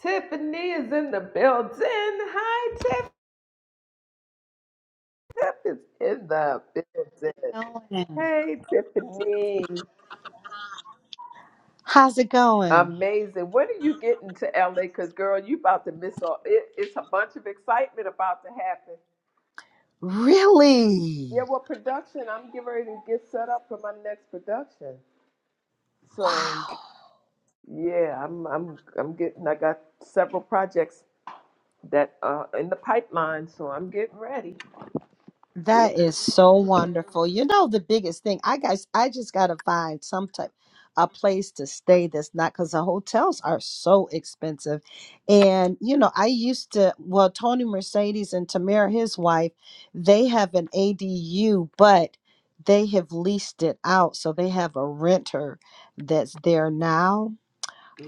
Tiffany is in the building. Hi, Tiff. Tiff is in the building. going? Hey, Tiffany. How's it going? Amazing. When are you getting to LA? Because, girl, you about to miss all. It, it's a bunch of excitement about to happen. Yeah, Really? well, production. I'm getting ready to get set up for my next production. So, Wow. yeah, I'm, I'm, I'm getting. I got several projects that are in the pipeline, so I'm getting ready. Yeah. That is so wonderful. You know the biggest thing, I guys I just gotta find some type a place to stay that's not because the hotels are so expensive. And you know, I used to well, Tony Mercedes and Tamara, his wife, they have an ADU, but they have leased it out. So they have a renter that's there now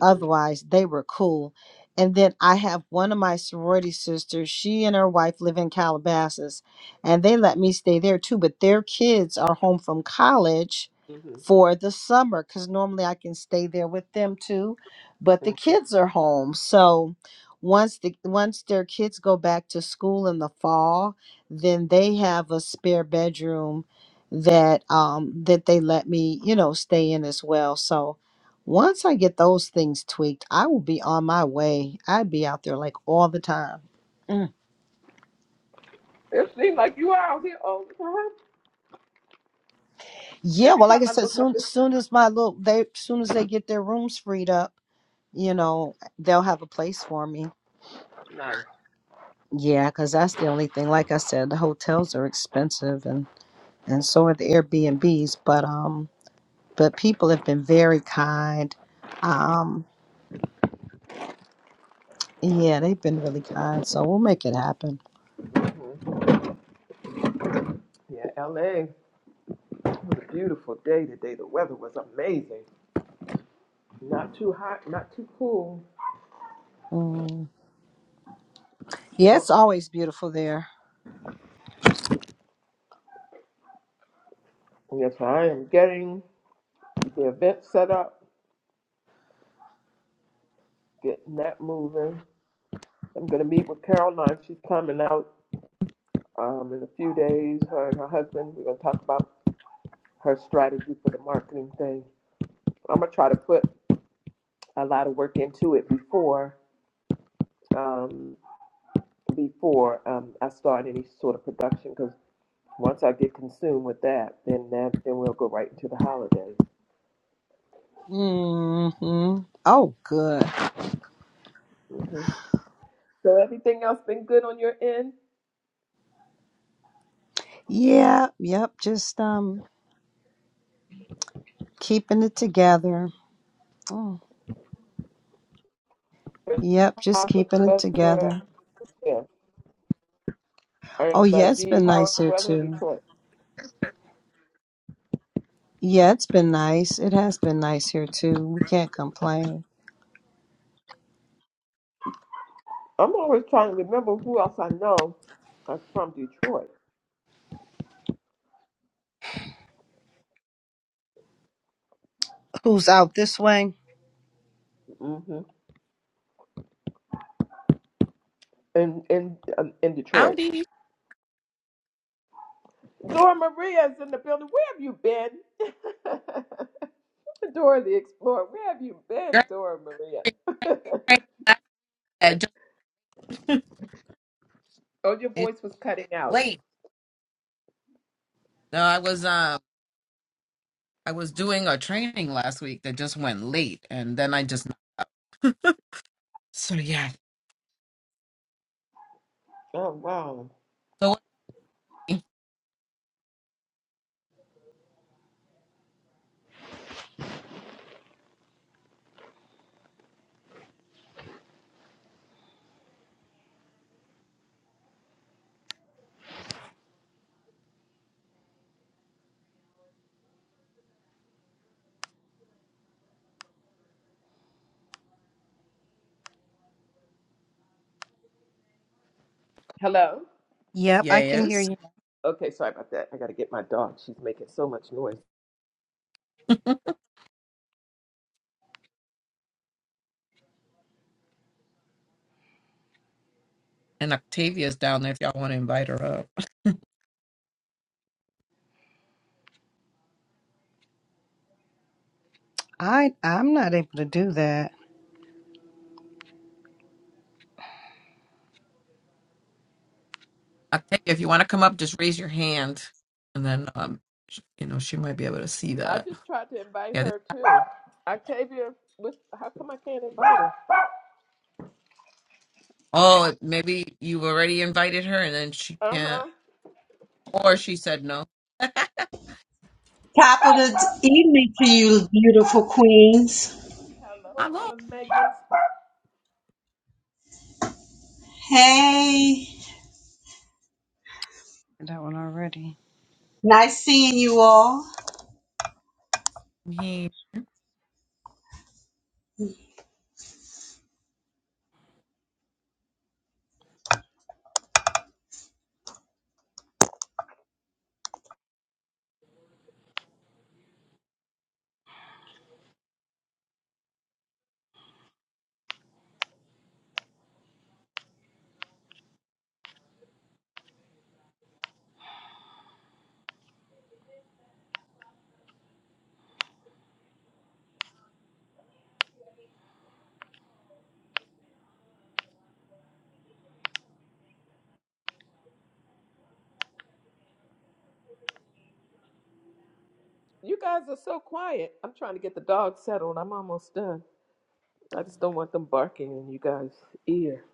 Otherwise, they were cool. And then I have one of my sorority sisters, she and her wife live in Calabasas, and they let me stay there too, but their kids are home from college hmm for the summer because normally I can stay there with them too, but the hmm kids are home. So once the once their kids go back to school in the fall, then they have a spare bedroom that um that they let me, you know, stay in as well. So once I get those things tweaked, I will be on my way. I'd be out there like all the time. Mm. It seems like you are out here all the time. Yeah, Every well, like I time I said, look up, soon it's soon as my little they soon as they get their rooms freed up, you know, they'll have a place for me. nice. Yeah, because that's the only thing. Like I said, the hotels are expensive and and so are the Airbnbs. But um, but people have been very kind. Um, yeah, they've been really kind. So we'll make it happen. Yeah, LA. It was a beautiful day today. The weather was amazing. Not too hot, not too cool. Mm. Yeah, Yeah. it's always beautiful there. Yes, I am getting the event set up, getting that moving. I'm going to meet with Caroline. She's coming out um, in a few days, her and her husband. We're going to talk about her strategy for the marketing thing. I'm going to try to put a lot of work into it before. Um, before um, I start any sort of production because once I get consumed with that, then that then we'll go right into the holidays. Mm-hmm. Oh, good. hmm So everything else been good on your end? Yeah, yep. Just um, keeping it together. Oh, yep. Just How's the keeping it weather? together. Yeah, Oh, and uh, yeah. It's D, been how is nice the here weather in too. Detroit? Yeah, it's been nice. It has been nice here too. We can't complain. I'm always trying to remember who else I know are from Detroit. Who's out this way? mm hmm In in um, in How Detroit, did you Dora Maria is in the building. Where have you been? Dora the Explorer. Where have you been, girl, Dora it Maria? rained last- that just Oh, your it voice was cutting out. late? No, I was um I was doing a training last week that just went late and then I just knocked out. so yeah. Oh, wow. So Hello? Yep, yeah, I can hear yes. you. Okay, sorry about that. I got to get my dog. She's making so much noise. And Octavia's down there if y'all want to invite her up. I I'm not able to do that. I'll take it. if you want to come up, just raise your hand, and then um, sh- you know she might be able to see I that. just tried to invite Yeah. This, her too. Octavia, with, how come I can't invite her? oh, maybe you already invited her, and then she Uh can't, huh. or she said no. Capital evening to you, beautiful queens. Hello, Hello. Mama's Megan. Hey, Did That one already. nice seeing you all. He You guys are so quiet. I'm trying to get the dog settled. I'm almost done. I just don't want them barking in you guys' ear.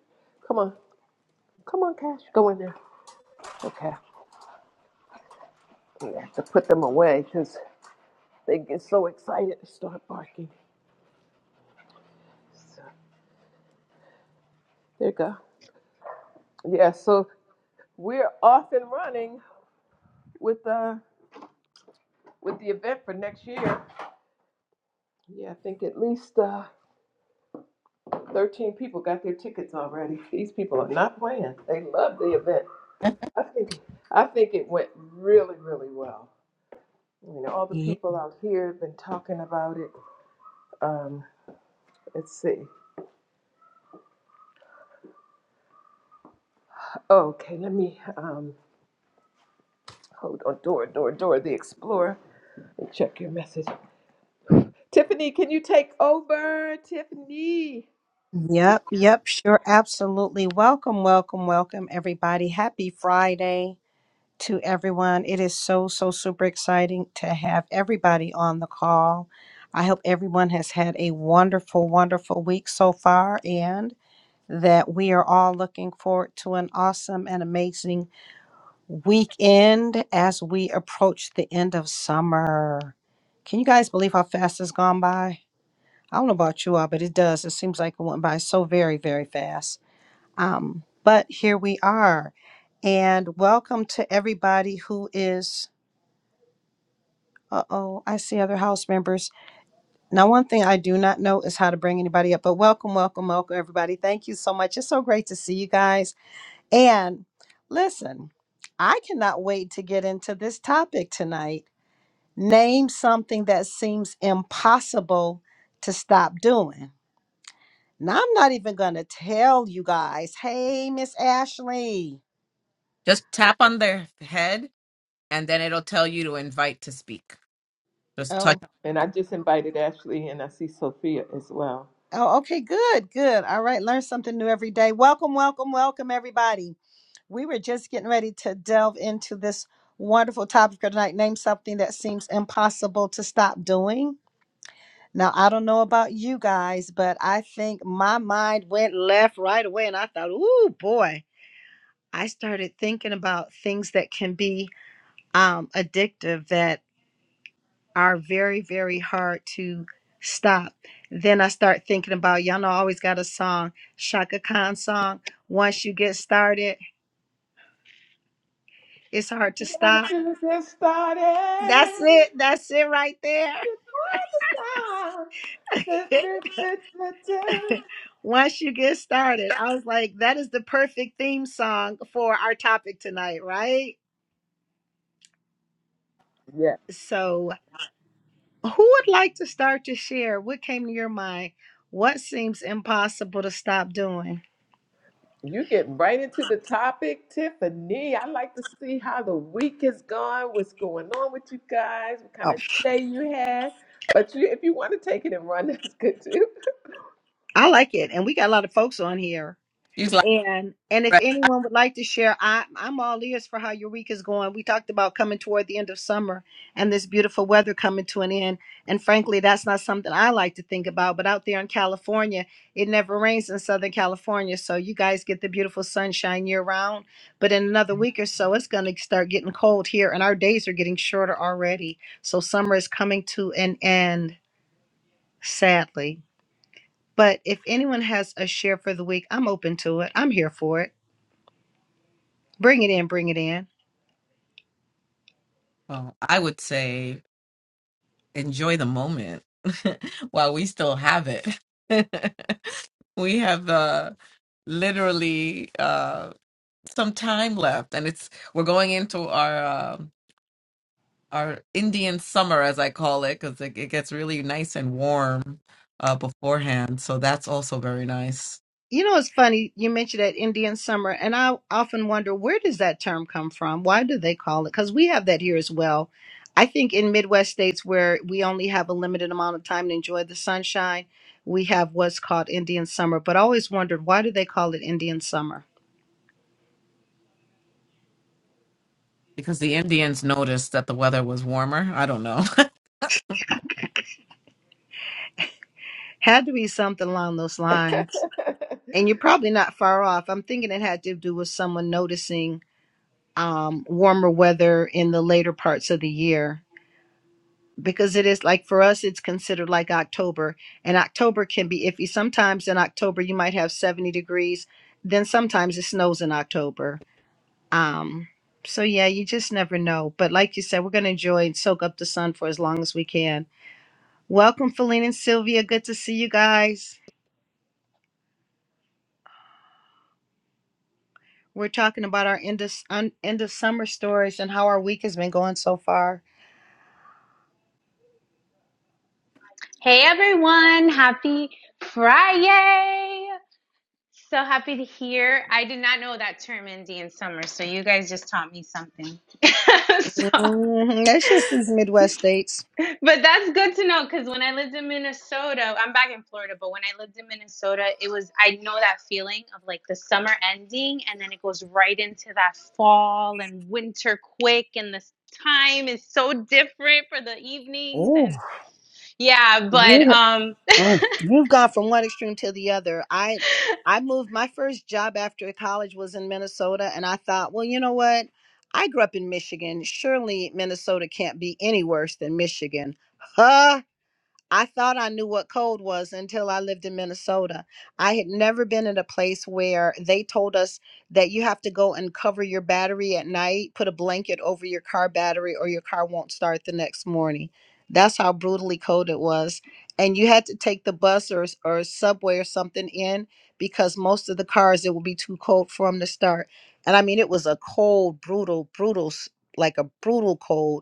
Come on, come on, Cash, go in there. Okay, I have to put them away because they get so excited to start barking. So, there you go. Yeah, so we're off and running with the with the event for next year. Yeah, I think at least uh, 13 people got their tickets already. These people are not playing. They love the event. I think I think it went really really well. You know, all the Yeah. people out here have been talking about it. Um, let's see. Okay, let me um, hold on. Dora, Dora, Dora, the Explorer. Let me check your message. Tiffany, can you take over? Tiffany. Yep. Yep. Sure. Absolutely. Welcome. Welcome. Welcome, everybody. Happy Friday. to everyone. It is so, so super exciting to have everybody on the call. I hope everyone has had a wonderful, wonderful week so far and that we are all looking forward to an awesome and amazing weekend as we approach the end of summer. Can you guys believe how fast it's gone by? I don't know about you all, but it does. It seems like it went by so very, very fast. Um, but here we are. And welcome to everybody who is Uh oh, I see other house members. Now, one thing I do not know is how to bring anybody up, but welcome, welcome, welcome, everybody. Thank you so much. It's so great to see you guys. And listen, I cannot wait to get into this topic tonight. Name something that seems impossible to stop doing. Now, I'm not even going to tell you guys, hey, Miss Ashley. just tap on their head, and then it'll tell you to invite to speak. Just touch. Oh, And I just invited Ashley and I see Sophia as well. oh, okay, good, good. All right, learn something new every day. Welcome, welcome, welcome, everybody. We were just getting ready to delve into this wonderful topic for tonight. Name something that seems impossible to stop doing. Now, I don't know about you guys, but I think my mind went left right away, and I thought, "Ooh, boy!" I started thinking about things that can be um, addictive that are very, very hard to stop. Then I start thinking about y'all know I always got a song, Shaka Khan song. Once you get started, it's hard to Going stop. to get started. That's it. That's it right there. It's hard to stop. Du- du- du- du- du. Once you get started, I was like, that is the perfect theme song for our topic tonight, right? Yeah, So, who would like to start to share? What came to your mind? What seems impossible to stop doing? you get right into the topic, Tiffany. I like to see how the week has gone, what's going on with you guys, what kind Oh, of day you had. But you, if you want to take it and run, that's good too. I like it. And we got a lot of folks on here. She's like, And and if "Right." anyone would like to share, I I'm all ears for how Eureka's going. We talked about coming toward the end of summer and this beautiful weather coming to an end. And frankly, that's not something I like to think about. But out there in California, it never rains in Southern California, so you guys get the beautiful sunshine year round. But in another week or so, it's going to start getting cold here, and our days are getting shorter already. So summer is coming to an end, sadly. But if anyone has a share for the week, I'm open to it. I'm here for it. Bring it in, bring it in. well, I would say enjoy the moment while we still have it. we have uh, literally. Uh, some time left, and it's we're going into our um our Indian summer, as I call it, because it, it gets really nice and warm uh, beforehand. So that's also very nice You know, it's funny you mentioned that Indian summer, and I often wonder where does that term come from? Why do they call it? Because we have that here as well. I think in Midwest states where we only have a limited amount of time to enjoy the sunshine, we have what's called Indian summer. But I always wondered why do they call it Indian summer? because the Indians noticed that the weather was warmer. I don't know. Had to be something along those lines. And you're probably not far off. I'm thinking it had to do with someone noticing um, warmer weather in the later parts of the year because it is like for us it's considered like october and october can be iffy sometimes in october you might have 70 degrees then sometimes it snows in october um so yeah you just never know but like you said we're going to enjoy and soak up the sun for as long as we can welcome feline and sylvia good to see you guys we're talking about our end of, un, end of summer stories and how our week has been going so far Mhm, that's just these midwest states Oh, you Mm. You've gone from one extreme to the other. I I moved my first job after college was in Minnesota and I thought, well, you know what? I grew up in Michigan. Surely Minnesota can't be any worse than Michigan. Huh? I thought I knew what cold was until I lived in Minnesota. I had never been in a place where they told us that you have to go and cover your battery at night, put a blanket over your car battery, or your car won't start the next morning. That's how brutally cold it was. And you had to take the bus or, or subway or something in because most of the cars, it would be too cold for them to start. And I mean, it was a cold, brutal, brutal, s- like a brutal cold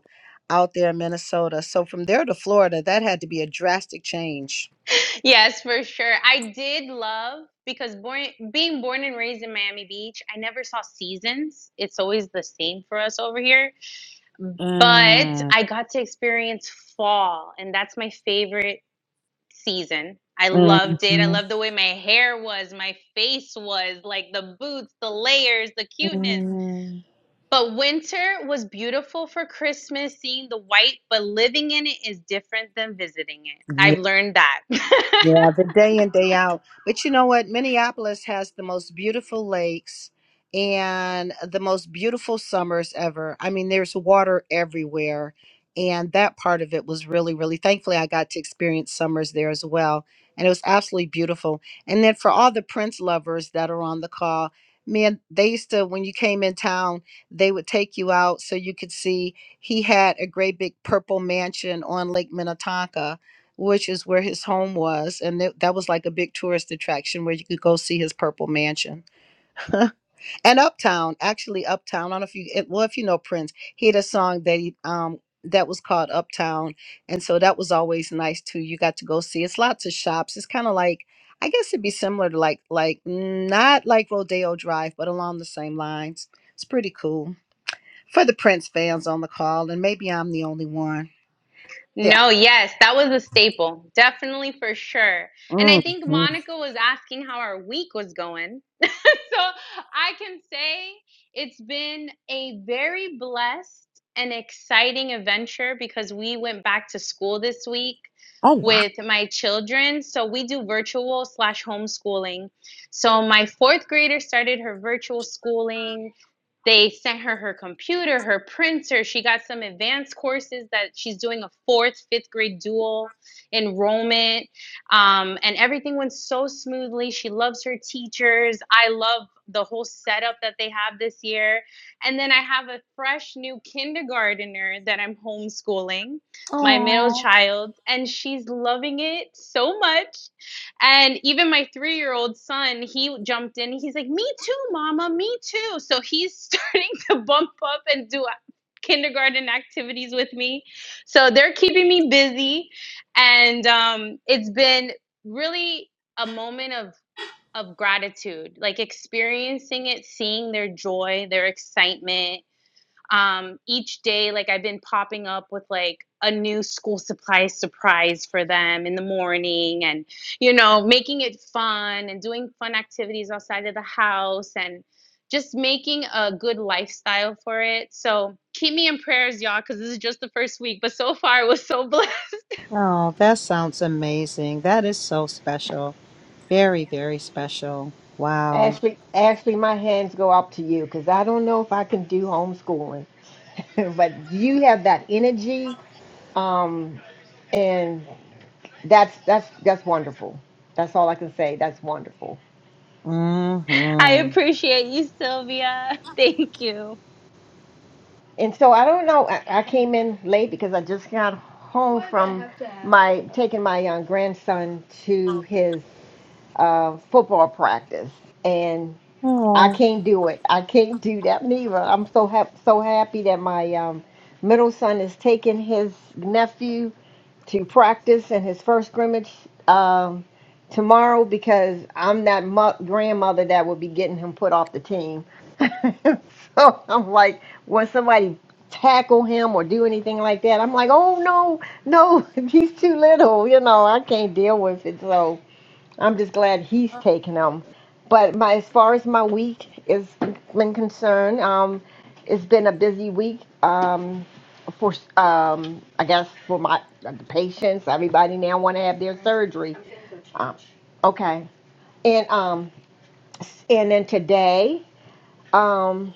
out there in Minnesota. So from there to Florida, that had to be a drastic change. Mm, mm-hmm. Yeah, the day in, day out. But you know what? Minneapolis has the most beautiful lakes and the most beautiful summers ever. I mean, there's water everywhere. And that part of it was really, really thankfully I got to experience summers there as well. And it was absolutely beautiful. And then for all the Prince lovers that are on the call, man, they used to, when you came in town, they would take you out so you could see he had a great big purple mansion on Lake Minnetonka which is where his home was. And that that was like a big tourist attraction where you could go see his purple mansion. and Uptown, actually Uptown. I don't know if you, it- well, if you know Prince, he had a song that he, um, that was called Uptown. And so that was always nice too. You got to go see. It's lots of shops. It's kind of like, I guess it'd be similar to like, like not like Rodeo Drive, but along the same lines. It's pretty cool for the Prince fans on the call. And maybe I'm the only one. Yeah. Mm-hmm. Oh, that sounds amazing. That is so special. Very, very special. Wow. Ashley, Ashley, my hands go up to you because I don't know if I can do homeschooling, but you have that energy, um, and that's that's that's wonderful. That's all I can say. That's wonderful. Mm-hmm. And so I don't know. I, I came in late because I just got home from my taking my young grandson to his uh, football practice, I Oh. can't do it. I can't do that neither. I'm so hap so happy that my um, middle son is taking his nephew to practice in his first scrimmage um, tomorrow because I'm that mo- grandmother that will be getting him put off the team. so I'm like, when somebody tackle him or do anything like that, I'm like, oh no, no, he's too little. You know, I can't deal with it. So. I'm just glad he's taking them. But my as far as my week is been concerned, um, it's been a busy week. Um, for um, I guess for my the patients, everybody now want to have their surgery. Um, okay, and um, and then today, um,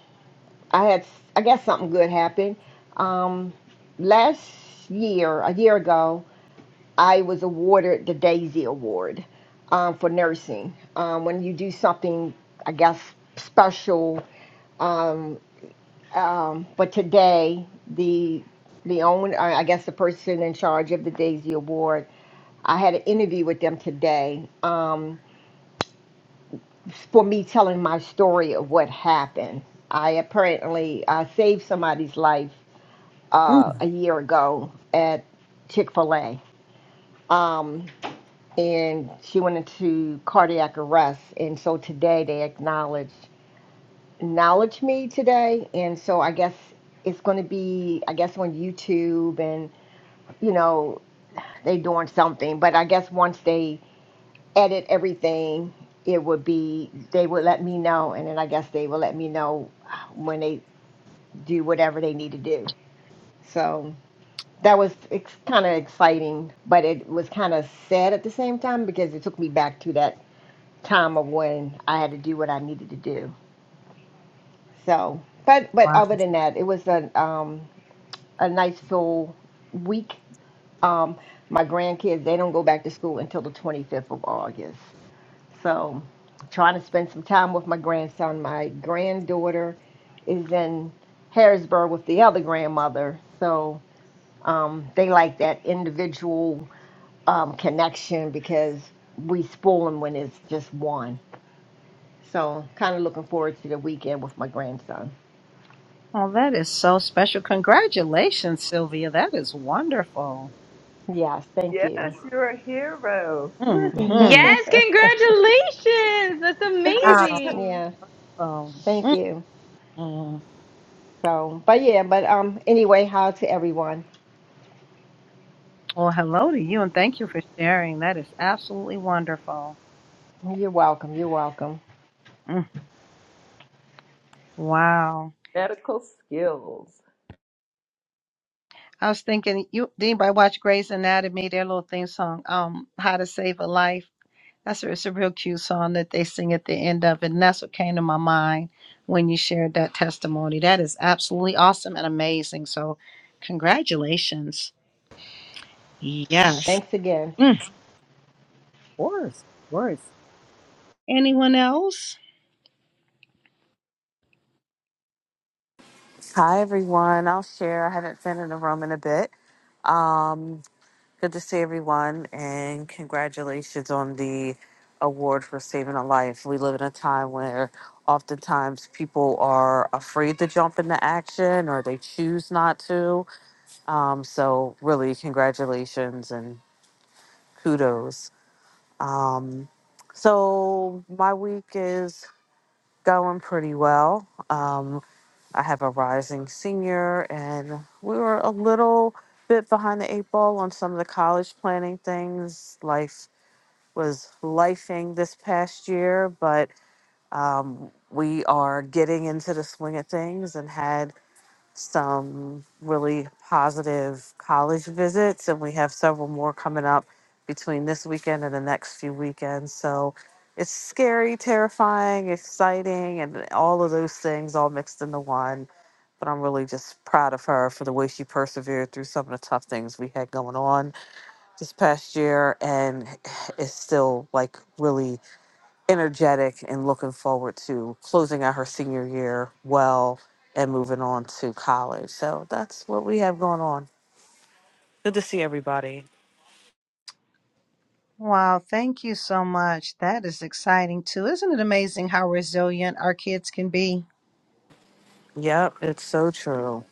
I had I guess something good happened. Um, last year, a year ago, I was awarded the Daisy Award um, for nursing. Um, when you do something, I guess, special. Um, um, but today, the the owner, I guess, the person in charge of the Daisy Award, I had an interview with them today um, for me telling my story of what happened. I apparently uh, saved somebody's life uh, Mm. a year ago at Chick Fil A. Um, and she went into cardiac arrest. And so today they acknowledge acknowledge me today, and so I guess it's going to be I guess on YouTube and you know they doing something. But I guess once they edit everything, it would be they would let me know, and then I guess they will let me know when they do whatever they need to do. So that was ex- kind of exciting, but it was kind of sad at the same time because it took me back to that time of when I had to do what I needed to do. So, but but Wow. other than that, it was a um, a nice full week. Um, my grandkids they don't go back to school until the 25th of August. So, trying to spend some time with my grandson. My granddaughter is in Harrisburg with the other grandmother. So um, they like that individual um, connection because we spoil them when it's just one. So, kind of looking forward to the weekend with my grandson. Oh, that is so special. Congratulations, Sylvia. That is wonderful. Yes, thank yes, you. you're a hero. Mm-hmm. Wow. yeah, Oh, thank you. mm-mm. So, but yeah, but um, anyway, hi to everyone. Well, hello to you and thank you for sharing. That is absolutely wonderful. You're welcome. You're welcome. Mm. Wow. Medical skills. I was thinking, you did anybody watch Grey's Anatomy, their little theme song, um, How to Save a Life? That's a, it's a real cute song that they sing at the end of it. And that's what came to my mind when you shared that testimony. That is absolutely awesome and amazing. So, congratulations. Yes. Thanks again. Mm, of course. Of course. Anyone else? Hi, everyone. I'll share. I haven't been in the room in a bit. Um, good to see everyone, and congratulations on the award for saving a life. We live in a time where oftentimes people are afraid to jump into action or they choose not to. Um, so, really, congratulations and kudos. Um, so, my week is going pretty well. Um, I have a rising senior, and we were a little bit behind the eight ball on some of the college planning things. Life was lifing this past year, but um, we are getting into the swing of things and had some really positive college visits, and we have several more coming up between this weekend and the next few weekends. So it's scary, terrifying, exciting, and all of those things all mixed into one. But I'm really just proud of her for the way she persevered through some of the tough things we had going on this past year and is still like really energetic and looking forward to closing out her senior year well and moving on to college. So that's what we have going on. Good to see everybody. Wow, thank you so much. That is exciting too. Isn't it amazing how resilient our kids can be? Yep, it's so true.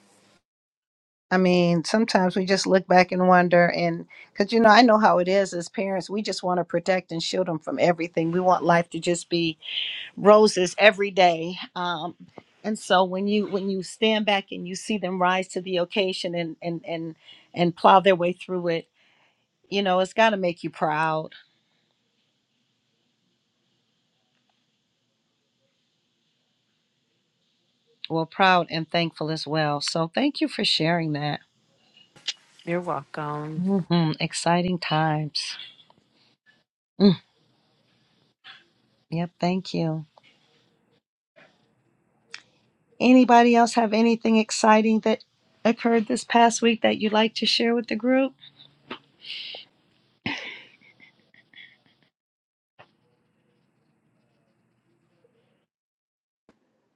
I mean, sometimes we just look back and wonder, and because you know, I know how it is as parents, we just want to protect and shield them from everything. We want life to just be roses every day um, and so when you when you stand back and you see them rise to the occasion and and and and plow their way through it you know it's got to make you proud well proud and thankful as well so thank you for sharing that You're welcome. hmm exciting times Mm, yep thank you anybody else have anything exciting that occurred this past week that you'd like to share with the group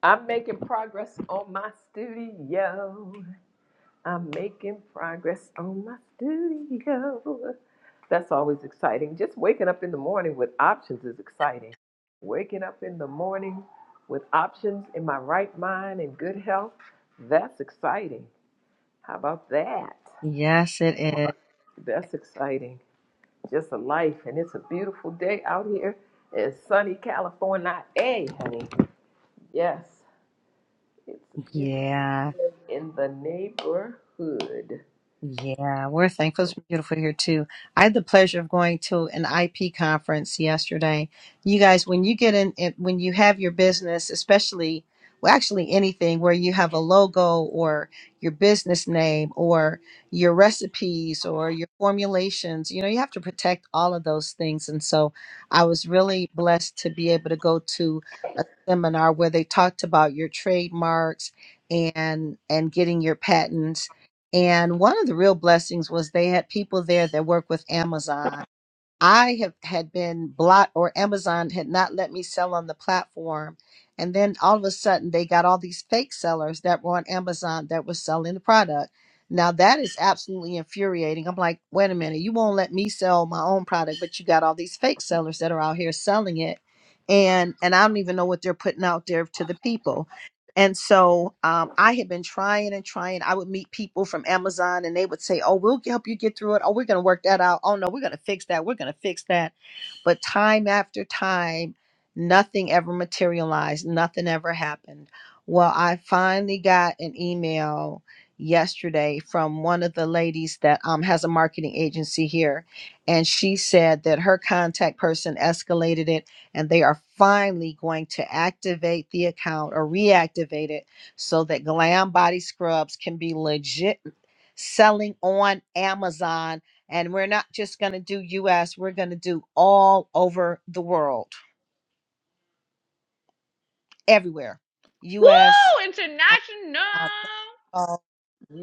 I'm making progress on my studio. I'm making progress on my studio. That's always exciting. Just waking up in the morning with options is exciting. Waking up in the morning with options in my right mind and good health, that's exciting. How about that? yes it is That's exciting. Just a life, and it's a beautiful day out here in sunny California. Hey, honey. Yes. It's beautiful yeah in the neighborhood. Yeah, we're thankful. It's beautiful here too. I had the pleasure of going to an IP conference yesterday. You guys, when you get in, in when you have your business, especially, well, actually anything where you have a logo or your business name or your recipes or your formulations, you know, you have to protect all of those things. And so I was really blessed to be able to go to a seminar where they talked about your trademarks and and getting your patents and one of the real blessings was they had people there that work with Amazon. I have had been blocked or Amazon had not let me sell on the platform. And then all of a sudden they got all these fake sellers that were on Amazon that were selling the product. Now that is absolutely infuriating. I'm like, wait a minute, you won't let me sell my own product, but you got all these fake sellers that are out here selling it. And and I don't even know what they're putting out there to the people. And so um, I had been trying and trying. I would meet people from Amazon and they would say, Oh, we'll help you get through it. Oh, we're going to work that out. Oh, no, we're going to fix that. We're going to fix that. But time after time, nothing ever materialized. Nothing ever happened. Well, I finally got an email yesterday from one of the ladies that um, has a marketing agency here. And she said that her contact person escalated it and they are finally going to activate the account or reactivate it so that glam body scrubs can be legit selling on amazon and we're not just going to do us we're going to do all over the world everywhere us uh,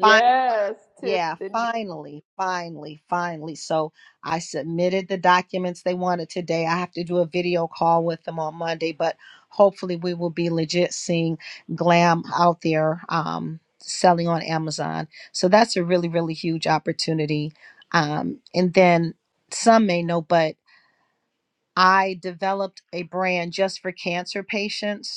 uh, Yeah, Tiffany. finally, finally, finally. So I submitted the documents they wanted today. I have to do a video call with them on Monday, but hopefully we will be legit seeing glam out there um, selling on Amazon. So that's a really, really huge opportunity. Um, and then some may know, but I developed a brand just for cancer patients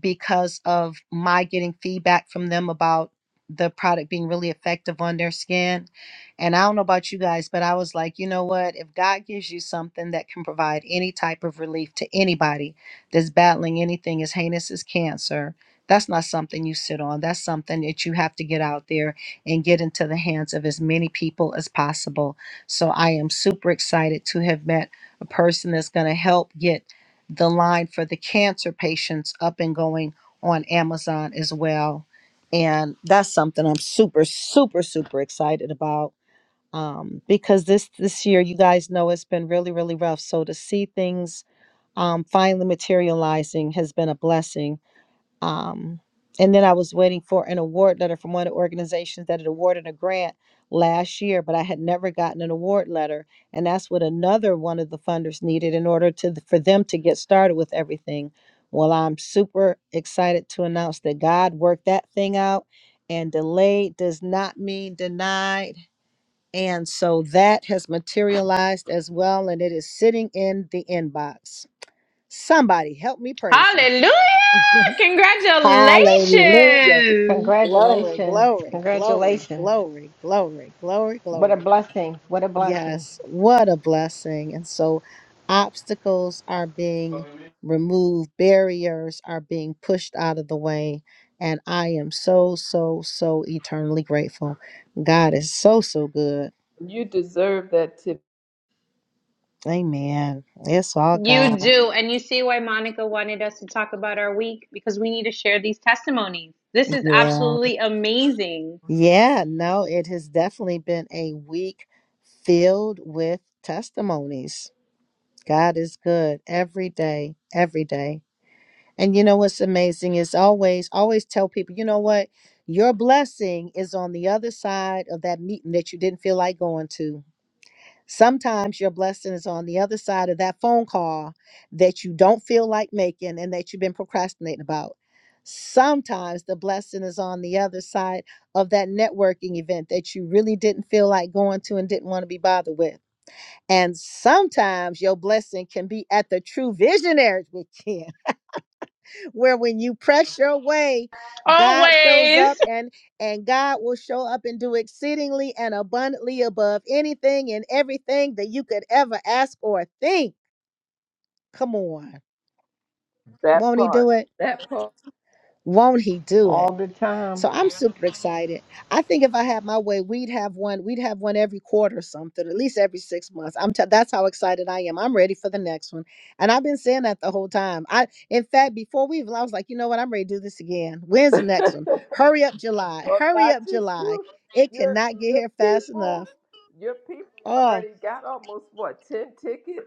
because of my getting feedback from them about the product being really effective on their skin. And I don't know about you guys, but I was like, you know what? If God gives you something that can provide any type of relief to anybody that's battling anything as heinous as cancer, that's not something you sit on. That's something that you have to get out there and get into the hands of as many people as possible. So I am super excited to have met a person that's going to help get the line for the cancer patients up and going on Amazon as well. And that's something I'm super, super, super excited about um, because this this year, you guys know, it's been really, really rough. So to see things um, finally materializing has been a blessing. Um, and then I was waiting for an award letter from one of the organizations that had awarded a grant last year, but I had never gotten an award letter. And that's what another one of the funders needed in order to for them to get started with everything. Well, I'm super excited to announce that God worked that thing out, and delayed does not mean denied. And so that has materialized as well, and it is sitting in the inbox. Somebody help me praise him. Hallelujah. Glory, Congratulations. glory, glory, Congratulations. glory, glory, glory, What a glory. blessing. What a blessing. Yes, what a blessing. And so obstacles are being removed, barriers are being pushed out of the way. And I am so, so, so eternally grateful. God is so, so good. You deserve that tip. Amen. It's all God. Yeah. Yeah. No, it has definitely been a week filled with testimonies. God is good every day, every day. And you know what's amazing is always, always tell people, you know what? Your blessing is on the other side of that meeting that you didn't feel like going to. Sometimes your blessing is on the other side of that phone call that you don't feel like making and that you've been procrastinating about. Sometimes the blessing is on the other side of that networking event that you really didn't feel like going to and didn't want to be bothered with and sometimes your blessing can be at the true visionaries weekend, where when you press your way, God shows up and and God will show up and do exceedingly and abundantly above anything and everything that you could ever ask or think. Come on. That Won't he part. do it? That part. Won't he do it? All the time. So I'm Yeah. super excited. I think if I had my way, we'd have one. We'd have one every quarter or something, at least every six months. I'm t- that's how excited I am. I'm ready for the next one, and I've been saying that the whole time. I, in fact, before we even, I was like, you know what? I'm ready to do this again. When's well, the next one? Hurry up, July. Hurry not up, just July. you. It Your cannot get your here fast people. enough. Your people Oh. already got almost what ten tickets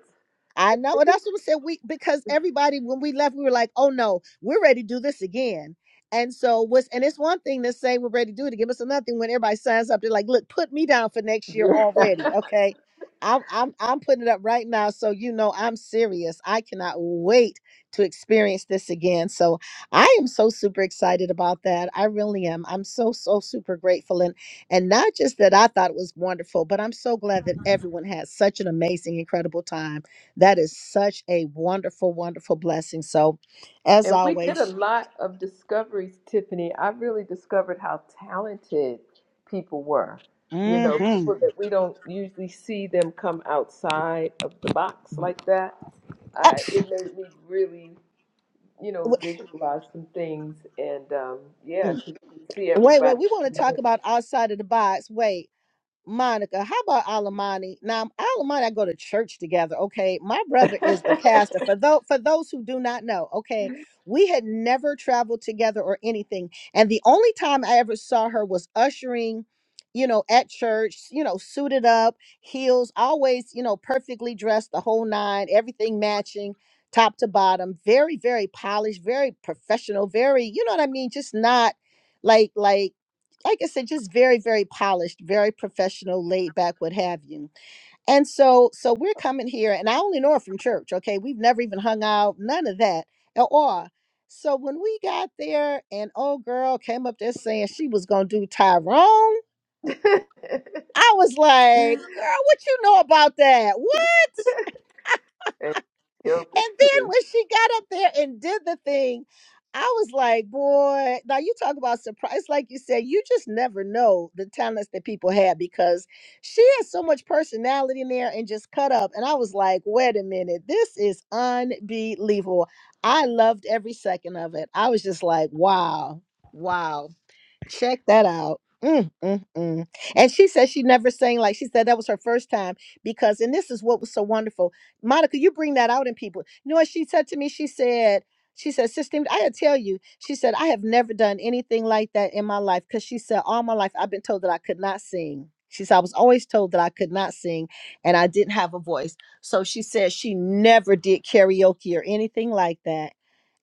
I at know. least. That's what I said. We because everybody when we left, we were like, oh no, we're ready to do this again. And so was and it's one thing to say we're ready to do it again, but it's another thing when everybody signs up, they're like, look, put me down for next year Yeah. already. Okay. I'm I'm I'm putting it up right now. So you know I'm serious. I cannot wait to experience this again. So I am so super excited about that. I really am. I'm so so super grateful. And and not just that I thought it was wonderful, but I'm so glad that everyone had such an amazing, incredible time. That is such a wonderful, wonderful blessing. So, as And we did a always, lot of discoveries, Tiffany. I really discovered how talented people were. You know, Mhm. hmm people that we don't usually see them come outside of the box like that. I, it made me really, you know, visualize some things and, um, yeah, to see wait, wait, everybody. we want to talk about outside of the box. Wait. Monica, how about Alamani? Now, Alamani, I go to church together. Okay, my and brother is the pastor. For those for those who do not know, okay, we had never traveled together or anything, and the only time I ever saw her was ushering, you know, at church. You know, suited up, heels, always, you know, perfectly dressed, the whole nine, everything matching, top to bottom. Very, very polished, very professional, very, you know what I mean? Just not like like like I said, just very, very polished, very professional, laid back, what have you. And so, so we're coming here, and I only know her from church. Okay, we've never even hung out, none of that at all. So when we got there, and old girl came up there saying she was gonna do Tyrone, I was like, "Girl, what you know about that? What?" killed it And too. then when she got up there and did the thing, I was like, boy, now you talk about surprise. Like you said, you just never know the talents that people have because she has so much personality in there and just cut up. And I was like, wait a minute, this is unbelievable. I loved every second of it. I was just like, wow, wow. Check that out. Mm, mm, mm. And she said she never sang like she said that was her first time because, and this is what was so wonderful. Monica, you bring that out in people. You know what she said to me? She said, she said, Sister, I had tell you, she said, I have never done anything like that in my life. Cause she said, all my life I've been told that I could not sing. She said, I was always told that I could not sing and I didn't have a voice. So she said she never did karaoke or anything like that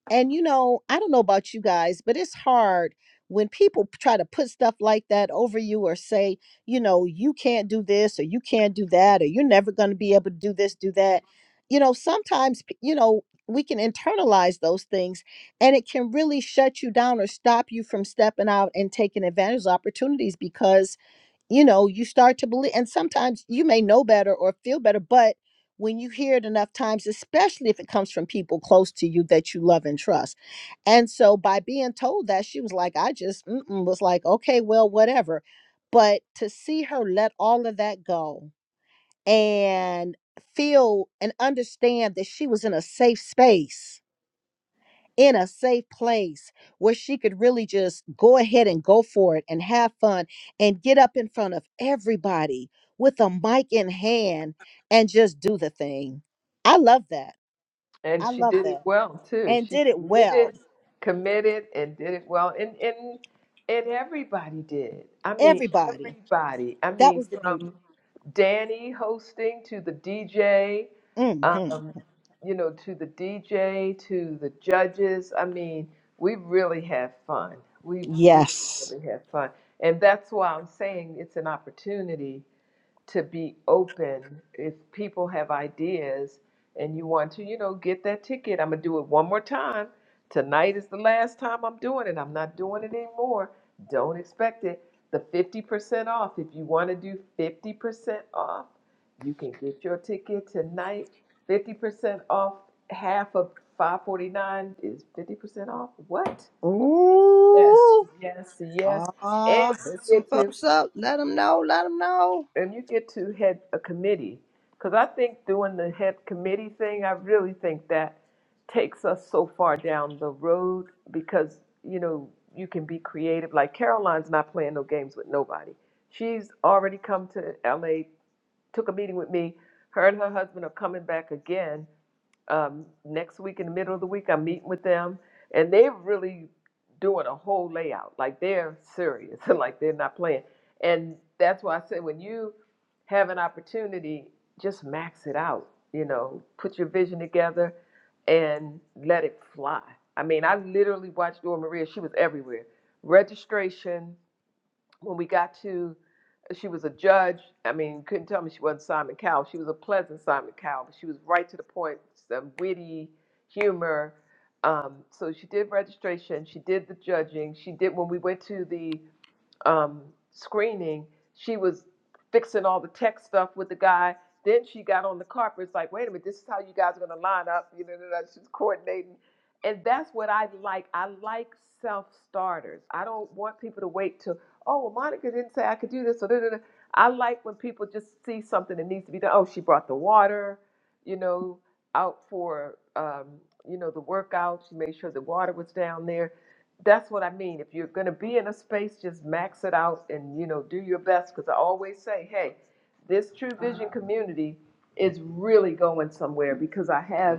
and you know, I don't know about you guys, but it's hard when people p- try to put stuff like that over you or say, you know, you can't do this or you can't do that or you're never going to be able to do this, do that. You know, sometimes, p- you know, we can internalize those things and it can really shut you down or stop you from stepping out and taking advantage of opportunities because you know, you start to believe. And sometimes you may know better or feel better, but when you hear it enough times, especially if it comes from people close to you that you love and trust. And so by being told that, she was like, I just mm-mm, was like, okay, well, whatever. But to see her let all of that go and feel and understand that she was in a safe space in a safe place where she could really just go ahead and go for it and have fun and get up in front of everybody with a mic in hand and just do the thing. I love that. And I she love did it that. well too. And She did it well. committed, committed, and did it well. And and and everybody did. I mean, Everybody. everybody. I That mean, was the beauty. from Danny hosting to the DJ, hmm um, you know, to the DJ to the judges. I mean, we really had fun. We really, Yes. really had fun. And that's why I'm saying it's an opportunity to be open if people have ideas and you want to you know get that ticket i'm gonna do it one more time tonight is the last time i'm doing it i'm not doing it anymore don't expect it the 50% off if you want to do 50% off you can get your ticket tonight 50% off half of 549 is 50% off what yes Ooh. yes yes and Ah, hit you some get to folks up. Let them know. Let them know. and you get to head a committee because i think doing the head committee thing i really think that takes us so far down the road because you know you can be creative like caroline's not playing no games with nobody she's already come to la took a meeting with me her and her husband are coming back again um, next week in the middle of the week. I'm meeting with them, and they're really doing a whole layout. Like they're serious, like they're not playing. And that's why I say, when you have an opportunity, just max it out. You know, put your vision together and let it fly. I mean, I literally watched Dora Maria. She was everywhere. Registration when we got to, uh, she was a judge. I mean, you couldn't tell me she wasn't Simon Cowell. She was a pleasant Simon Cowell, but she was right to the point, some witty humor. Um, so she did registration. She did the judging. She did when we went to the um, screening, she was fixing all the tech stuff with the guy. Then she got on the carpet. It's like, wait a minute, this is how you guys are going to line up. You know, da, da, she's coordinating. And that's what I like. I like self starters. I don't want people to wait till, oh, well, Monica didn't say I could do this. So, da, da, da. I like when people just see something that needs to be done. Oh, she brought the water you know, out for, um, you know, the workouts. You made sure the water was down there. That's what I mean. If you're going to be in a space, just max it out and, you know, do your best. Because I always say, hey, this True Vision community is really going somewhere because I have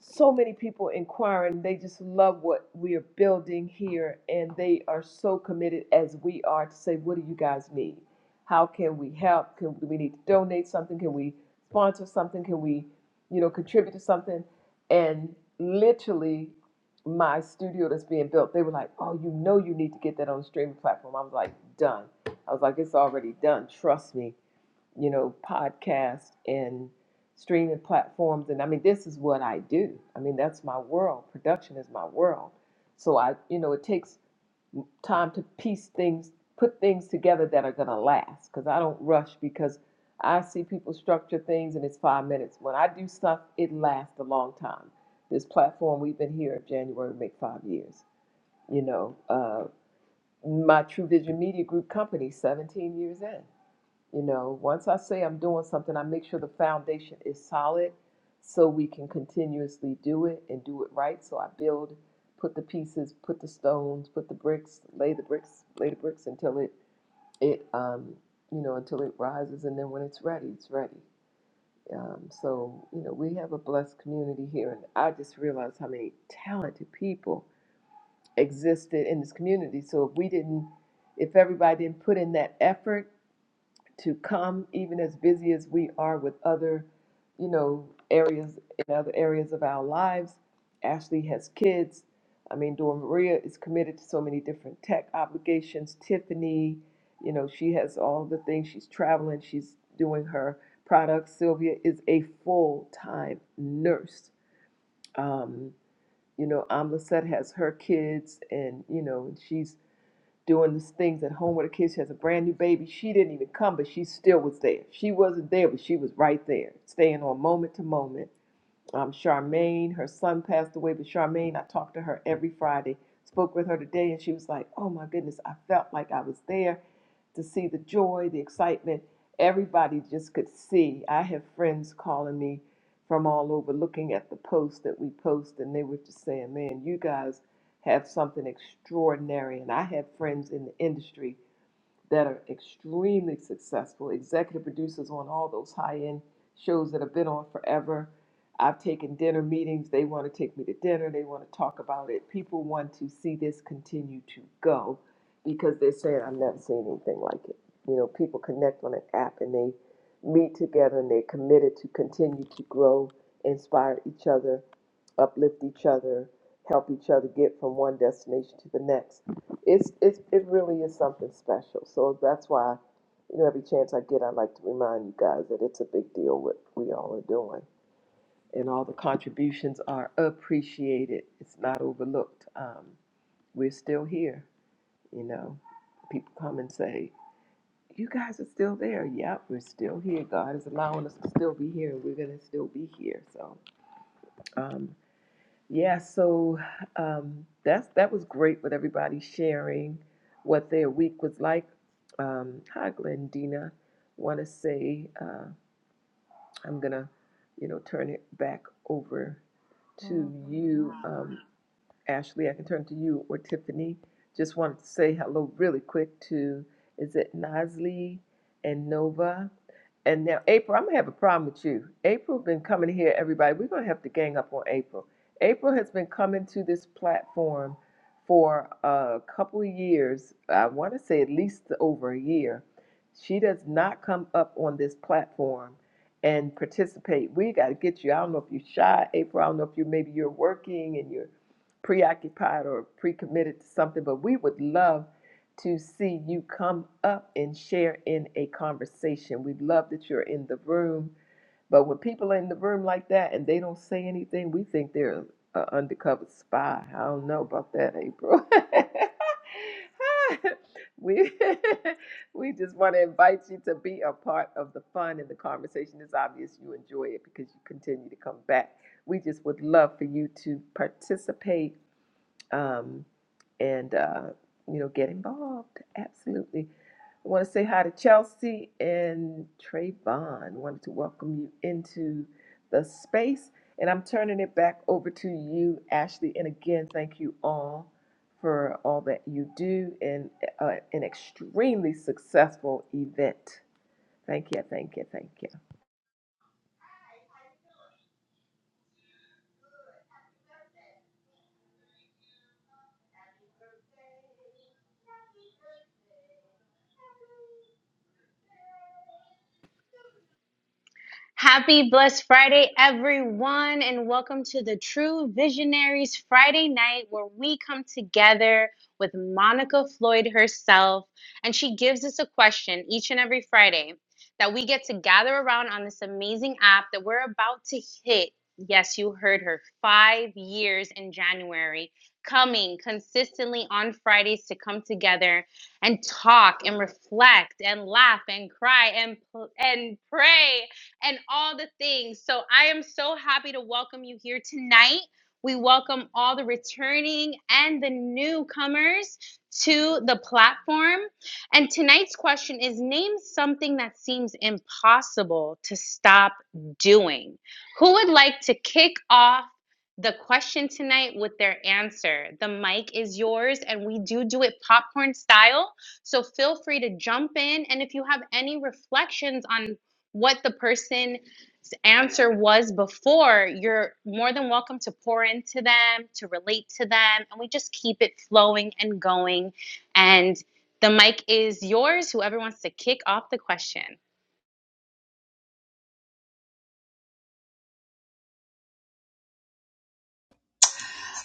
so many people inquiring. They just love what we are building here, and they are so committed as we are to say, what do you guys need? How can we help? Can do we need to donate something? Can we sponsor something? Can we, you know, contribute to something? And literally, my studio that's being built, they were like, oh, you know, you need to get that on the streaming platform. I was like, done. I was like, it's already done. Trust me you know, podcasts and streaming platforms. And I mean, this is what I do. I mean, that's my world. Production is my world. So I, you know, it takes time to piece things, put things together that are going to last because I don't rush because I see people structure things and it's five minutes. When I do stuff, it lasts a long time. This platform, we've been here in January, make five years. You know, uh, my True Vision Media Group company, 17 years in. You know, once I say I'm doing something, I make sure the foundation is solid so we can continuously do it and do it right. So I build, put the pieces, put the stones, put the bricks, lay the bricks, lay the bricks until it it um you know until it rises and then when it's ready, it's ready. Um, so you know we have a blessed community here, and I just realized how many talented people existed in this community. So if we didn't, if everybody didn't put in that effort to come, even as busy as we are with other, you know, areas in other areas of our lives. Ashley has kids. I mean, Dora Maria is committed to so many different tech obligations. Tiffany, you know, she has all the things. She's traveling. She's doing her products. Sylvia is a full-time nurse. Um, you know, Amlissette has her kids, and you know, and she's doing these things at home with her kids. She has a brand new baby. She didn't even come, but she still was there. She wasn't there, but she was right there, staying on moment to moment um, Charmaine. Her son passed away, but Charmaine, I talked to her every Friday. Spoke with her today, and she was like, "Oh my goodness, I felt like I was there to see the joy, the excitement. Everybody just could see. I have friends calling me from all over, looking at the posts that we post, and they were just saying, "Man, you guys have something extraordinary." And I have friends in the industry that are extremely successful, executive producers on all those high end shows that have been on forever. I've taken dinner meetings. They want to take me to dinner. They want to talk about it. People want to see this continue to go because they're saying, I've never seen anything like it. You know, people connect on an app and they meet together and they're committed to continue to grow, inspire each other, uplift each other, help each other get from one destination to the next. It's, it's it really is something special. So that's why, you know, every chance I get, I like to remind you guys that it's a big deal what we all are doing, and all the contributions are appreciated. It's not overlooked. Um, we're still here. You know, people come and say, "You guys are still there." Yep, we're still here. God is allowing us to still be here, and we're gonna still be here. So. um, yeah, so um, that's that was great with everybody sharing what their week was like. Um, hi, Glendina. Want to say uh, I'm gonna, you know, turn it back over to you. Um, Ashley, I can turn to you or Tiffany. Just wanted to say hello really quick to, is it Nasli and Nova? And now April, I'm gonna have a problem with you. April's been coming here, everybody. We're gonna have to gang up on April. April has been coming to this platform for a couple of years. I want to say at least over a year. She does not come up on this platform and participate. We got to get you. I don't know if you're shy, April. I don't know if you maybe you're working and you're preoccupied or pre-committed to something, but we would love to see you come up and share in a conversation. We love that you're in the room, but when people are in the room like that and they don't say anything, we think they're an undercover spy. I don't know about that, April. we we just want to invite you to be a part of the fun and the conversation. It's obvious you enjoy it because you continue to come back. We just would love for you to participate um, and uh, you know get involved. Absolutely. I want to say hi to Chelsea and Trayvon. Wanted to welcome you into the space, and I'm turning it back over to you, Ashley. And again, thank you all for all that you do in uh, an extremely successful event. Thank you, thank you, thank you.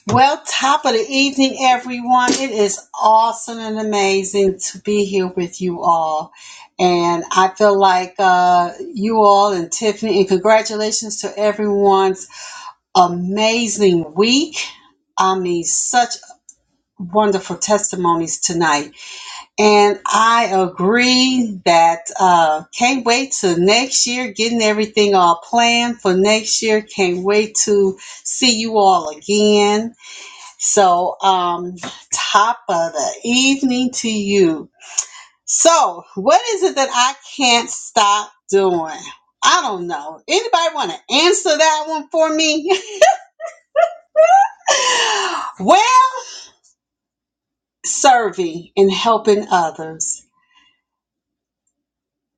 Well, top of the evening, everyone. It is awesome and amazing to be here with you all. And I feel like uh, you all and Tiffany, and congratulations to everyone's amazing week. I mean, such wonderful testimonies tonight. And I agree that uh, can't wait to next year, getting everything all planned for next year. Can't wait to see you all again. So, um, top of the evening to you. So, what is it that I can't stop doing? I don't know. Anybody want to answer that one for me? well, serving and helping others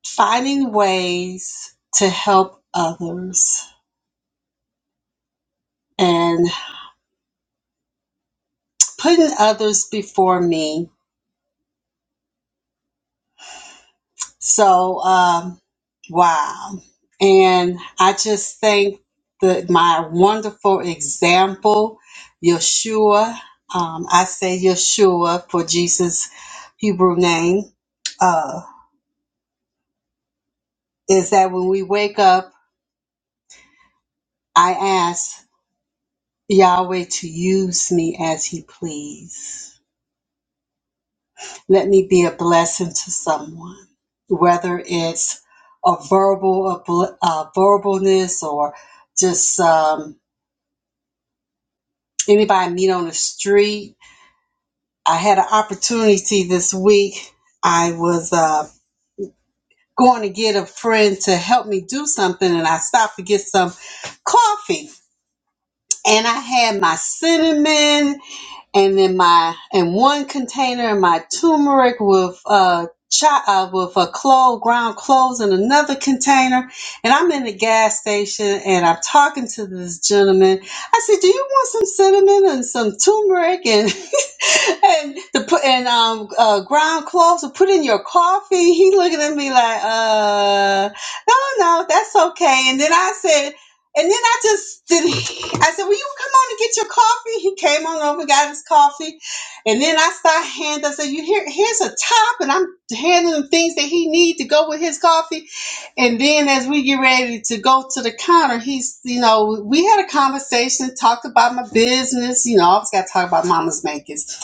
finding ways to help others and putting others before me. So, um, wow. And I just thank the, my wonderful example, Yeshua. Um, I say Yeshua for Jesus' Hebrew name. Uh, is that when we wake up, I ask Yahweh to use me as He please. Let me be a blessing to someone, whether it's a verbal, a bl- uh, verbalness, or just um, anybody I meet on the street. I had an opportunity this week. I was uh, going to get a friend to help me do something, and I stopped to get some coffee. And I had my cinnamon and then my and one container of my turmeric with uh, cho- uh with a clove ground cloves in another container and i'm in the gas station and i'm talking to this gentleman i said do you want some cinnamon and some turmeric and and the put and um uh ground cloves to put in your coffee. He looking at me like, uh, no, no, that's okay. And then I said, and then I just did. I said, will you come on and get your coffee? He came on over, got his coffee, and then I started handing. I said, you here? Here's a top, and I'm handing him things that he need to go with his coffee. And then as we get ready to go to the counter, he's, you know, we had a conversation, talked about my business. You know, I always got to talk about mama's makers.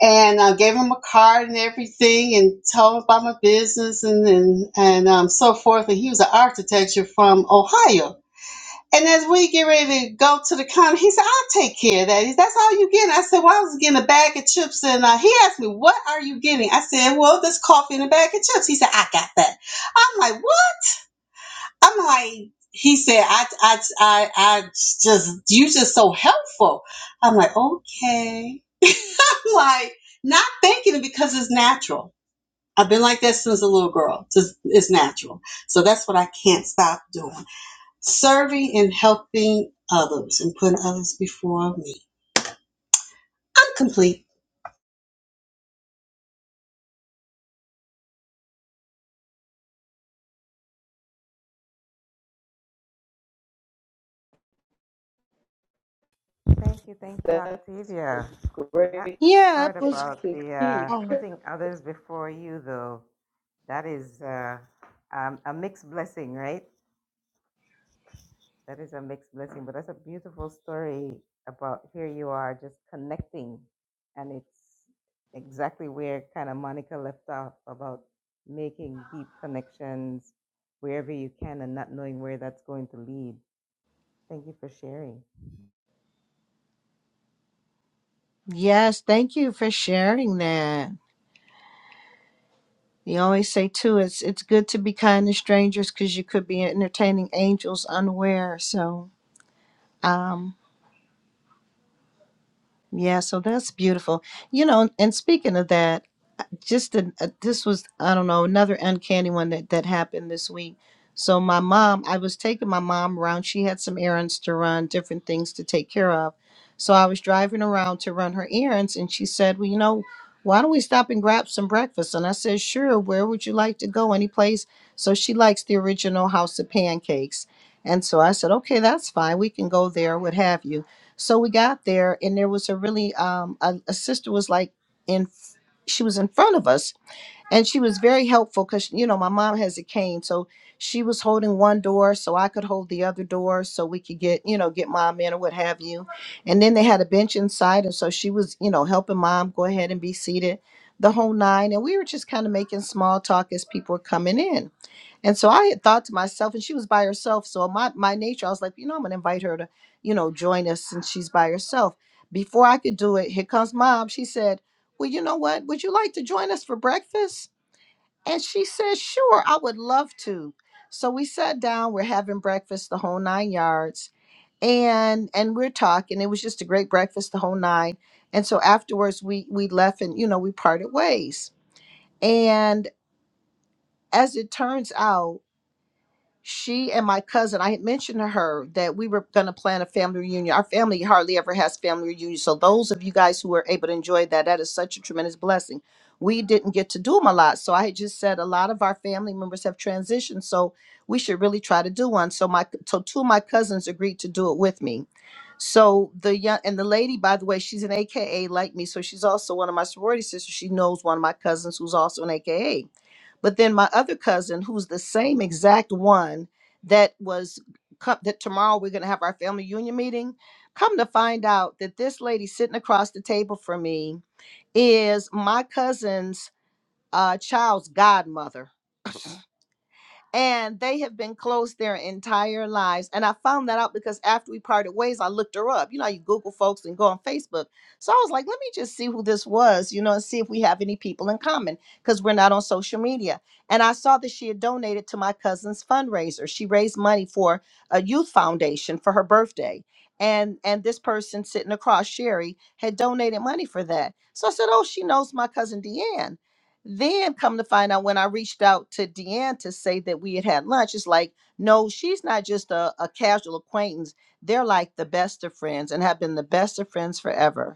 And I gave him a card and everything and told him about my business and, and, and um, so forth. And he was an architecture from Ohio. And as we get ready to go to the counter, he said, I'll take care of that. He- That's all you getting. I said, well, I was getting a bag of chips. And uh, he asked me, what are you getting? I said, well, this coffee and a bag of chips. He said, I got that. I'm like, what? I'm like, he said, I, I, I, I just, you just so helpful. I'm like, okay. I'm like, not thinking it because it's natural. I've been like that since a little girl. Just, it's natural. So that's what I can't stop doing. Serving and helping others and putting others before me. I'm complete. Thank you, thank you, That's a Octavia. That great Yeah, it part was. about to the uh, keep. Oh, putting others before you, though, that is uh, um, a mixed blessing, right? That is a mixed blessing, but that's a beautiful story about here you are just connecting, and it's exactly where kind of Monica left off about making deep connections wherever you can and not knowing where that's going to lead. Thank you for sharing. yes. Thank you for sharing that. You always say too, it's it's good to be kind to strangers because you could be entertaining angels unaware. So, um, yeah, so that's beautiful. You know, and speaking of that, I- just an- uh, this was I don't know another uncanny one that that happened this week. So my mom, I was taking my mom around. She had some errands to run, different things to take care of. So I was driving around to run her errands, and she said, "Well, you know, why don't we stop and grab some breakfast?" And I said, "Sure. Where would you like to go? Any place?" So she likes the original House of Pancakes, and so I said, "Okay, that's fine. We can go there. What have you." So we got there, and there was a really um, a, a sister was like in, she was in front of us, and she was very helpful because you know my mom has a cane, so she was holding one door so I could hold the other door so we could get you know get mom in or what have you, and then they had a bench inside, and so she was you know helping mom go ahead and be seated, the whole nine, and we were just kind of making small talk as people were coming in. And so I had thought to myself, and she was by herself. So my my nature, I was like, you know, I'm gonna invite her to, you know, join us since she's by herself. Before I could do it, here comes mom. She said, Well, you know what? Would you like to join us for breakfast? And she said, Sure, I would love to. So we sat down, we're having breakfast the whole nine yards, and and we're talking. It was just a great breakfast the whole nine. And so afterwards we we left and you know, we parted ways. And as it turns out, she and my cousin, I had mentioned to her that we were going to plan a family reunion. Our family hardly ever has family reunions. So, those of you guys who were able to enjoy that, that is such a tremendous blessing. We didn't get to do them a lot. So, I had just said a lot of our family members have transitioned. So, we should really try to do one. So, my so two of my cousins agreed to do it with me. So, the young and the lady, by the way, she's an AKA like me. So, she's also one of my sorority sisters. She knows one of my cousins who's also an AKA. But then my other cousin, who's the same exact one that was co- that tomorrow we're going to have our family union meeting, come to find out that this lady sitting across the table from me is my cousin's uh, child's godmother and they have been close their entire lives. And I found that out because after we parted ways, I looked her up. You know, how you Google folks and go on Facebook. So I was like, let me just see who this was, you know, and see if we have any people in common because we're not on social media. And I saw that she had donated to my cousin's fundraiser. She raised money for a youth foundation for her birthday. And and this person sitting across, Sherry, had donated money for that. So I said, Oh, she knows my cousin Deanne. Then come to find out when I reached out to Deanne to say that we had had lunch, it's like, no, she's not just a, a casual acquaintance. They're like the best of friends and have been the best of friends forever.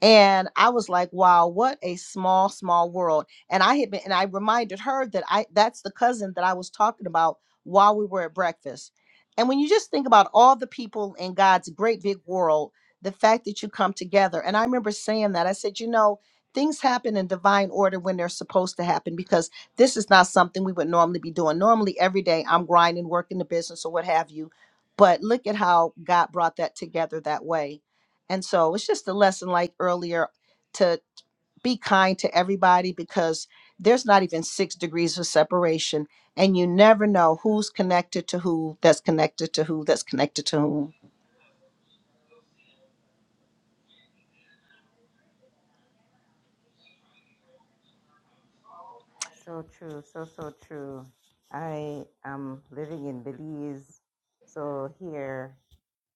And I was like, wow, what a small, small world. And I had been, and I reminded her that I, that's the cousin that I was talking about while we were at breakfast. And when you just think about all the people in God's great big world, the fact that you come together. And I remember saying that I said, you know, things happen in divine order when they're supposed to happen because this is not something we would normally be doing. Normally, every day I'm grinding, working the business or what have you. But look at how God brought that together that way and so it's just a lesson like earlier to be kind to everybody because there's not even six degrees of separation. And you never know who's connected to who, that's connected to who, that's connected to whom. So true, so so true. I am living in Belize, so here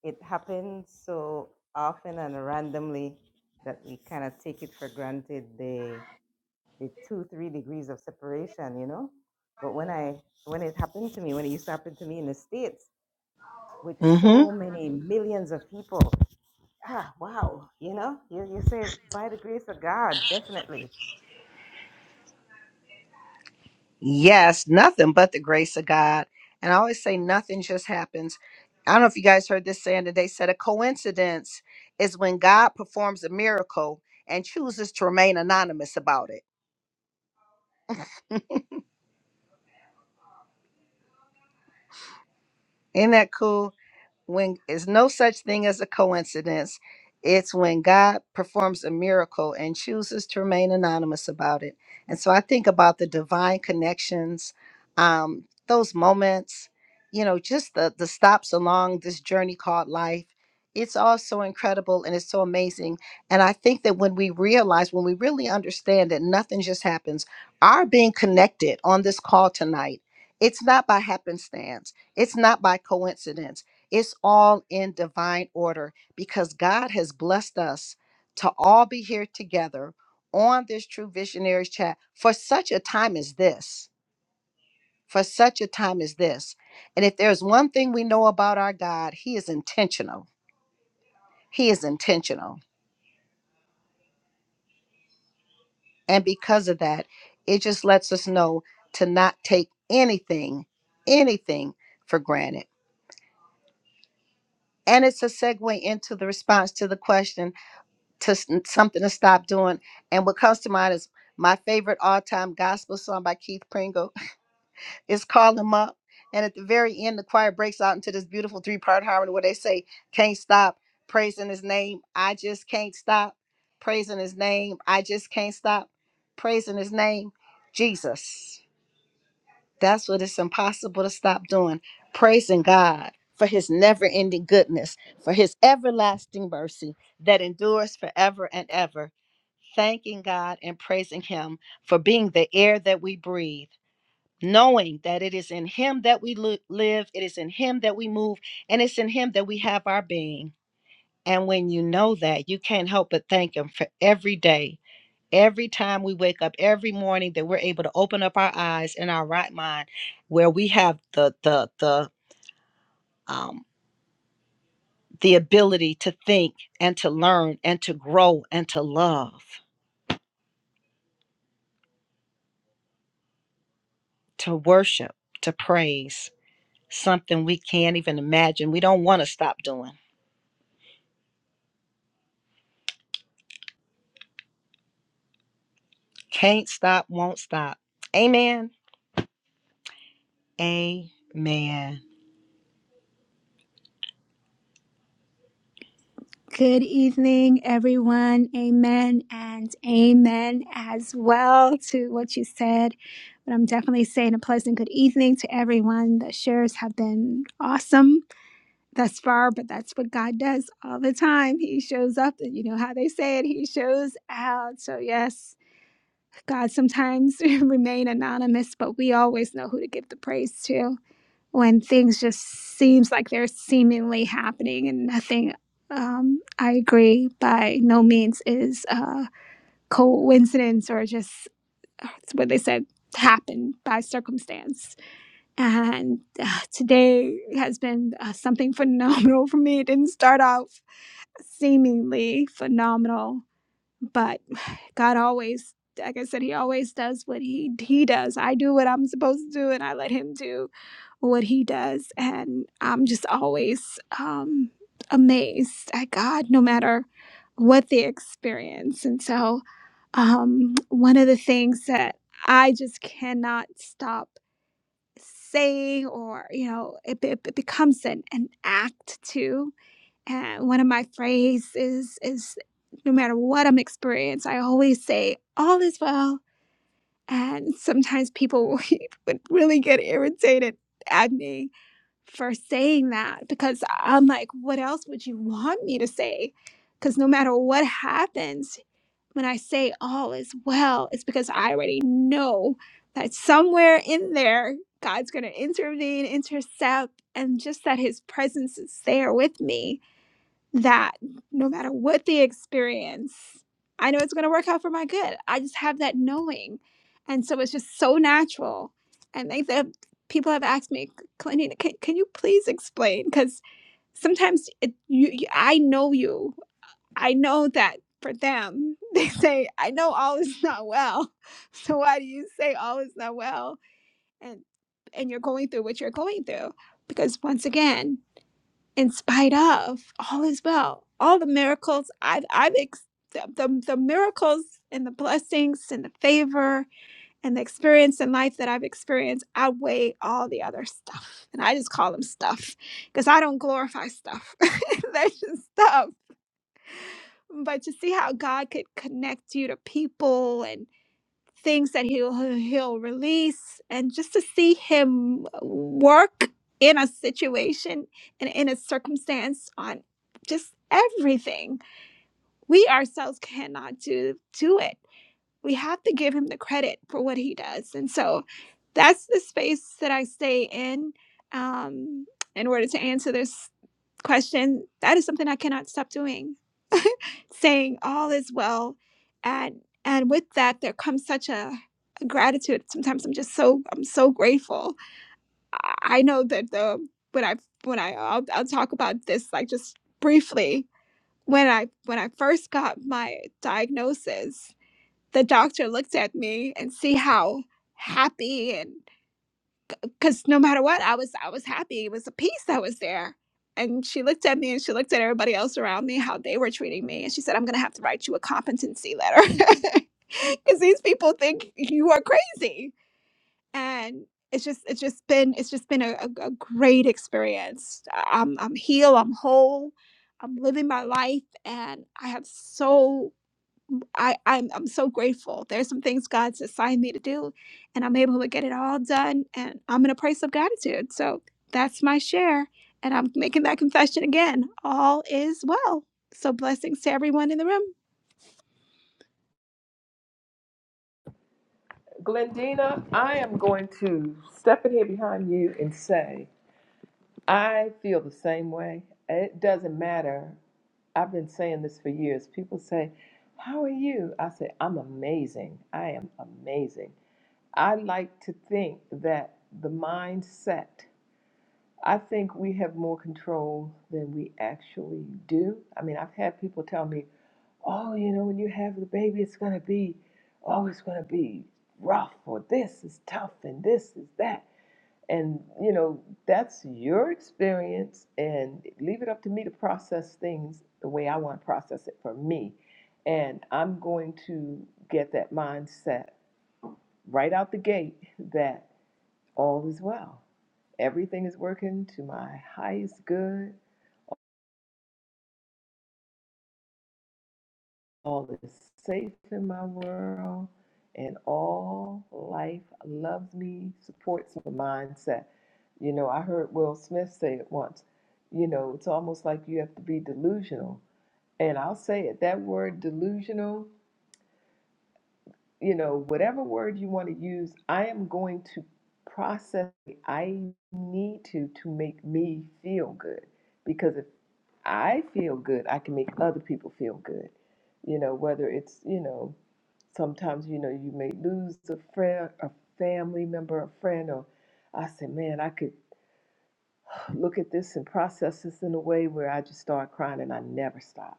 it happens so often and randomly that we kind of take it for granted the the two three degrees of separation, you know. But when I when it happened to me, when it used to happen to me in the states with mm hmm so many millions of people, ah, wow, you know, you you say by the grace of God, definitely. Yes, nothing but the grace of God. And I always say nothing just happens. I don't know if you guys heard this saying today said a coincidence is when God performs a miracle and chooses to remain anonymous about it. Isn't that cool? when it's no such thing as a coincidence. It's when God performs a miracle and chooses to remain anonymous about it. And so I think about the divine connections, um, those moments, you know, just the the stops along this journey called life. It's all so incredible and it's so amazing. And I think that when we realize, when we really understand that nothing just happens, our being connected on this call tonight, it's not by happenstance. It's not by coincidence it's all in divine order because God has blessed us to all be here together on this True Visionaries chat for such a time as this. For such a time as this. And if there's one thing we know about our God, He is intentional. He is intentional. And because of that, it just lets us know to not take anything, anything for granted. And it's a segue into the response to the question to s- something to stop doing. And what comes to mind is my favorite all-time gospel song by Keith Pringle is "Call him Up." And at the very end, the choir breaks out into this beautiful three-part harmony where they say, "Can't stop praising His name. I just can't stop praising His name. I just can't stop praising His name, Jesus." That's what it's impossible to stop doing. Praising God for his never ending goodness, for his everlasting mercy that endures forever and ever. Thanking God and praising him for being the air that we breathe, knowing that it is in him that we lo- live, it is in him that we move, and it's in him that we have our being. And when you know that, you can't help but thank him for every day every time we wake up every morning that we're able to open up our eyes in our right mind where we have the the the um the ability to think and to learn and to grow and to love to worship to praise something we can't even imagine we don't want to stop doing can't stop won't stop amen amen Good evening, everyone. Amen and amen as well to what you said. But I'm definitely saying a pleasant good evening to everyone. The shares have been awesome thus far, but that's what God does all the time. He shows up, and you know how they say it, He shows out. So, yes, God sometimes remain anonymous, but we always know who to give the praise to when things just seems like they're seemingly happening and nothing um, i agree by no means is a coincidence or just uh, what they said happened by circumstance and uh, today has been uh, something phenomenal for me it didn't start out seemingly phenomenal but God always, like I said, He always does what He He does. I do what I'm supposed to do, and I let Him do what He does, and I'm just always um, amazed at God, no matter what the experience. And so, um, one of the things that I just cannot stop saying, or you know, it, it, it becomes an an act too and one of my phrases is is no matter what I'm experiencing, I always say, all is well. And sometimes people would really get irritated at me for saying that because I'm like, what else would you want me to say? Because no matter what happens, when I say all is well, it's because I already know that somewhere in there, God's going to intervene, intercept, and just that his presence is there with me that no matter what the experience, I know it's going to work out for my good. I just have that knowing. And so it's just so natural. And they, the, people have asked me, Kalina, can, can you please explain? Because sometimes it, you, you, I know you. I know that for them, they say, I know all is not well. So why do you say all is not well? And, and you're going through what you're going through. Because once again, in spite of all is well all the miracles i've i've ex- the, the, the miracles and the blessings and the favor and the experience in life that i've experienced outweigh all the other stuff and i just call them stuff because i don't glorify stuff that's just stuff but to see how god could connect you to people and things that he'll he'll release and just to see him work in a situation and in a circumstance on just everything we ourselves cannot do do it we have to give him the credit for what he does and so that's the space that i stay in um, in order to answer this question that is something i cannot stop doing saying all is well and and with that there comes such a, a gratitude sometimes i'm just so i'm so grateful i I know that the when i when i I'll, I'll talk about this like just briefly when i when i first got my diagnosis the doctor looked at me and see how happy and because no matter what, I was I was happy. It was a peace that was there. And she looked at me and she looked at everybody else around me, how they were treating me. And she said, I'm gonna have to write you a competency letter. Cause these people think you are crazy. And it's just it's just been it's just been a, a, a great experience. I- I'm I'm healed, I'm whole, I'm living my life, and I have so I, I'm I'm so grateful. There's some things God's assigned me to do, and I'm able to get it all done. And I'm in a place of gratitude. So that's my share. And I'm making that confession again. All is well. So blessings to everyone in the room. Glendina, I am going to step in here behind you and say, I feel the same way. It doesn't matter. I've been saying this for years. People say, How are you? I say, I'm amazing. I am amazing. I like to think that the mindset I think we have more control than we actually do. I mean, I've had people tell me, oh, you know, when you have the baby, it's going to be, oh, it's going to be rough, or this is tough, and this is that. And, you know, that's your experience, and leave it up to me to process things the way I want to process it for me. And I'm going to get that mindset right out the gate that all is well. Everything is working to my highest good. All is safe in my world. And all life loves me, supports my mindset. You know, I heard Will Smith say it once. You know, it's almost like you have to be delusional. And I'll say it that word delusional you know, whatever word you want to use, I am going to process. I need to to make me feel good because if I feel good, I can make other people feel good. You know, whether it's you know, sometimes you know you may lose a friend, a family member, a friend, or I say, man, I could look at this and process this in a way where I just start crying and I never stop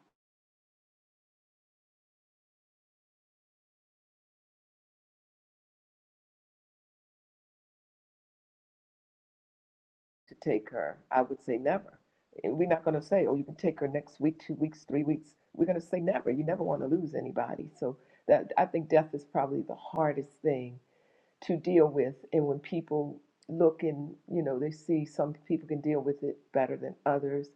to take her, I would say never. And we're not going to say, oh, you can take her next week, two weeks, three weeks. We're going to say never. You never want to lose anybody. So that I think death is probably the hardest thing to deal with. And when people look and you know they see some people can deal with it better than others,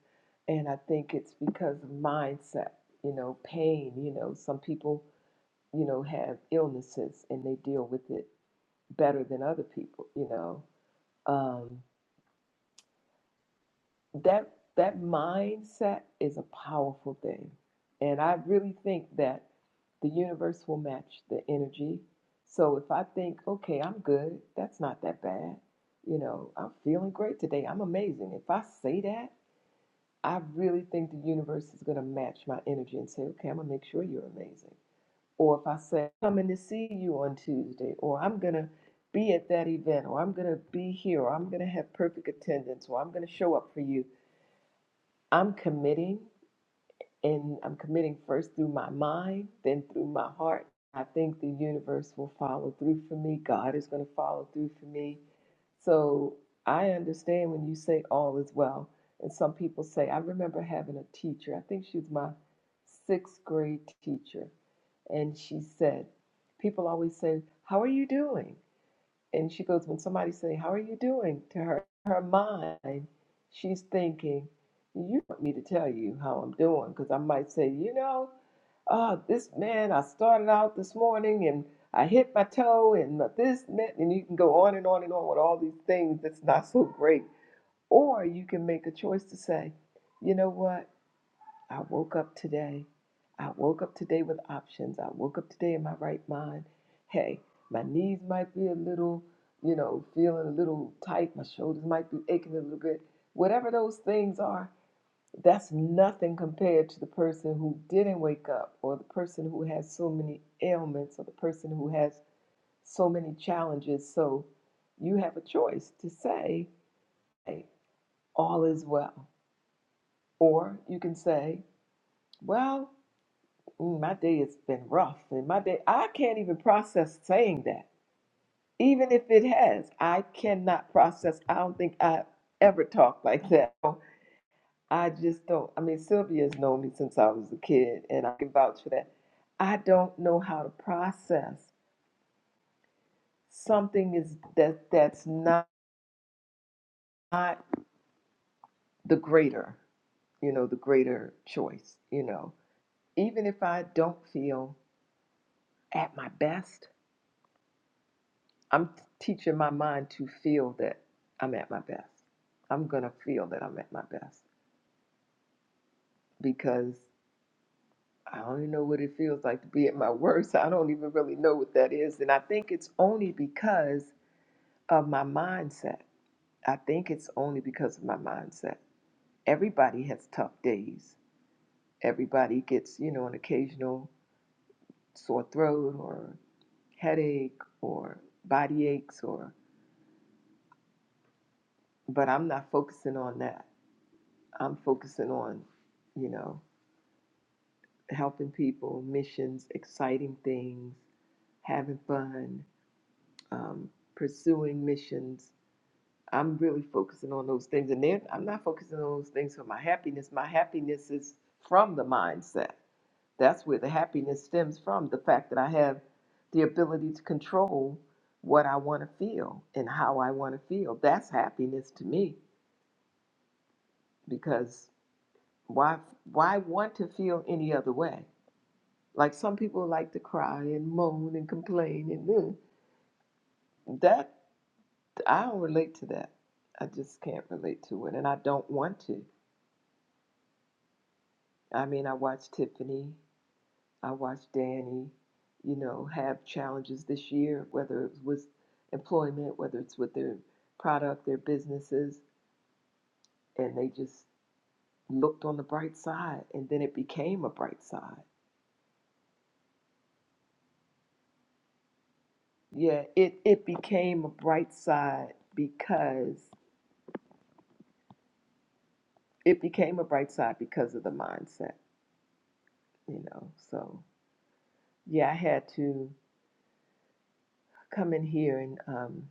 and I think it's because of mindset. You know, pain. You know, some people you know have illnesses and they deal with it better than other people. You know. Um, that that mindset is a powerful thing and i really think that the universe will match the energy so if i think okay i'm good that's not that bad you know i'm feeling great today i'm amazing if i say that i really think the universe is going to match my energy and say okay i'm going to make sure you're amazing or if i say I'm coming to see you on tuesday or i'm going to be at that event or i'm going to be here or i'm going to have perfect attendance or i'm going to show up for you I'm committing, and I'm committing first through my mind, then through my heart. I think the universe will follow through for me. God is going to follow through for me. So I understand when you say all is well. And some people say, I remember having a teacher, I think she was my sixth grade teacher, and she said, People always say, How are you doing? And she goes, when somebody say, "How are you doing?" to her, her mind, she's thinking, "You want me to tell you how I'm doing?" Because I might say, you know, oh, this man, I started out this morning and I hit my toe and my this and that, and you can go on and on and on with all these things that's not so great. Or you can make a choice to say, you know what? I woke up today. I woke up today with options. I woke up today in my right mind. Hey, my knees might be a little, you know, feeling a little tight. My shoulders might be aching a little bit. Whatever those things are, that's nothing compared to the person who didn't wake up or the person who has so many ailments or the person who has so many challenges. So you have a choice to say, hey, all is well. Or you can say, well, Mm, my day has been rough and my day i can't even process saying that even if it has i cannot process i don't think i've ever talked like that So i just don't i mean sylvia's known me since i was a kid and i can vouch for that i don't know how to process something is that that's not the greater you know the greater choice you know even if i don't feel at my best I'm teaching my mind to feel that I'm at my best. I'm going to feel that I'm at my best because I don't even know what it feels like to be at my worst. I don't even really know what that is. And I think it's only because of my mindset. I think it's only because of my mindset. Everybody has tough days. Everybody gets, you know, an occasional sore throat or headache or body aches or but I'm not focusing on that. I'm focusing on, you know, helping people, missions, exciting things, having fun, um, pursuing missions. I'm really focusing on those things, and then I'm not focusing on those things for my happiness. My happiness is from the mindset. That's where the happiness stems from the fact that I have the ability to control what I want to feel and how I want to feel. That's happiness to me because why why want to feel any other way? Like some people like to cry and moan and complain and mm, that I don't relate to that. I just can't relate to it and I don't want to. I mean, I watch Tiffany, I watch Danny, you know, have challenges this year, whether it's with employment, whether it's with their product, their businesses, and they just looked on the bright side and then it became a bright side. Yeah, it, it became a bright side because it became a bright side because of the mindset, you know. So yeah, I had to come in here and um,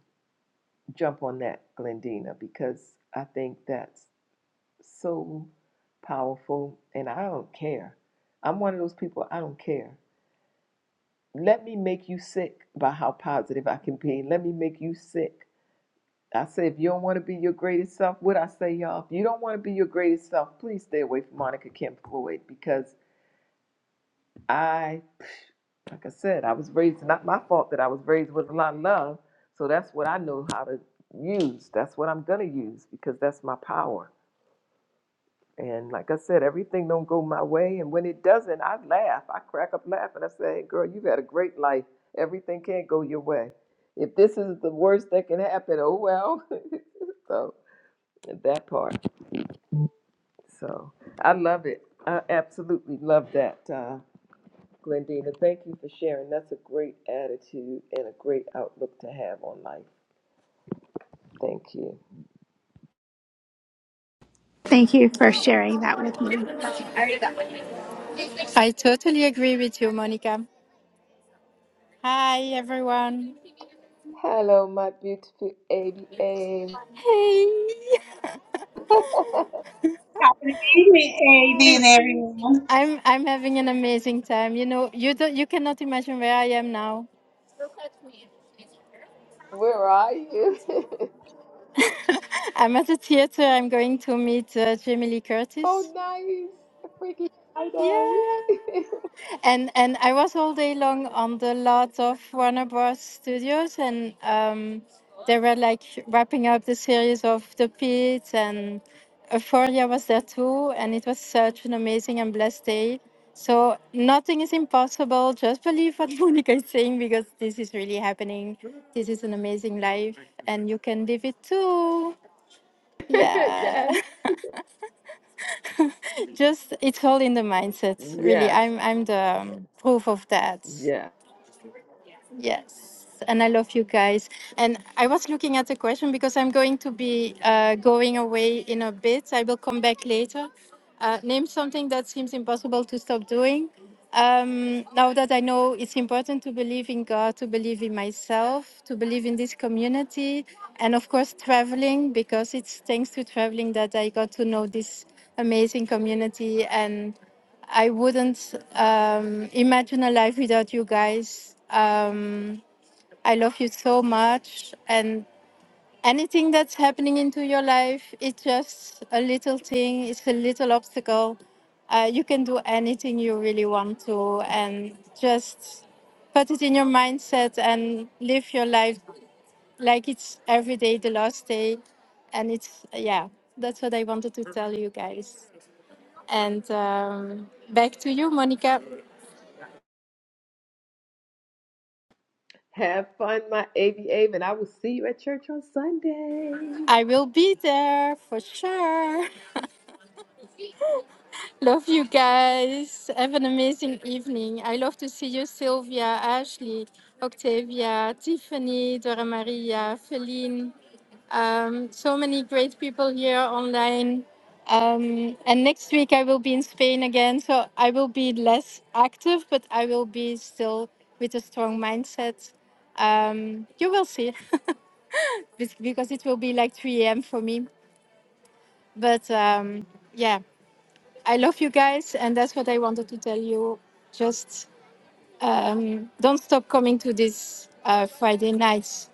jump on that, Glendina, because I think that's so powerful, and I don't care. I'm one of those people. I don't care. Let me make you sick by how positive I can be. Let me make you sick. I say, if you don't want to be your greatest self, what I say, y'all, if you don't want to be your greatest self, please stay away from Monica Kim Floyd because I, like I said, I was raised, not my fault that I was raised with a lot of love. So that's what I know how to use. That's what I'm going to use because that's my power. And like I said, everything don't go my way. And when it doesn't, I laugh. I crack up laughing. I say, "Hey, girl, you've had a great life. Everything can't go your way. If this is the worst that can happen, oh well. so that part. So I love it. I absolutely love that. Uh, Glendina, thank you for sharing. That's a great attitude and a great outlook to have on life. Thank you. Thank you for sharing that with me. I totally agree with you, Monica. Hi, everyone. Hello, my beautiful ABA. Hey, Good evening, Hi. AD and everyone. I'm I'm having an amazing time. You know, you don't, you cannot imagine where I am now. Where are you? I'm at the theater. I'm going to meet uh, Jamie Lee oh, Curtis. nice. Freaky Friday. Yeah. And and I was all day long on the lot of Warner Bros. Studios, and um, they were like wrapping up the series of The Pit, and Euphoria was there too, and it was such an amazing and blessed day. So nothing is impossible. Just believe what Monica is saying because this is really happening. This is an amazing life, and you can live it too. Yeah, yes. just it's all in the mindset. Really, Yes. I'm I'm the um, proof of that. Yes. Yes, and I love you guys. And I was looking at the question because I'm going to be uh, going away in a bit. I will come back later. Uh, name something that seems impossible to stop doing. Um, now that I know it's important to believe in God, to believe in myself, to believe in this community, and of course, traveling, because it's thanks to traveling that I got to know this amazing community. and. I wouldn't um, imagine a life without you guys. Um, I love you so much, and anything that's happening into your life, it's just a little thing. It's a little obstacle. Uh, you can do anything you really want to, and just put it in your mindset and live your life like it's every day the last day. And it's yeah, that's what I wanted to tell you guys. And um, back to you, Monica. Have fun, my ABA, and I will see you at church on Sunday. I will be there for sure. love you guys. Have an amazing evening. I love to see you, Sylvia, Ashley, Octavia, Tiffany, Dora Maria, Feline. Um, so many great people here online. Um, and next week I will be in Spain again, so I will be less active, but I will be still with a strong mindset. Um, you will see, be- because it will be like 3 a.m. for me. But um, yeah I love you guys, and that's what I wanted to tell you. Just um, don't stop coming to these uh, Friday nights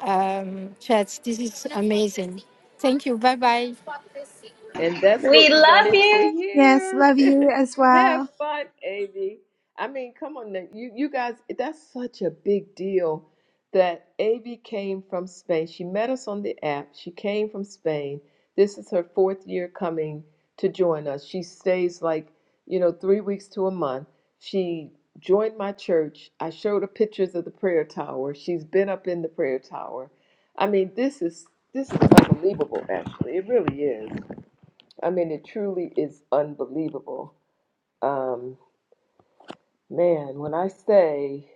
um, chats. This is amazing. Thank you. Bye bye. And that's what we wanted to Yes, hear. love you as well. Have fun, Avi. I mean, come on, now. you you guys, that's such a big deal that Avi came from Spain. She met us on the app. She came from Spain. This is her fourth year coming to join us. She stays like, you know, three weeks to a month. She joined my church. I showed her pictures of the prayer tower. She's been up in the prayer tower. I mean, this is this is unbelievable, actually. It really is. I mean, it truly is unbelievable. Um, man, when I say,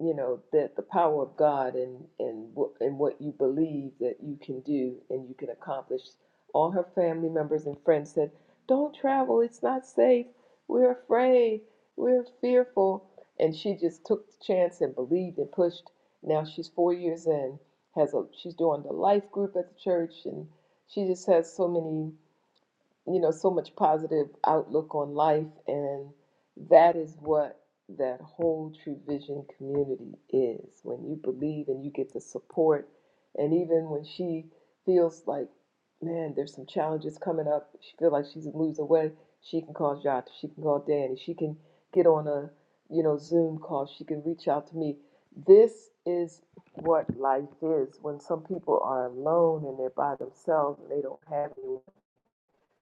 you know, that the power of God and and wh- and what you believe that you can do and you can accomplish, all her family members and friends said, "Don't travel. It's not safe. We're afraid. We're fearful." And she just took the chance and believed and pushed. Now she's four years in, has a she's doing the life group at the church, and she just has so many. you know, so much positive outlook on life. And that is what that whole True Vision community is. When you believe and you get the support, and even when she feels like, man, there's some challenges coming up, she feels like she's losing weight, she can call Jot, she can call Danny, she can get on a, you know, Zoom call, she can reach out to me. This is what life is when some people are alone and they're by themselves and they don't have anyone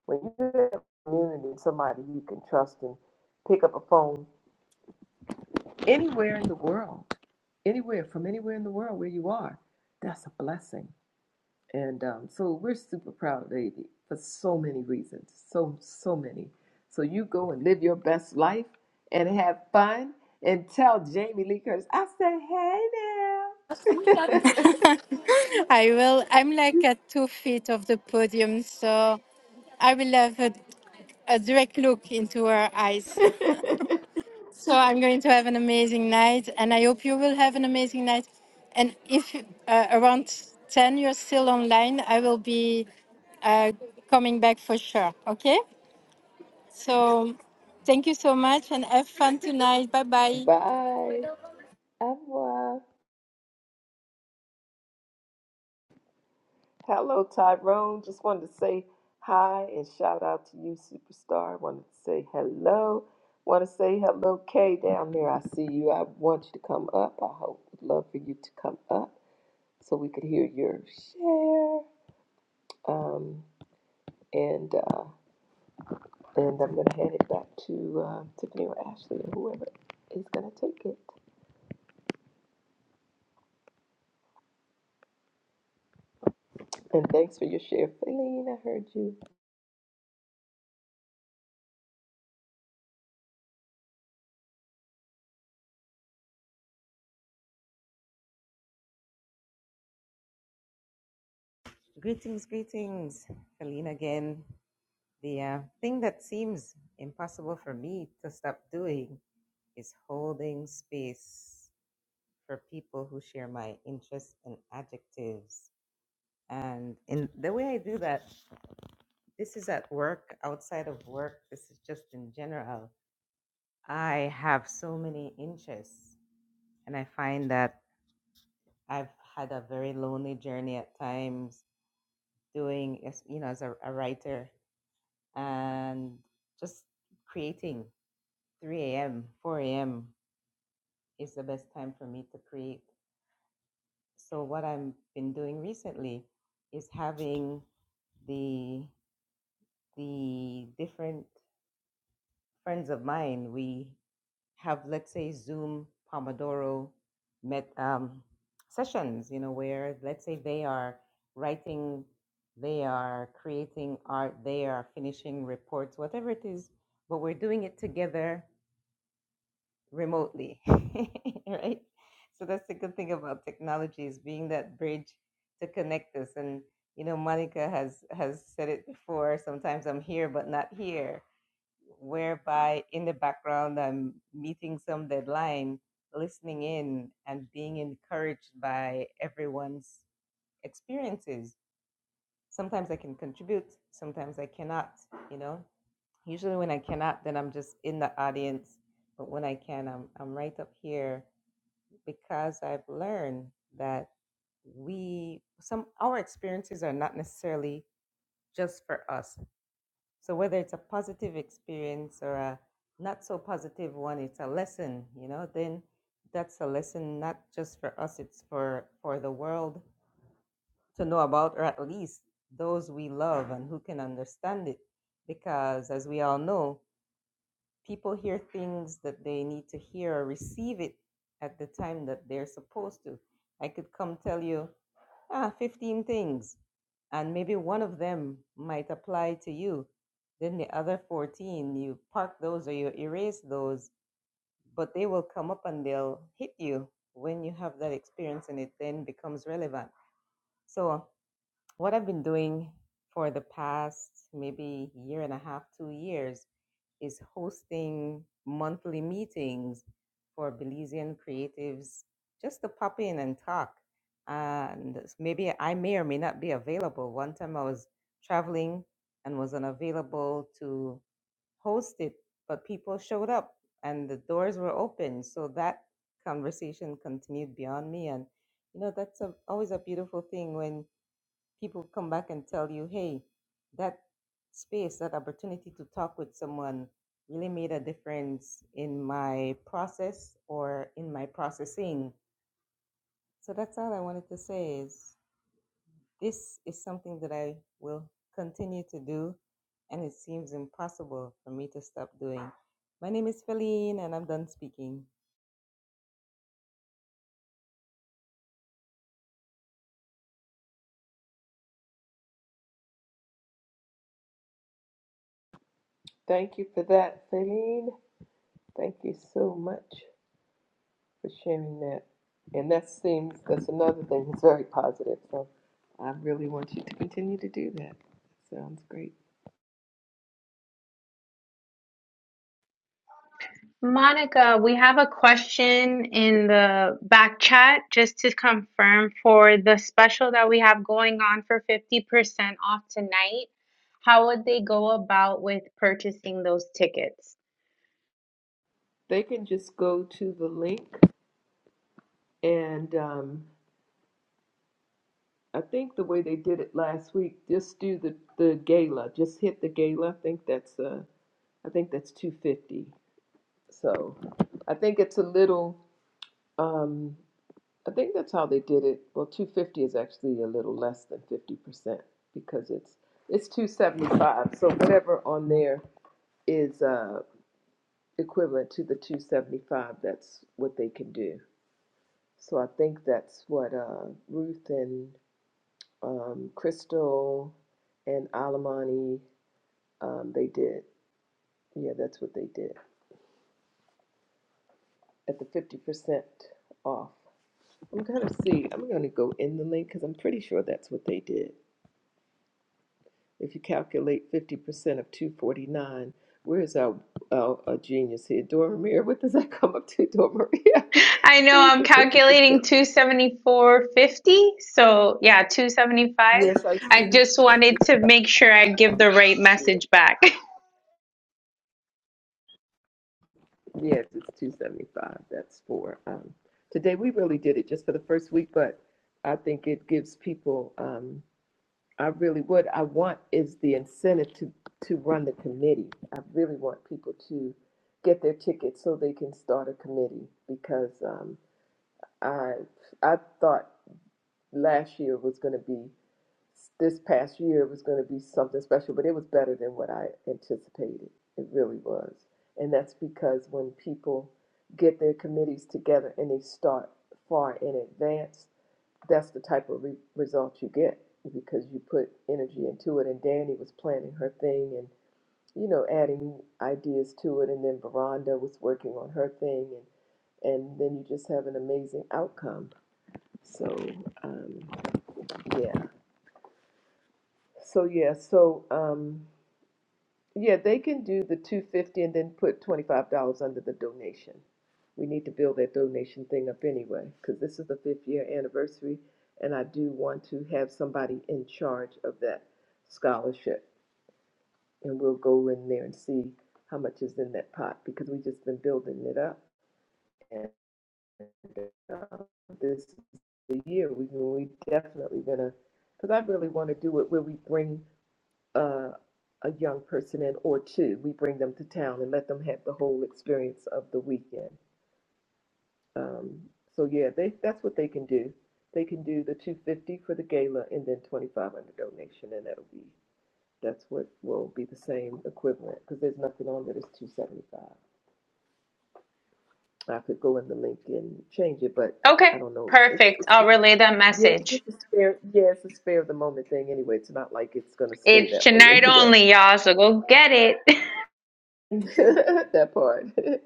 when you have a community, somebody you can trust and pick up a phone anywhere in the world, anywhere from anywhere in the world where you are, that's a blessing. And um, so we're super proud of Davy for so many reasons, so so many. So you go and live your best life and have fun and tell Jamie Lee Curtis, I said, hey I will. I'm like at two feet of the podium, so I will have a, a direct look into her eyes. now. So I'm going to have an amazing night, and I hope you will have an amazing night. And if uh, around 10 you're still online, I will be uh, coming back for sure. Okay? So thank you so much and have fun tonight. Bye bye. Bye. Au revoir. Hello, Tyrone. Just wanted to say hi and shout out to you, superstar. Wanted to say hello. Want to say hello, Kay, down there. I see you. I want you to come up. I hope would love for you to come up so we could hear your share. Um, and uh, and I'm gonna hand it back to uh, Tiffany or Ashley or whoever is gonna take it. And thanks for your share, Feline. I heard you. Greetings, greetings, Colleen again. The uh, thing that seems impossible for me to stop doing is holding space for people who share my interests and adjectives. And in the way I do that, this is at work, outside of work, this is just in general. I have so many interests, and I find that I've had a very lonely journey at times doing, as- you know, as a, a writer and just creating 3 a.m., 4 a.m. is the best time for me to create. So what I've been doing recently is having the the different friends of mine. We have let's say Zoom Pomodoro met um, sessions, you know, where let's say they are writing, they are creating art, they are finishing reports, whatever it is. But we're doing it together remotely, right? So that's the good thing about technology is being that bridge to connect us. And you know, Monica has has said it before. Sometimes I'm here but not here, whereby in the background I'm meeting some deadline, listening in, and being encouraged by everyone's experiences. Sometimes I can contribute, sometimes I cannot. You know, Usually when I cannot, then I'm just in the audience. But when I can, I'm I'm right up here because I've learned that we some our experiences are not necessarily just for us. So whether it's a positive experience or a not so positive one, it's a lesson, you know, then that's a lesson not just for us, it's for for the world to know about or at least those we love and who can understand it because as we all know people hear things that they need to hear or receive it at the time that they're supposed to. I could come tell you, ah, 15 things, and maybe one of them might apply to you. Then the other 14, you park those or you erase those, but they will come up and they'll hit you when you have that experience and it then becomes relevant. So, what I've been doing for the past maybe year and a half, two years is hosting monthly meetings for Belizean creatives just to pop in and talk. And maybe I may or may not be available. One time I was traveling and was unavailable to host it, but people showed up and the doors were open. So that conversation continued beyond me. And, you know, that's a, always a beautiful thing when people come back and tell you, hey, that space, that opportunity to talk with someone really made a difference in my process or in my processing. So that's all I wanted to say is this is something that I will continue to do and it seems impossible for me to stop doing. My name is Feline and I'm done speaking. Thank you for that, Feline. Thank you so much. for sharing that. And that seems that's another thing that's very positive. So I really want you to continue to do that. Sounds great. They can just go to the link and um, I think the way they did it last week, just do the, the gala. Just hit the gala. I think that's uh I think that's two fifty. So I think it's a little um I think that's how they did it. Well, 250 is actually a little less than 50% because it's it's 275. So whatever on there is uh, equivalent to the 275. That's what they can do. So I think that's what uh, Ruth and um, Crystal and Alamani um, they did. Yeah, that's what they did at the 50% off. I'm gonna see. I'm gonna go in the link because I'm pretty sure that's what they did. If you calculate 50% of 249, where is our, our, our genius here? Dora Maria, what does that come up to, Dora Maria? I said 50%. Yes, I should. Yes, it's 275. That's for um, today. We really did it just for the first week, but I think it gives people. Um, I really what I want is the incentive to to run the committee. I really want people to get their tickets so they can start a committee because. Um, I I thought last year was going to be this past year was going to be something special, but it was better than what I anticipated. It really was, and that's because when people get their committees together and they start far in advance, that's the type of re- result you get because you put energy into it. And Danny was planning her thing and you know adding ideas to it, and then Veranda was working on her thing, and and then you just have an amazing outcome so, um, yeah. So, yeah. So, um, yeah, they can do the 250 and then put $25 under the donation. We need to build that donation thing up anyway, because this is the fifth year anniversary, and I do want to have somebody in charge of that scholarship. And we'll go in there and see how much is in that pot, because we've just been building it up. And uh, this is the year we, we definitely gonna, because I really want to do it where we bring uh, a young person in or two. We bring them to town and let them have the whole experience of the weekend. Um, so yeah, they that's what they can do. They can do the 250 for the gala and then 2500 donation, and that'll be that's what will be the same equivalent because there's nothing on that is 275. I could go in the link and change it, but I don't know. It's it's just yeah, 'cause it's a spare yeah, it's a spare of the moment thing anyway. It's not like it's gonna stay that way anyway. that part.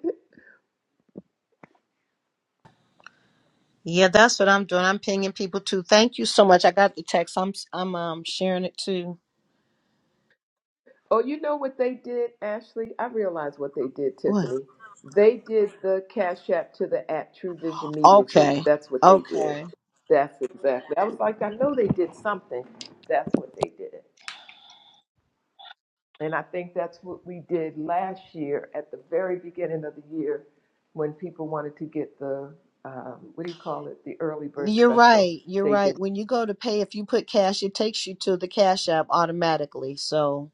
yeah that's what i'm doing i'm pinging people too thank you so much i got the text i'm i'm um sharing it too Oh, you know what they did, Ashley? I realized what they did, What? Tiffany. They did the Cash App to the app True Vision Media Group. Okay. That's what they did. Okay. That's exactly. I was like, I know they did something. That's what they did. And I think that's what we did last year at the very beginning of the year when people wanted to get the, um, what do you call it, the early bird You're special. right. You're They did. right. When you go to pay, if you put cash, it takes you to the Cash App automatically. So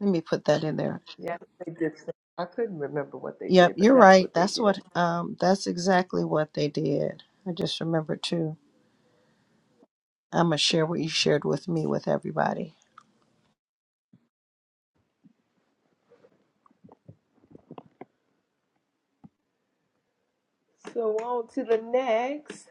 let me put that in there. Yeah, they did. some- I couldn't remember what they Yep, did, but you're that's right. what they That's what did. um that's exactly what they did. I just remember too. I'm gonna share what you shared with me with everybody. So on to the next.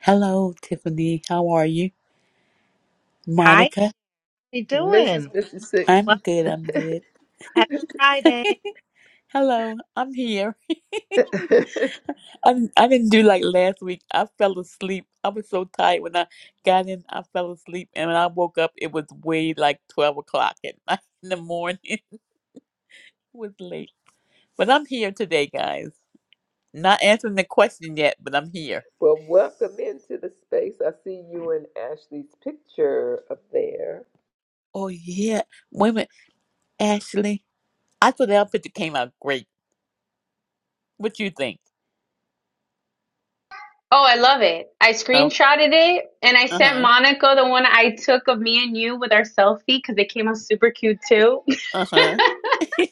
Hello, Tiffany. How are you? Hi, how Monica? you Mrs. doing? 56. I'm Well, good. I'm good. happy Friday. Hello, I'm here. I, I didn't do like last week. I fell asleep. I was so tired when I got in. I fell asleep. And when I woke up, it was way like 12 o'clock at night in the morning. It was late. But I'm here today, guys. Not answering the question yet, but I'm here. well, welcome into the space. I see you and Ashley's picture up there. Oh, yeah. Wait a minute. Ashley, I thought the outfit that came out great. What you think? Oh, uh huh. Uh-huh.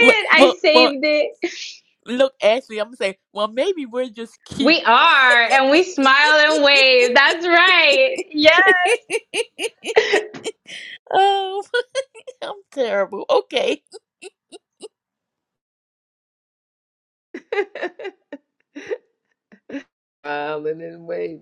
well, well, well, look, Ashley, I'm gonna say, well, maybe we're just cute. oh, I'm terrible. Okay. Island and wave.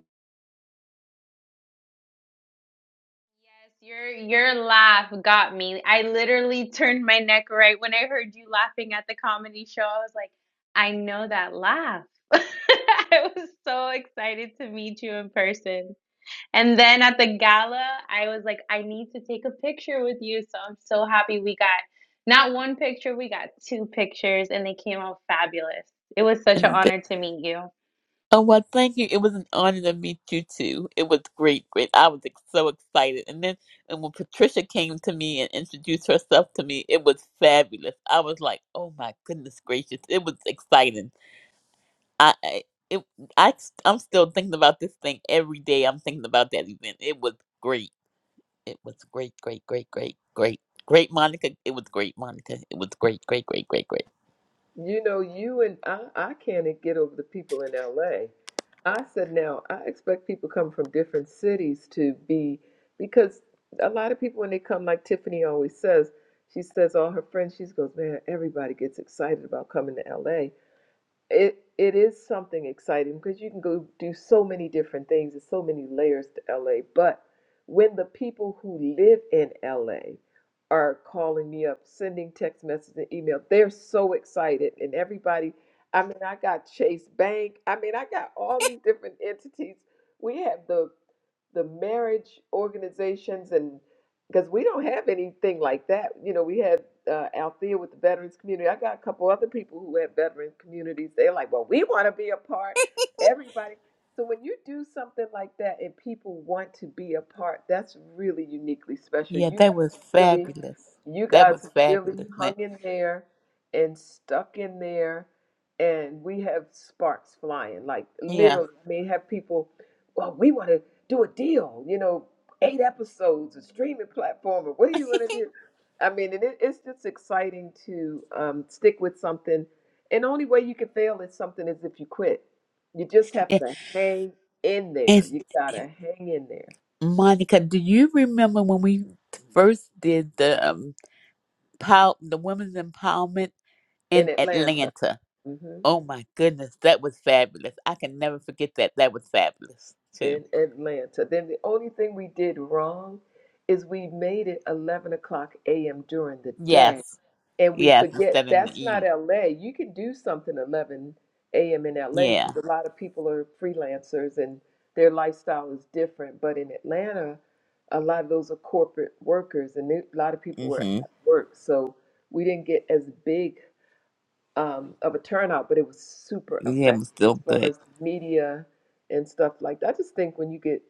And th- oh well, thank you. It was an honor to meet you too. It was great, great. I was ex- so excited, and then and when Patricia came to me and introduced herself to me, it was fabulous. I was like, oh my goodness gracious! It was exciting. I I- it I s- I'm still thinking about this thing every day. I'm thinking about that event. It was great. It was great, great, great, great, great, great, Monica. It was great, Monica. It was great, great, great, great, great. You know, you and I, I can't get over the people in LA. I said, now, I expect people come from different cities to be, because a lot of people, when they come, like Tiffany always says, she says, all her friends, she goes, man, everybody gets excited about coming to LA. it it is something exciting because you can go do so many different things. There's so many layers to LA. But when the people who live in LA are calling me up, sending text messages and email, they're so excited. And everybody, I mean, I got Chase Bank. I mean, I got all these different entities. We have the the marriage organizations and because we don't have anything like that. You know, we had uh, Althea with the veterans community. I got a couple other people who have veterans communities. They're like, well, we want to be a part. Everybody. So when you do something like that and people want to be a part, that's really uniquely special. Yeah, You that guys was are really fabulous. you That guys was really fabulous, man. hung in there and stuck in there and we have sparks flying like Yeah, literally I mean have people well we want to do a deal you know eight episodes a streaming platform or what do you want to do I mean and it, it's just exciting to um, stick with something and the only way you can fail at something is if you quit you just have yeah. to hang in And there you gotta hang in there Monica, do you remember when we first did the um, pow- the women's empowerment in in Atlanta Atlanta? Mm-hmm. Oh my goodness, that was fabulous. I can never forget that. That was fabulous too. in Atlanta. Then the only thing we did wrong is we made it 11 o'clock a.m. during the day. Yes. And we Yes, forget instead of in that's the not evening. LA. You can do something 11 a.m. in LA Yeah. because a lot of people are freelancers and their lifestyle is different. But in Atlanta, a lot of those are corporate workers and they- a lot of people were Mhm. at work. So we didn't get as big um, of a turnout, but it was super Yeah, it effective was still as far good. as media and stuff like that. I just think when you get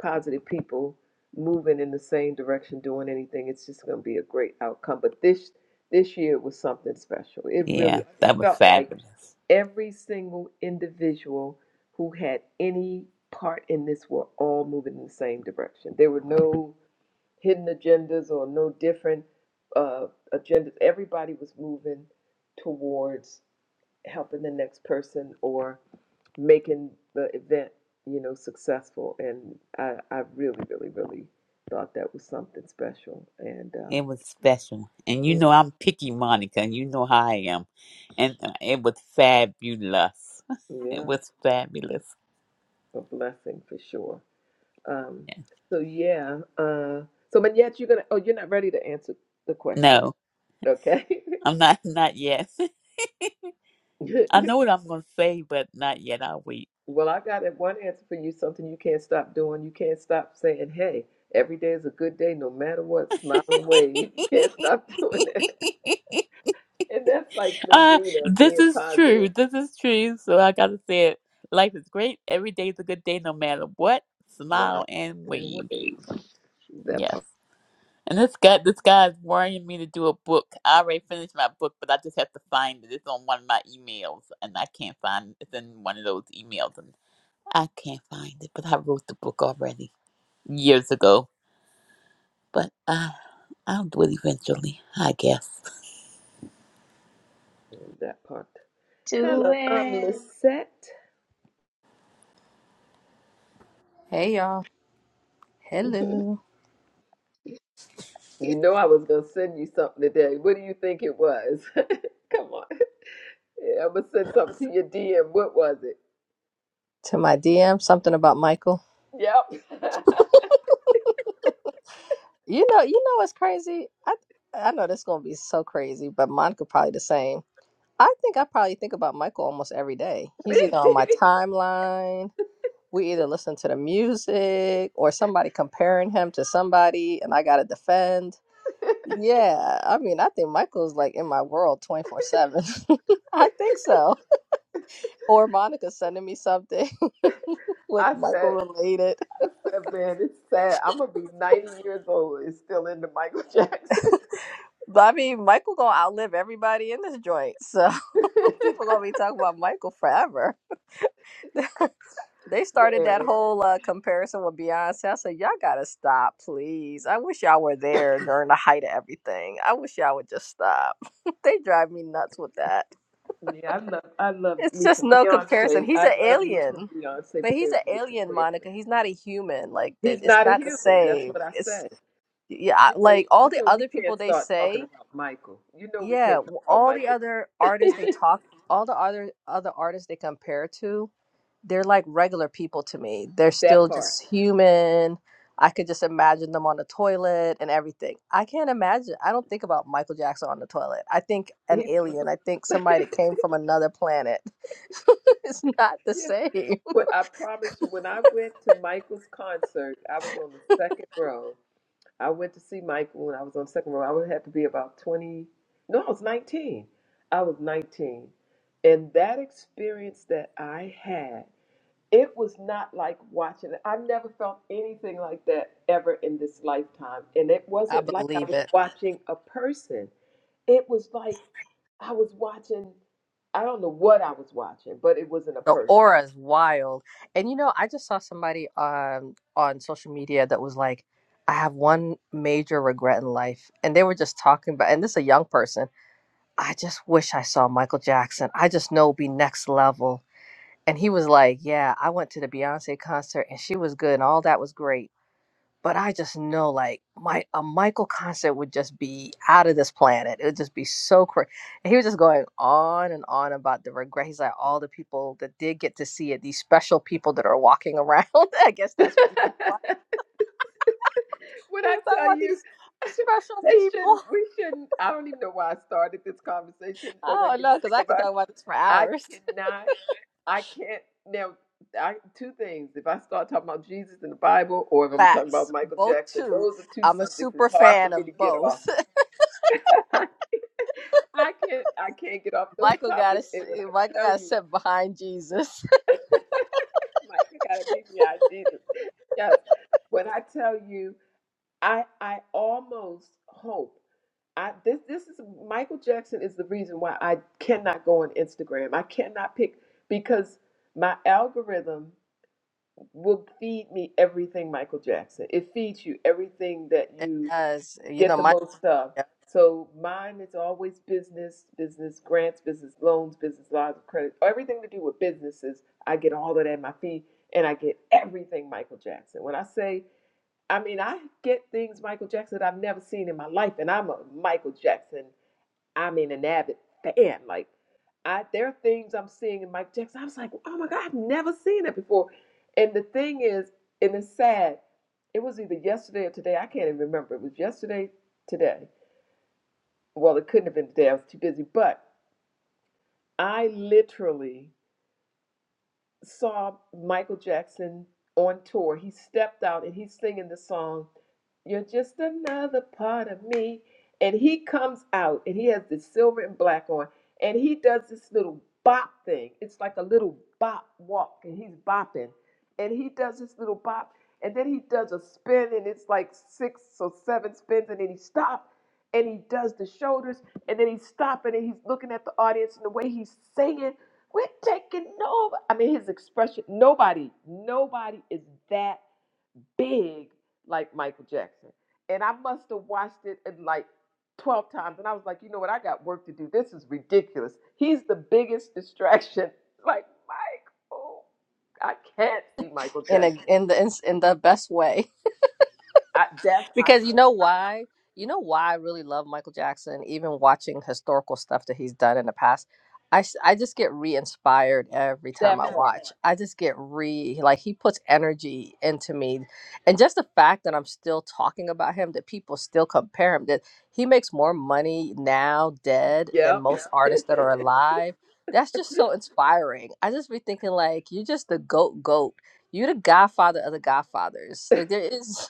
positive people moving in the same direction, doing anything, it's just going to be a great outcome. But this this year was something special. It Yeah, really I that just was felt like fabulous. every single individual who had any part in this were all moving in the same direction. There were no hidden agendas or no different uh, agendas. Everybody was moving towards helping the next person or making the event, you know, successful. And I, I really, really, really thought that was something special and uh, It was special. And you Mm. know I'm picky, Monica, and you know how I am. And uh, it was fabulous. It yeah, was fabulous. a blessing for sure. Um, Yeah. so yeah, uh, so but yet you're gonna. Oh, you're not ready to answer the question, No, okay? I'm not not yet. I know what I'm gonna say, but not yet. I'll wait. Well, I got that one answer for you, something you can't stop doing. You can't stop saying, hey, every day is a good day, no matter what, smile and wave. You can't stop doing that. And that's like Uh, Lindina this being is true. positive. This is true. So I gotta say it. Life is great. Every day is a good day, no matter what. Smile Smile and and wave. wave. That Yes. part. And this guy, this guy is worrying me to do a book. I already finished my book, but I just have to find it. It's on one of my emails, and I can't find it. It's in one of those emails, and I can't find it. But I wrote the book already years ago. But uh, I'll do it eventually, I guess. That part. Hello, I'm Lisette. Hey y'all. you Hello. know I was going to send you something today. What do you think it was? Come on. Yeah, I'm going to send something to your DM. What was it? To my DM, something about Michael. Yep. You know, you know what's crazy? I I know this gonna be so crazy, but Monica probably the same. I think I probably think about Michael almost every day. Me. He's either on my timeline, we either listen to the music or somebody comparing him to somebody and I gotta defend. Yeah, I mean I think Michael's like in my world twenty four seven. I think so. Or Monica sending me something with I Michael said, related. I said, man, it's sad. I'm gonna be 90 years old and still into Michael Jackson. But I mean, Michael gonna outlive everybody in this joint, so people gonna be talking about Michael forever. They started that man, whole uh, comparison with Beyonce. I said, y'all gotta stop, please. I wish y'all were there during the height of everything. I wish y'all would just stop. they drive me nuts with that. yeah, I love, I love It's me just some no comparison. Beyonce. He's I an love me some alien, Beyonce, but but he's there's an no alien, comparison. Monica. He's not a human. Like that, He's it's not a not the human. That's same. what I It's said. yeah, I- You know, like all you the know, we other people can't they start talking say. about Michael. You know, we Yeah, can't w- talk about all the Michael. other artists they talk, all the other other artists they compare to, they're like regular people to me. They're that still part. just human. I could just imagine them on the toilet and everything. I can't imagine. I don't think about Michael Jackson on the toilet. I think an He's. alien. I think somebody that came yeah. from another planet. it's not the same. But I promise you, when I went to Michael's concert, I was on the second row. I went to see Michael when I was on second row. I would have to be about 20. No, I was 19. I was 19. And that experience that I had, it was not like watching it. I've never felt anything like that ever in this lifetime. And it I wasn't like I believe was it. watching a person, it was like I was watching, I don't know what I was watching, but it wasn't a The person. aura is wild. And you know, I just saw somebody um on social media that was like, I have one major regret in life. And they were just talking about and this is a young person. I just wish I saw Michael Jackson. I just know it'd be next level. And he was like, Yeah, I went to the Beyonce concert and she was good and all that was great but I just know like my a Michael concert would just be out of this planet. It would just be so crazy. And He was just going on and on about the regret. He's like all the people that did get to see it, these special people that are walking around. I guess that's what you want. When He I was talking tell about you, these special they shouldn't, people. we shouldn't, I don't even know why I started this conversation. I They're going to don't get know because sick I of could us. talk about this for I hours. cannot, I can't. Now, I, two things. If I start talking about Jesus and the Bible or if I'm talking Facts, about Michael both Jackson, two. those are two I'm a subjects super it's hard for fan me to of get both. off. I can't, I can't get off those Michael got topics. And when to I Michael tell got to you, sit behind Jesus. Mike, I got to be beyond Jesus. Yes. When I tell you, I, I almost hope. I this this is Michael Jackson is the reason why I cannot go on Instagram. I cannot pick because my algorithm will feed me everything Michael Jackson. It feeds you everything that It you does. You get know the my. most of. So mine is always business, business grants, business loans, business lines of credit, everything to do with businesses. I get all of that in my feed and I get everything Michael Jackson. When I say I mean, I get things Michael Jackson that I've never seen in my life, and I'm a Michael Jackson I'm in an avid fan. Like I there are things I'm seeing in Mike Jackson. I was like, oh my God, I've never seen that before. And the thing is, and it's sad, it was either yesterday or today. I can't even remember. It was yesterday, today. Well, it couldn't have been today. I was too busy. But I literally saw Michael Jackson on tour, he stepped out and he's singing the song, You're Just Another Part of Me. And he comes out and he has this silver and black on and he does this little bop thing. It's like a little bop walk and he's bopping. And he does this little bop and then he does a spin and it's like six or seven spins and then he stops and he does the shoulders and then he's stopping and he's looking at the audience and the way he's singing we're taking over. I mean, his expression, nobody, nobody is that big like Michael Jackson. And I must have watched it in like 12 times. And I was like, you know what? I got work to do. This is ridiculous. He's the biggest distraction. Like, Mike, oh, I can't see Michael in a Jackson. in the in, the best way I, that's, I because you can't know why? You know why I really love Michael Jackson, even watching historical stuff that he's done in the past. I, s- I just get re-inspired every see time that I part. watch. I just get re like he puts energy into me, and just the fact that I'm still talking about him, that people still compare him, that he makes more money now dead than Yep. most Yeah. artists that are alive. That's just so inspiring. I just be thinking like you're just the goat goat. You're the godfather of the godfathers. Like there is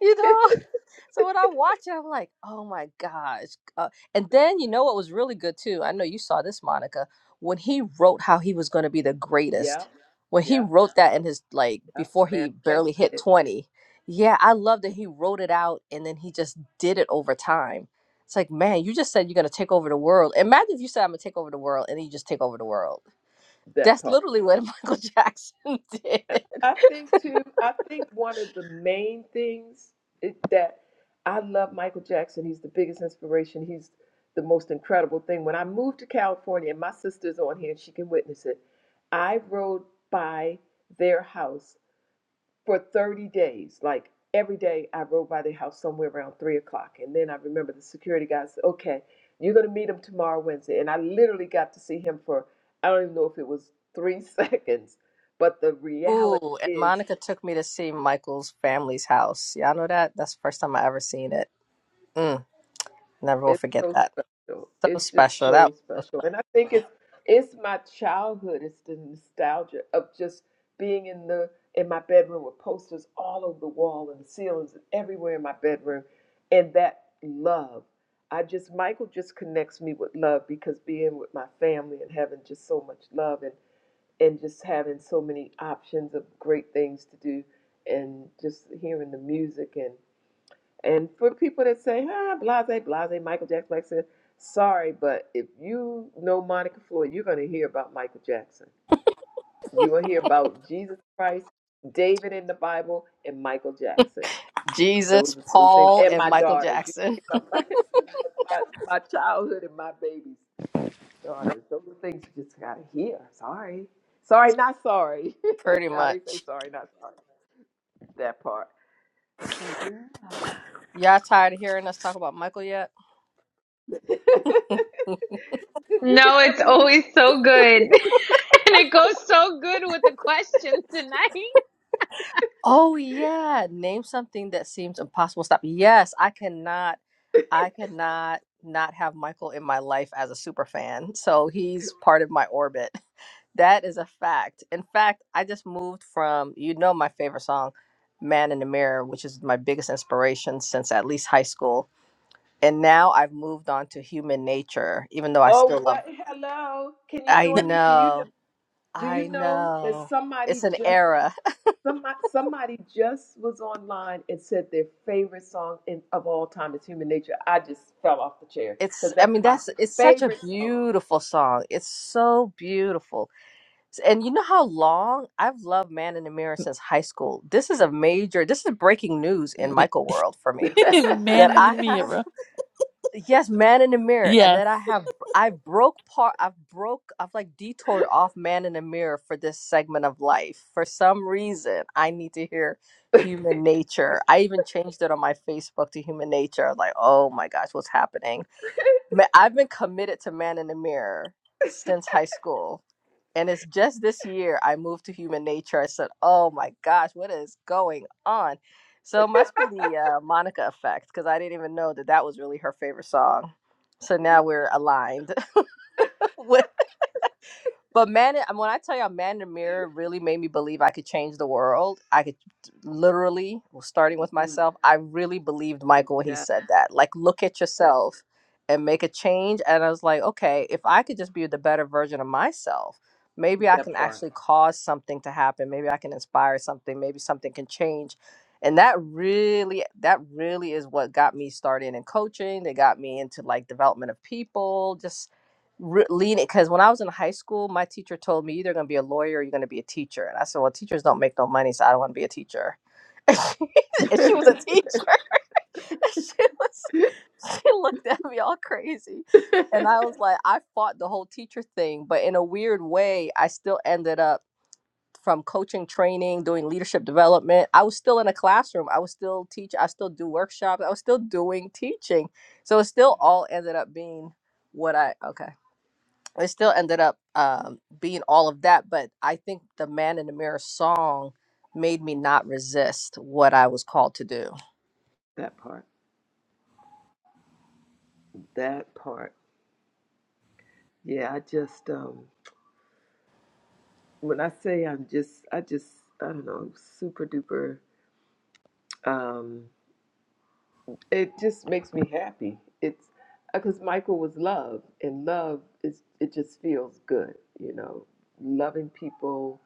you know so when i watch it i'm like oh my gosh uh, and then you know what was really good too i know you saw this monica when he wrote how he was going to be the yep. greatest when he Yep. wrote that in his like Yep. before he barely Manifested hit it. 20 yeah i love that he wrote it out and then he just did it over time it's like man you just said you're going to take over the world imagine if you said i'm going to take over the world and then you just take over the world That that's part. literally what michael jackson did I think too. I think one of the main things is that I love Michael Jackson. He's the biggest inspiration. He's the most incredible thing. When I moved to California, and my sister's on here, and she can witness it. I rode by their house for 30 days. Like every day, I rode by their house somewhere around three o'clock. And then I remember the security guy said, Okay, you're going to meet him tomorrow, Wednesday. And I literally got to see him for, I don't even know if it was three seconds, but the reality Ooh, and is Monica took me to see Michael's family's house. Y'all know that? That's the first time I ever seen it. Mm, never will It's forget so that. special. So It's just special. That so was special. And I think it's it's my childhood. It's the nostalgia of just being in the in my bedroom with posters all over the wall and the ceilings and everywhere in my bedroom. And that love. I just Michael just connects me with love because being with my family and having just so much love and and just having so many options of great things to do and just hearing the music and. And for people that say, ah, blase, blase, Michael Jackson, Michael Jackson, sorry, but if you know Monica Floyd, you're going to hear about Michael Jackson. You're going to hear about Jesus Christ, David in the Bible, and Michael Jackson. Those Jesus, are three things. Paul, And and my Michael daughters. You Jackson. hear about my, my, my childhood and my babies. Daughters. Those are things you just got to hear. Sorry. Sorry, not sorry. Pretty How they say much. sorry, not sorry. That part. So, yeah. Y'all tired of hearing us talk about Michael yet? you could never leave. Oh yeah, name something that seems impossible. Stop. Yes, I cannot, I cannot not have Michael in my life as a super fan. So he's part of my orbit. That is a fact. In fact, I just moved from you know my favorite song, "Man in the Mirror," which is my biggest inspiration since at least high school, and now I've moved on to Human Nature, even though I Oh, still love. what? Hello. Can you I join me? Do you know? know, Do you I know that know, it's somebody an just era. somebody somebody just was online and said their favorite song in, of all time is Human Nature? I just fell off the chair It's, because I that's mean, my that's, it's such a favorite song. beautiful song. It's so beautiful. And you know how long I've loved Man in the Mirror since high school. This is a major, this is breaking news in Man Michael world for me that in the I have, mirror. yes, Man in the Mirror, and Yes. that I have, I broke part, I've broke, I've like detoured off Man in the Mirror for this segment of life. For some reason, I need to hear human nature. I even changed it on my Facebook to human nature. like, oh my gosh, what's happening? Ma- I've been committed to Man in the Mirror since high school. And it's just this year I moved to Human Nature. I said, oh my gosh, what is going on? So it must be the uh, Monica effect because I didn't even know that that was really her favorite song. So now we're aligned with. But man, in- when I tell you, man in the mirror really made me believe I could change the world. I could literally, well, starting with Mm, myself, I really believed Michael when he yeah, said that. Like, look at yeah, yourself and make a change. And I was like, okay, if I could just be the better version of myself, maybe I that can part, actually cause something to happen. Maybe I can inspire something. Maybe something can change. And that really, that really is what got me started in coaching. That got me into like development of people, just re- leaning because when I was in high school, my teacher told me you're either going to be a lawyer or you're going to be a teacher, and I said, "Well, teachers don't make no money, so I don't want to be a teacher." and she and she was a teacher. And she was. She looked at me all crazy, and I was like, I fought the whole teacher thing, but in a weird way, I still ended up from coaching training doing leadership development i was still in a classroom i was still teach i still do workshops i was still doing teaching so it still all ended up being what i okay it still ended up um, being all of that but i think the man in the mirror song made me not resist what i was called to do that part, that part. Yeah, I just um, when I say I'm just, I just, I don't know, super duper. um, it just makes me happy. It's because Michael was love, and love is it just feels good, you know, loving people,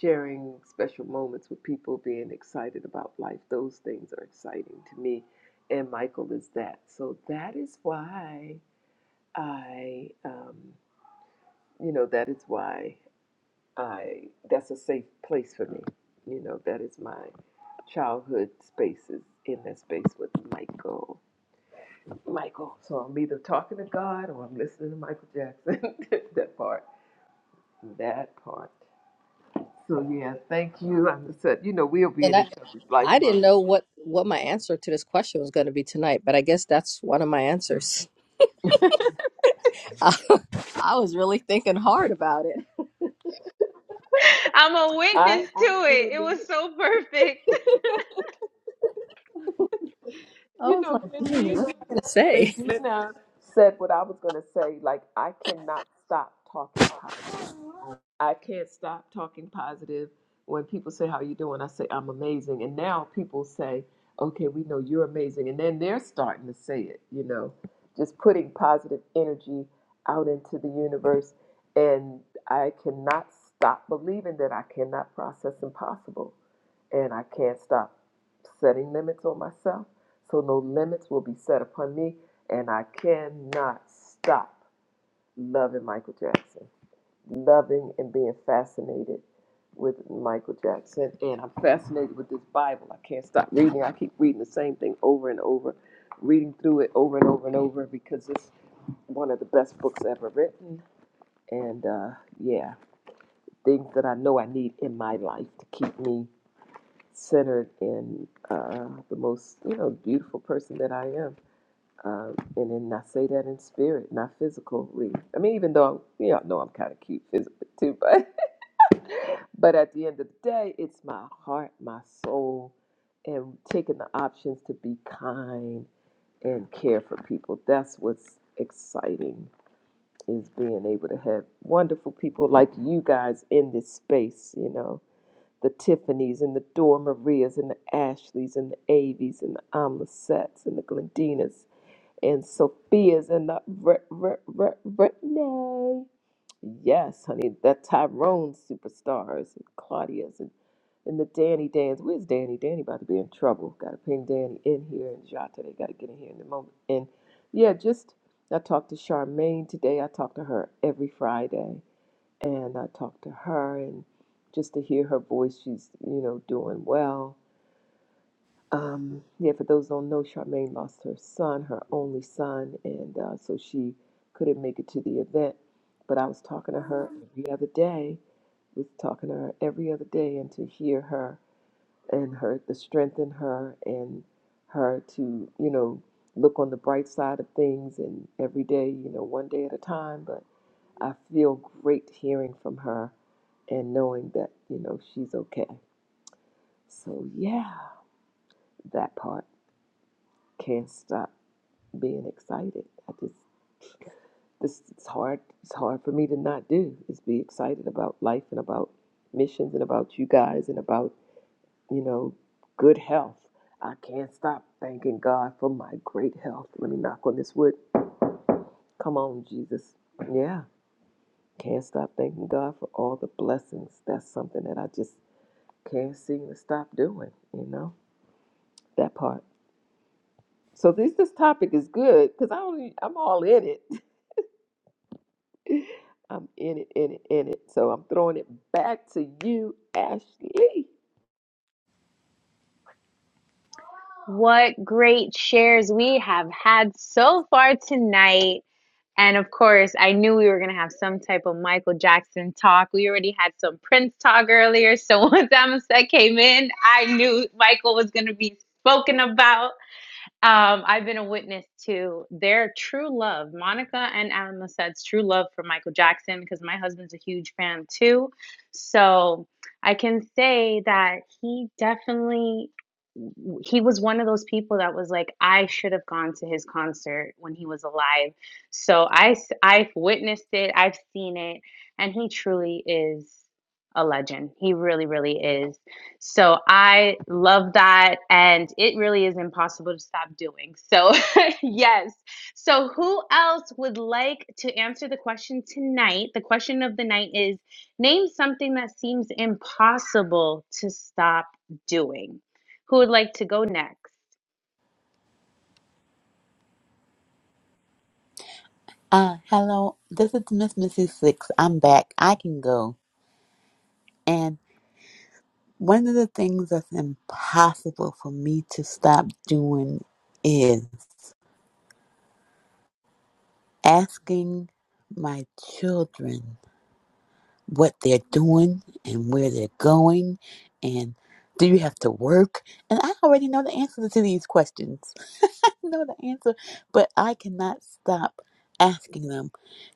sharing special moments with people, being excited about life. Those things are exciting to me, and Michael is that. So that is why I, um, you know, that is why I. That's a safe place for me. You know, that is my childhood spaces in that space with Michael. Michael. So I'm either talking to God or I'm listening to Michael Jackson. that part. That part. So yeah, thank you. I said, you know, we'll be and in i each other's life i for didn't know what what my answer to this question was going to be tonight but i guess that's one of my answers i, I was really thinking hard about it I I literally i you was like know, Glendina gonna say Glendina said what I was gonna say, like I cannot stop talking positive. I can't stop talking positive. When people say, How you doing? I say, I'm amazing. And now people say, Okay, we know you're amazing. And then they're starting to say it, you know, just putting positive energy out into the universe. And I cannot stop believing that I cannot process impossible. And I can't stop setting limits on myself. So no limits will be set upon me. And I cannot stop loving Michael Jackson loving and being fascinated with Michael Jackson, and I'm fascinated with this Bible. I can't stop reading. I keep reading the same thing over and over, reading through it over and over and over because it's one of the best books ever written. And uh, yeah, things that I know I need in my life to keep me centered in uh, the most, you know, beautiful person that I am. Um, and then I say that in spirit, not physically. I mean, even though you all know I'm kind of cute physically too, but at the end of the day, it's my heart, my soul, and taking the options to be kind and care for people. That's what's exciting is being able to have wonderful people like you guys in this space, you know, the Tiffany's and the Dora Maria's and the Ashley's and the Avies and the Amla and the Glendinas and Sophia's in the re- re- re- Renee. Yes, honey, the Tyrone superstars and Claudia's and, and the Danny Dans. Where's Danny? Danny about to be in trouble. Got to ping Danny in here and Jota. They got to get in here in a moment. And yeah, just I talked to Charmaine today. I talk to her every Friday, and I talked to her and just to hear her voice. She's you know doing well um, yeah, for those who don't know, Charmaine lost her son, her only son, and uh, so she couldn't make it to the event. But I was talking to her every other day. Was talking to her every other day, and to hear her and her the strength in her and her to you know look on the bright side of things and every day you know one day at a time. But I feel great hearing from her and knowing that you know she's okay. So yeah, that part can't stop. being excited. I just this it's hard. It's hard for me to not do is be excited about life and about missions and about you guys and about you know good health. I can't stop thanking God for my great health. Let me knock on this wood. Come on, Jesus. Yeah, can't stop thanking God for all the blessings. That's something that I just can't seem to stop doing. You know that part. So this this topic is good because I only I'm all in it. I'm in it, in it, in it. So I'm throwing it back to you, Ashley. Uh, hello. This is Miss Missy Six. I'm back. I can go. And one of the things that's impossible for me to stop doing is asking my children what they're doing and where they're going and do you have to work? And I already know the answers to these questions. know the answer, but I cannot stop asking them,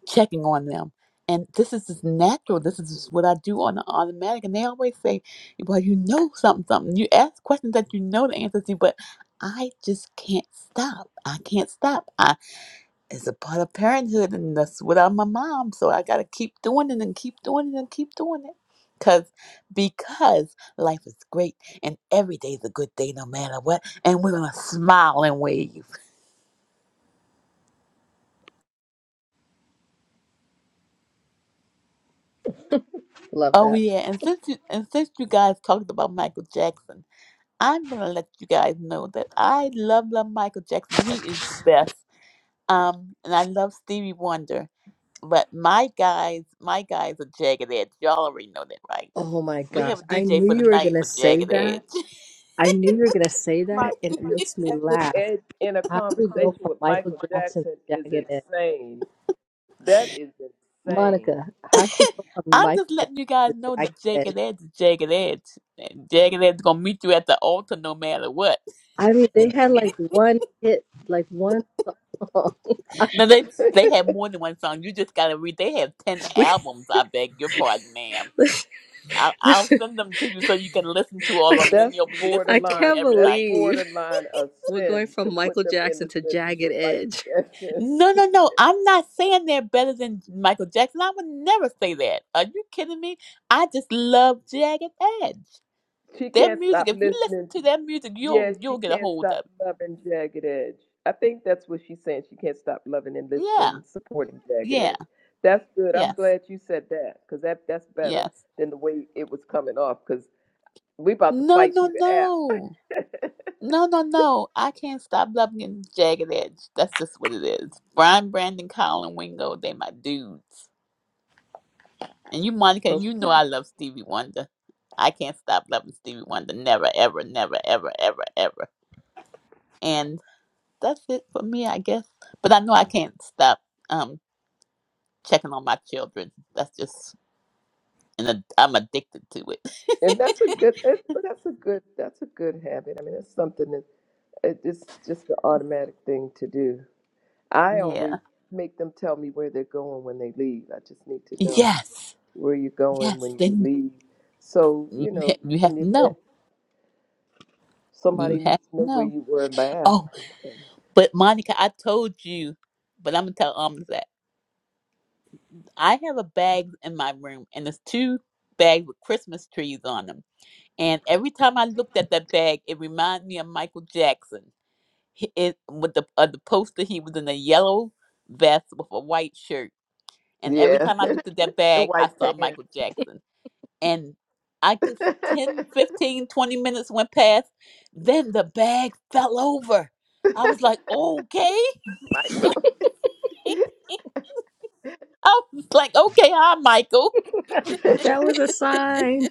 checking on them. And this is just natural. This is just what I do on the automatic. And they always say, well, you know something, something. You ask questions that you know the answer to, but I just can't stop. I can't stop. I it's a part of parenthood and that's what I'm my mom. So I gotta keep doing it and keep doing it and keep doing it. Cause because life is great and every day is a good day no matter what and we're gonna smile and wave. love Oh that yeah, and since you and since you guys talked about Michael Jackson, I'm gonna let you guys know that I love love Michael Jackson. He is the best. Um, and I love Stevie Wonder. But my guys, my guys are Jagged Edge. Y'all already know that, right? oh my We have gosh a i DJ knew for the you were night gonna for say Jagged that Edge. i knew you were gonna say My that and it makes me Jackson laugh in in a how do we go conversation from with michael Michael jackson Jackson to is jagged edge insane. That is insane. Monica, how she go from I'm Michael just Jackson letting you guys to know Jagged that Edge? Jagged Edge is Jagged Edge. And Jagged Edge is gonna meet you at the altar no matter what. I mean, they had like one hit, like one song. I Now they ugh. they have more than one song. You just gotta read. They have ten We, albums. I beg your pardon, ma'am. listen, I'll, I'll listen, send them to you so you can listen to all of I, them. Then That's you'll be I listening to them borderline. can't every That's night. believe. borderline a We're going sin to from put Michael them in Jackson the to sentence Jagged with Michael Edge. Jackson. No, no, no. I'm not saying they're better than Michael Jackson. I would never say that. Are you kidding me? I just love Jagged Edge. she Their can't music. stop If you listen listening to their music, Yeah, you'll she you'll get a can't hold of. stop It. loving Jagged Edge. I think that's what she's saying. She can't stop loving and Yeah, listening, supporting Jagged yeah, Edge. That's good. I'm yes, glad you said that because that that's better yes. than the way it was coming off. Because we about to No, fight no, through the app. no, no, no, no. I can't stop loving Jagged Edge. That's just what it is. Brian, Brandon, Colin, Wingo. They my dudes. And you, Monica, you know Okay, I love Stevie Wonder. I can't stop loving Stevie Wonder. Never, ever, never, ever, ever, ever. And that's it for me, I guess. But I know I can't stop um checking on my children. That's just, and I'm addicted to it. and that's a good. That's, that's a good. That's a good habit. I mean, that's something that it- it's just an automatic thing to do. I always Yeah. make them tell me where they're going when they leave. I just need to know. Yes. where you're going Yes. when you Then leave. So, you you know, ha- you have in the to event know. You somebody have needs to to know where know. you were last. Oh, but Monica, I told you, but I'm gonna tell Alms that I have a bag in my room, and there's two bags with Christmas trees on them And every time I looked at that bag, it reminded me of Michael Jackson. He, it, with the uh, the poster, he was in a yellow vest with a white shirt. And every Yeah, time I looked at that the bag, I white saw pants. Michael Jackson. And I guess 10, 15, 20 minutes went past. Then the bag fell over. I was like, okay. Michael. I was like, okay, hi, Michael. That was a sign.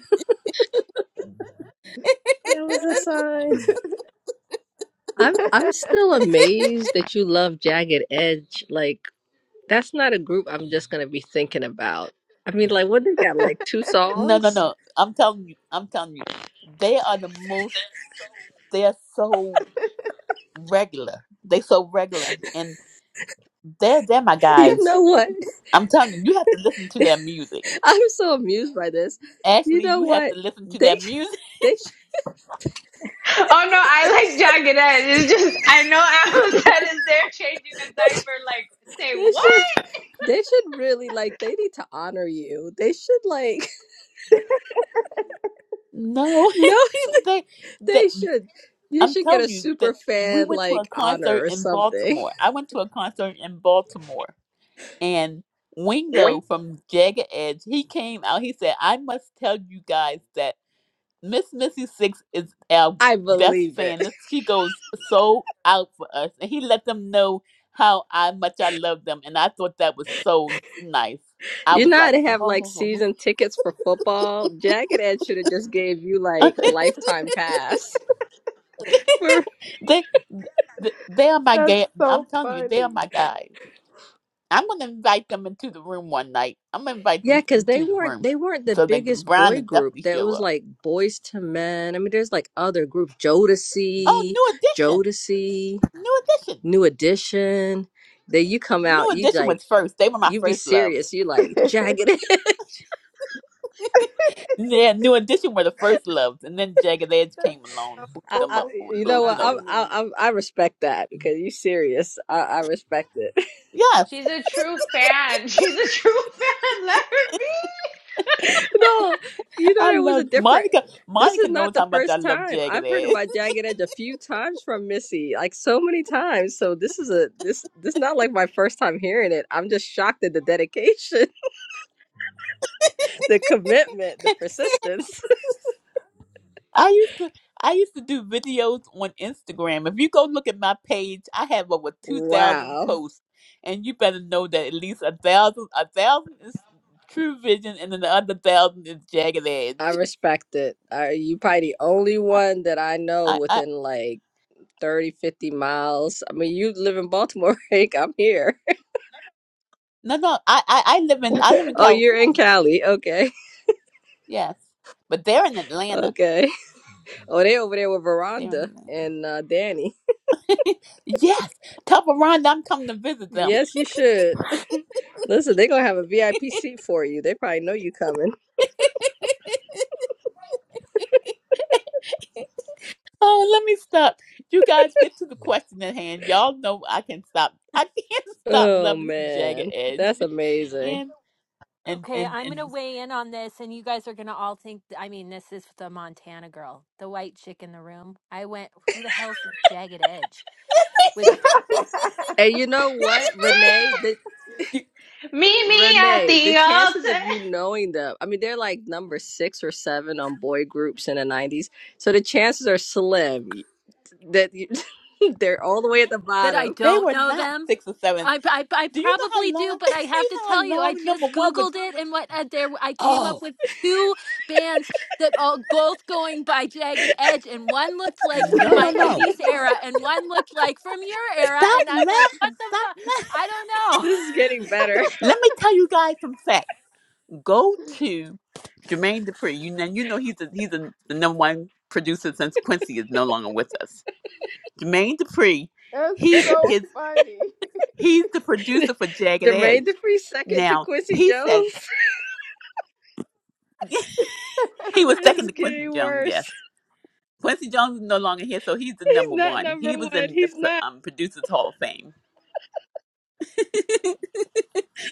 That was a Yes. sign. I'm I'm still amazed that you love Jagged Edge. Like that's not a group I'm just gonna be thinking about. I mean, like what they got like two No, no, songs? no. I'm telling you, I'm telling you, they are the most. They are so regular. They so regular, and they're they're my You guys. know what? I'm telling you, you have to listen to their music. I'm so amused by this. You Ashley, know you have what? to listen to They their music. they should they should they should really like they need to honor you. They should like No, no, they, they. they should. You I'm should get a telling you that super we fan went to a like honor concert or in something. Baltimore. I went to a concert in Baltimore. And Wingo Wink. from Jagged Edge, he came out. He said, "I must tell you guys that Miss Missy Six is our I best believe it. fan. This she goes so out for us." And he let them know how I much I love them, and I thought that was so nice. I You was know how like, they have like "Oh, season tickets for football? Jagged Edge should have just gave you like lifetime pass. for they, th- they are my That's guy. so I'm telling you, they funny. are my guys. I'm gonna invite them into the room one night. I'm gonna invite them yeah, because they into the weren't room they weren't the so that biggest Brian boy will group. definitely That show was up. like Boys to Men. I mean, there's like other groups, Oh, Jodeci, new addition." Jodeci, New Edition. New Edition. Then you come New out, you Edition like was first. They were my you be first loves. serious. You like Jagged. Edge. Yeah, New Edition were the first loves, and then Jagged Edge That's came along, booped I, them I, up so with a you know little, you what? I'm, know. I, funny. I'm I respect that because you serious. I, I respect it. Yes, No, you know I there was a loved different. Monica. This Monica is knows not the how much I first love time Jagged I've heard Edge. about Jagged Edge a few times from Missy, like so many times. So this is a this this is not like my first time hearing it. I'm just shocked at the dedication, the commitment, the persistence. I used to, I used to do videos on Instagram. If you go look at my page, I have over two thousand Wow, posts, and you better know that at least a thousand, a thousand is True Vision, and then the other thousand is Jagged I Edge. respect it. Uh, you probably the only one that I know I, I. within like 30, 50 miles. I mean, you live in Baltimore, Hank. I'm here. No, no, I, I, I live in I live in Oh, you're in California. Cali. Okay, Yes, but they're in Atlanta. okay. Oh, they over there with They're in Veranda Atlanta. and uh, Danny. Yes, tell Veranda I'm coming to visit them. Yes, you should. Listen, they're gonna have a VIP seat for you. They probably know you coming. Oh, let me stop. You guys get to the question at hand. Y'all know I can stop. I can't stop Oh loving the jagged man, edge. that's amazing. And and Okay, and I'm going and to weigh in on this, and you guys are going to all think. I mean, this is the Montana girl, the white chick in the room. I went, who the hell's the Jagged Edge? Which And you know what, Renee? The you- Renee, the chances of you knowing them, I mean, they're like number six or seven on boy groups in the '90s, so the chances are slim that you, they're all the way at the that I bottom. they don't were know not them. six or seven. I, I I Do you know how probably do, long? Do but I have you to know how tell you, I long number just one was? Googled it, and what uh, there I came up Oh with two bands that all both going by Jagged Edge, and one looked like from no no my no! '80s era, and one looked like from your era, Stop and I'm like, what laughing! the Stop fuck? laughing! I don't know. This is getting better. Let me tell you guys some facts. Go to Jermaine Dupri. You know, you know he's a, he's a, the number one producer since Quincy is no longer with us. Jermaine Dupri, That's he so his funny. he's the producer for Jagged Edge. Jermaine Dupri second to Now Quincy he said Jones. he was This second is to Quincy getting Jones. Yes, worse. Quincy Jones is no longer here, so he's the He's number not one. number He was one. in the He's pro- not. um, producers Hall of Fame.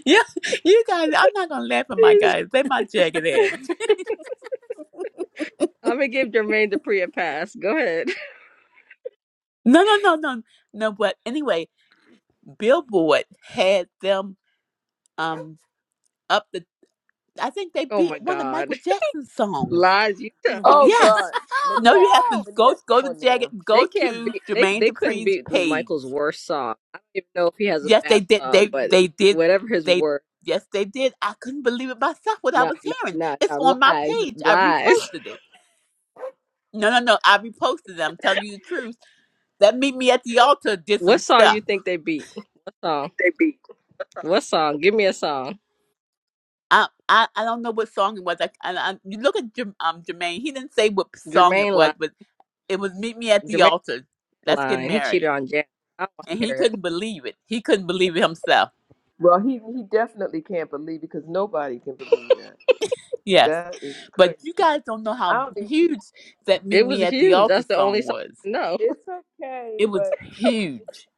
yeah, you guys, I'm not gonna laugh at my He's... guys. They my Jagged Edge. I'm gonna give Jermaine Dupri a pass. Go ahead. No, no, no, no, no. But anyway, Billboard had them um up the I think they Oh beat my one of God, Michael Jackson's songs. lies you tell. Oh God, Yes. No, you Manette, have to go Manette, come go to on Jagged now. go They can't to beat. They Jermaine they couldn't Dupri's beat page. Michael's worst song. I don't even know if he has a Yes, they bad did song, they but they did whatever his they worst, yes they did. I couldn't believe it myself what I no, was no, hearing. no, It's no, on my lies, page. I lies. reposted it. No no no, I reposted it. I'm telling you the truth. That meet me at the altar did some What song you stuff. think they beat? What song? think they beat. What song? Give me a song. I, I, I don't know what song it was. I, I, I you look at Jerm- um, Jermaine. He didn't say what song it Jermaine was, line. but It was meet me at the Jermaine altar. Let's get line. He cheated married. on Janet. I don't want And to he hear it. couldn't believe it. He couldn't believe it himself. Well, he he definitely can't believe it because nobody can believe that. Yes. That is But crazy. you guys don't know I how don't. Even, huge that Meet It was Me at the huge. Altar That's the only song song was. I know. it's okay, It was but huge.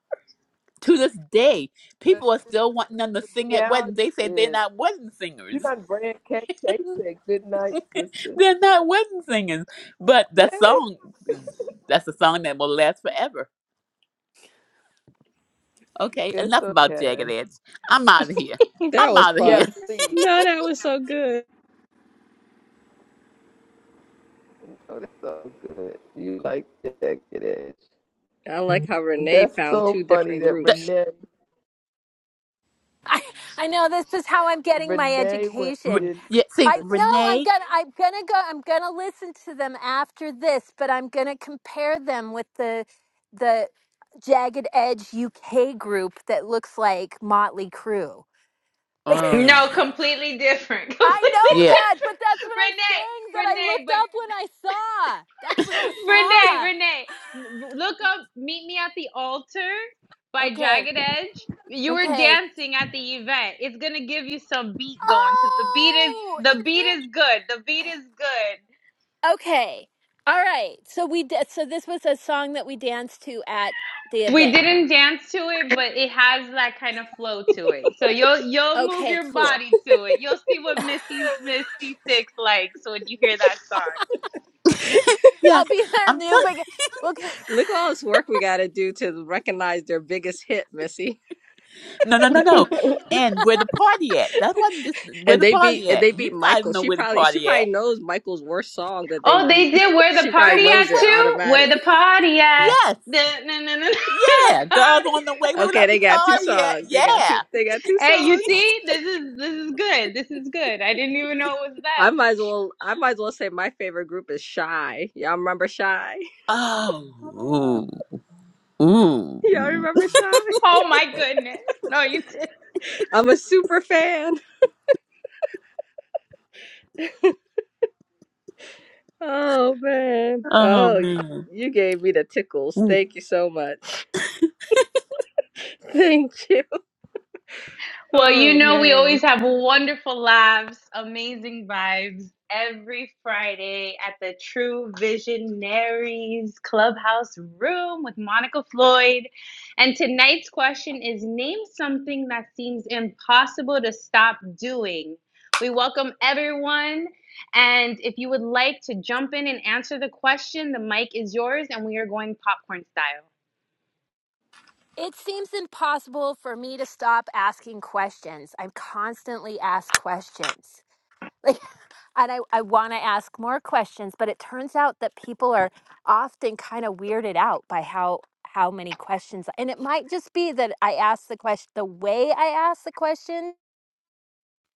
To this day, but people are still wanting them to the sing at weddings. reality They say they're is, not wedding you singers. done ran cake, cake, good night, sister. They're not wedding singers. But that Okay, song, is- that's a song that will last forever. Okay, it's enough about Jagged okay. Edge. I'm out of here. That I'm was out of Yeah, here. fun. please. No, that was so good. Oh, that's so good. You like that good edge. I like how Renee That's found so two funny different that The- groups. Renee I, I know this is how I'm getting my Renee went and Re- education. yeah, see, I no, I'm Renee gonna I'm gonna go I'm gonna listen to them after this, but I'm gonna compare them with the the Jagged Edge UK group that looks like Motley Crue. Like Oh, I know yeah, that, but that's what I'm saying that I looked up when I saw. That's what I saw. Okay. Okay. Oh, it is. Okay. All right. So we did, so this was a song that we danced to at the event. Okay, cool. I'll yes. be there I'm new telling. big okay. Look at all this work we got to do to recognize their biggest hit, Missy. No, no, no, no. did. And where the party at? That wasn't just where And the they beat party and at. they You beat guys Michael. know She where the probably she party probably at. knows Michael's worst song that they beat. she probably So which knows it one automatic. Yes, yeah. Girls on the way. Where would I Okay, be they got two party at? songs. They got Yeah. two they got two songs. I might as well I might as well say my favorite group is Shy. Y'all remember Shy? Oh, ooh, Y'all ooh. remember Shy? I'm a super fan. Oh man. Oh Oh, y- man. you gave me the tickles. Ooh. Thank you so much. Thank you. Oh man. it seems impossible for me to stop asking questions. I'm constantly asked questions. Like, and I, I want to ask more questions, but it turns out that people are often kind of weirded out by how how many questions. And it might just be that I ask the question the way I ask the question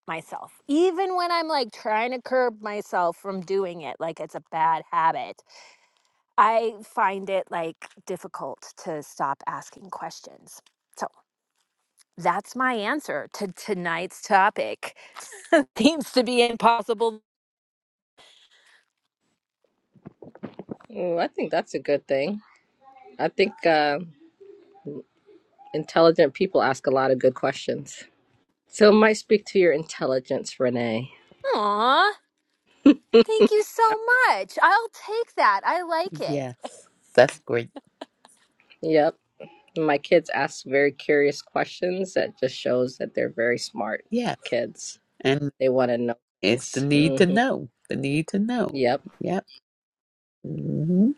myself, even when I'm like trying to curb myself from doing it, like it's a bad habit. I find it like difficult to stop asking questions. So that's my answer to tonight's topic. Seems to be impossible. Oh, I think that's a good thing. I think uh, intelligent people ask a lot of good questions. So it might speak to your intelligence, Renee. Aww. Thank you so much. I'll take that. I like it. Yes, that's great. Yep. My kids ask very curious questions. That just shows that they're very smart Yes, kids. and They want to know it's the things. need to hmm know. The need to know. Yep. Yep. hmm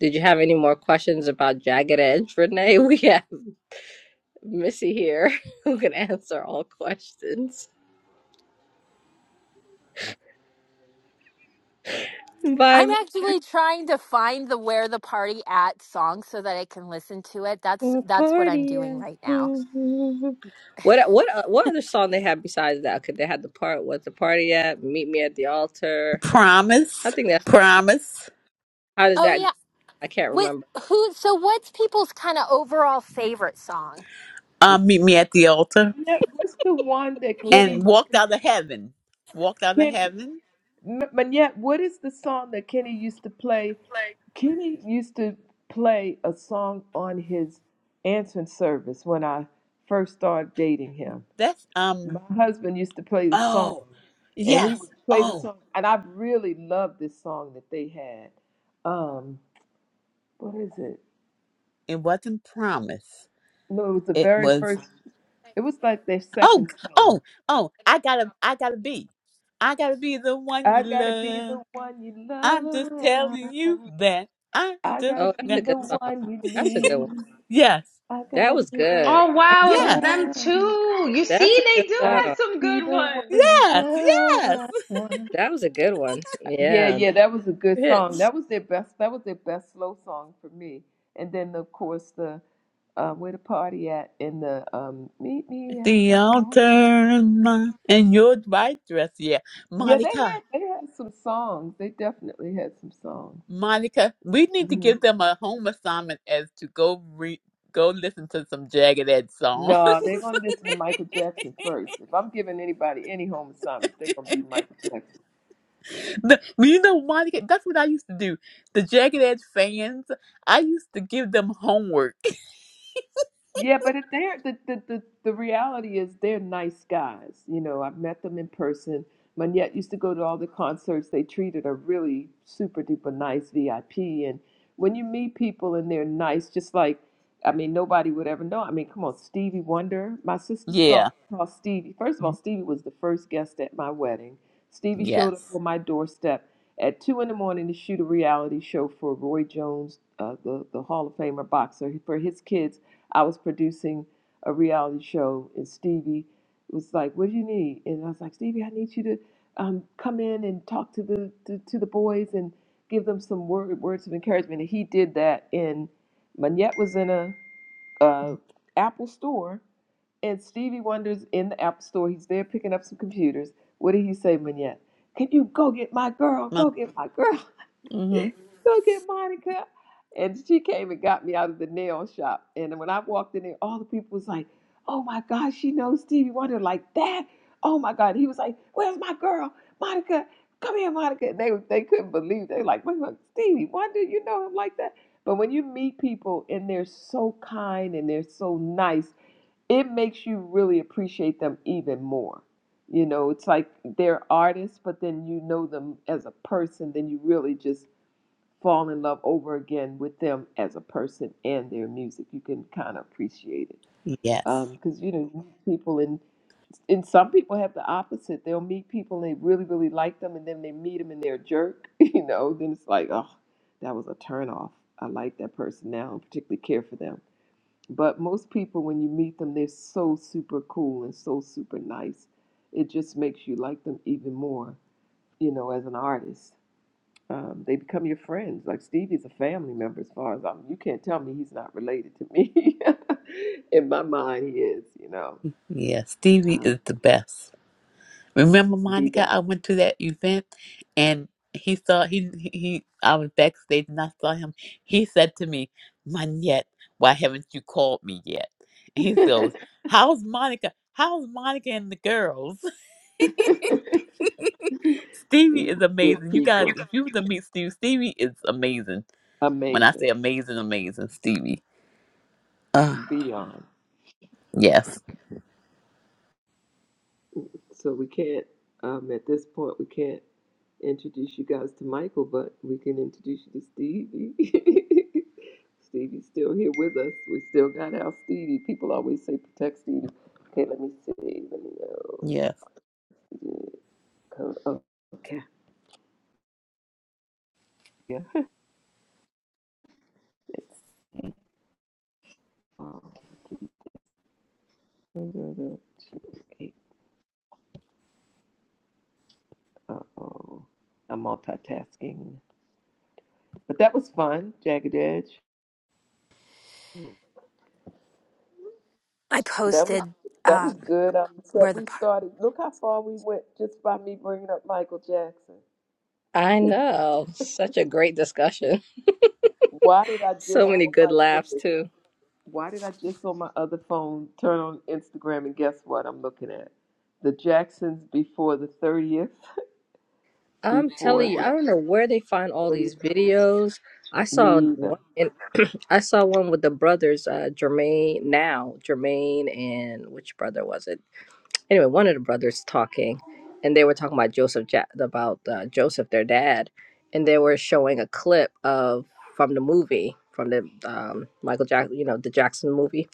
Did you have any more questions about Jagged Edge, Renee? We Missy here, who can answer all questions. Bye, I'm Miss actually trying to find the where the party at song so that I can listen to it. That's that's what I'm doing Laportia. right now. Mhm. what what uh, what other song they had besides that? Could they had the part "What's the party at?" "Meet me at the altar." I Promise. think that's Promise. how does Oh that go? yeah. I can't With remember. who so what's people's kind of overall favorite song? Um, meet me at the altar. Manette, what's the one that Meet me at and Kenny the used walked to, out of heaven. Walked out of Kenny, heaven. M- Manette, what is the song that Kenny used to play? Kenny used to play a song on his answering service when I first started dating him. That's My um. husband used to play the song, Oh, and he yes. would play the Oh, song, and I really loved this song that they had. Um, what is it? it wasn't promise. No, it was the It very was. first. It was like their Oh, second song. oh, oh. I gotta. I gotta be. I gotta be the one I you gotta be love. the one you I'm just telling love. you that. I I just. gotta Oh, that's be a the good song. one you That's a good need. one. Yes. I That gotta was be the good. That, Yes. one. that's a good I gotta song. be the one Yes. you Yes. love. That was a good one. Yeah, Yeah, yeah, that that was a good song. hits. That was their best. That was their best slow song for me. And then of course the uh, where the party at and the um, meet me at The the altar altar. and my and your white dress. Yeah, Yeah, they Monica. had they had some songs. They definitely had some songs. Monica, we need to hmm give them a home assignment as to go re- go listen to some Jagged Edge songs. No, they're gonna listen to Michael Jackson first. If I'm giving anybody any home assignments, they're gonna be Michael Jackson. The- well, you know, Monica, that's what I used to do. The Jagged Edge fans, I used to give them homework. Yeah, but if they're the, the the the reality is they're nice guys. You know, I've met them in person. Manette used to go to all the concerts. They treated her really super duper nice VIP. And when you meet people and they're nice, just like I mean, nobody would ever know. I mean, come on, Stevie Wonder. My sister saw, Yeah. saw Stevie. First of all, Stevie was the first guest at my wedding. Stevie showed up Yes. on my doorstep at two in the morning to shoot a reality show for Roy Jones, uh, the the Hall of Famer boxer, for his kids I was producing a reality show, and Stevie was like, "What do you need?" And I was like, "Stevie, I need you to um, come in and talk to the to, to the boys and give them some word, words of encouragement." And he did that. And Manette was in a uh, Apple store, and Stevie wonders in the Apple store. He's there picking up some computers. What did he say, Manette? Can you go get my girl? Go get my girl. Mm-hmm. go get Monica. And she came and got me out of the nail shop. And when I walked in there, all the people was like, oh my God, she knows Stevie Wonder like that. Oh my God. He was like, where's my girl? Monica, come here, Monica. And they, they couldn't believe. They were like, wait, what, Stevie Wonder, you know him like that? But when you meet people and they're so kind and they're so nice, it makes you really appreciate them even more. You know, it's like they're artists, but then you know them as a person, then you really just fall in love over again with them as a person and their music. You can kind of appreciate it Yes. because you know you meet people and and some people have the opposite. They'll meet people and they really really like them, and then they meet them and they're a jerk. You know, then it's like oh, that was a turnoff. I like that person now and particularly care for them. But most people, when you meet them, they're so super cool and so super nice. It just makes you like them even more, you know, as an artist um, they become your friends. Like Stevie's a family member as far as I'm. You can't tell me he's not related to me. In my mind, he is. You know, Yes. Stevie um, is the best. Remember, the Monica, I best. went to that event and he saw he he he- I was backstage and I saw him. He said to me, Manette, why haven't you called me yet? And he goes, How's Monica? How's Monica and the girls? Stevie These is good amazing. You guys, people, if you were to meet Stevie, Stevie is amazing. When I amazing, say amazing, amazing, Stevie. Uh beyond. yes. So we can't, um, at this point, we can't introduce you guys to Michael, but we can introduce you to Stevie. Stevie's still here with us. We still got our Stevie. People always say protect Stevie. Okay, let me see. Let me know. Yes. Yeah, code- Oh, okay. Yeah. It's um, uh oh. I'm multitasking. But that was fun, Jagged Edge. I That was posted that was um good. Um, so where the we party started. Look how far we went just by me bringing up Michael Jackson. I know. Such a great discussion. Why did I So just? many Oh good my laughs goodness! too. Why did I just on my other phone turn on Instagram and guess what I'm looking at? The Jacksons before the thirtieth, I'm before telling you, the I don't know where they find all these thirtieth anniversary. videos. I saw Me either. one. In, I saw one with the brothers, uh, Jermaine now, Jermaine and which brother was it? anyway, one of the brothers talking, and they were talking about Joseph ja- about uh, Joseph, their dad, and they were showing a clip of from the movie from the um, Michael Jack, you know, the Jackson movie,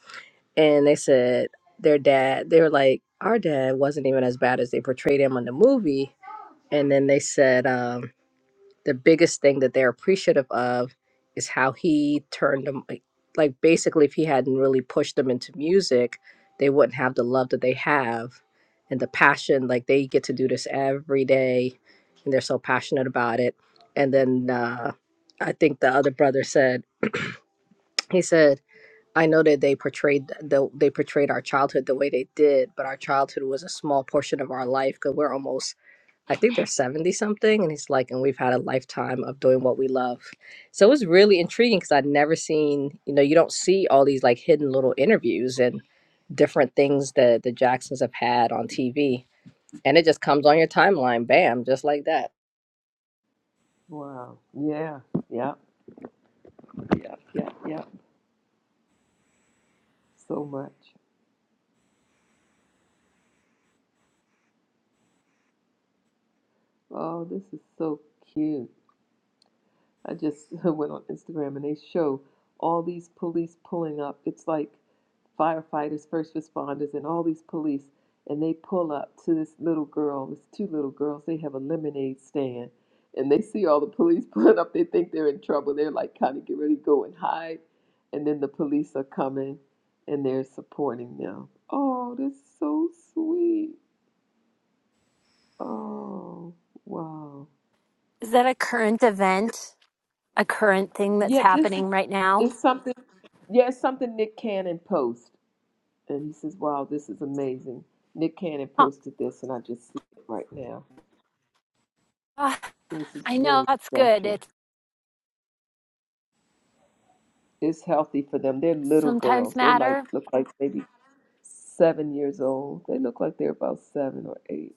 and they said their dad, they were like, our dad wasn't even as bad as they portrayed him on the movie, and then they said. Um, the biggest thing that they're appreciative of is how he turned them like like, basically if he hadn't really pushed them into music they wouldn't have the love that they have and the passion like they get to do this every day and they're so passionate about it and then uh, i think the other brother said he said i know that they portrayed the, they portrayed our childhood the way they did but our childhood was a small portion of our life because we're almost I think they're 70 something. And he's like, and we've had a lifetime of doing what we love. So it was really intriguing because I'd never seen, you know, you don't see all these like hidden little interviews and different things that the Jacksons have had on TV. And it just comes on your timeline, bam, just like that. Wow. Yeah. Yeah. Yeah. Yeah. Yeah. So much. Oh, this is so cute. I just went on Instagram and they show all these police pulling up. It's like firefighters, first responders, and all these police. And they pull up to this little girl, this two little girls. They have a lemonade stand. And they see all the police pulling up. They think they're in trouble. They're like, kind of get ready to go and hide. And then the police are coming and they're supporting them. Oh, that's so sweet. Oh, wow. Is that a current event? A current thing that's Yeah, this happening right now? is something. Yeah, it's something Nick Cannon posts. and he says, "Wow, this is amazing." Nick Cannon Huh. posted this, and I just see it right now. Ah, This is I know really that's good. special. It It's healthy for them. They're little sometimes girls. They like matter. look like maybe seven years old. They look like they're about seven or eight.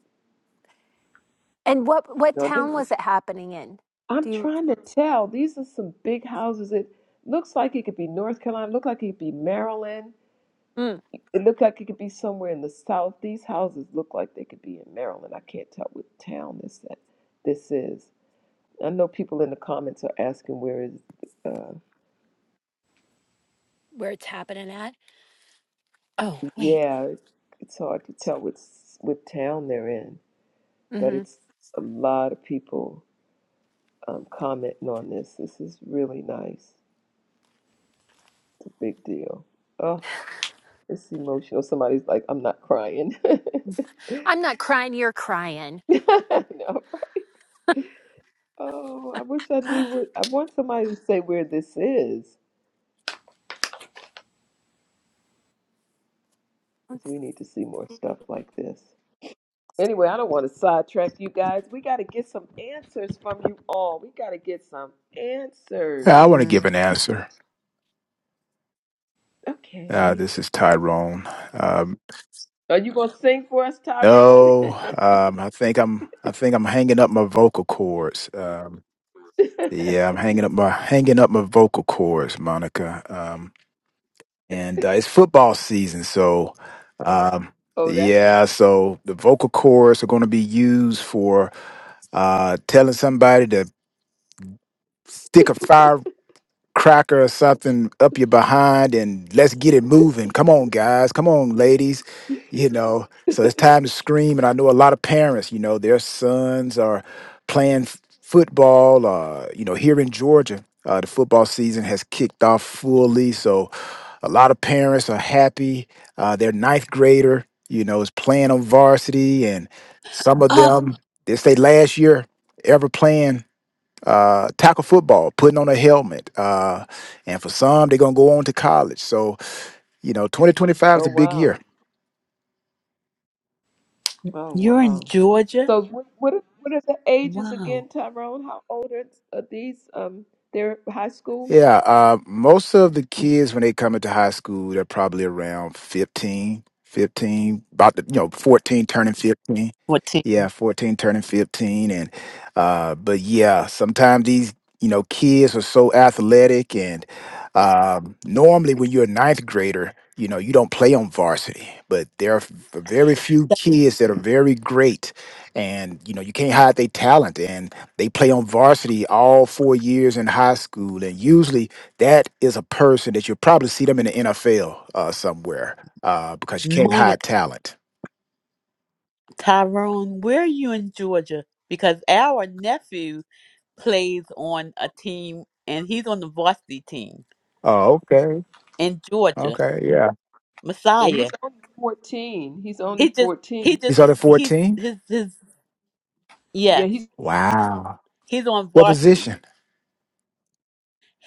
And what what No, they, town was it happening in? I'm Do you? trying to tell. These are some big houses. It looks like it could be North Carolina. Look like it could be Maryland. Mm. It looked like it could be somewhere in the South. These houses look like they could be in Maryland. I can't tell what town this that this is I know people in the comments are asking where is, uh, where it's happening at. Oh, wait. yeah, it's hard to tell what, s- what town they're in, but hmm it's a lot of people um, commenting on this. This is really nice. It's a big deal. Oh, it's emotional. Somebody's like, I'm not crying. I'm not crying. You're crying. No, right? Oh, I wish I knew Let's what, I want somebody to say where this is, because we need to see more see. stuff like this. Anyway, I don't want to sidetrack you guys. We got to get some answers from you all. We got to get some Yeah, I answers. want to Mhm. give an answer. Uh, Okay. this is Tyrone. Um, Are you going to sing for us, Tyrone? no, um, I think I'm. I think I'm hanging up my vocal cords. Um, yeah, I'm hanging up my hanging up my vocal cords, Monica. Um, and uh, it's football season, so um, oh, that's right. yeah, so the vocal cords are going to be used for uh, telling somebody to stick a fire. cracker or something up your behind and let's get it moving. Come on, guys. Come on, ladies. You know, so it's time to scream. And I know a lot of parents, you know, their sons are playing f- football. Uh, you know, here in Georgia, uh, the football season has kicked off fully. So a lot of parents are happy. Uh, their ninth grader, you know, is playing on varsity. And some of Oh, them, this they last year ever playing uh, tackle football, putting on a helmet. Uh, and for some, they're going to go on to college. So, you know, 2025 is a Oh, big wow. year. Oh, you're in wow. Georgia? So, what, what, are, what are the ages again, Wow. Tyrone? How old are, are these? Um, They're high school? Yeah, uh, most of the kids when they come into high school, they're probably around 15, 15, about the, you know, 14 turning 15. What team? Yeah, 14 turning 15 and uh but yeah, sometimes these, you know, kids are so athletic and um normally when you're a ninth grader, you know, you don't play on varsity, but there are f- very few kids that are very great and you know, you can't hide their talent they play on varsity all four years in high school, and usually that is a person that you'll probably see them in the NFL uh, somewhere uh, because you can't Monica. hide talent. Tyrone, where are you in Georgia? Because our nephew plays on a team and he's on the varsity team Oh, okay, in Georgia. okay, yeah. And he's Messiah. only 14. He's only He just he 14. just He's under he fourteen. his his Yeah, yes. he's Wow. He's on What varsity. position?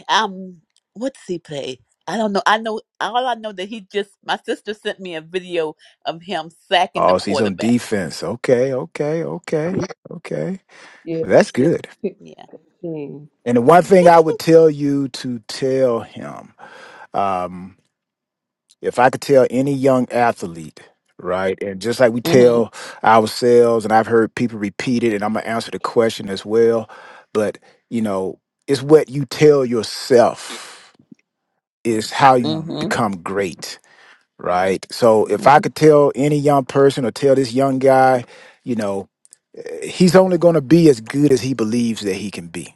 Um what does he play? I don't know. I know all I know that he just my sister sent me a video of him sacking the Oh, so he's on quarterback. defense. Okay, okay, okay, okay. yeah, Well, that's he just good. picked Yeah. up 15. And the one thing I would tell you to tell him, um, if I could tell any young athlete, right, and just like we Mhm. tell ourselves, and I've heard people repeat it, and I'm gonna answer the question as well, but you know, it's what you tell yourself is how you Mhm. become great, right? So if I could tell any young person or tell this young guy, you know, eh, he's only gonna be as good as he believes that he can be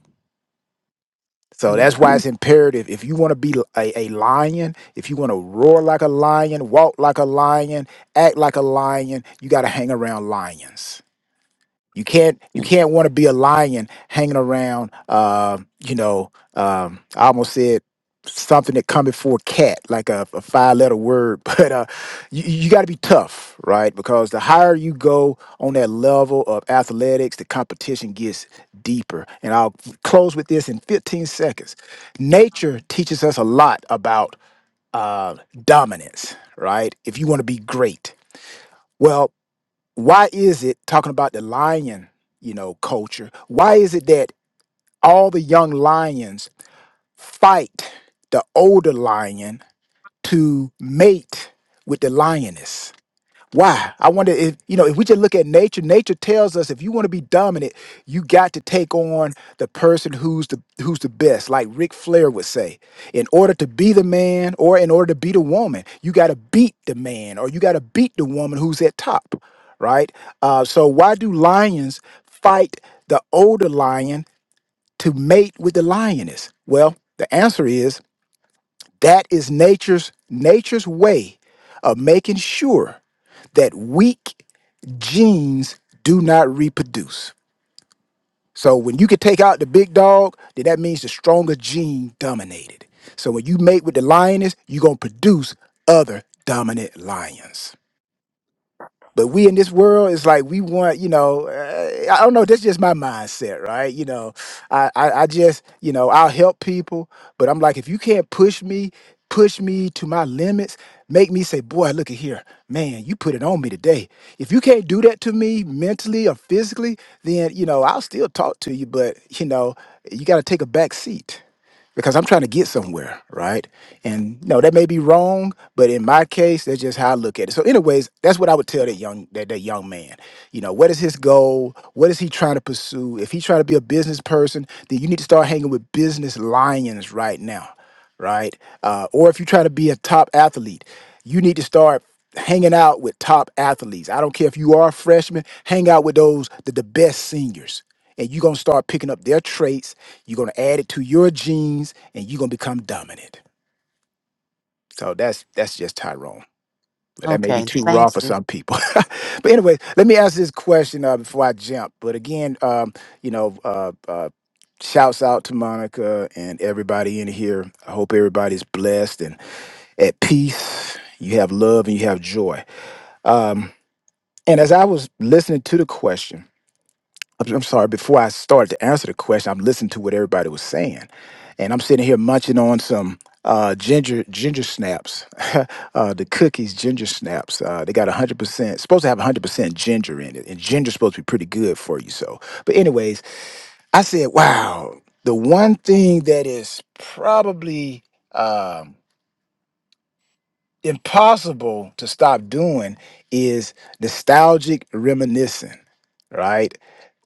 so that's Nice. why it's Mhm. imperative. If you want to be a, a lion, if you want to roar like a lion, walk like a lion, act like a lion, you got to hang around lions. You can't you mhm. can't want to be a lion hanging around. Uh, you know, um, I almost said something that come before cat, like a, a five letter word. But uh, you, you got to be tough, right? Because the higher you go on that level of athletics, the competition gets deeper. And I'll close with this in 15 seconds. Nature teaches us a lot about uh, dominance, right? If you want to be great. well why is it talking about the lion you know culture why is it that all the young lions fight the older lion to mate with the lioness why? I wonder if, you know, if we just look at nature, nature tells us if you want to be dominant, you got to take on the person who's the who's the best, like Ric Flair would say. In order to be the man or in order to be the woman, you got to beat the man or you got to beat the woman who's at top, right? Uh, so why do lions fight the older lion to mate with the lioness? Well, the answer is that is nature's nature's way of making sure that weak genes do not reproduce. So when you can take out the big dog, then that means the stronger gene dominated. So when you mate with the lioness, you're gonna produce other dominant lions. But we in this world is like we want, you know, uh, I don't know. That's just my mindset, right? You know, I, I I just, you know, I'll help people, but I'm like, if you can't push me, push me to my limits, make me say, boy, look at here, man, you put it on me today. If you can't do that to me mentally or physically, then you know I'll still talk to you, but you know, you got to take a back seat because I'm trying to get somewhere, right? And no, that may be wrong, but in my case, that's just how I look at it. So, anyways, that's what I would tell that young that, that young man. You know, what is his goal? What is he trying to pursue? If he's trying to be a business person, then you need to start hanging with business lions right now, right? Uh, or if you're trying to be a top athlete, you need to start hanging out with top athletes. I don't care if you are a freshman, hang out with those the, the best seniors. And you're gonna start picking up their traits you're gonna add it to your genes, and you're gonna become dominant. So that's that's just Tyrone. But That may be Okay. too raw Thank for you. some people. but anyway, let me ask this question uh, before I jump. But again, um, you know, uh, uh, shouts out to Monica and everybody in here. I hope everybody's blessed and at peace. You have love and you have joy. Um, and as I was listening to the question. I'm, I'm sorry, before I started to answer the question, I'm listening to what everybody was saying. And I'm sitting here munching on some uh, ginger ginger snaps, uh, the cookies ginger snaps. Uh, they got 100%, supposed to have 100% ginger in it. And ginger's supposed to be pretty good for you. So, but anyways, I said, wow, the one thing that is probably um, impossible to stop doing is nostalgic reminiscing, right?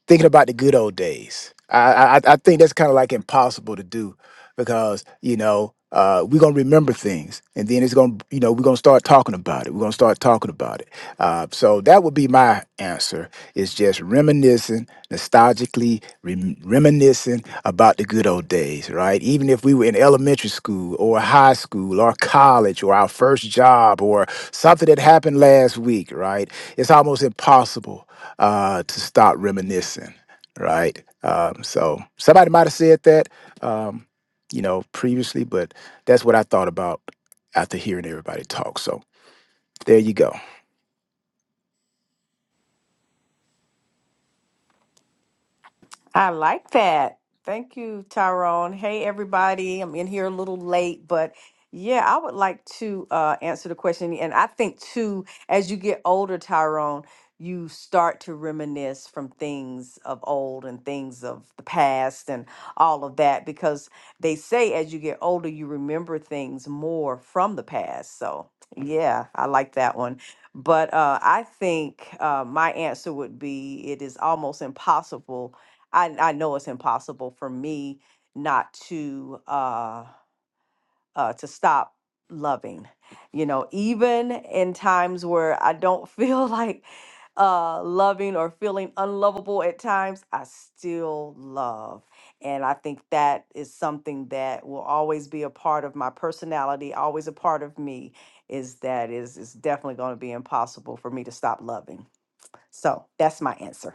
thinking about the good old days. I I, I think that's kind of like impossible to do because you know uh, we're gonna remember things, and then it's gonna you know we're gonna start talking about it. We're gonna start talking about it. Uh, so that would be my answer. Is just reminiscing, nostalgically rem- reminiscing about the good old days, right? Even if we were in elementary school or high school or college or our first job or something that happened last week, right? It's almost impossible uh, to stop reminiscing, right? Um, so somebody might have said that, um, you know, previously, but that's what I thought about after hearing everybody talk. So there you go. I like that. Thank you, Tyrone. Hey, everybody. I'm in here a little late, but yeah, I would like to uh, answer the question. And I think, too, as you get older, Tyrone, you start to reminisce from things of old and things of the past and all of that because they say as you get older, you remember things more from the past. So, yeah, I like that one. But uh, I think uh, my answer would be it is almost impossible I I know it's impossible for me not to uh uh to stop loving. You know, even in times where I don't feel like uh loving or feeling unlovable at times, I still love. And I think that is something that will always be a part of my personality, always a part of me is that is it's definitely going to be impossible for me to stop loving. So, that's my answer.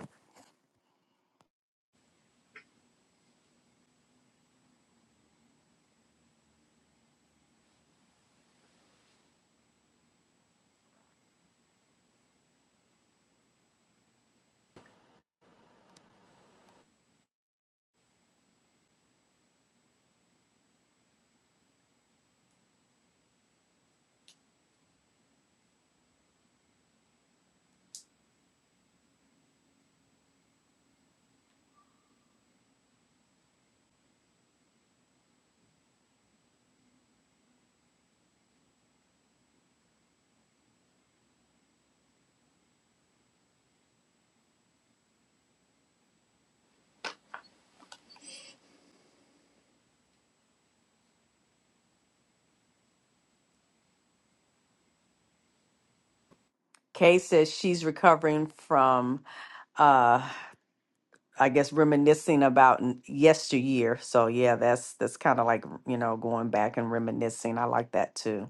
Kay says she's recovering from, uh, I guess, reminiscing about n- yesteryear. So yeah, that's that's kind of like you know going back and reminiscing. I like that too.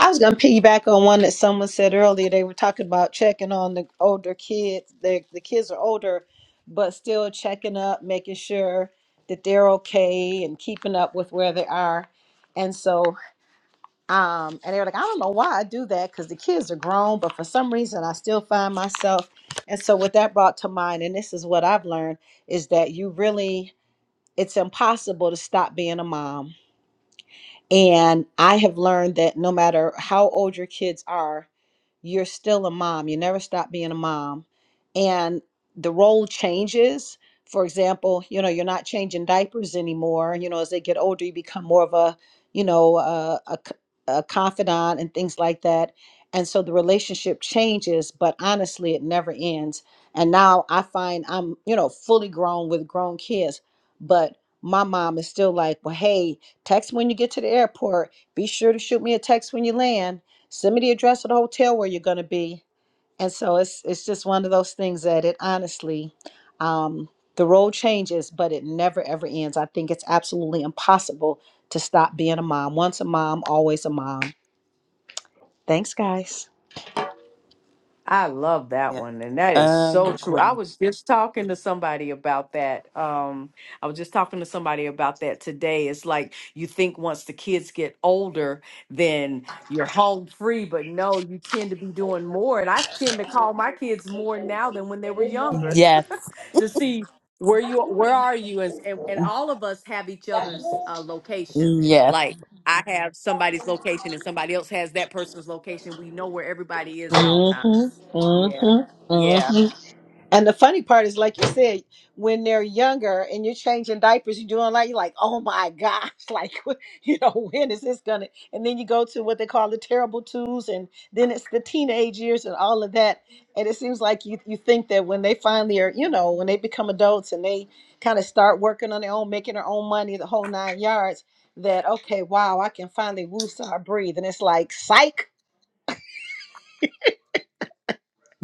I was going to piggyback on one that someone said earlier. They were talking about checking on the older kids. The, the kids are older, but still checking up, making sure that they're okay and keeping up with where they are. And so, um, and they were like, I don't know why I do that because the kids are grown, but for some reason I still find myself. And so, what that brought to mind, and this is what I've learned, is that you really, it's impossible to stop being a mom. And I have learned that no matter how old your kids are, you're still a mom. You never stop being a mom. And the role changes. For example, you know, you're not changing diapers anymore. You know, as they get older, you become more of a, you know, uh, a, c- a confidant and things like that. And so the relationship changes, but honestly, it never ends. And now I find I'm, you know, fully grown with grown kids, but my mom is still like, well, hey, text when you get to the airport. Be sure to shoot me a text when you land send me the address of the hotel where you're going to be and so it's it's just one of those things that it honestly um the road changes but it never ever ends i think it's absolutely impossible to stop being a mom once a mom always a mom thanks guys I love that Yeah. one. And that is so true. I Agree. was just talking to somebody about that. Um, I was just talking to somebody about that today. It's like you think once the kids get older, then you're home free, but no, you tend to be doing more. And I tend to call my kids more now than when they were younger Yes. to see where you where are you and and, and all of us have each other's uh, location. Yes. Like I have somebody's location and somebody else has that person's location. We know where everybody is at all times. Mm-hmm. Yeah. Mm-hmm. Yeah. Mm-hmm. And the funny part is, like you said, when they're younger and you're changing diapers, you're doing like, you're like, oh my gosh, like, you know, when is this gonna? And then you go to what they call the terrible twos, and then it's the teenage years and all of that. And it seems like you you think that when they finally are, you know, when they become adults and they kind of start working on their own, making their own money, the whole nine yards, that okay, wow, I can finally woo, so I breathe. And it's like, psych,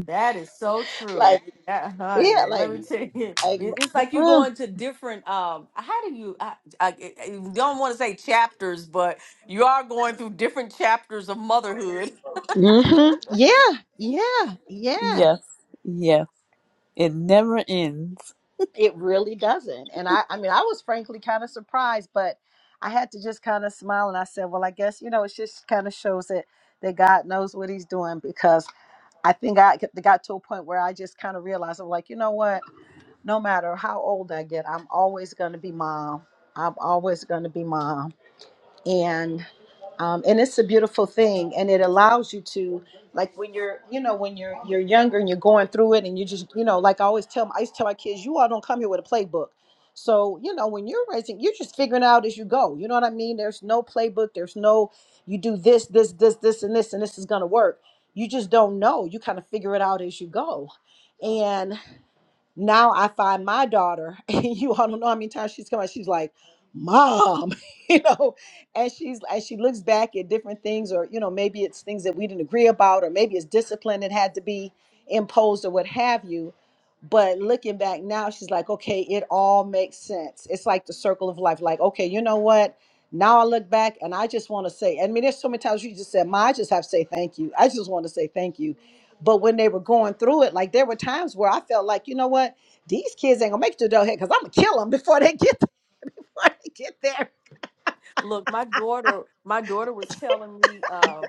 That is so true. like, That, yeah, honey, let like, me tell you, it- like. it's like you go mm. into different. Um, how do you? I, I, I don't want to say chapters, but you are going through different chapters of motherhood. hmm Yeah, yeah, yeah. Yes. Yes. It never ends. It really doesn't. And I, I mean, I was frankly kind of surprised, but I had to just kind of smile and I said, well, I guess, you know, it just kind of shows that, that God knows what he's doing because I think I g- got to a point where I just kind of realized, I'm like, you know what? No matter how old I get, I'm always going to be mom. I'm always going to be mom and um, and it's a beautiful thing and it allows you to like when you're you know when you're you're younger and you're going through it and you just you know like i always tell i used to tell my kids you all don't come here with a playbook so you know when you're raising you're just figuring out as you go you know what i mean there's no playbook there's no you do this this this this and this and this is going to work you just don't know you kind of figure it out as you go now I find my daughter, and you all don't know how many times she's come out, she's like, Mom, you know, and she's and she looks back at different things, or you know, maybe it's things that we didn't agree about, or maybe it's discipline that had to be imposed or what have you. But looking back now, she's like, okay, it all makes sense. It's like the circle of life. Like, okay, you know what? Now I look back and I just want to say, I mean, there's so many times you just said, Ma, I just have to say thank you. I just want to say thank you but when they were going through it, like there were times where I felt like, you know what, these kids ain't gonna make it to adulthood because I'm gonna kill them before they get before they get there. Look, my daughter, my daughter was telling me, uh,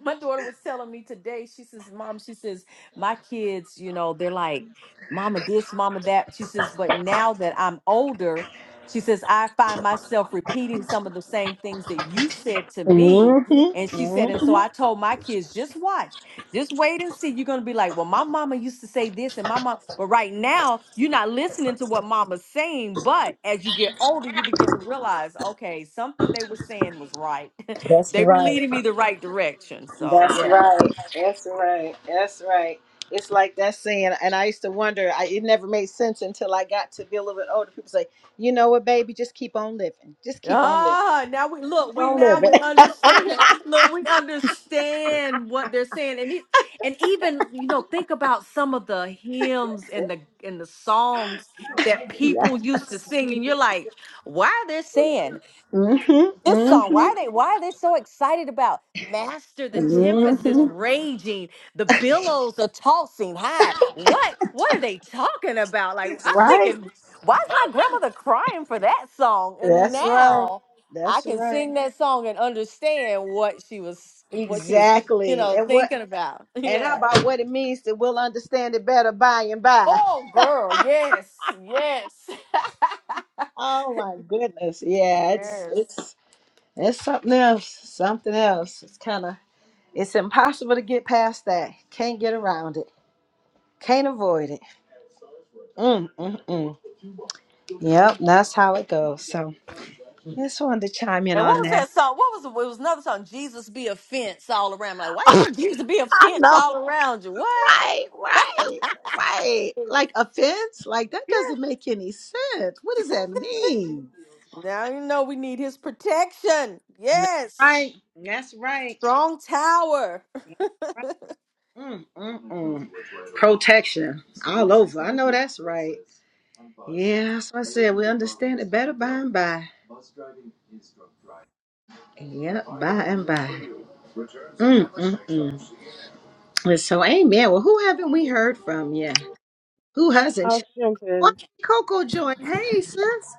my daughter was telling me today, she says, Mom, she says, my kids, you know, they're like, Mama this, Mama that. She says, but now that I'm older, she says, I find myself repeating some of the same things that you said to me. hmm Mhm. And she said, and hmm so I told my kids, just watch. Just wait and see. You're gonna be like, well, my mama used to say this, and my mom, but right now you're not listening to what mama's saying. But as you get older, you begin to realize, okay, something they were saying was right. That's they were right. leading me the right direction. So That's yeah. right. That's right. That's right. It's like that saying, and I used to wonder. I, it never made sense until I got to be a little bit older. People say, you know what, baby, just keep on living. Just keep on living. Ah, now we look, Keep we on now we living. understand. Look, we understand what they're saying. And it, and even, you know, think about some of the hymns and the and the songs that yeah, people used to sing, and you're like, why they're saying This Mm-hmm. song, why are they why are they so excited about? Master, the tempest is hmm raging, the billows are tossing high. What what are they talking about? Like I'm Right. thinking, why is my grandmother crying for that song? And That's right. now I That's can right. sing that song and understand what she was what she was, you Exactly. know, And what thinking about. and how Yeah. about what it means that we'll understand it better by and by. Oh girl, yes, yes. Oh my goodness. Yeah, it's yes. it's it's something else. Something else. It's kinda it's impossible to get past that. Can't get around it. Can't avoid it. Mm, mm, mm. Yep, that's how it goes. So just wanted to chime in And what on was that. that song? What was it? Was another song? Jesus be a fence all around. Like, why you I want Jesus be a fence know. all around you? What? Right, right, right. Like offense? Like that doesn't Yeah. make any sense. What does that mean? now you know we need His protection. That's Yes, right. That's right. strong tower. Right. Mm, mm, mm. Protection all over. I know that's right. Yeah, that's what I said. We understand it better by and by. Yep, by and by. Mm, mm, mm. And So, amen. Well, who haven't we heard from yet? Who hasn't? I'll jump What? in. Coco joined. Hey, sis.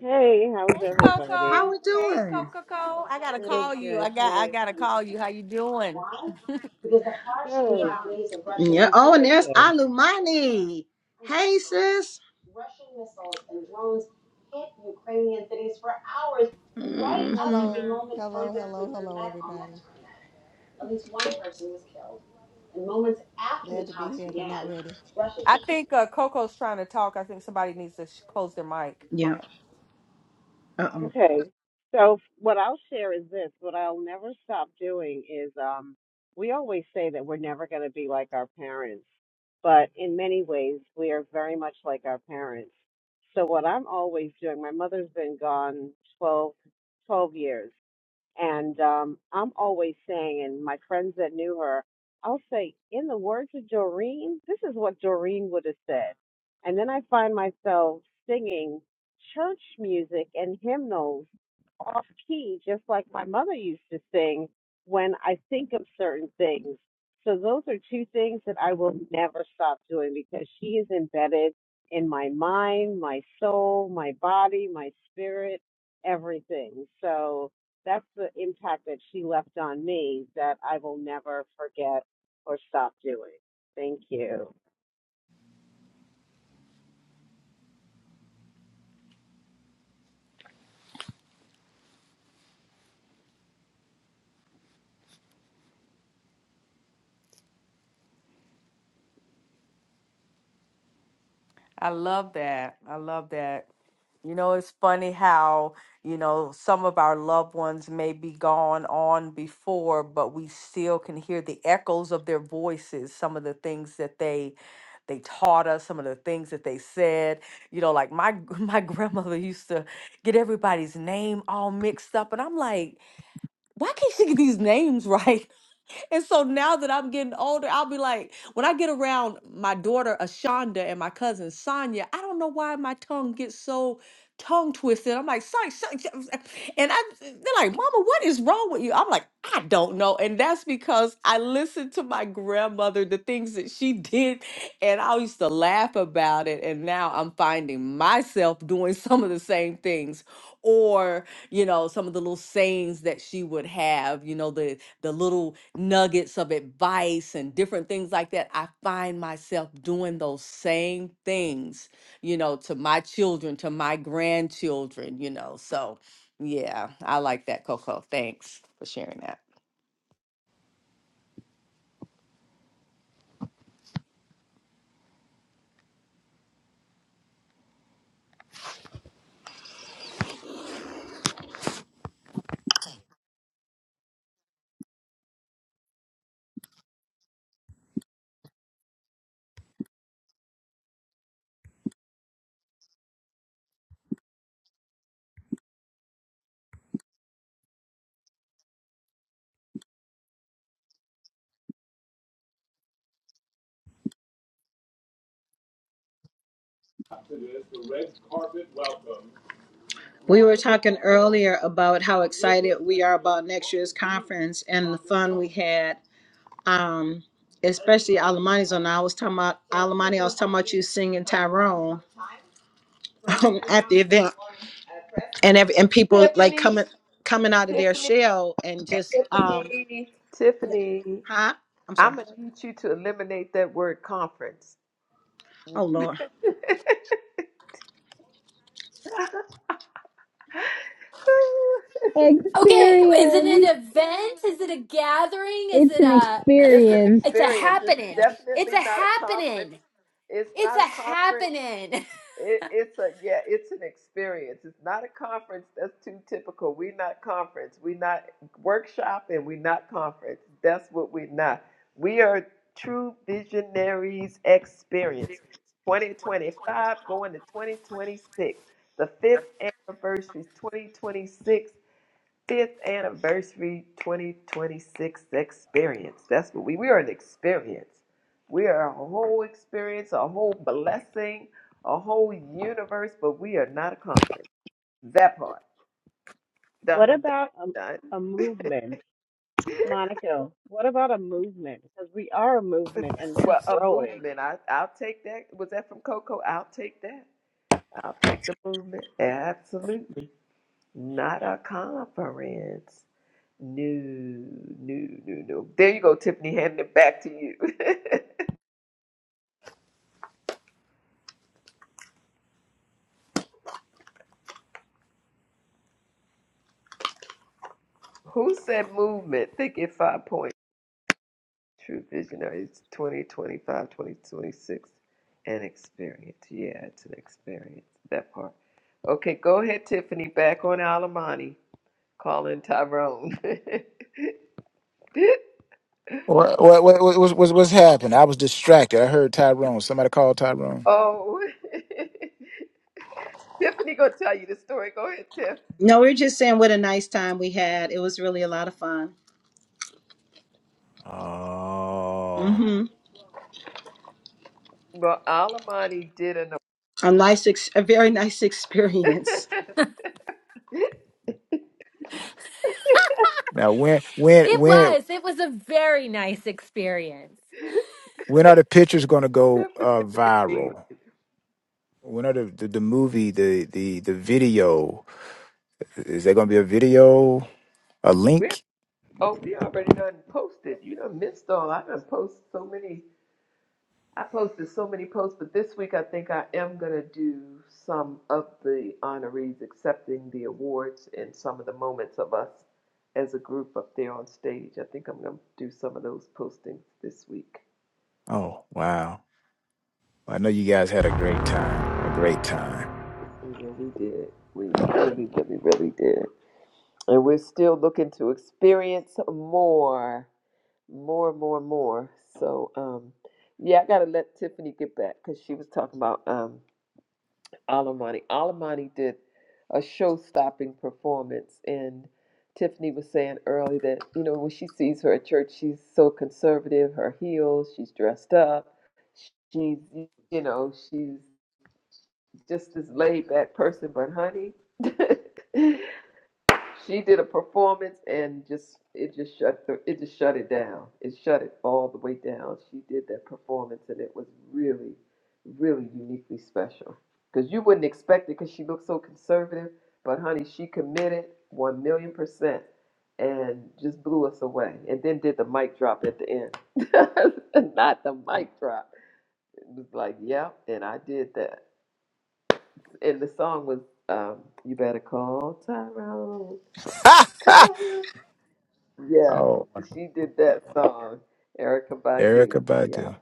Hey, how's Hey everybody? How Coco. we Hey doing? Coco. Coco. I gotta Good, call you. I good. got. I Hey, gotta call you. How you doing? good, Yeah. good, Oh, and good. there's Thanks. Alumani. Hey, sis. Mhm. Hello, hello, hello, hello, everybody. Glad to be here, but not ready. I think uh, Coco's trying to talk. I think somebody needs to sh- close their Yeah. mic. Uh-uh. Okay. So what I'll share is this. What I'll never stop doing is, um, we always say that we're never going to be like our parents, but in many ways we are very much like our parents. So what I'm always doing, my mother's been gone 12, 12 years. And um, I'm always saying, and my friends that knew her, I'll say, in the words of Doreen, this is what Doreen would have said. And then I find myself singing church music and hymnals off key, just like my mother used to sing when I think of certain things. So those are two things that I will never stop doing because she is embedded in my mind, my soul, my body, my spirit, everything. So that's the impact that she left on me that I will never forget or stop doing. Thank you. I love that. I love that. You know, it's funny how, you know, some of our loved ones may be gone on before, but we still can hear the echoes of their voices, some of the things that they they taught us, some of the things that they said. You know, like my my grandmother used to get everybody's name all mixed up and I'm like, why can't she get these names right? And so now that I'm getting older, I'll be like, when I get around my daughter Ashonda and my cousin Sonia, I don't know why my tongue gets so tongue twisted. I'm like, sorry, sorry. and I they're like, Mama, what is wrong with you? I'm like, I don't know. And that's because I listened to my grandmother, the things that she did, and I used to laugh about it. And now I'm finding myself doing some of the same things. Or, you know, some of the little sayings that she would have, you know, the the little nuggets of advice and different things like that. I find myself doing those same things, you know, to my children, to my grandchildren, you know. So, yeah, I like that, Coco. Thanks for sharing that. We were talking earlier about how excited we are about next year's conference and the fun we had. Um, especially Alamani's on. I was talking about Alamani. I was talking about you singing Tyrone at the event, and every, and people like Tiffany, coming coming out of their Tiffany, shell and just um, Tiffany, Tiffany, huh? I'm sorry. I'm gonna need you to eliminate that word conference. Oh Lord. Okay, is it an Experience. event? Is it a gathering? Is It's it an a? it's an experience. It's a experience. It's happening. It's definitely a not a conference. happening. It's It's not a a conference. happening. It, it's a yeah, it's an experience. It's not a conference. That's too typical. We're not conference. We're not workshop, and we're not conference. That's what we're not. We are true visionaries experience. 2025 going to 2026. The fifth anniversary is 2026 fifth anniversary 2026 experience. That's what we we are an experience. We are a whole experience, a whole blessing, a whole universe, but we are not a conference. That part. What Done, about done, a, a movement? done. Monica, what about a movement? Because we are a movement and we're well, a growing. movement. I I'll take that. Was that from Coco? I'll take that. I'll take the movement. Absolutely. Not a conference. No, no, no, no. There you go, Tiffany, handing it back to you. Who said movement? Think it five point true visionaries Twenty, twenty-five, twenty, twenty-six. 2026, and experience. Yeah, it's an experience, that part. Okay, go ahead, Tiffany. Back on Alamani, calling Tyrone. What what what what- what's, what's what's happened? I was distracted. I heard Tyrone. Somebody called Tyrone. oh, Tiffany gonna tell you the story. Go ahead, Tiff. No, we were just saying what a nice time we had. It was really a lot of fun. Oh, Mm-hmm. Well, Alamani did an. A nice, ex- a very nice experience. Now when when It when was. It was a very nice experience. when are the pictures going to go uh, Tiffany, viral? When are the, the the movie the the the video? Is there going to be a video? A we link? oh we already done posted. You done missed all. I done posted so many. I posted so many posts, but this week I think I am going to do some of the honorees accepting the awards and some of the moments of us as a group up there on stage. I think I'm going to do some of those postings this week. Oh, wow. I know you guys had a great time. A great time. And yeah, we did. We really, really, really did. And we're still looking to experience more, more, more, more. So, um, yeah, I got to let Tiffany get back because she was talking about um, Alamani. Alamani did a show-stopping performance, and Tiffany was saying early that you know when she sees her at church, she's so conservative. Her heels, she's dressed up, she's you know she's just this laid-back person. But honey, She did a performance and just it just shut the, it just shut it down. It shut it all the way down. She did that performance and it was really, really uniquely special because you wouldn't expect it because she looked so conservative. But honey, she committed one million percent and just blew us away. And then did the mic drop at the end. Not the mic drop. It was like, yep, and I did that. And the song was um, "You Better Call Tyrone." Yes, Oh, she did that song, Erica Erica Badu. Yeah, Badu.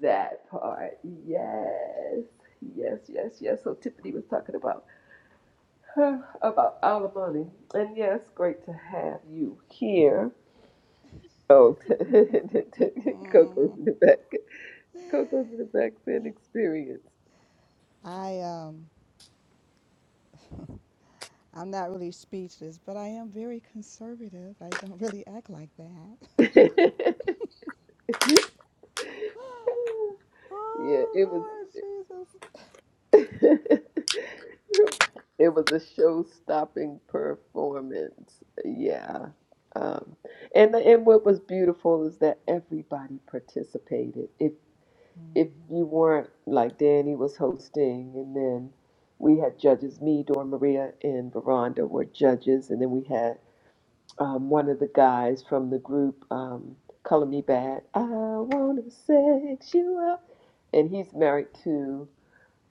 that part. Yes, yes, yes, yes. So Tiffany was talking about her about alimony, and yes, great to have you here. Oh, Coco's in the back. Coco's in the back saying experience. I um, I'm not really speechless, but I am very conservative. I don't really act like that. yeah, it was. oh Lord Jesus! it was a show-stopping performance. Yeah. Um, and and what was beautiful is that everybody participated. If if you weren't like Danny was hosting, and then we had judges, me, Dora Maria, and Veranda were judges, and then we had um, one of the guys from the group, um, Color Me Bad. I wanna sex you up, and he's married to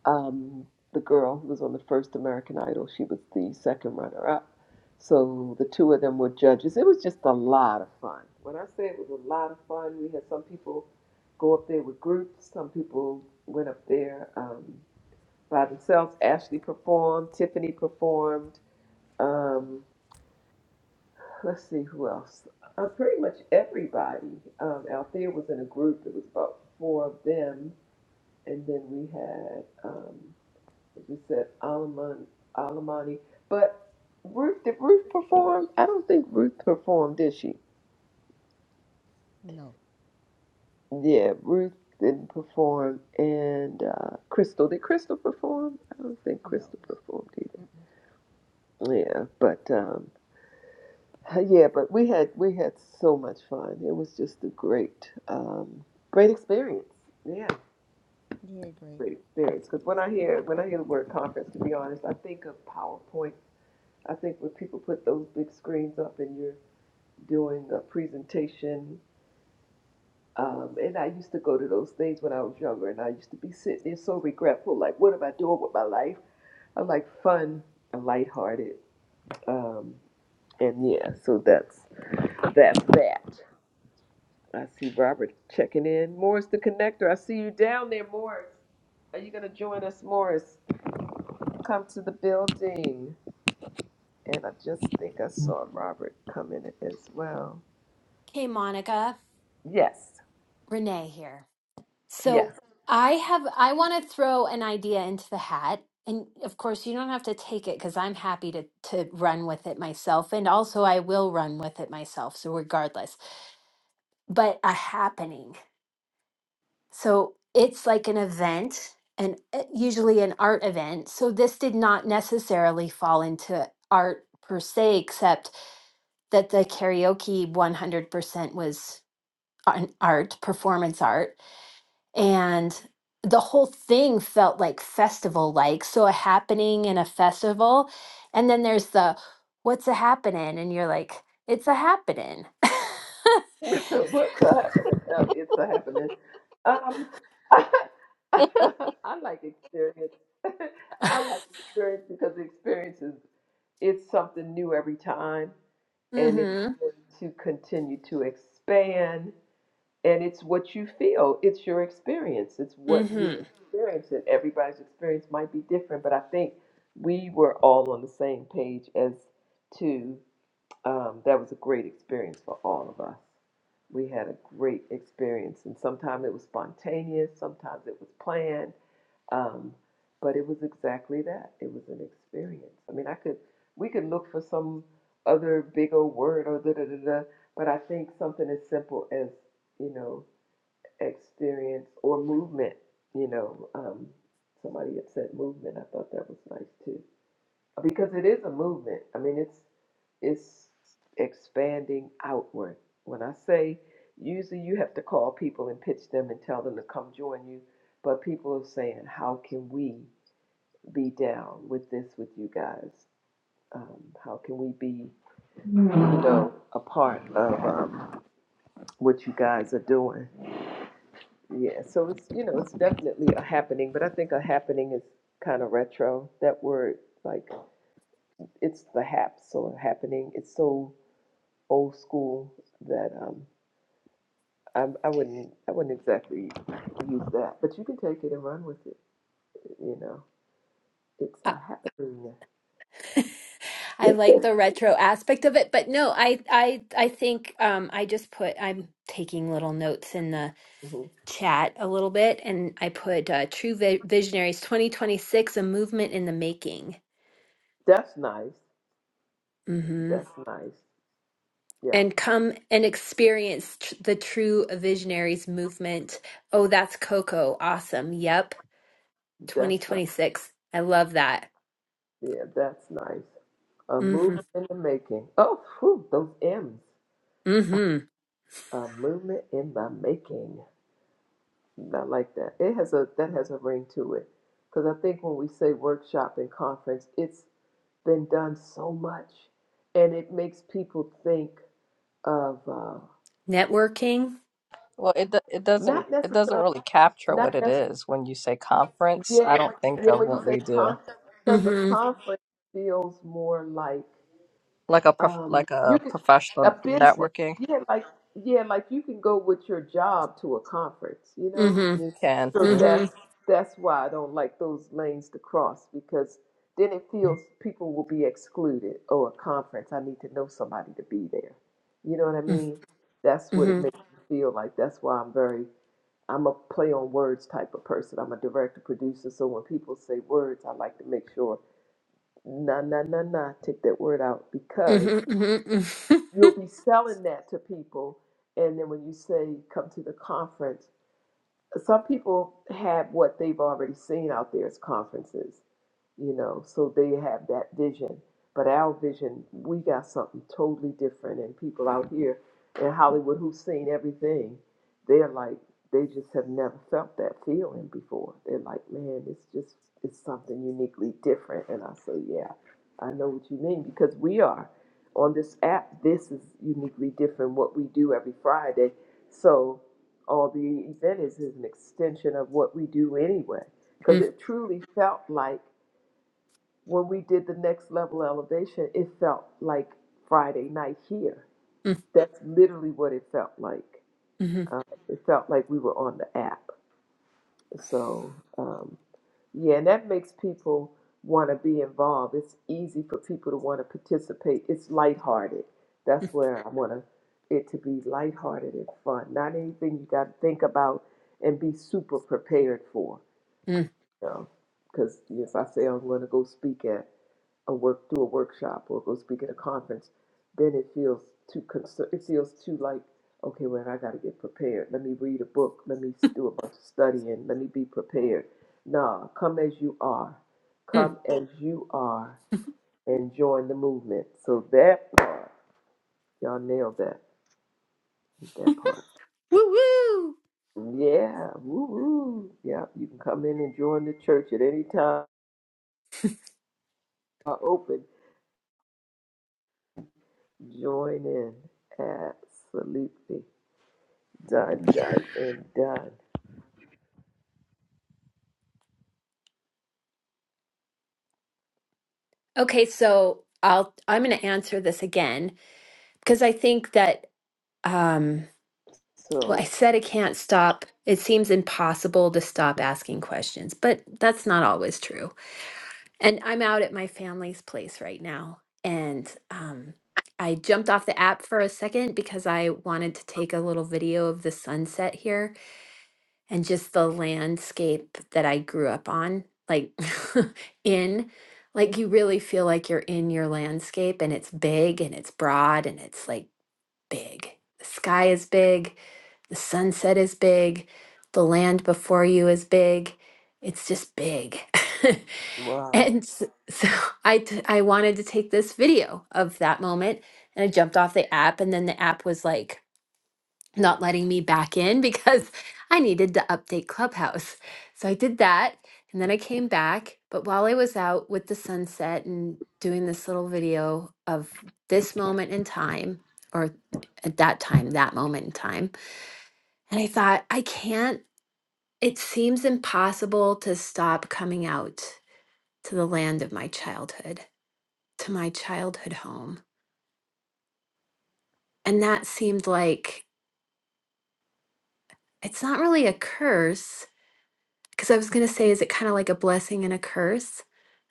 um, the girl who was on the first American Idol. She was the second runner up. So the two of them were judges. It was just a lot of fun. When I say it was a lot of fun, we had some people go up there with groups, some people went up there um, by themselves. Ashley performed, Tiffany performed. Um, let's see who else. Uh, pretty much everybody um, out there was in a group. It was about four of them. And then we had um, like You said Alamani, Alamani, but Ruth did Ruth perform? I don't think Ruth performed, did she? No, Yeah, Ruth didn't perform, and uh, Crystal did Crystal perform? I don't think no. Crystal performed Mm-mm. either. Yeah, but um, yeah, but we had we had so much fun. It was just a great um, great experience. Yeah, Very great. great experience. Because when I hear when I hear the word conference, to be honest, I think of PowerPoint. I think when people put those big screens up and you're doing a presentation. Um, and I used to go to those things when I was younger, and I used to be sitting there so regretful, like, what am I doing with my life? I am like fun and lighthearted. Um, and yeah, so that's that's that. I see Robert checking in. Morris the connector. I see you down there, Morris. Are you gonna join us, Morris? Come to the building. And I just think I saw Robert come in as well. Okay, Monica, Yes. Renee here. So Yes. I have I want to throw an idea into the hat. And of course, you don't have to take it because I'm happy to to run with it myself. And also I will run with it myself. So regardless. But a happening. So it's like an event and uh, usually an art event. So this did not necessarily fall into art per se, except that the karaoke 100% was an art, performance art and the whole thing felt like festival like so a happening and a festival and then there's the what's a happening and you're like it's a happening What's happening? No, it's a happening. Um, I like experience. I like experience because experience is it's something new every time, and it's mhm going to continue to expand. And it's what you feel. It's your experience. It's what you mhm experience, and everybody's experience might be different. But I think we were all on the same page as to. Um, that was a great experience for all of us. We had a great experience, and sometimes it was spontaneous, sometimes it was planned, um, but it was exactly that. It was an experience. I mean, I could, we could look for some other big old word or da da da da, but I think something as simple as you know experience or movement. You know, um, somebody had said movement. I thought that was nice too because it is a movement. I mean, it's it's expanding outward. When I say usually you have to call people and pitch them and tell them to come join you, but people are saying, how can we be down with this with you guys? Um, how can we be, you know, a part of um, what you guys are doing? Yeah, so it's you know it's definitely a happening, but I think a happening is kind of retro. That word, like it's the haps or happening. It's so old school that um I'm, I wouldn't I wouldn't exactly use that, but you can take it and run with it. You know, it's I, a happening. I like the retro aspect of it but no I I I think um I just put I'm taking little notes in the Mhm. chat a little bit and I put uh, True Vi- Visionaries 2026 a movement in the making That's nice. Mm-hmm. That's nice. Yeah, and come and experience tr- the true visionaries movement. Oh, that's Coco. Awesome. Yep. that's nice. 2026. I love that. Yeah, that's nice. A Mm-hmm. movement in the making. Oh, whew, those M's. Mm-hmm. A movement in the making. I like that. It has a that has a ring to it, because I think when we say workshop and conference, it's been done so much, and it makes people think of uh, Networking. Well, it do- it doesn't not it doesn't necessarily really capture what not it necessarily is when you say conference. yet. I don't think Yeah, of when you what say we do con, because a Mm-hmm. conference feels more like like a prof, um, like you a could a professional business. networking. Yeah, like yeah, like you can go with your job to a conference, you know Mm-hmm. You can. So that's Mm-hmm. that's why I don't like those lanes to cross because then it feels people will be excluded. Oh, a conference, I need to know somebody to be there. You know what I mean? That's what it Mm-hmm. makes me feel like. That's why I'm very I'm a play on words type of person. I'm a director producer, so when people say words, I like to make sure nah nah nah nah take that word out because Mm-hmm. Mm-hmm. you'll be selling that to people and then when you say come to the conference some people have what they've already seen out there as conferences you know, so they have that vision. But our vision, we got something totally different. And people out here in Hollywood who've seen everything, they're like, they just have never felt that feeling before. They're like, man, it's just, it's something uniquely different. And I say, yeah, I know what you mean because we are on this app. This is uniquely different what we do every Friday. So all the event is, is an extension of what we do anyway. Because it truly felt like when we did the next level elevation, it felt like Friday night here. That's literally what it felt like. Mm-hmm. Uh, it felt like we were on the app. So, um, yeah, and that makes people want to be involved. It's easy for people to want to participate. It's lighthearted. That's where I want to it to be lighthearted and fun, not anything you got to think about and be super prepared for. You know, because if I say I'm going to go speak at a work do a workshop or go speak at a conference, then it feels too concern. It feels too like okay, well I got to get prepared. Let me read a book. Let me s- do a bunch of studying. Let me be prepared. Nah, come as you are. Mm-hmm. Come as you are and join the movement. So that part, y'all nailed that. That part. Woo woo. Yeah, woo woo. Yeah, you can come in and join the church at any time. Are open. Join in. Absolutely. done, done, and done. Okay, so I'll I'm gonna answer this again because I think that um Well, So, I said it can't stop. It seems impossible to stop asking questions, but that's not always true. And I'm out at my family's place right now. And um, I jumped off the app for a second because I wanted to take a little video of the sunset here and just the landscape that I grew up on, like in. Like you really feel like you're in your landscape and it's big and it's broad and it's like big. The sky is big the sunset is big. The land before you is big. It's just big. wow. and s- so I, t- I wanted to take this video of that moment and I jumped off the app. And then the app was like not letting me back in because I needed to update Clubhouse. So I did that. And then I came back. But while I was out with the sunset and doing this little video of this moment in time, or at that time, that moment in time, and I thought, I can't, it seems impossible to stop coming out to the land of my childhood, to my childhood home. And that seemed like it's not really a curse, because I was going to say, is it kind of like a blessing and a curse?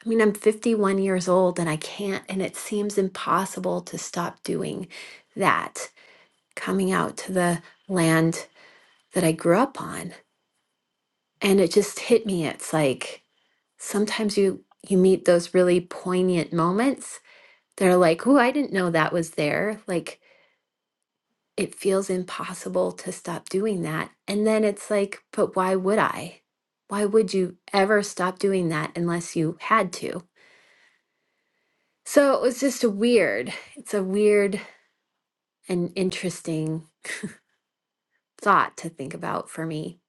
I mean, I'm 51 years old and I can't, and it seems impossible to stop doing that, coming out to the land that I grew up on. And it just hit me. It's like, sometimes you you meet those really poignant moments that are like oh i didn't know that was there like it feels impossible to stop doing that and then it's like but why would i why would you ever stop doing that unless you had to so it was just a weird it's a weird and interesting thought to think about for me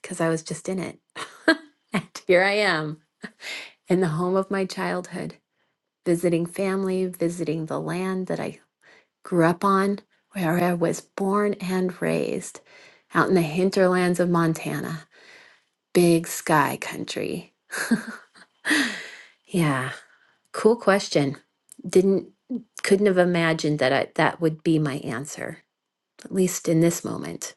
because i was just in it and here i am in the home of my childhood visiting family visiting the land that i grew up on, where I was born and raised, out in the hinterlands of Montana, big sky country. Yeah, cool question. Didn't couldn't have imagined that I, that would be my answer, at least in this moment.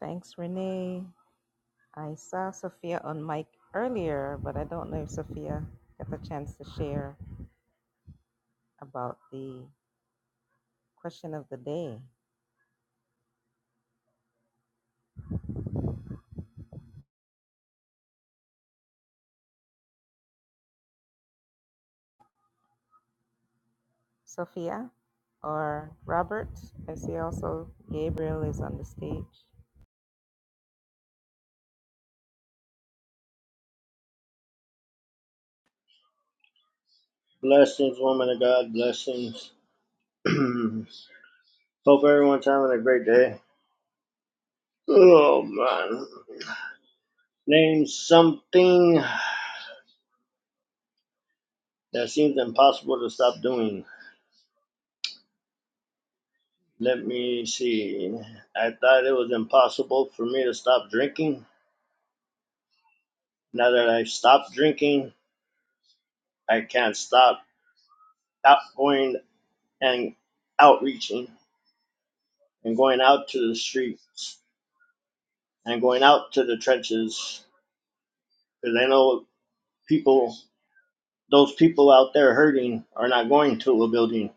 Thanks, Renee. I saw Sophia on mic earlier, but I don't know if Sophia got the chance to share. about the question of the day. Sophia or Robert? I see also Gabriel is on the stage. Blessings, woman of God, blessings. Hope everyone's having a great day. Oh man. Name something that seems impossible to stop doing. Let me see. I thought it was impossible for me to stop drinking. Now that I've stopped drinking, I can't stop out going and outreaching and going out to the streets and going out to the trenches because I know people. Those people out there hurting are not going to a building.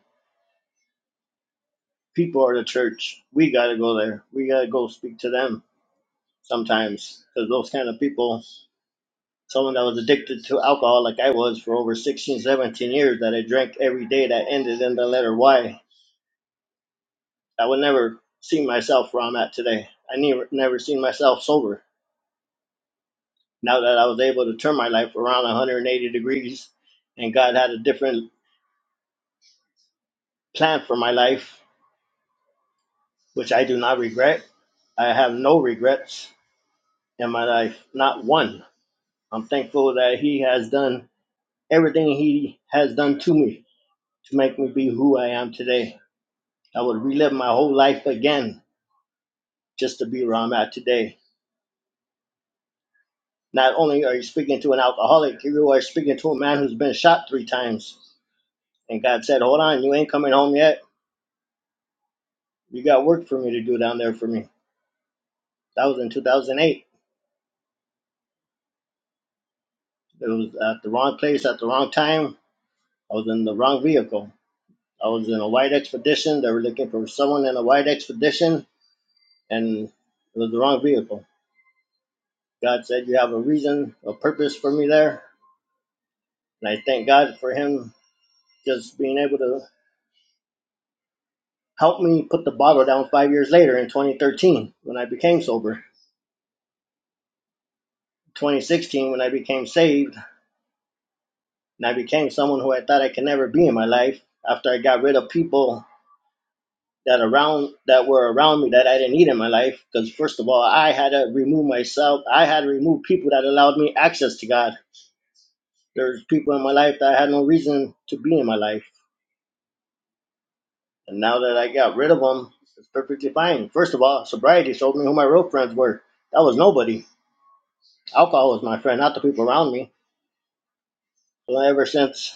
People are the church. We got to go there. We got to go speak to them sometimes because those kind of people, someone that was addicted to alcohol like I was for over 16, 17 years, that I drank every day that ended in the letter Y, I would never see myself where I'm at today. I never, never seen myself sober. Now that I was able to turn my life around 180 degrees and God had a different plan for my life, which I do not regret. I have no regrets in my life, not one. I'm thankful that He has done everything He has done to me to make me be who I am today. I would relive my whole life again just to be where I'm at today. Not only are you speaking to an alcoholic, you are speaking to a man who's been shot three times. And God said, Hold on, you ain't coming home yet. You got work for me to do down there for me. That was in 2008. It was at the wrong place at the wrong time. I was in the wrong vehicle. I was in a white expedition. They were looking for someone in a white expedition, and it was the wrong vehicle. God said, You have a reason, a purpose for me there. And I thank God for Him just being able to help me put the bottle down five years later in 2013 when I became sober. 2016 when I became saved and I became someone who I thought I could never be in my life after I got rid of people that around that were around me that I didn't need in my life. Because first of all, I had to remove myself. I had to remove people that allowed me access to God. There's people in my life that had no reason to be in my life, and now that I got rid of them, it's perfectly fine. First of all, sobriety showed me who my real friends were. That was nobody. Alcohol was my friend, not the people around me. So ever since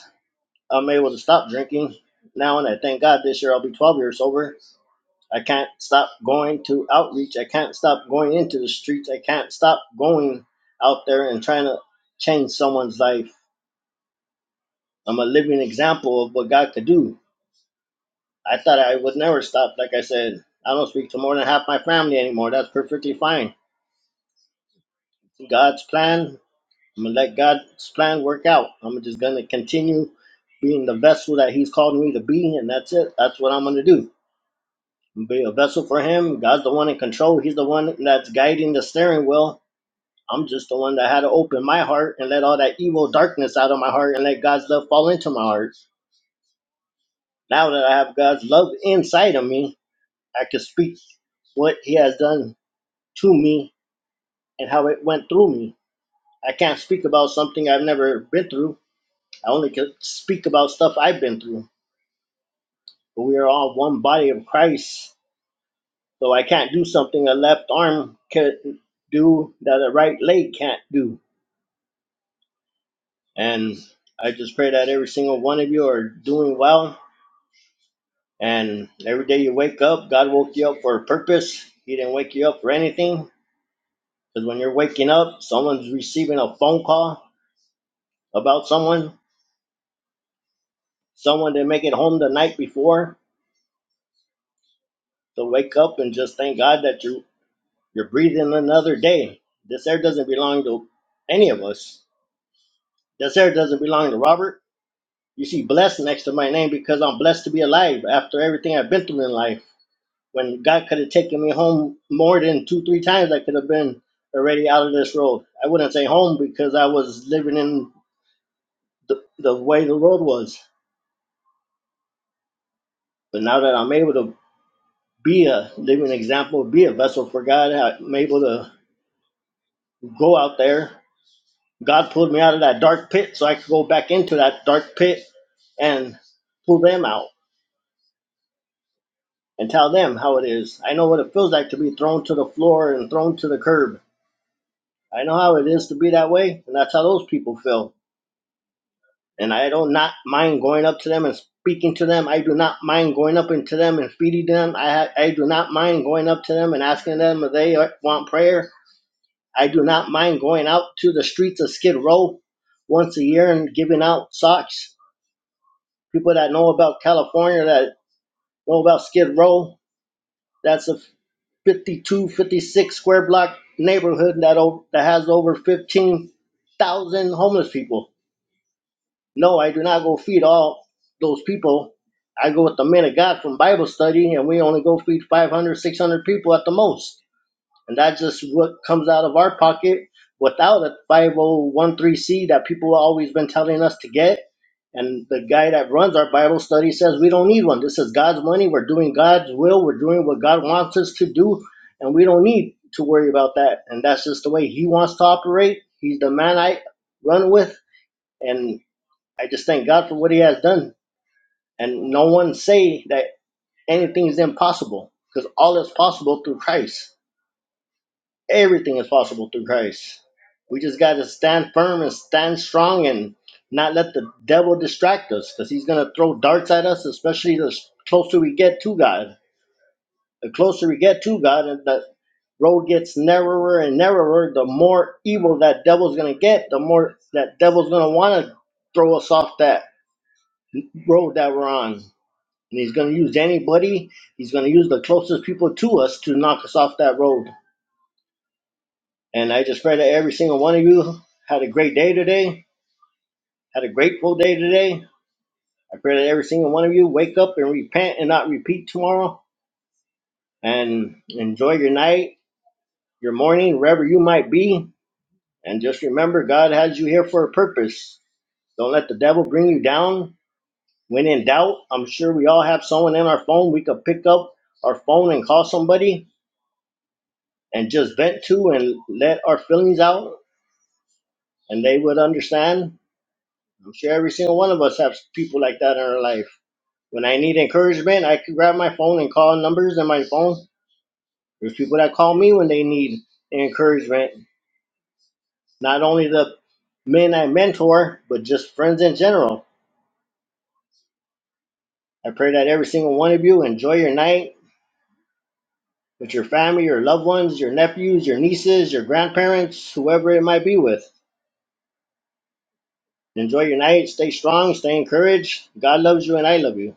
I'm able to stop drinking now, and I thank God this year I'll be 12 years sober I can't stop going to outreach. I can't stop going into the streets. I can't stop going out there and trying to change someone's life. I'm a living example of what God could do. I thought I would never stop. Like I said, I don't speak to more than half my family anymore. That's perfectly fine. God's plan, I'm going to let God's plan work out. I'm just going to continue being the vessel that He's called me to be, and that's it. That's what I'm going to do. Be a vessel for Him. God's the one in control, He's the one that's guiding the steering wheel I'm just the one that had to open my heart and let all that evil darkness out of my heart and let God's love fall into my heart. Now that I have God's love inside of me, I can speak what He has done to me and how it went through me. I can't speak about something I've never been through. I only can speak about stuff I've been through. But we are all one body of Christ. So I can't do something a left arm can do that a right leg can't do. And I just pray that every single one of you are doing well And every day you wake up, God woke you up for a purpose. He didn't wake you up for anything. Because when you're waking up, someone's receiving a phone call about someone. Someone didn't make it home the night before. So wake up and just thank God that you you're breathing another day. This air doesn't belong to any of us. This air doesn't belong to Robert. You see blessed next to my name because I'm blessed to be alive after everything I've been through in life. When God could have taken me home more than two, three times, I could have been already out of this road. I wouldn't say home because I was living in the, the way the road was. But now that I'm able to be a living example, be a vessel for God, I'm able to go out there. God pulled me out of that dark pit so I could go back into that dark pit and pull them out and tell them how it is. I know what it feels like to be thrown to the floor and thrown to the curb. I know how it is to be that way, and that's how those people feel. and I don't not mind going up to them and speaking to them. I do not mind going up into them and feeding them. I I do not mind going up to them and asking them if they uh, want prayer. I do not mind going out to the streets of Skid Row once a year and giving out socks. People that know about California that know about Skid Row, that's a 52, 56 square block neighborhood that o- that has over 15,000 homeless people No, I do not go feed all those people. I go with the men of God from Bible study, and we only go feed 500, 600 people at the most. And that's just what comes out of our pocket without a 5013C that people have always been telling us to get. And the guy that runs our Bible study says we don't need one. This is God's money. We're doing God's will. We're doing what God wants us to do. And we don't need to worry about that. And that's just the way He wants to operate. He's the man I run with. And I just thank God for what He has done, and no one say that anything is impossible because all is possible through Christ. Everything is possible through Christ. We just got to stand firm and stand strong and not let the devil distract us because he's going to throw darts at us, especially the closer we get to God. The closer we get to God and the road gets narrower and narrower, the more evil that devil's going to get, the more that devil's going to want to throw us off that road that we're on And he's going to use anybody, he's going to use the closest people to us to knock us off that road. And I just pray that every single one of you had a great day today, had a grateful day today. I pray that every single one of you wake up and repent and not repeat tomorrow and enjoy your night, your morning, wherever you might be. And just remember, God has you here for a purpose. Don't let the devil bring you down. When in doubt, I'm sure we all have someone in our phone. We could pick up our phone and call somebody and just vent to and let our feelings out and they would understand. I'm sure every single one of us have people like that in our life. When I need encouragement, I can grab my phone and call numbers in my phone. There's people that call me when they need encouragement. Not only the men I mentor, but just friends in general. I pray that every single one of you enjoy your night with your family, your loved ones, your nephews, your nieces, your grandparents, whoever it might be with. Enjoy your night. Stay strong. Stay encouraged. God loves you and I love you.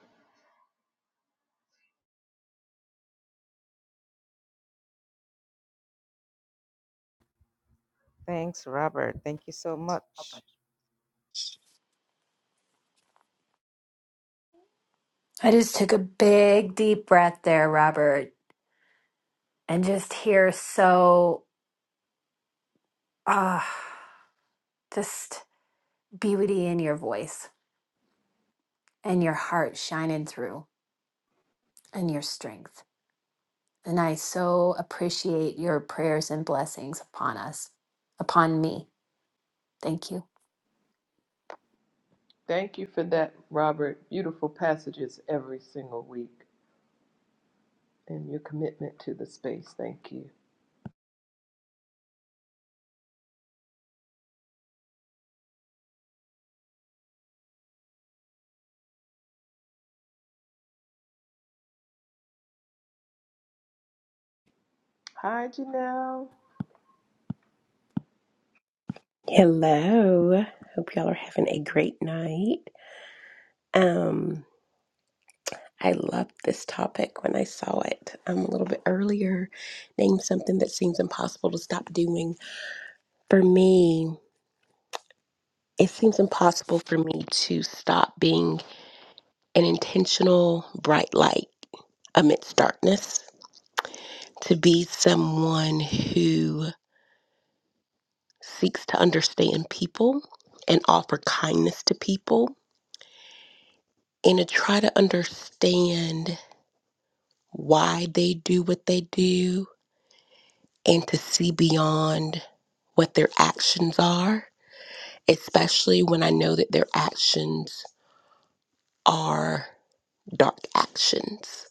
Thanks, Robert. Thank you so much. I just took a big deep breath there, Robert, and just hear so ah just beauty in your voice and your heart shining through and your strength. And I so appreciate your prayers and blessings upon us, upon me. Thank you. Thank you for that, Robert. Beautiful passages every single week and your commitment to the space. Thank you. Hi, Janelle. Hello. Hope y'all are having a great night. Um, I loved this topic when I saw it um, a little bit earlier. Name something that seems impossible to stop doing. For me, it seems impossible for me to stop being an intentional bright light amidst darkness, to be someone who seeks to understand people and offer kindness to people and to try to understand why they do what they do and to see beyond what their actions are, especially when I know that their actions are dark actions.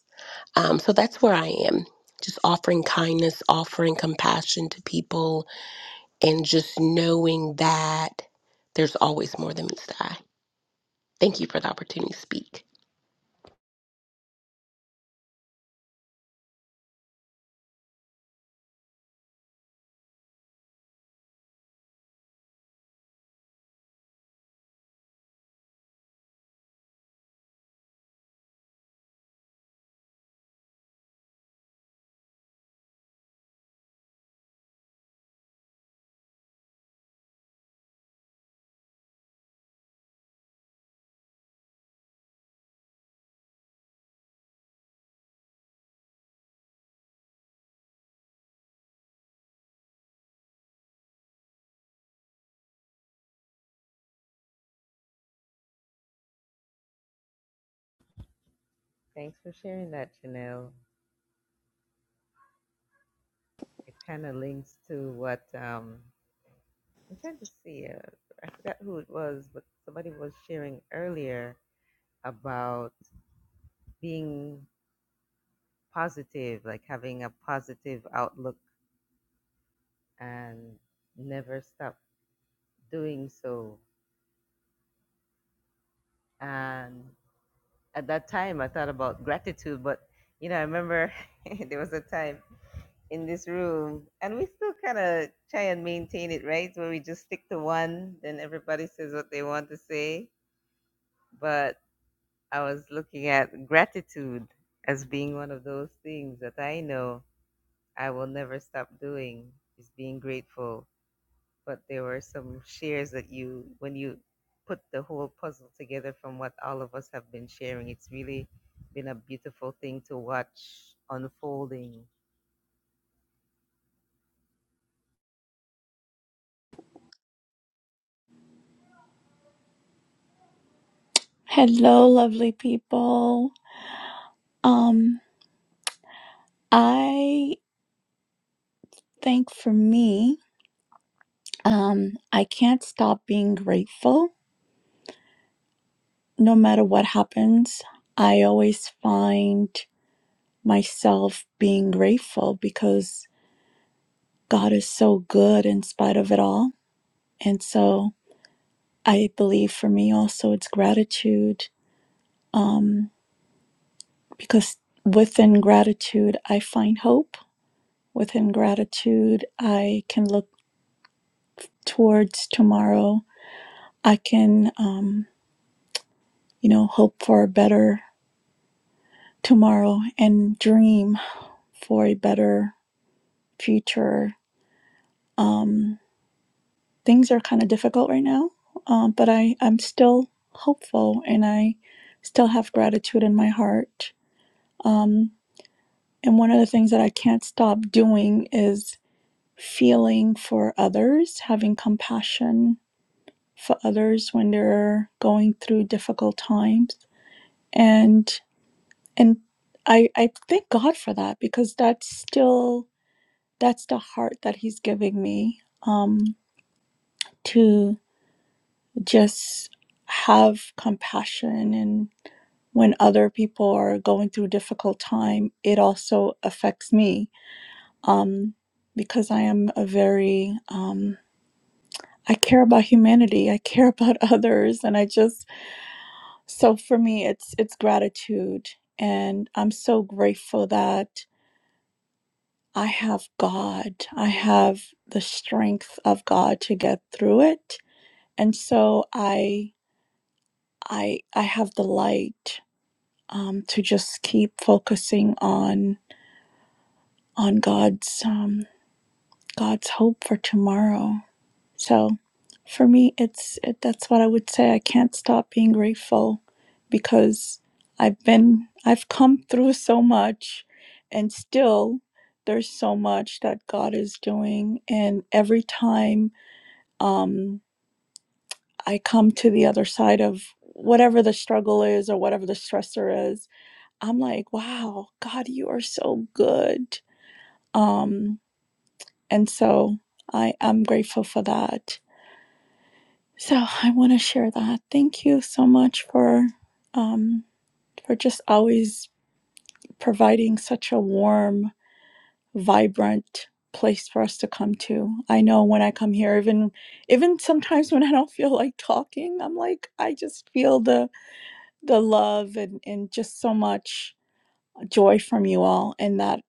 Um, so that's where I am. Just offering kindness, offering compassion to people, and just knowing that there's always more than meets the eye. Thank you for the opportunity to speak. Thanks for sharing that, Janelle. It kind of links to what um, I'm trying to see. Uh, I forgot who it was, but somebody was sharing earlier about being positive, like having a positive outlook and never stop doing so. And at that time I thought about gratitude, but you know, I remember there was a time in this room and we still kind of try and maintain it, right? Where we just stick to one, then everybody says what they want to say. But I was looking at gratitude as being one of those things that I know I will never stop doing is being grateful but there were some shares that you when you put the whole puzzle together from what all of us have been sharing it's really been a beautiful thing to watch unfolding Hello, lovely people. Um, I think for me, um, I can't stop being grateful no matter what happens. I always find myself being grateful because God is so good in spite of it all. And so I believe for me also it's gratitude um, because within gratitude, I find hope. Within gratitude, I can look towards tomorrow, I can, um, you know, hope for a better tomorrow and dream for a better future. Um, things are kind of difficult right now, um, but I, I'm still hopeful and I still have gratitude in my heart. Um, and one of the things that I can't stop doing is feeling for others, having compassion for others when they're going through difficult times. And And I I thank God for that because that's still that's the heart that he's giving me um to just have compassion and when other people are going through difficult time it also affects me um because I am a very um I care about humanity I care about others and I just so for me it's it's gratitude and I'm so grateful that I have God. I have the strength of God to get through it. And so I I I have the light um, to just keep focusing on on God's um, God's hope for tomorrow. So for me it's it, that's what I would say. I can't stop being grateful because I've been I've come through so much and still there's so much that God is doing and every time um, I come to the other side of whatever the struggle is or whatever the stressor is, I'm like, wow, God, you are so good. Um, and so I am grateful for that. So I want to share that. Thank you so much for um, for just always providing such a warm, vibrant place for us to come to. I know when I come here, even even sometimes when I don't feel like talking, I'm like, I just feel the the love and, and just so much joy from you all and that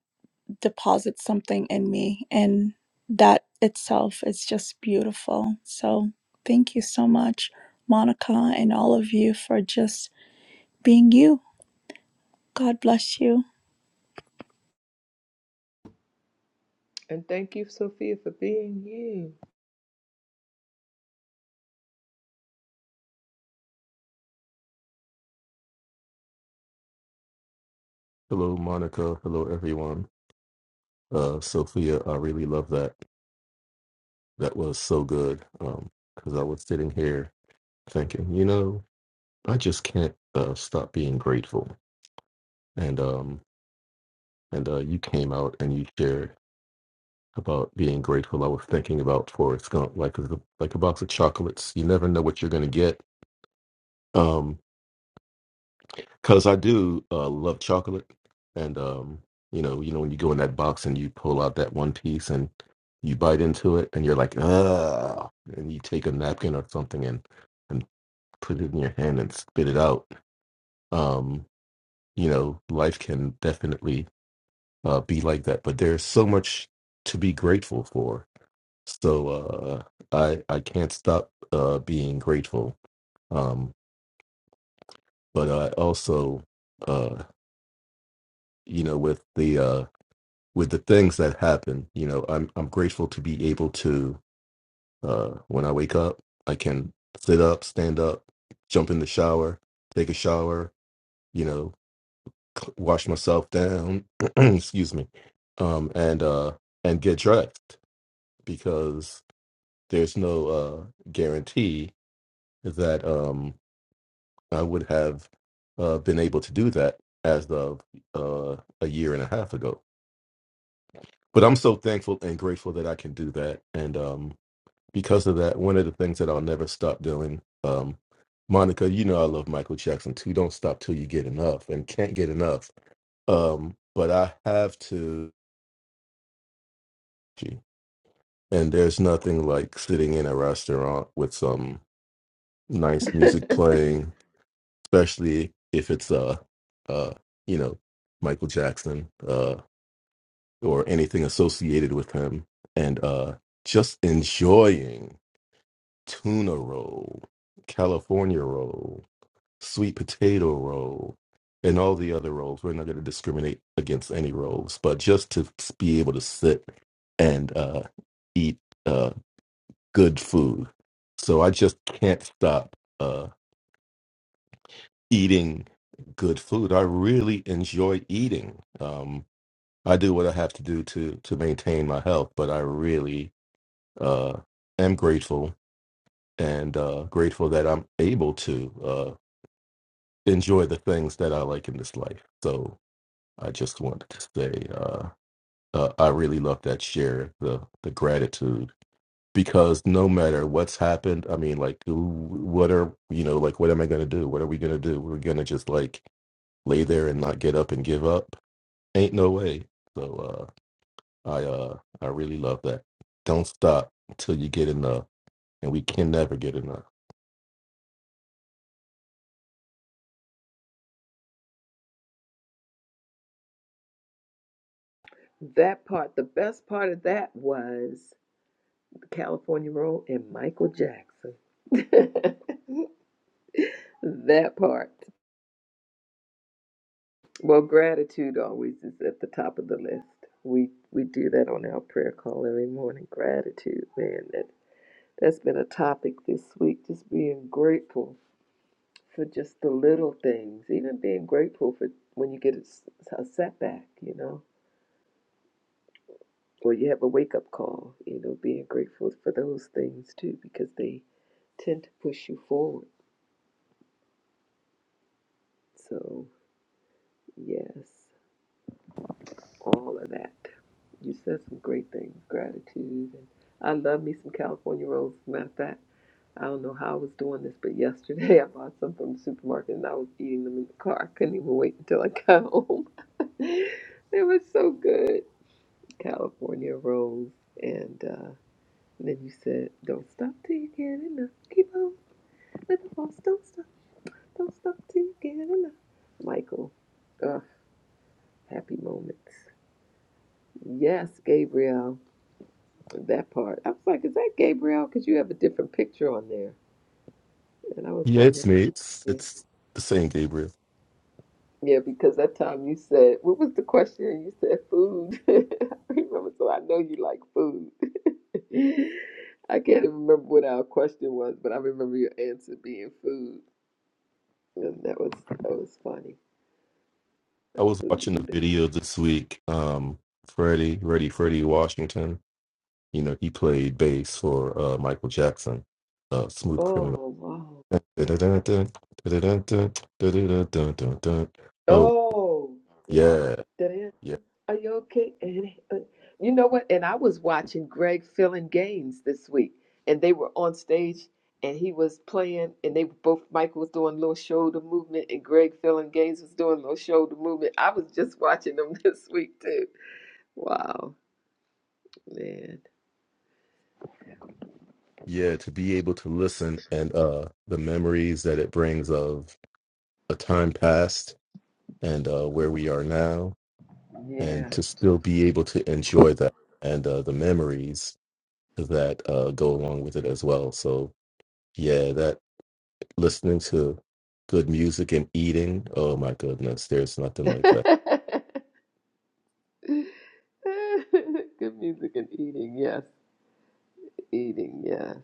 deposits something in me and that itself is just beautiful so thank you so much monica and all of you for just being you god bless you And thank you, Sophia, for being you. Hello, Monica. Hello, everyone. Uh, Sophia, I really love that. That was so good. Um, because I was sitting here thinking, you know, I just can't uh, stop being grateful. And um, and uh, you came out and you shared about being grateful. I was thinking about Forrest Gump, like a, like a box of chocolates. You never know what you're gonna get. Um, because I do uh, love chocolate, and um, you know, you know, when you go in that box and you pull out that one piece and you bite into it, and you're like, ah, and you take a napkin or something and and put it in your hand and spit it out. Um, you know, life can definitely uh, be like that, but there's so much to be grateful for. So uh, I I can't stop uh, being grateful, um, but I also uh, you know with the uh, with the things that happen you know i'm i'm grateful to be able to uh when i wake up i can sit up stand up jump in the shower take a shower you know c- wash myself down excuse me um and uh and get dressed because there's no uh guarantee that um i would have uh been able to do that as of uh a year and a half ago but i'm so thankful and grateful that i can do that and um because of that, one of the things that I'll never stop doing, um, Monica, you know I love Michael Jackson too. Don't stop till you get enough and can't get enough. Um, but I have to, and there's nothing like sitting in a restaurant with some nice music playing, especially if it's uh, uh, you know, Michael Jackson uh, or anything associated with him, and uh, just enjoying tuna roll, California roll. sweet potato roll, and all the other roles. We're not going to discriminate against any roles, but just to be able to sit and uh, eat uh, good food. So I just can't stop uh, eating good food. I really enjoy eating. Um, I do what I have to do to to maintain my health, but I really uh, am grateful and uh, grateful that I'm able to uh, enjoy the things that I like in this life. So I just wanted to say uh, uh, I really love that share the the gratitude because no matter what's happened, I mean, like, w- what are you know, like, what am I gonna do? What are we gonna do? We're gonna just like lay there and not get up and give up? Ain't no way. So uh, I uh, I really love that. Don't stop until you get enough, and we can never get enough. That part, the best part of that was the California Roll and Michael Jackson. that part. Well, gratitude always is at the top of the list. We we do that on our prayer call every morning. Gratitude, man. That's been a topic this week, just being grateful for just the little things, even being grateful for when you get a a setback, you know, or you have a wake up call, you know, being grateful for those things too, because they tend to push you forward. So, yes. all of that. You said some great things, gratitude, and I love me some California rolls. As a matter of fact, I don't know how I was doing this, but yesterday I bought some from the supermarket and I was eating them in the car. I couldn't even wait until I got home. they were so good, California rolls, and uh, then you said, "Don't stop till you get enough. Keep on living, boss. Don't stop. Don't stop till you get enough." Michael, ugh, happy moments. Yes, Gabriel. That part. I was like, is that Gabriel? Because you have a different picture on there. And I was Yeah, it's wondering. me. It's Yeah, it's the same, Gabriel. Yeah, because that time you said, what was the question? You said food. I remember, so I know you like food. I can't even remember what our question was, but I remember your answer being food. And that was that was funny. I was watching a Food. video this week, um, Freddie, Freddie, Freddie Washington You know, he played bass for uh, Michael Jackson, uh, Smooth Criminal. Oh wow. Oh, Oh. yeah, yeah, dancing. Are you okay? And uh, you know what? And I was watching Greg Filling Gaines this week, and they were on stage, and he was playing, and they were both Michael was doing little shoulder movement, and Greg Filling Gaines was doing little shoulder movement. I was just watching them this week too. Wow, man. yeah. To be able to listen and uh, the memories that it brings of a time past and uh, where we are now, and Yeah. to still be able to enjoy that and uh, the memories that uh, go along with it as well. So, yeah, that listening to good music and eating. Oh my goodness, there's nothing like that. Good music and eating. Yes, eating. Yes,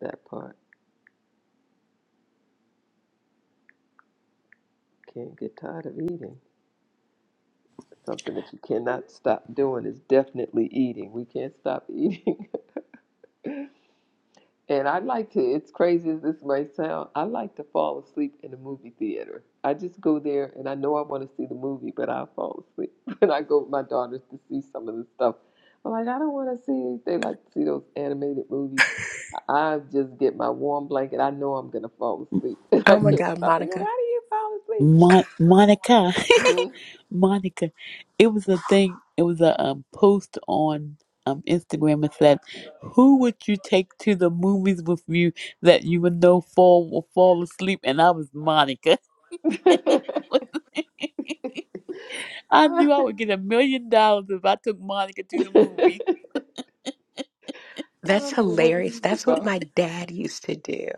that part. Can't get tired of eating. Something that you cannot stop doing is definitely eating. We can't stop eating. and I like to, it's crazy as this might sound, I like to fall asleep in the movie theater. I just go there and I know I want to see the movie, but I fall asleep. When I go with my daughters to see some of the stuff, I'm like, I don't want to see, they like to see those animated movies. I just get my warm blanket. I know I'm going to fall asleep. I Oh my M- can't God, stop thinking, Monica. why do you Mon- Monica. fall Monica, it was a thing. It was a um, post on um, Instagram. It said, "Who would you take to the movies with you that you would know fall will fall asleep?" And I was Monica. asleep? Mhm. I Ah. knew I would get a million dollars if I took Monica to the movie. I That's don't know what it hilarious. is That's what about. my dad used to do.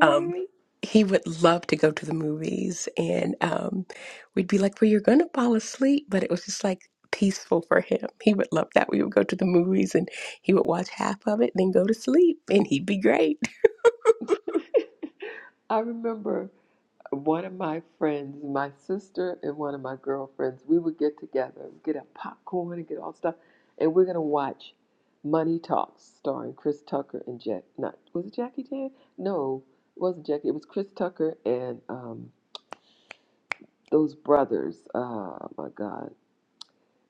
um, he would love to go to the movies, and um, we'd be like, "Well, you're gonna fall asleep," but it was just like peaceful for him. He would love that. We would go to the movies, and he would watch half of it, then go to sleep, and he'd be great. I remember one of my friends, my sister, and one of my girlfriends, we would get together, get a popcorn and get all stuff, and we're gonna watch Money Talks, starring Chris Tucker and Jack. Not was it Jackie Chan? No, it wasn't Jackie. It was Chris Tucker and um, those brothers. Oh my God!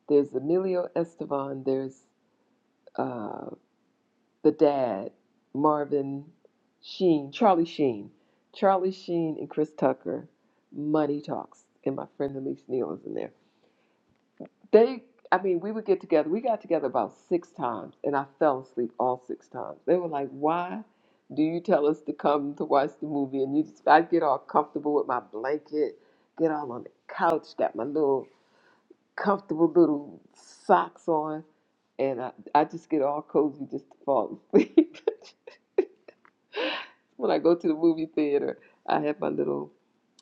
There's Emilio Estevon. There's uh the dad, Marvin Sheen, Charlie Sheen, Charlie Sheen and Chris Tucker, Money Talks, and my friend Elise Neal is in there. They, I mean, we would get together. We got together about six times, and I fell asleep all six times. They were like, "Why do you tell us to come to watch the movie?" And you just, I'd get all comfortable with my blanket, get all on the couch, got my little comfortable little socks on, and I, I just get all cozy just to fall asleep. When I go to the movie theater, I have my little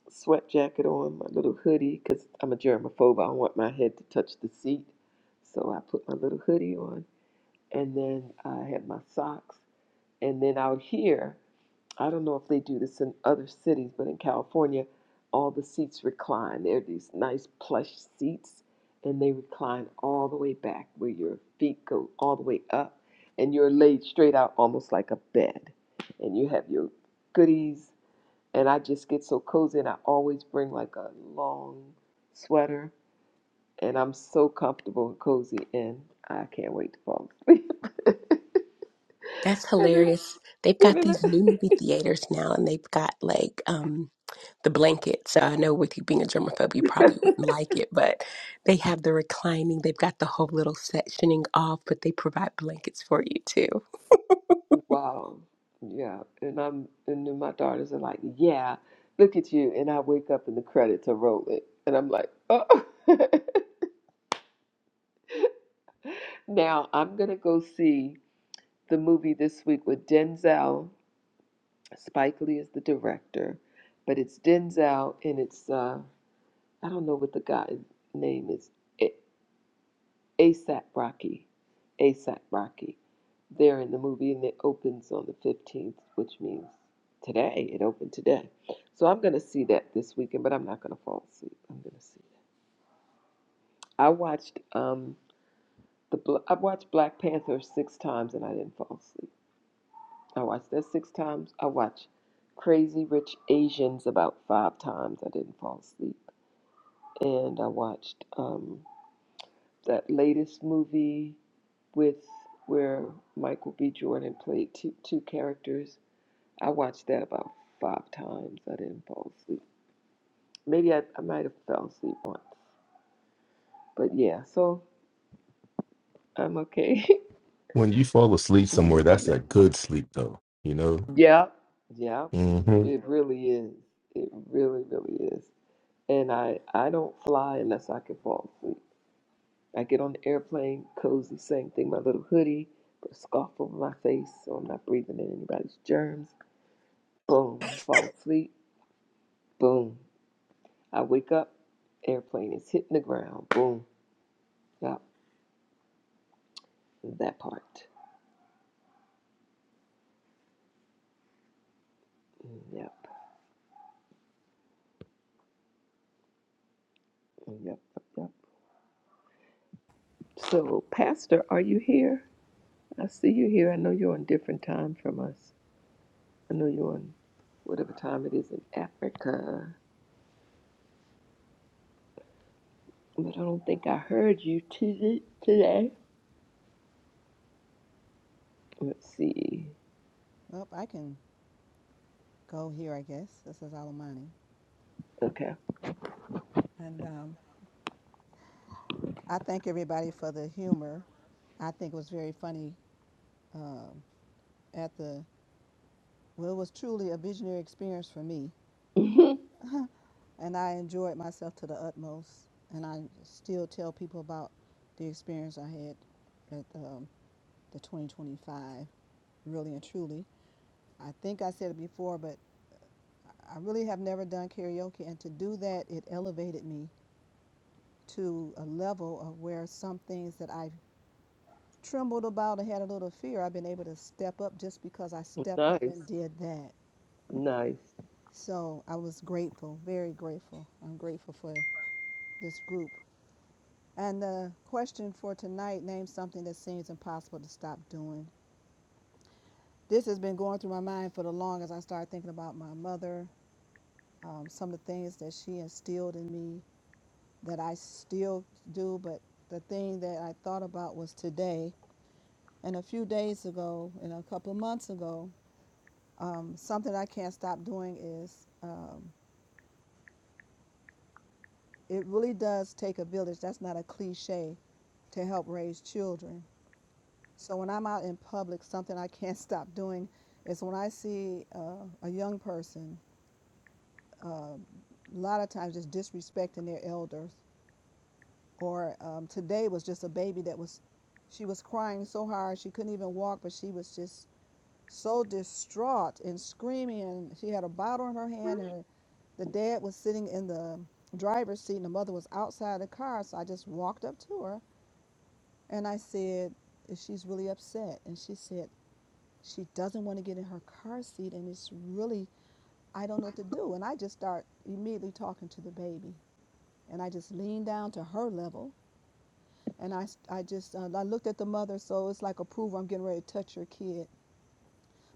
sweat jacket on, my little hoodie, because I'm a germaphobe. I don't want my head to touch the seat. So I put my little hoodie on, and then I have my socks. And then out here, I don't know if they do this in other cities, but in California, all the seats recline. They're these nice plush seats, and they recline all the way back where your feet go all the way up, and you're laid straight out almost like a bed. And you have your goodies and I just get so cozy and I always bring like a long sweater and I'm so comfortable and cozy and I can't wait to fall asleep. That's and then hilarious. They've got giving these new it movie theaters now, and they've got like um, the blanket. So I know with you being a germaphobe, you probably wouldn't like it, but they have the reclining. They've got the whole little sectioning off, but they provide blankets for you too. Wow. Yeah. And I'm and then my daughters are like, Yeah, look at you and I wake up and the credits are rolling and I'm like, Oh Now I'm gonna go see the movie this week with Denzel. Spike Lee is the director, but it's Denzel and it's uh I don't know what the guy's name is. A- ASAP Rocky. ASAP Rocky. They're in the movie and it opens on the 15th, which means today. It opened today. So I'm going to see that this weekend, but I'm not going to fall asleep. I'm going to see it. I watched um the Bl- I watched Black Panther 6 times and I didn't fall asleep. I watched that 6 times. I watched Crazy Rich Asians about 5 times. I didn't fall asleep. And I watched um that latest movie with where Michael B. Jordan played two, two characters. I watched that about five times. I didn't fall asleep. Maybe I, I might have fell asleep once. But yeah, so I'm okay. When you fall asleep somewhere, that's Mm, that good sleep though, you know? yeah, yeah, hmm it really is. It really, really is. And I, I don't fly unless I can fall asleep. I get on the airplane, cozy, same thing, my little hoodie, put a scarf over my face so I'm not breathing in anybody's germs. Boom, fall asleep. Boom I wake up, airplane is hitting the ground. Boom. Yep. That part. Yep. Yep. Yep. Yep. So, Pastor, are you here? I see you here. I know you're on different time from us. I know you're on whatever time it is in Africa, but I don't think I heard you to- today. Let's see. Well, I can go here, I guess. This is Alamani, Okay. and um, I thank everybody for the humor. I think it was very funny um, at the. Well, it was truly a visionary experience for me and I enjoyed myself to the utmost. And I still tell people about the experience I had at um, the 2025, really and truly. I think I said it before, but I really have never done karaoke, and to do that, it elevated me to a level of where some things that I trembled about and had a little fear, I've been able to step up just because I stepped up nice. and did that. Nice. So I was grateful, very grateful. I'm grateful for this group And the question for tonight name something that seems impossible to stop doing. This has been going through my mind for the longest. I started thinking about my mother, um, some of the things that she instilled in me that I still do. But the thing that I thought about was today and a few days ago and a couple of months ago. Um, something I can't stop doing is um, it really does take a village. That's not a cliche to help raise children So when I'm out in public, something I can't stop doing is when I see uh, a young person, uh, a lot of times just disrespecting their elders. Or um, today was just a baby that was, she was crying so hard she couldn't even walk, but she was just so distraught and screaming. And she had a bottle in her hand. And her, the dad was sitting in the driver's seat, and the mother was outside the car. So I just walked up to her and I said, "She's really upset." And she said, She doesn't want to get in her car seat, and it's really, I don't know what to do. And I just start immediately talking to the baby, and I just lean down to her level, and I—I just, uh, I looked at the mother, so it's like approval. I'm getting ready to touch her kid,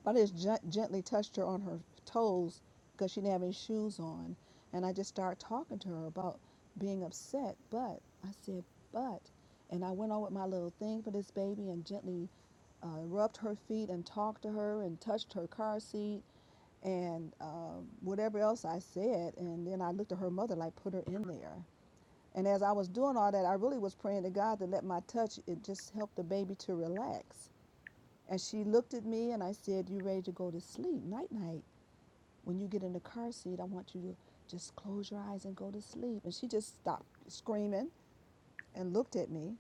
but I just gen- gently touched her on her toes because she didn't have any shoes on, and I just started talking to her about being upset. But I said, but and I went on with my little thing for this baby and gently uh, rubbed her feet and talked to her and touched her car seat and um, whatever else I said. And then I looked at her mother, like, put her in there. And as I was doing all that, I really was praying to God to let my touch, it just helped the baby to relax. And she looked at me and I said, You ready to go to sleep? Night, night. When you get in the car seat, I want you to just close your eyes and go to sleep. And she just stopped screaming and looked at me.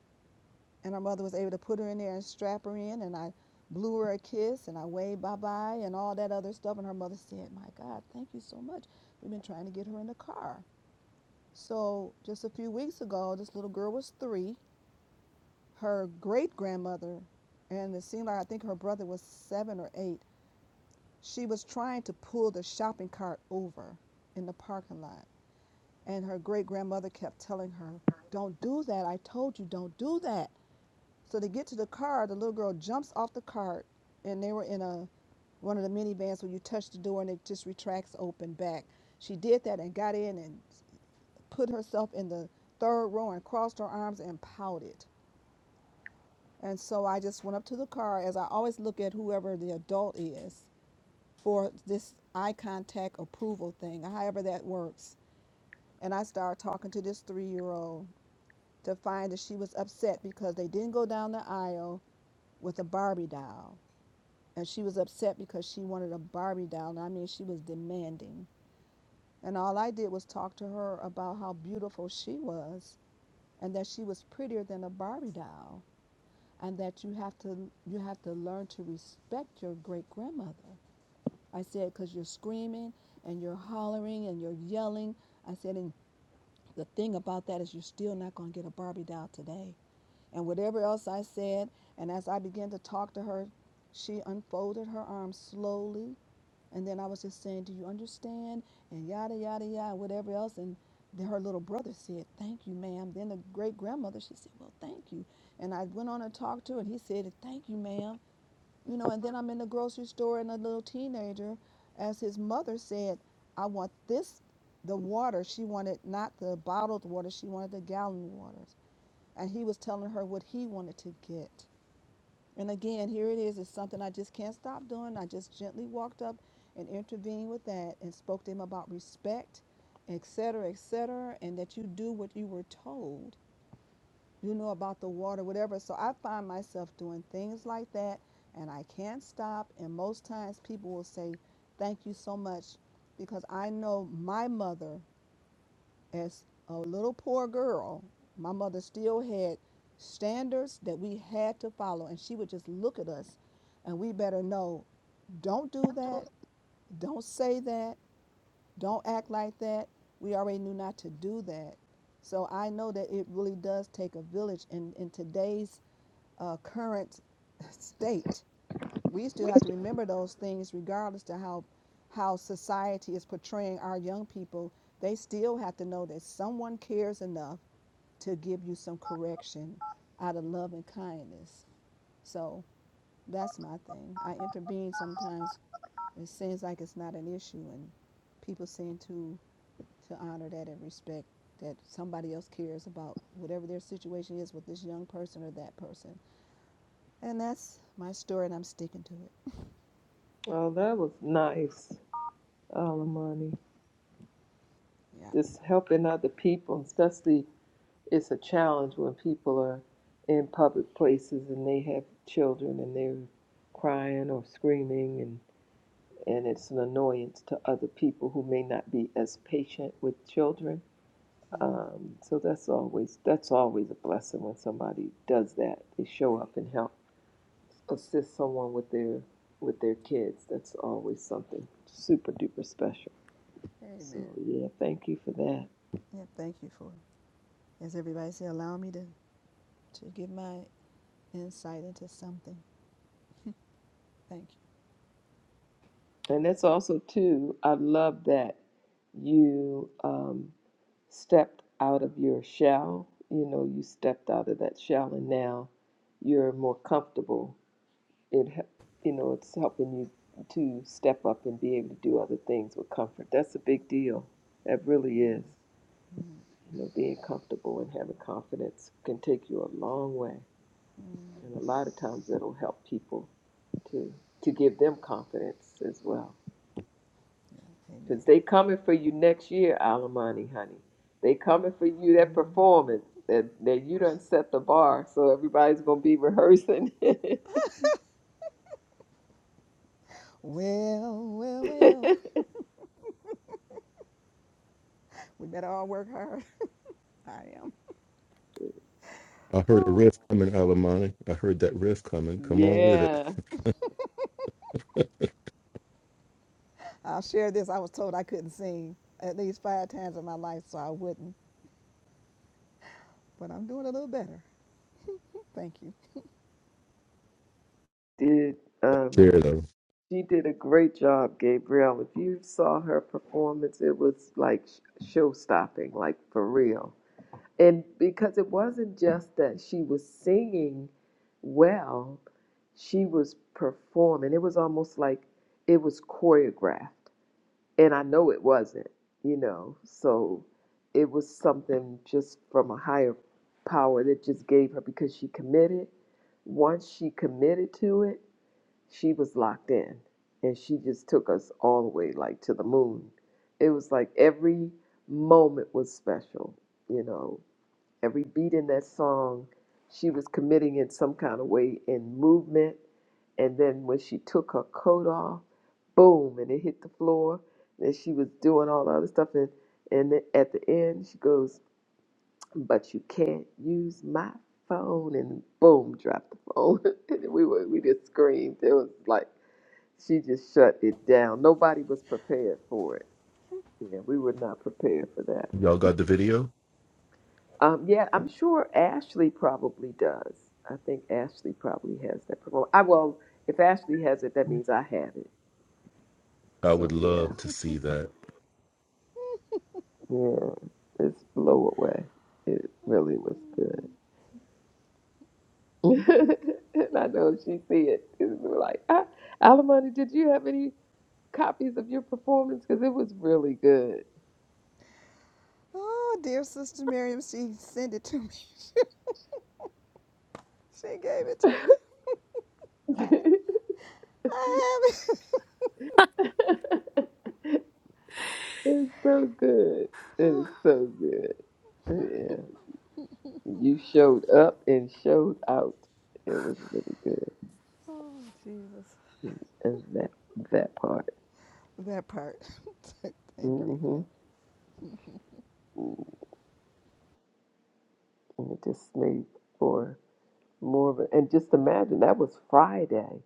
And her mother was able to put her in there and strap her in. And I blew her a kiss and I waved bye bye and all that other stuff. And her mother said, My God, thank you so much. We've been trying to get her in the car. So just a few weeks ago, this little girl was three. Her great grandmother, and it seemed like I think her brother was seven or eight, she was trying to pull the shopping cart over in the parking lot. And her great grandmother kept telling her, Don't do that. I told you, don't do that. So to get to the car, the little girl jumps off the cart, and they were in a one of the minivans where you touch the door and it just retracts open back. She did that and got in and put herself in the third row and crossed her arms and pouted. And so I just went up to the car, as I always look at whoever the adult is for this eye contact approval thing, however that works. And I started talking to this three year old to find that she was upset because they didn't go down the aisle with a Barbie doll. and she was upset because she wanted a Barbie doll. I mean, she was demanding. And all I did was talk to her about how beautiful she was and that she was prettier than a Barbie doll and that you have to you have to learn to respect your great grandmother. I said cuz you're screaming and you're hollering and you're yelling. I said and the thing about that is you're still not going to get a Barbie doll today. And whatever else I said, and as I began to talk to her, she unfolded her arms slowly And then I was just saying, Do you understand? And yada, yada, yada, whatever else. And then her little brother said, Thank you, ma'am. Then the great grandmother, she said, Well, thank you. And I went on and talked to her, and he said, Thank you, ma'am. You know, and then I'm in the grocery store, and a little teenager, as his mother said, I want this, the water. She wanted not the bottled water, she wanted the gallon waters. And he was telling her what he wanted to get. And again, here it is. It's something I just can't stop doing. I just gently walked up and intervened with that and spoke to him about respect, et cetera, et cetera, and that you do what you were told. You know about the water, whatever. So I find myself doing things like that and I can't stop. And most times people will say, Thank you so much because I know my mother as a little poor girl, my mother still had standards that we had to follow, and she would just look at us, and we better know don't do that, don't say that, don't act like that. We already knew not to do that. So I know that it really does take a village in, in today's uh, current state. We still have to remember those things regardless to how how society is portraying our young people. They still have to know that someone cares enough to give you some correction out of love and kindness. So that's my thing. I intervene sometimes. It seems like it's not an issue, and people seem to to honor that and respect that somebody else cares about whatever their situation is with this young person or that person. And that's my story, and I'm sticking to it. Oh, that was nice. Alamani. Yeah. Just helping other people, especially it's a challenge when people are in public places and they have children and they're crying or screaming and and it's an annoyance to other people who may not be as patient with children. Um, so that's always that's always a blessing when somebody does that. They show up and help assist someone with their with their kids. That's always something super duper special. So Amen. yeah, thank you for that. Yeah. Thank you for, it. as everybody said, allow me to to give my insight into something. Thank And that's also too. I love that you um, stepped out of your shell. You know, you stepped out of that shell, and now you're more comfortable. It, he- you know, it's helping you to step up and be able to do other things with comfort. That's a big deal. That really is. You know, being comfortable and having confidence can take you a long way, and a lot of times it'll help people to to give them confidence as well. you. Because they coming for you next year, Alimony, honey. They coming for you, that Amen. performance that, that you done set the bar. So everybody's going to be rehearsing. Well, well, well. We better all work hard. I am. I heard a Oh. riff coming, Alamani. I heard that riff coming. Come on with it. yeah. I'll share this. I was told I couldn't sing at least five times in my life, so I wouldn't. But I'm doing a little better. Thank you. Did um Share though. she did a great job, Gabrielle. If you saw her performance, it was like show stopping, like for real. And because it wasn't just that she was singing well, she was performing. It was almost like it was choreographed and I know it wasn't, you know. So it was something just from a higher power that just gave her because she committed. Once she committed to it, she was locked in and she just took us all the way like to the moon. It was like every moment was special, you know. Every beat in that song, she was committing in some kind of way in movement and then when she took her coat off, boom, and it hit the floor. And she was doing all the other stuff. And, and then at the end, she goes, But you can't use my phone. And boom, dropped the phone. and we were, we just screamed. It was like she just shut it down. Nobody was prepared for it. Yeah, we were not prepared for that. Y'all got the video? Um, yeah, I'm sure Ashley probably does. I think Ashley probably has that problem. I well, if Ashley has it, that means I have it. I So would yeah. love to see that. Yeah, it's blow away. It really was good. and I know if she see it, it's gonna be like, ah, Alimony, did you have any copies of your performance? Because it was really good. Oh, dear Sister Miriam, she sent it to me. she gave it to me. I, it's I have it. so good. It's so good. Yeah, you showed up and showed out. It was really good. Oh, Jesus. And that that part. That part. Thank you. Mm hmm And it just made for more of a, and just imagine that was Friday.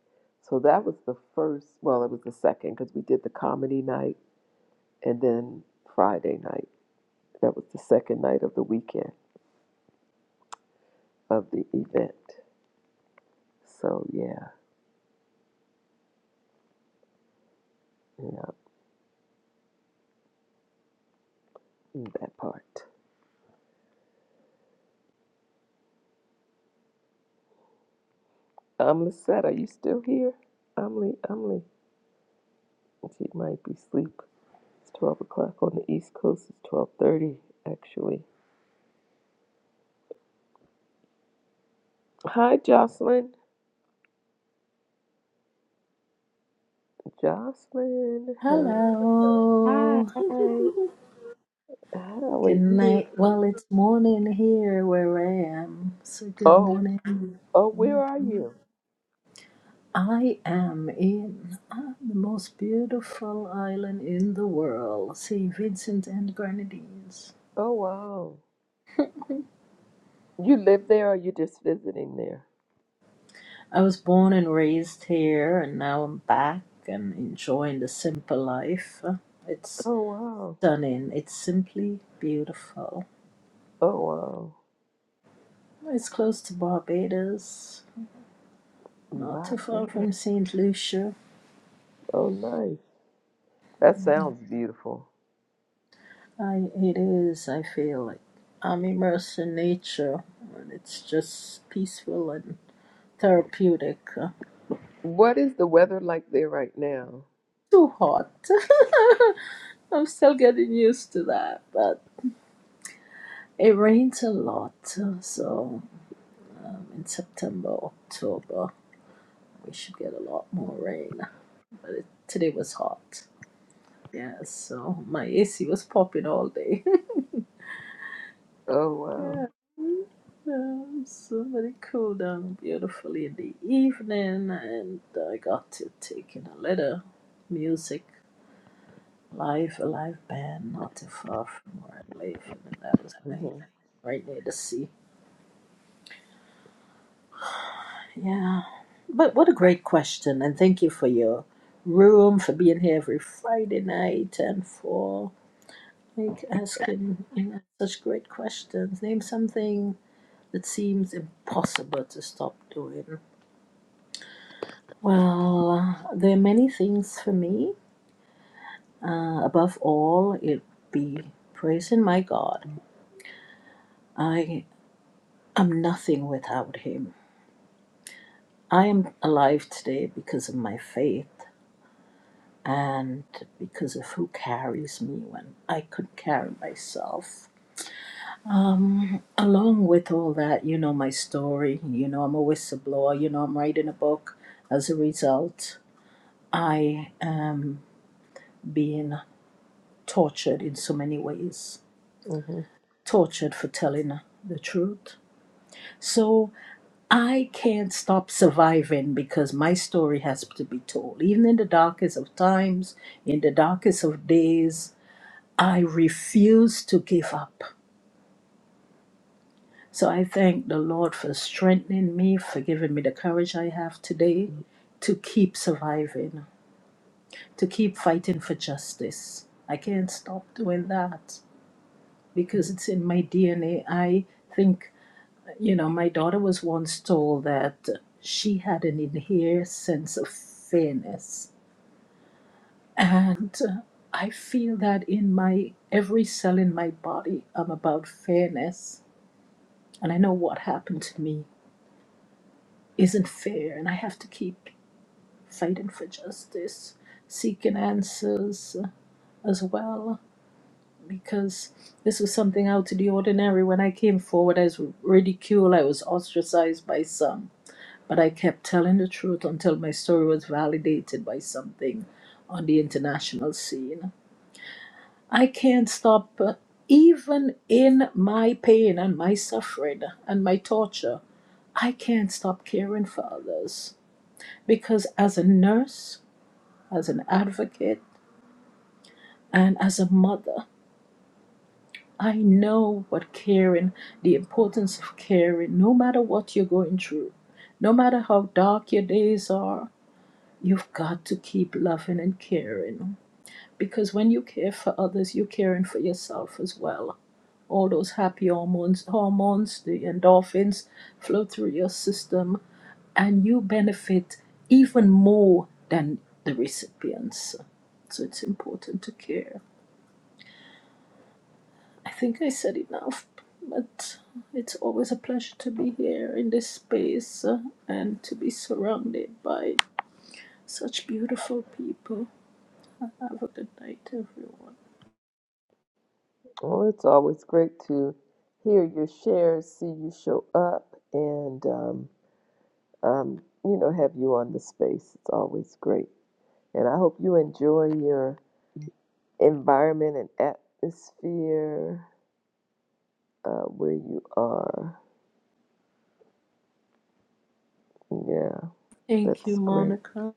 So that was the first, well, it was the second because we did the comedy night and then Friday night. That was the second night of the weekend of the event. So yeah, yeah, mm, that part. Um, Lisette, are you still here? Umly, Umly. She might be asleep. It's 12 o'clock on the East Coast. It's 12.30, actually. Hi, Jocelyn. Jocelyn. Hey. Hi. Hello. How are Good you? night. Well, it's morning here where I am. So good Oh, morning. oh, where are Mhm. you? I am in uh, the most beautiful island in the world, St. Vincent and Grenadines. Oh, wow. You live there or you just visiting there? I was born and raised here, and now I'm back and enjoying the simple life. It's Oh, wow. stunning. It's simply beautiful. Oh, wow. It's close to Barbados. Not Wow. too far yeah. from St. Lucia. Oh, nice. That sounds beautiful. I, it is, I feel like I'm immersed in nature and it's just peaceful and therapeutic. Uh, What is the weather like there right now? Too hot. I'm still getting used to that, but it rains a lot. uh, So um, in September, October, we should get a lot more rain. But it, today was hot. Yeah, so my AC was popping all day. Oh, wow. Um, so very cool down beautifully in the evening, and I got to take in a little music live, a live band not too far from where I live, and that was nice, hmm right near the sea. Yeah, but what a great question, and thank you for your room for being here every Friday night and for like asking you know, such great questions. Name something that seems impossible to stop doing Well, uh, there are many things for me. Uh, above all, it be praising my God. I am nothing without Him. I am alive today because of my faith and because of who carries me when I couldn't carry myself. Along with all that, you know my story. You know, I'm a whistleblower. You know, I'm writing a book. As a result, I am being tortured in so many ways hmm tortured for telling the truth. So I can't stop surviving because my story has to be told. Even in the darkest of times, in the darkest of days, I refuse to give up. So I thank the Lord for strengthening me, for giving me the courage I have today to keep surviving, to keep fighting for justice. I can't stop doing that because it's in my DNA. I think. You know, my daughter was once told that she had an inherent sense of fairness. And uh, I feel that in my every cell in my body, I'm about fairness. And I know what happened to me isn't fair. And I have to keep fighting for justice, seeking answers uh, as well. Because this was something out of the ordinary. When I came forward, I was ridiculed, I was ostracized by some. But I kept telling the truth until my story was validated by something on the international scene. I can't stop, uh, even in my pain and my suffering and my torture, I can't stop caring for others. Because as a nurse, as an advocate, and as a mother, I know what caring, the importance of caring, no matter what you're going through, no matter how dark your days are, You've got to keep loving and caring because when you care for others, you're caring for yourself as well. All those happy hormones, hormones, the endorphins flow through your system, and you benefit even more than the recipients. So it's important to care. I think I said enough, but it's always a pleasure to be here in this space uh, and to be surrounded by such beautiful people. Have a good night, everyone. Well, it's always great to hear your shares, see you show up, and, um, um, you know, have you on the space. It's always great. And I hope you enjoy your environment and atmosphere uh, where you are. Yeah, Thank you, that's great. Monica.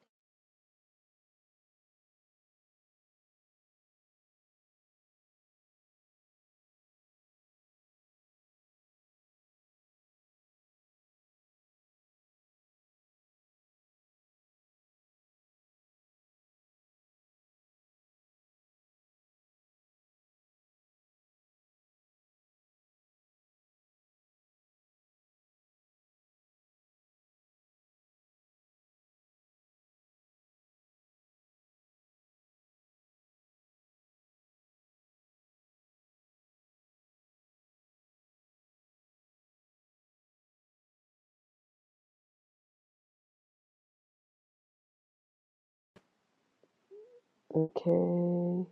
Okay.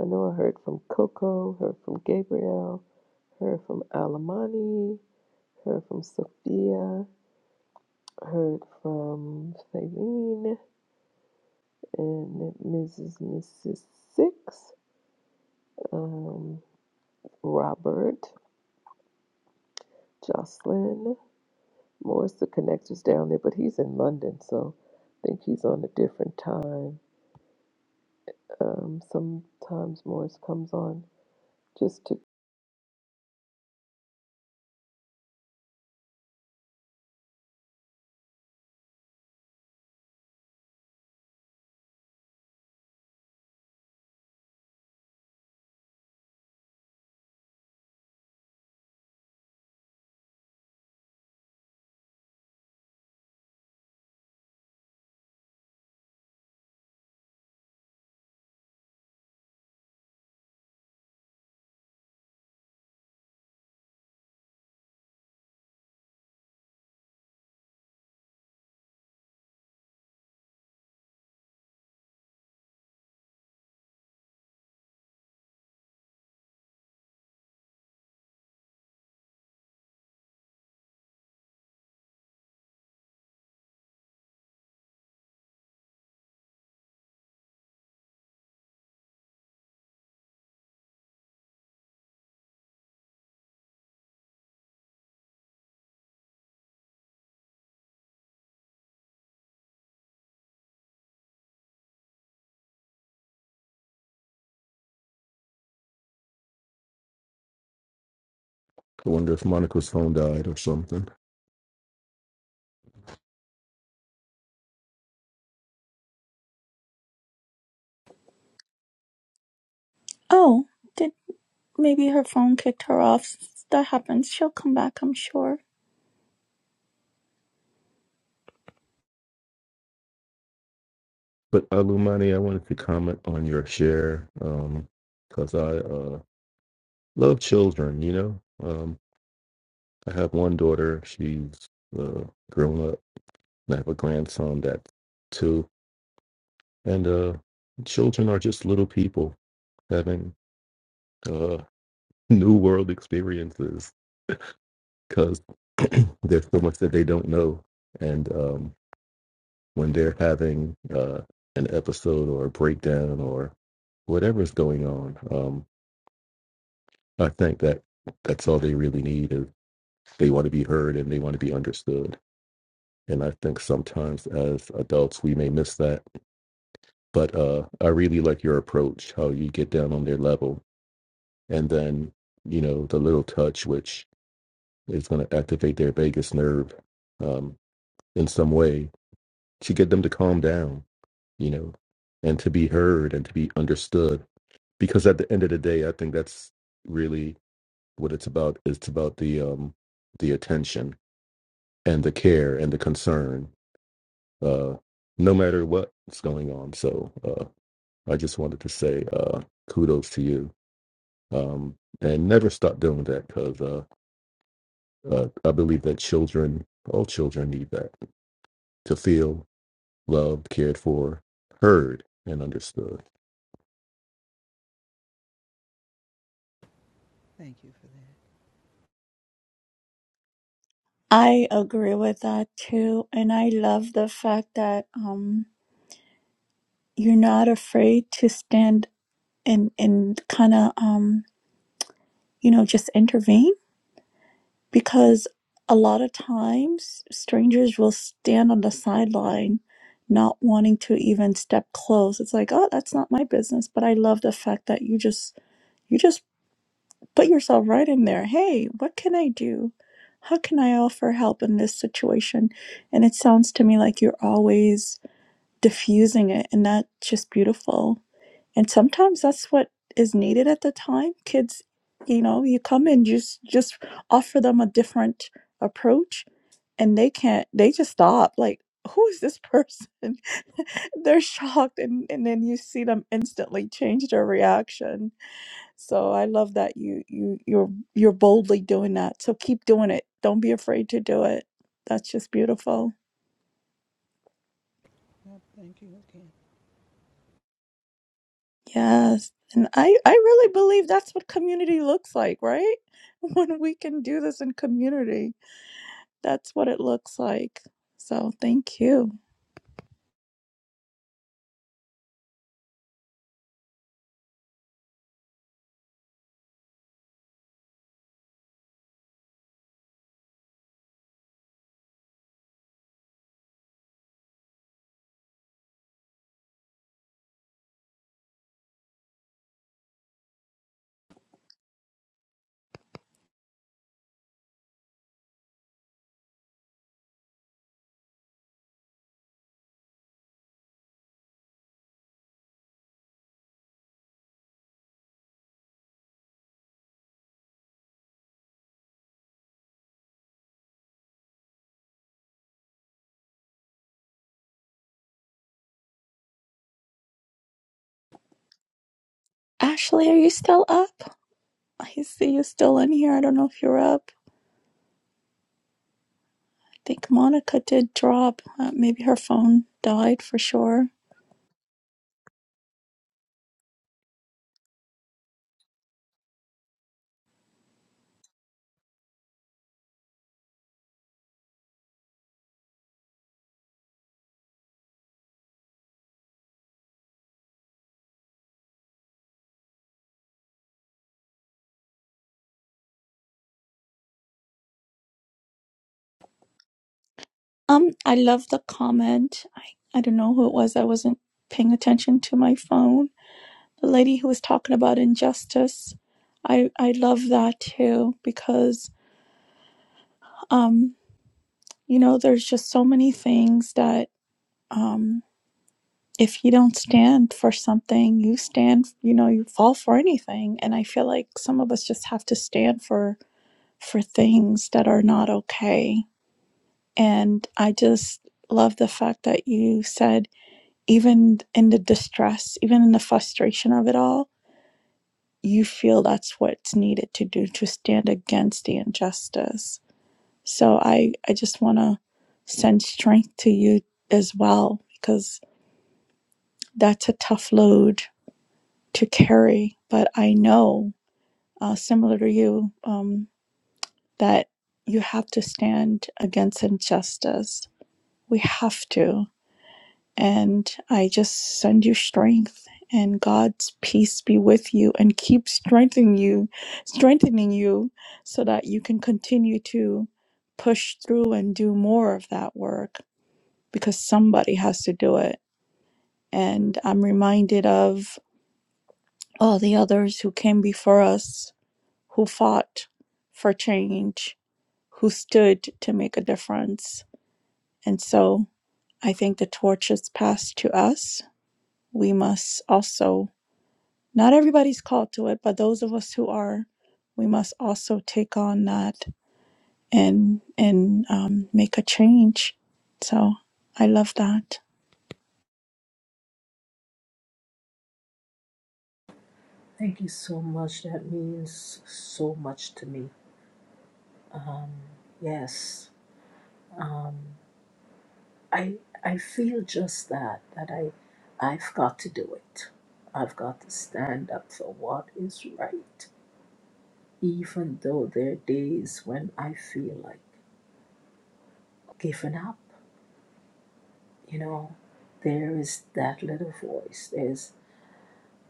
I know I heard from Coco, heard from Gabriel, heard from Alamani, heard from Sophia, heard from Faylene and Mrs. Mrs. Six, um, Robert, Jocelyn. Morris the connector's down there, but he's in London, so I think he's on a different time. um, sometimes Morris comes on just to I wonder if Monica's phone died or something. oh did maybe her phone kicked her off that happens she'll come back i'm sure But Alumani, I wanted to comment on your share because I uh, love children, you know? Um, I have one daughter. She's uh, grown up I have a grandson that's two, and uh, children are just little people having uh, new world experiences because there's so much that they don't know. And um, when they're having uh, an episode or a breakdown or whatever's going on, um, I think that that's all they really need is they want to be heard and they want to be understood. And I think sometimes as adults we may miss that but uh i really like your approach how you get down on their level and then you know the little touch which is going to activate their vagus nerve um in some way to get them to calm down you know and to be heard and to be understood because at the end of the day i think that's really what it's about it's about the um the attention and the care and the concern uh no matter what's going on so uh i just wanted to say uh kudos to you um, and never stop doing that because uh, uh, I believe that children, all children, need that to feel loved, cared for, heard, and understood. Thank you for that. i agree with that too and i love the fact that um you're not afraid to stand and and kind of um you know just intervene because a lot of times strangers will stand on the sideline not wanting to even step close it's like oh that's not my business but i love the fact that you just you just put yourself right in there hey what can i do how can i offer help in this situation and it sounds to me like you're always diffusing it and that's just beautiful and sometimes that's what is needed at the time kids you know you come and just just offer them a different approach and they can't they just stop like who is this person they're shocked and, and then you see them instantly change their reaction so i love that you you you're you're boldly doing that so keep doing it don't be afraid to do it that's just beautiful thank you again. Yes. And I, I really believe that's what community looks like, right? When we can do this in community, that's what it looks like. So thank you. Ashley, are you still up? I see you still in here. I don't know if you're up. I think Monica did drop. Uh, maybe her phone died for sure. Um, I love the comment. I, I don't know who it was. I wasn't paying attention to my phone. The lady who was talking about injustice. I, I love that too because um you know there's just so many things that um if you don't stand for something you stand you know you fall for anything and i feel like some of us just have to stand for for things that are not okay and i just love the fact that you said even in the distress even in the frustration of it all you feel that's what's needed to do to stand against the injustice So I, I just want to send strength to you as well, because that's a tough load to carry. But I know, uh, similar to you, um, that you have to stand against injustice. We have to. And I just send you strength and God's peace be with you and keep strengthening you, strengthening you so that you can continue to push through and do more of that work because somebody has to do it. And I'm reminded of all the others who came before us, who fought for change, who stood to make a difference. And so I think the torch is passed to us. We must also, not everybody's called to it, but those of us who are, we must also take on that and and um, make a change. So I love that. Thank you so much. That means so much to me. Um, yes. Um, I I feel just that that I I've got to do it. I've got to stand up for what is right, even though there are days when I feel like giving up. You know, there is that little voice.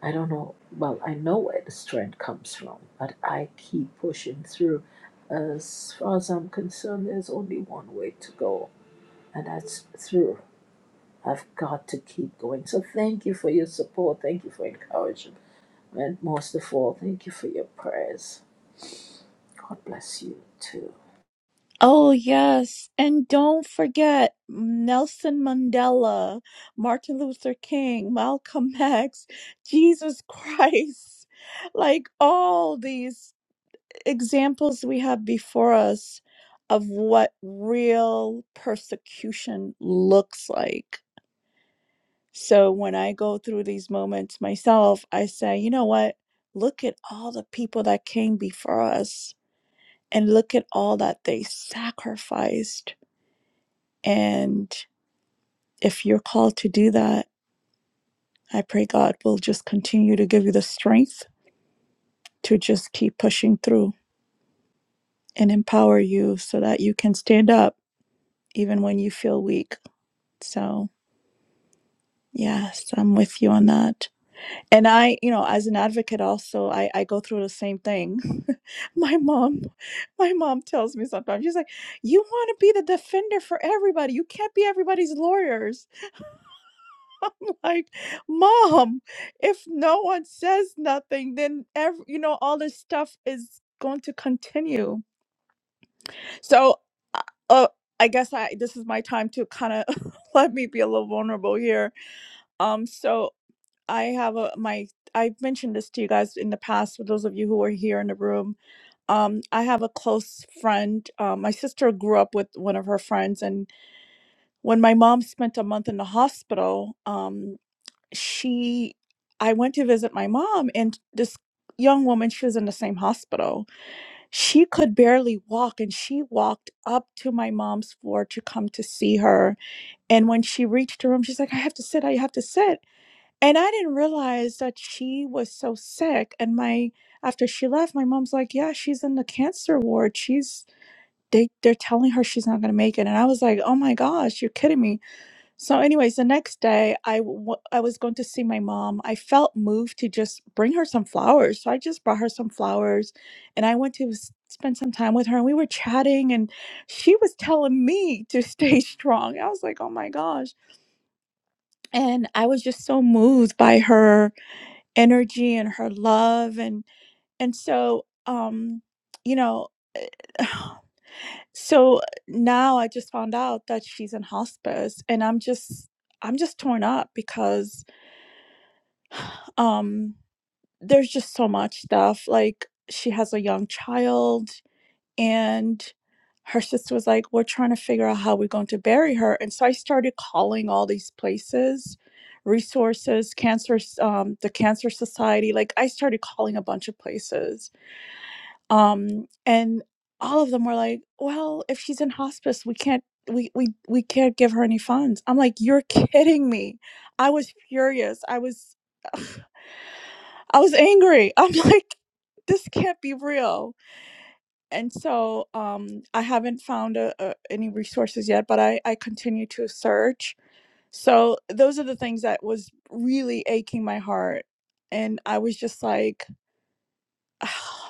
I don't know, well, I know where the strength comes from, but I keep pushing through. As far as I'm concerned, there's only one way to go, and that's through. I've got to keep going. So thank you for your support. Thank you for encouragement. And most of all, thank you for your prayers. God bless you too. Oh, yes. And don't forget Nelson Mandela, Martin Luther King, Malcolm X, Jesus Christ. Like all these examples we have before us of what real persecution looks like. So when I go through these moments myself, I say, you know what? Look at all the people that came before us and look at all that they sacrificed And if you're called to do that, I pray God will just continue to give you the strength to just keep pushing through and empower you so that you can stand up even when you feel weak. So, yes, I'm with you on that. And I, you know, as an advocate also, I, I go through the same thing. my mom, my mom tells me sometimes, she's like, you want to be the defender for everybody. You can't be everybody's lawyer. I'm like, Mom, if no one says nothing, then every, you know, all this stuff is going to continue. So, uh, uh, I guess I this is my time to kind of let me be a little vulnerable here. Um, so I have a my I've mentioned this to you guys in the past. For those of you who were here in the room, um, I have a close friend. Um, my sister grew up with one of her friends, and when my mom spent a month in the hospital, um, she i went to visit my mom and this young woman she was in the same hospital she could barely walk and she walked up to my mom's floor to come to see her and when she reached her room she's like i have to sit i have to sit and i didn't realize that she was so sick and my after she left my mom's like yeah she's in the cancer ward she's they they're telling her she's not going to make it and i was like oh my gosh you're kidding me so, anyways, the next day I w- I was going to see my mom. I felt moved to just bring her some flowers. So I just brought her some flowers and I went to s- spend some time with her and we were chatting and she was telling me to stay strong. I was like, oh my gosh. And I was just so moved by her energy and her love and and so um you know So now I just found out that she's in hospice and I'm just I'm just torn up because um there's just so much stuff like she has a young child and her sister was like we're trying to figure out how we're going to bury her and so I started calling all these places resources cancer s- um the cancer society like I started calling a bunch of places um and all of them were like well if she's in hospice we can't we we we can't give her any funds i'm like you're kidding me i was furious i was i was angry i'm like this can't be real and so um i haven't found a, a, any resources yet but i i continue to search so those are the things that was really aching my heart and i was just like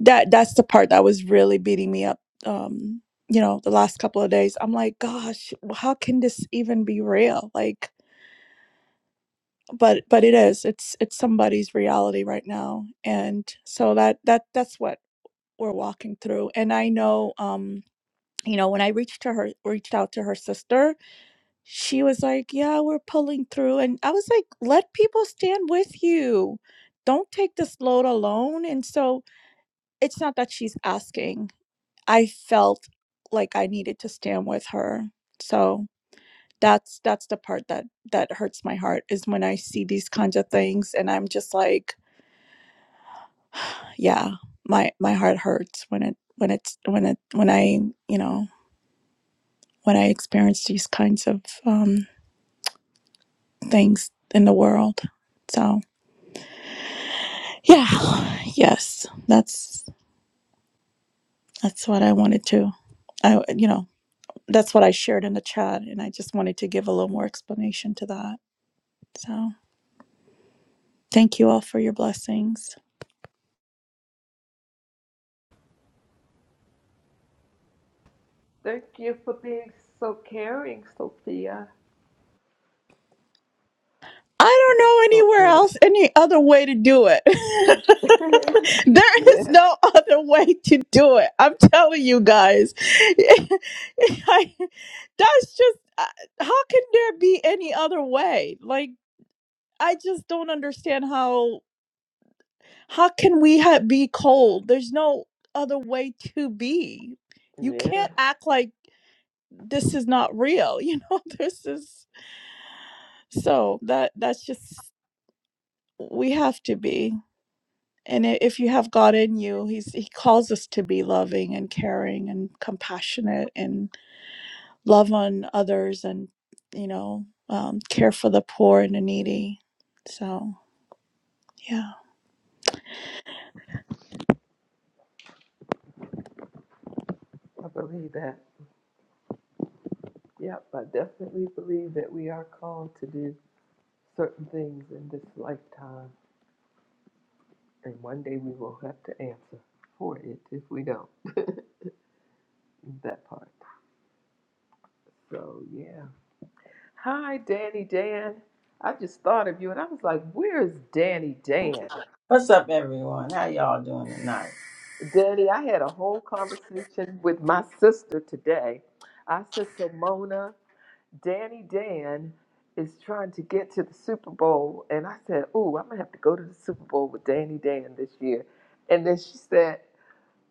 that that's the part that was really beating me up um you know the last couple of days i'm like gosh how can this even be real like but but it is it's it's somebody's reality right now and so that that that's what we're walking through and i know um you know when i reached to her reached out to her sister she was like yeah we're pulling through and i was like let people stand with you don't take this load alone and so it's not that she's asking I felt like I needed to stand with her. So that's that's the part that that hurts my heart is when I see these kinds of things and I'm just like, yeah, my my heart hurts when it when it's when it when I, you know, when I experience these kinds of um things in the world. So, yeah. Yes. That's that's what I wanted to I you know, that's what I shared in the chat and I just wanted to give a little more explanation to that. So Thank you all for your blessings. Thank you for being so caring, Sophia. I don't know so anywhere notice. else, any other way to do it. there is yeah, no other way to do it. I'm telling you guys. I, that's just, uh, how can there be any other way? Like, I just don't understand how, how can we ha- be cold? There's no other way to be. You yeah, can't act like this is not real. You know, this is, so that, that's just we have to be and i- if you have god in you he's he calls us to be loving and caring and compassionate and love on others and you know um, care for the poor and the needy so yeah. I believe that. Yep, I definitely believe that we are called to do certain things in this lifetime, and one day we will have to answer for it if we don't. that part. So, yeah. Hi, Danny Dan. I just thought of you, and I was like, where's Danny Dan? What's up, everyone? How y'all doing tonight? Danny, I had a whole conversation with my sister today. I said, So, Mona, Danny Dan is trying to get to the Super Bowl. And I said, Ooh, I'm going to have to go to the Super Bowl with Danny Dan this year. And then she said,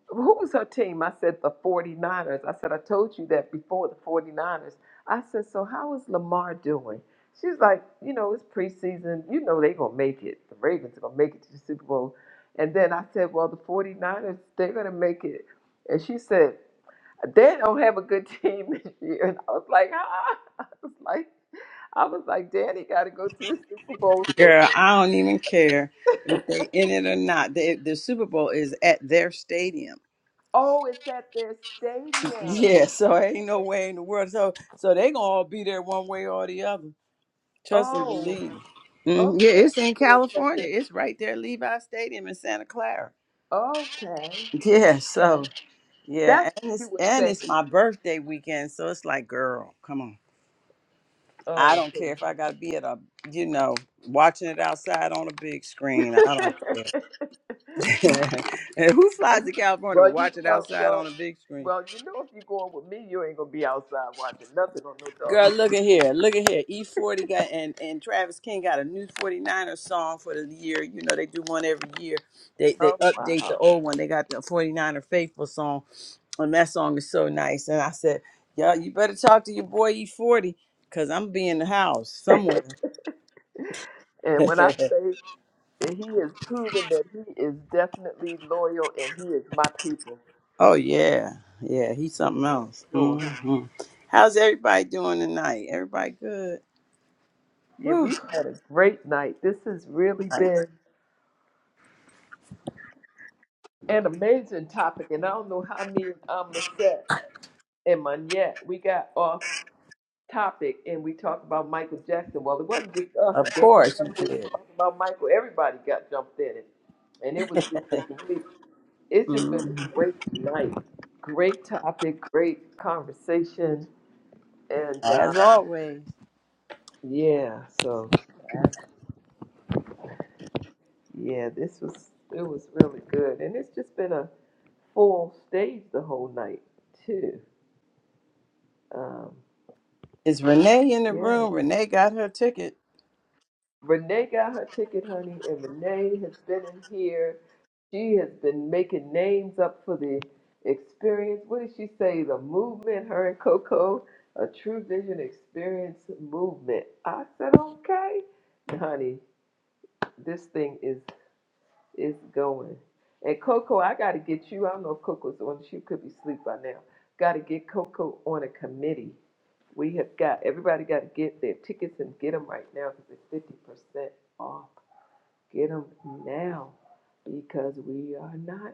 who was her team? I said, the 49ers. I said, I told you that before the 49ers. I said, so how is Lamar doing? She's like, you know, it's preseason. You know they're going to make it. The Ravens are going to make it to the Super Bowl. And then I said, well, the 49ers, they're going to make it. And she said, they don't have a good team this year. And I was like, ah. I was like, I was like, Daddy got to go to the Super Bowl. Girl, So I don't even care if they in it or not. They, the Super Bowl is at their stadium. Oh, it's at their stadium. Yeah, so ain't no way in the world. So, so they gonna all be there one way or the other. Trust and Oh, believe. Mhm. Yeah, okay. it's in So it's at their California. It's right there, at Levi Stadium in Santa Clara. Okay. Yeah. Yeah. So, yeah, That's what and you it's were and it's saying. my birthday weekend, so it's like, girl, come on. I Oh. don't care if I gotta be at a, you know, watching it outside on a big okay. screen. I don't care. and who flies to California to well, you know, watch it well, outside well, on a big screen? well, you know, if you're going with me, you ain't gonna be outside watching nothing on no Girl, dog. look at here. Look at here. E40 got and, and Travis King got a new 49er song for the year. You know, they do one every year. They they Oh update the wow. old one. They got the 49er Faithful song. And that song is so nice. And I said, Yeah, you better talk to your boy E40 because I'm be in the house somewhere. and when I say that he has proven that he is definitely loyal and he is my people. oh yeah. Yeah, he's Yeah, something for else. sure. hmm How's everybody doing tonight? Everybody good? Yeah, Whew. we've had a great night. This has really been an amazing topic, and I don't know how me and Amla set and Manette we got off topic and we talked about Michael Jackson. Well, it wasn't just us. Of course you Gabrielle was did. talking about Michael. Everybody got jumped in it. And it was just a great, it's just been hmm a great night. Great topic, great conversation. And uh, As always. yeah, so That's- yeah, this was, it was really good. And it's just been a full stage the whole night too. Um, Is Renee in the yeah, room? Renee got her ticket. Renee got her ticket, honey, and Renee has been in here. She has been making names up for the experience. What did she say? The movement, her and Coco, a true vision experience movement. I said, okay. And Honey, this thing is is going. And Coco, I gotta get you. I don't know if Coco's on she could be asleep by now. Gotta get Coco on a committee. We have got everybody gotta get their tickets and get them right now because they're fifty percent off. Get them now because we are not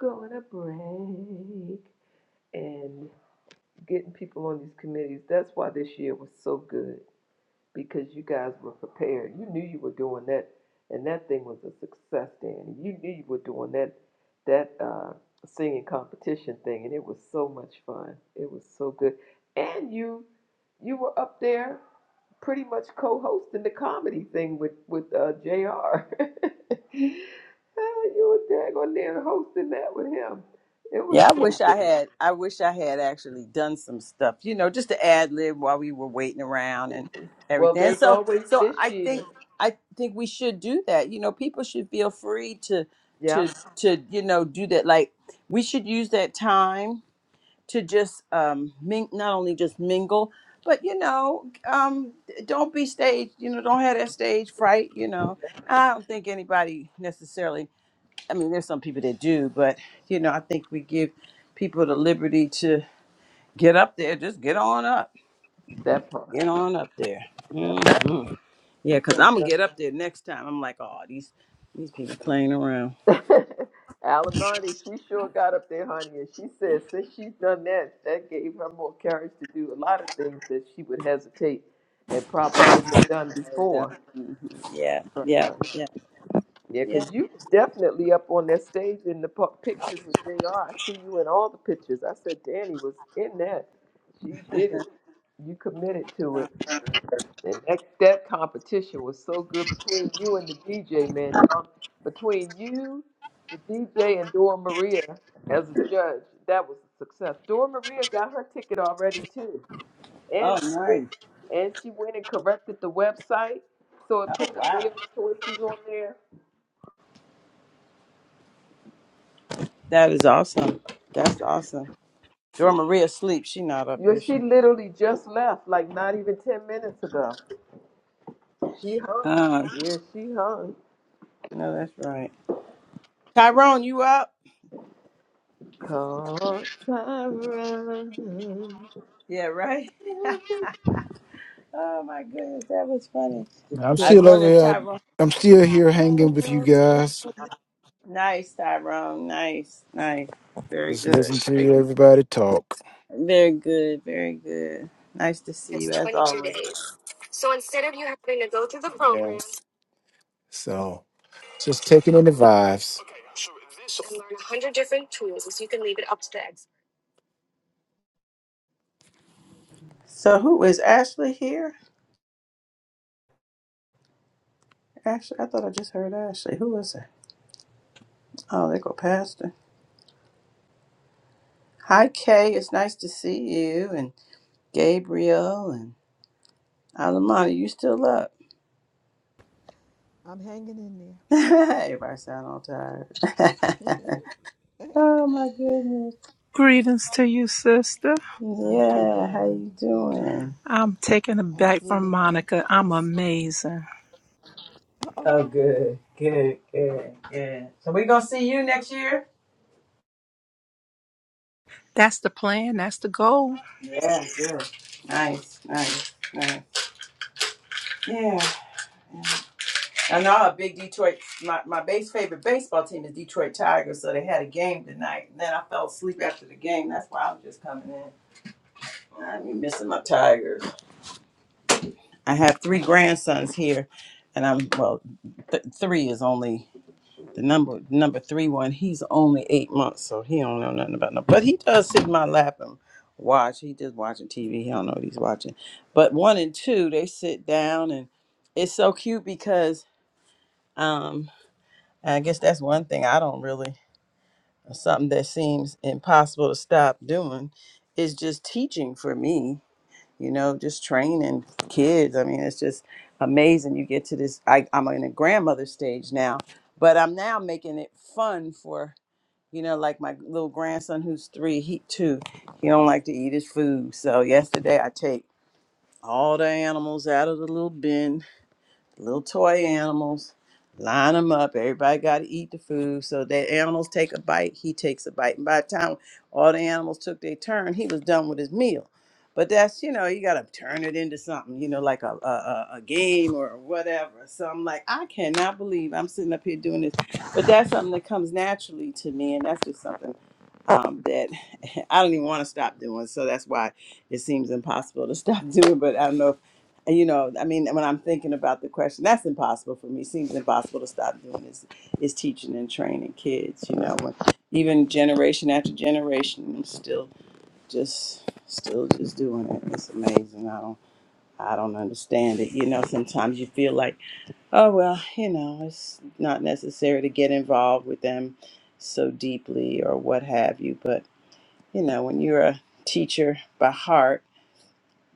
going to break. And getting people on these committees, that's why this year was so good because you guys were prepared. You knew you were doing that, and that thing was a success, Danny. You knew you were doing that that uh, singing competition thing, and it was so much fun. It was so good, and you you were up there pretty much co-hosting the comedy thing with with uh, Jr. Ah, you were daggone near hosting that with him. It was Yeah, I so wish I good. had I wish I had actually done some stuff, you know, just to ad lib while we were waiting around and Well, everything. And there's so always so this I think year. I think we should do that. You know, people should feel free to Yeah, to to, you know, do that. Like we should use that time to just um, ming- not only just mingle, but you know, um, don't be stage. You know, don't have that stage fright. You know, and I don't think anybody necessarily. I mean, there's some people that do, but you know, I think we give people the liberty to get up there. Just get on up. that part. Get on up there. That Mhm. Yeah, cause because. I'm gonna uh, get up there next time. I'm like, oh, these these people playing around. Alimony, she sure got up there, honey, and she said since she's done that, that gave her more courage to do a lot of things that she would hesitate and probably wouldn't have done before. Mhm. Yeah, But yeah, uh, yeah, yeah, yeah. 'cause you definitely up on that stage in the pu- pictures with Jr. I see you in all the pictures. I said Danny was in that. She did it. You committed to it. And that, that competition was so good between you and the DJ, man. Don. Between you, the DJ, and Dora Maria as a judge, that was a success. Dora Maria got her ticket already too, Oh, and she went nice. and she went and corrected the website, so it Oh, put the wow. meal choices on there. That is awesome. That's awesome. Dora Maria sleep? She not up, Yeah, is she she? literally just left, like not even ten minutes ago. She hung. Uh, Yeah, she hung. no, that's right. Tyrone, you up? Call Tyrone. Yeah, right? oh my goodness, that was funny. I'm I was still over wondering, here. Tyrone. I- I'm still here hanging with you guys. Nice, Tyrone. Nice, nice. Very Just good. listen Very to everybody talk. very good. Very good. Nice to see you as always. Yes. So just taking in the vibes. So, who is Ashley here? Ashley, I thought I just heard Ashley. Who is it? Oh, they go Pastor. Hi, Kay. It's nice to see you and Gabriel and Alamana, you still up? I'm hanging in there. Everybody sound all tired. oh my goodness. Greetings to you, sister. You too, Yeah, how darling. you You too. doing? I'm taken aback from Absolutely Monica. I'm fantabulous. amazing. Uh oh. Oh, good, good, good, good. So we gonna see you next year? That's the plan. That's the goal. Yeah, good. Nice, nice, nice. Yeah. I know I'm a big Detroit my, my base favorite baseball team is Detroit Tigers, so they had a game tonight and then I fell asleep after the game. That's why I'm just coming in. I'm missing my Tigers. I have three grandsons here, and I'm well. Th- three is only the number number three one. He's only eight months, so he don't know nothing about no. But he does sit in my lap and watch. He just watching TV. He don't know what he's watching. But one and two, they sit down, and it's so cute because um, I guess that's one thing I don't really something that seems impossible to stop doing is just teaching for me you know, just training kids. I mean, it's just amazing. You get to this. I, I'm in a grandmother stage now, but I'm now making it fun for you know, like my little grandson who's three. He too, he don't like to eat his food. So yesterday, I take all the animals out of the little bin little toy animals, line them up. Everybody got to eat the food. So that animals take a bite, he takes a bite. And by the time all the animals took their turn, he was done with his meal. But that's, you know, you got to turn it into something, you know, like a, a, a a game or whatever. So I'm like, I cannot believe I'm sitting up here doing this. But that's something that comes naturally to me. And that's just something um, that I don't even want to stop doing. So that's why it seems impossible to stop doing. But I don't know if, and, you know, I mean, when I'm thinking about the question, that's impossible for me. seems impossible to stop doing is, is teaching and training kids, you know, when, even generation after generation, I'm still just, still just doing it. It's amazing. I don't, I don't understand it. You know, sometimes you feel like, oh, well, you know, it's not necessary to get involved with them so deeply or what have you. But you know, when you're a teacher by heart,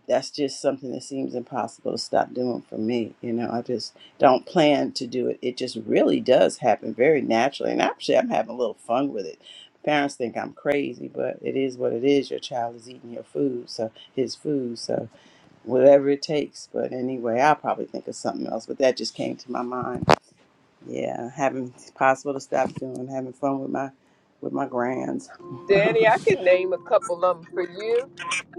that's just something that seems impossible to stop doing for me. You know, I just don't plan to do it. It just really does happen very naturally. And actually, I'm having a little fun with it. Parents think I'm crazy, but it is what it is. Your child is eating your food, so his food, so whatever it takes. But anyway, I'll probably think of something else, but that just came to my mind. Yeah, having it's possible to stop doing, having fun with my with my grands. Danny, I can name a couple of them for you.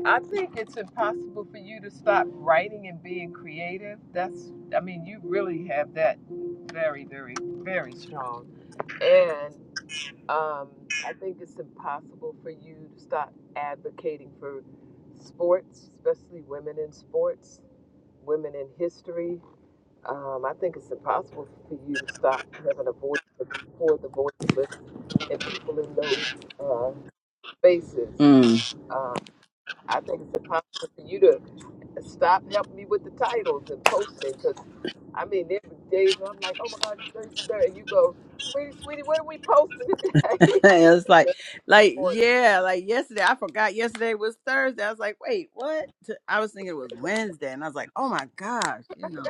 I think it's impossible for you to stop writing and being creative. That's, I mean, you really have that very, very, very strong. And um, I think it's impossible for you to stop advocating for sports, especially women in sports, women in history. Um, I think it's impossible for you to stop having a voice for the voiceless and people in those uh, spaces. Mm. Uh, I think it's impossible for you to stop helping me with the titles and posting because I mean, there were days where I'm like, oh my God, it's very scary. And you go, sweetie, sweetie, what are we posting today? I'm it was like, dead like on it. yeah, like yesterday. I forgot yesterday was Thursday. I was like, wait, what? T- I was thinking it was Wednesday, and I was like, oh my gosh, you know.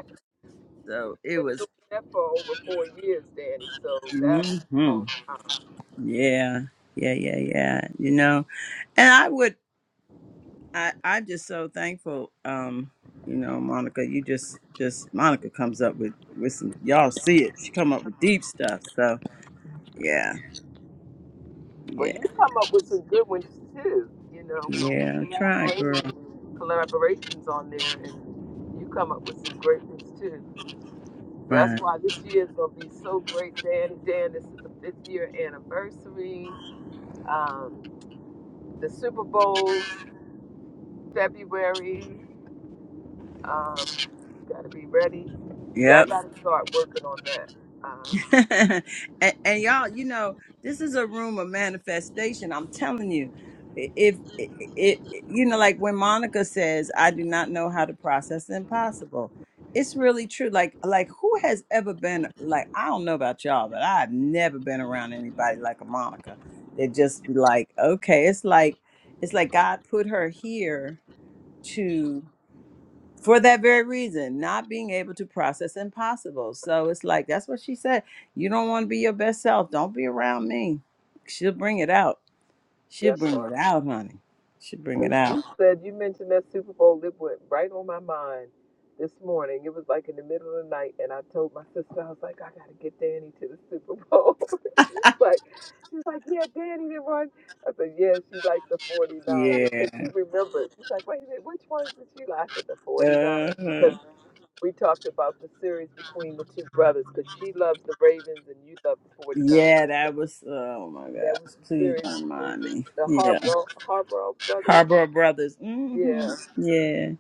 So it been was, doing that for over four years, Danny. So that's a hmm long time. yeah, yeah, yeah, yeah. You know, and I would, I, I'm just so thankful. Um, you know, Monica, you just, just Monica comes up with with some. Y'all see it? She come up with deep stuff. So yeah, Well, yeah, you come up with some good ones too. You know, we, we yeah. Try, collaborate girl. collaborations on there, and you come up with some great ones too. So that's Try. why this year is going to be so great, Dan. Dan, this is the fifth year anniversary. Um, the Super Bowl, February. Um, got to be ready. Yeah, Yep. I got to start working on that. Um, and, and y'all, you know, this is a room of manifestation. I'm telling you, I- if it, it, you know, like when Monica says, "I do not know how to process the impossible," it's really true. Like, like who has ever been like? I don't know about y'all, but I've never been around anybody like a Monica. They just be like, okay, it's like, it's like God put her here to for that very reason, not being able to process impossible. So it's like that's what she said. You don't want to be your best self. Don't be around me. She'll bring it out. She'll that bring part. it out, honey. She'll bring Because it out. you said you mentioned that Super Bowl, it went right on my mind this morning. It was like in the middle of the night, and I told my sister, I was like, I gotta get Danny to the Super Bowl. she's like, she's like, yeah, Danny did one. I said, yeah, she likes the 49ers Yeah. because she remembered. She's like, wait a minute, which ones did she like? I said, the 49ers Uh-huh. because we talked about the series between the two brothers because she loves the Ravens and you love the 49ers. Yeah, And that was oh my that was gosh. the Please series don't between mind the, me. the Yeah. Harbaugh, Harbaugh brothers. Harbor Brothers. Yeah. hmm Yeah.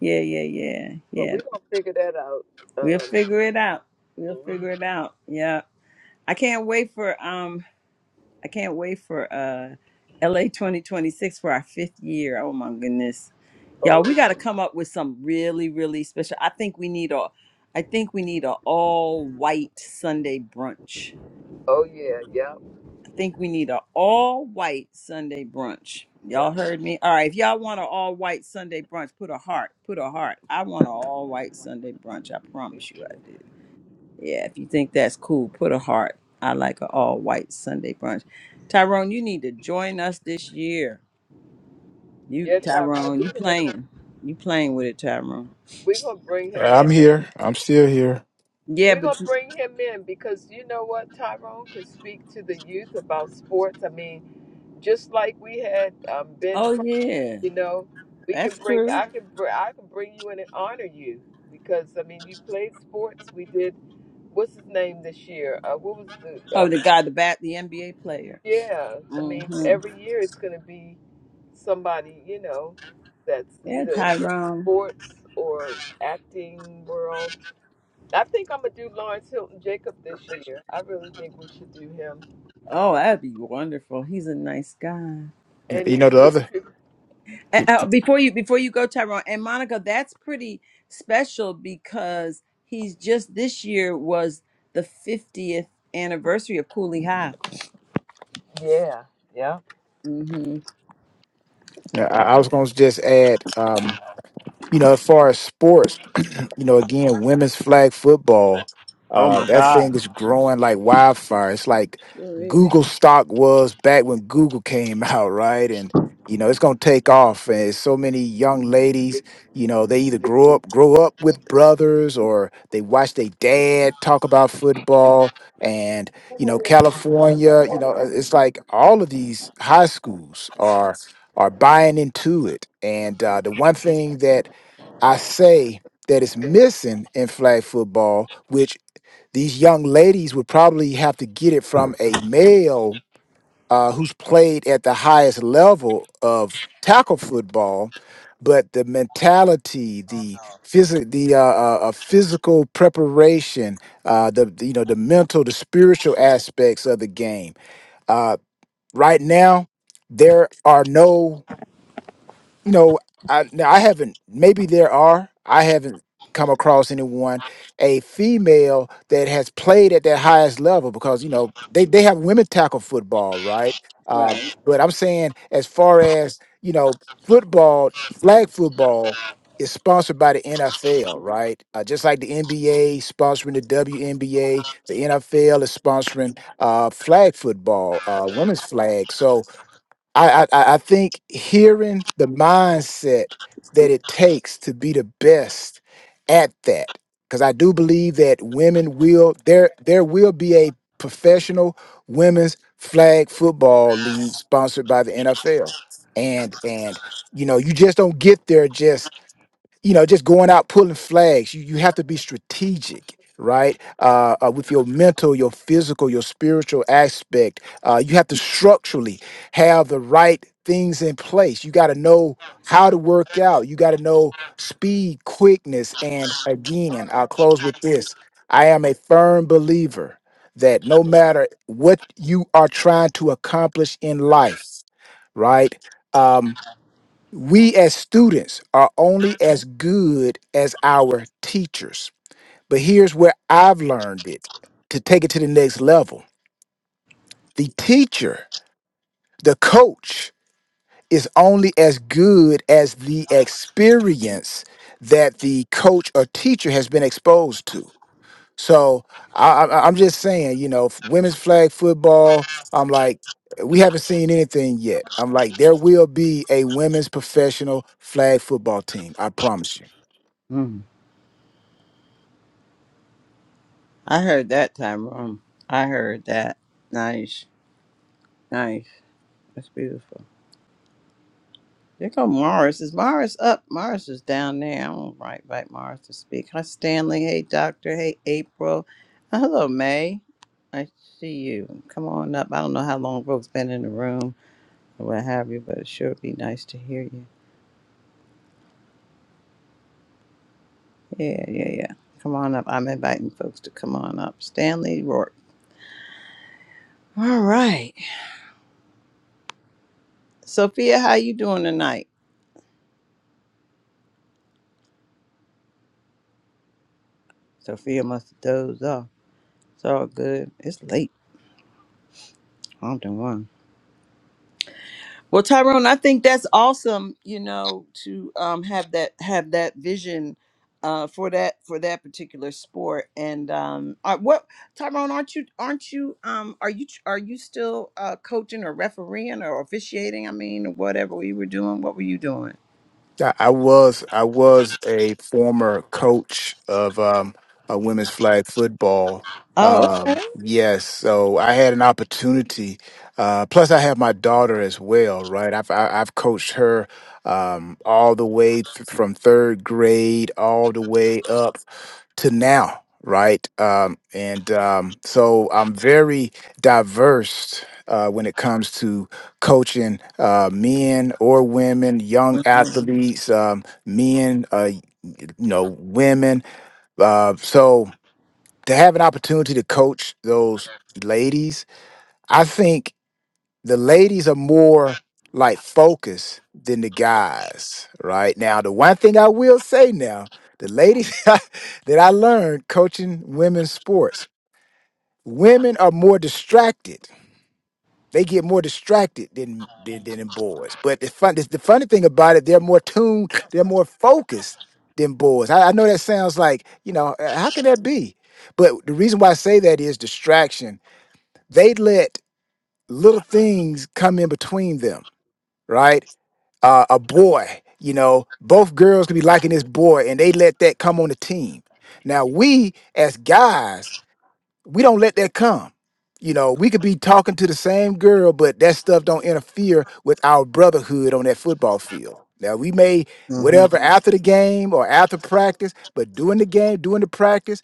Yeah, yeah, yeah. But Yeah. we're gonna figure that out. We'll Um, figure it out. We'll mhm. figure it out. Yeah. I can't wait for um I can't wait for uh LA 2026 for our fifth year. Oh my goodness. Y'all, oh, we gotta it's, come up with some really, really special. I think we need a I think we need a all white Sunday brunch. oh yeah, yep, I think we need a all white Sunday brunch. Y'all yep. heard me? All right, if y'all want an all white Sunday brunch, put a heart. Put a heart. I want an all white Sunday brunch. I promise you I do. Yeah, if you think that's cool, put a heart. I like an all white Sunday brunch. Tyrone, you need to join us this year. You Yeah, Tyrone, Tyrone, we're you gonna playing. You playing with it, Tyrone. we're gonna bring him in. I'm here. I'm still here. Yeah, We're but gonna you bring him in because you know what, Tyrone could speak to the youth about sports. I mean, just like we had um, Ben, oh Cr- yeah. you know, we can That's bring. true. I can br- I can bring you in and honor you because I mean, you played sports. We did. What's his name this year? Uh, what was the Oh, um, the guy, the bat the NBA player. Yeah, I mean, hmm every year it's going to be somebody, you know, that's Yeah, either in Tyrone. sports or acting world. I think I'm going to do Lawrence Hilton Jacob this year. I really think we should do him. Oh, that'd be wonderful. He's a nice guy. And You he's know the other. contributing. Uh, uh, before you before you go tyrone and monica that's pretty special because he's just this year was the 50th anniversary of cooley high Yeah, yeah. hmm That. I I was going to just add. um, you know, as far as sports, you know, again, women's flag football, Oh uh, my that God. thing is growing like wildfire. It's like Sure is. Google stock was back when Google came out, right? And you know, it's gonna take off. And so many young ladies, you know, they either grow up grow up with brothers or they watch their dad talk about football. And you know, California, you know, uh, it's like all of these high schools are are buying into it. And uh, the one thing that I say that it's missing in flag football, which these young ladies would probably have to get it from a male uh, who's played at the highest level of tackle football. But the mentality, the physic, the uh, uh, uh, physical preparation, uh, the the, you know the mental, the spiritual aspects of the game. Uh, right now, there are no no, I no, I haven't. Maybe there are. I haven't come across anyone a female that has played at that highest level because you know they they have women tackle football, right? Uh, Right. but I'm saying as far as you know, football, flag football is sponsored by the NFL, right? Uh, just like the NBA sponsoring the WNBA, the NFL is sponsoring uh, flag football, uh, women's flag. So I, I I I think hearing the mindset that it takes to be the best at that, because I do believe that women will there there will be a professional women's flag football league sponsored by the NFL, and and you know you just don't get there you know, just going out pulling flags. You you have to be strategic, right? Uh, uh, with your mental, your physical, your spiritual aspect. Uh, you have to structurally have the right things in place. You got to know how to work out. You got to know speed, quickness, and again, I'll close with this. I am a firm believer that no matter what you are trying to accomplish in life, right? um, we as students are only as good as our teachers. But here's where I've learned it to take it to the next level. The teacher, the coach, is only as good as the experience that the coach or teacher has been exposed to. So I, I, I'm just saying, you know, f- women's flag football, I'm like, we haven't seen anything yet. I'm like, there will be a women's professional flag football team. I promise you. mm. i heard that tyrone i heard that nice nice that's beautiful Here come Morris. Is Morris up? Morris is down there. I don't right invite Morris to speak. Hi, Stanley. Hey, Doctor. Hey, April. Uh, hello, May. I see you. Come on up. I don't know how long Brooke's been in the room or what have you, but it sure would be nice to hear you. Yeah, yeah, yeah. Come on up. I'm inviting folks to come on up. Stanley Rourke. All right. Sophia, how you doing tonight? Sophia must have dozed off. It's all good. It's late. I'm done. Well, Tyrone, I think that's awesome. You know, to um, have that have that vision uh, for that for that particular sport. And um, I, what Tyrone, aren't you aren't you um, are you are you still uh, coaching or refereeing or officiating? I mean, whatever we were doing, what were you doing? I I was I was a former coach of um, a women's flag football. Oh, Um, okay. yes, so I had an opportunity. Uh, plus, I have my daughter as well, right? I've I, I've coached her um, all the way th- from third grade all the way up to now, right? Um, and um, so I'm very diverse uh, when it comes to coaching uh, men or women, young athletes, um, men, uh, you know, women. Uh, so to have an opportunity to coach those ladies, I think the ladies are more like focused than the guys right now. The one thing I will say now, the ladies that I learned coaching women's sports, women are more distracted They get more distracted than than, than in boys. But the fun the, funny thing about it, they're more tuned, they're more focused than boys. I, I know that sounds like you know uh, how can that be? But the reason why I say that is distraction. They let little things come in between them, right? Uh, a boy, you know, both girls could be liking this boy, and they let that come on the team. Now we as guys we don't let that come. You know, we could be talking to the same girl, but that stuff don't interfere with our brotherhood on that football field. Now we may Mm-hmm, whatever after the game or after practice, but during the game, during the practice,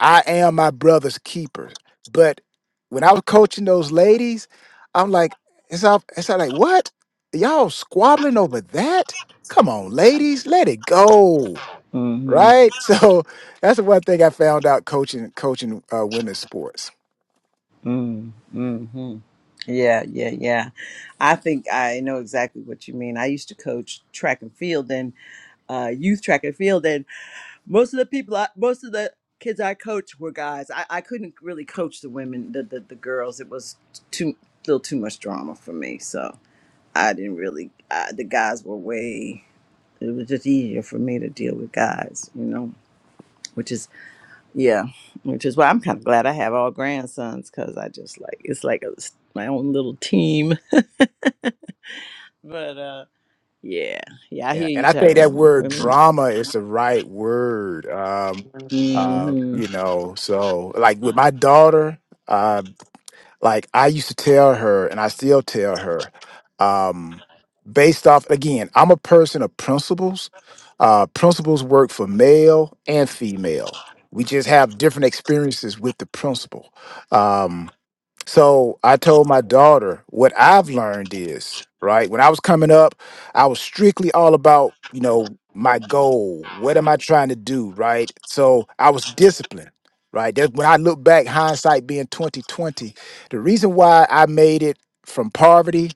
I am my brother's keeper. But when I was coaching those ladies, I'm like, it's all it's all like what? Y'all squabbling over that? Come on, ladies, let it go. mm-hmm, Right? So that's the one thing I found out coaching coaching uh, women's sports. mm-hmm. Yeah, yeah, yeah. I think I know exactly what you mean. I used to coach track and field and uh, youth track and field, Most of the people, I, most of the kids I coached were guys. I, I couldn't really coach the women, the, the the girls. It was too little too much drama for me, so I didn't really. I, the guys were way. It was just easier for me to deal with guys, you know. Which is yeah, which is why I'm kind of glad I have all grandsons because I just like it's like a, my own little team. But uh yeah, yeah, I Yeah, hear you, and I think that Tyrone. word Women. drama is the right word. Um, uh, hmm you know, so like with my daughter, uh, like I used to tell her, and I still tell her, um, based off again, I'm a person of principles. Uh, principles work for male and female. We just have different experiences with the principle. um, so I told my daughter what I've learned is, right? When I was coming up, I was strictly all about, you know, my goal. What am I trying to do, right? So I was disciplined, right? That when I look back, hindsight being 2020, the reason why I made it from poverty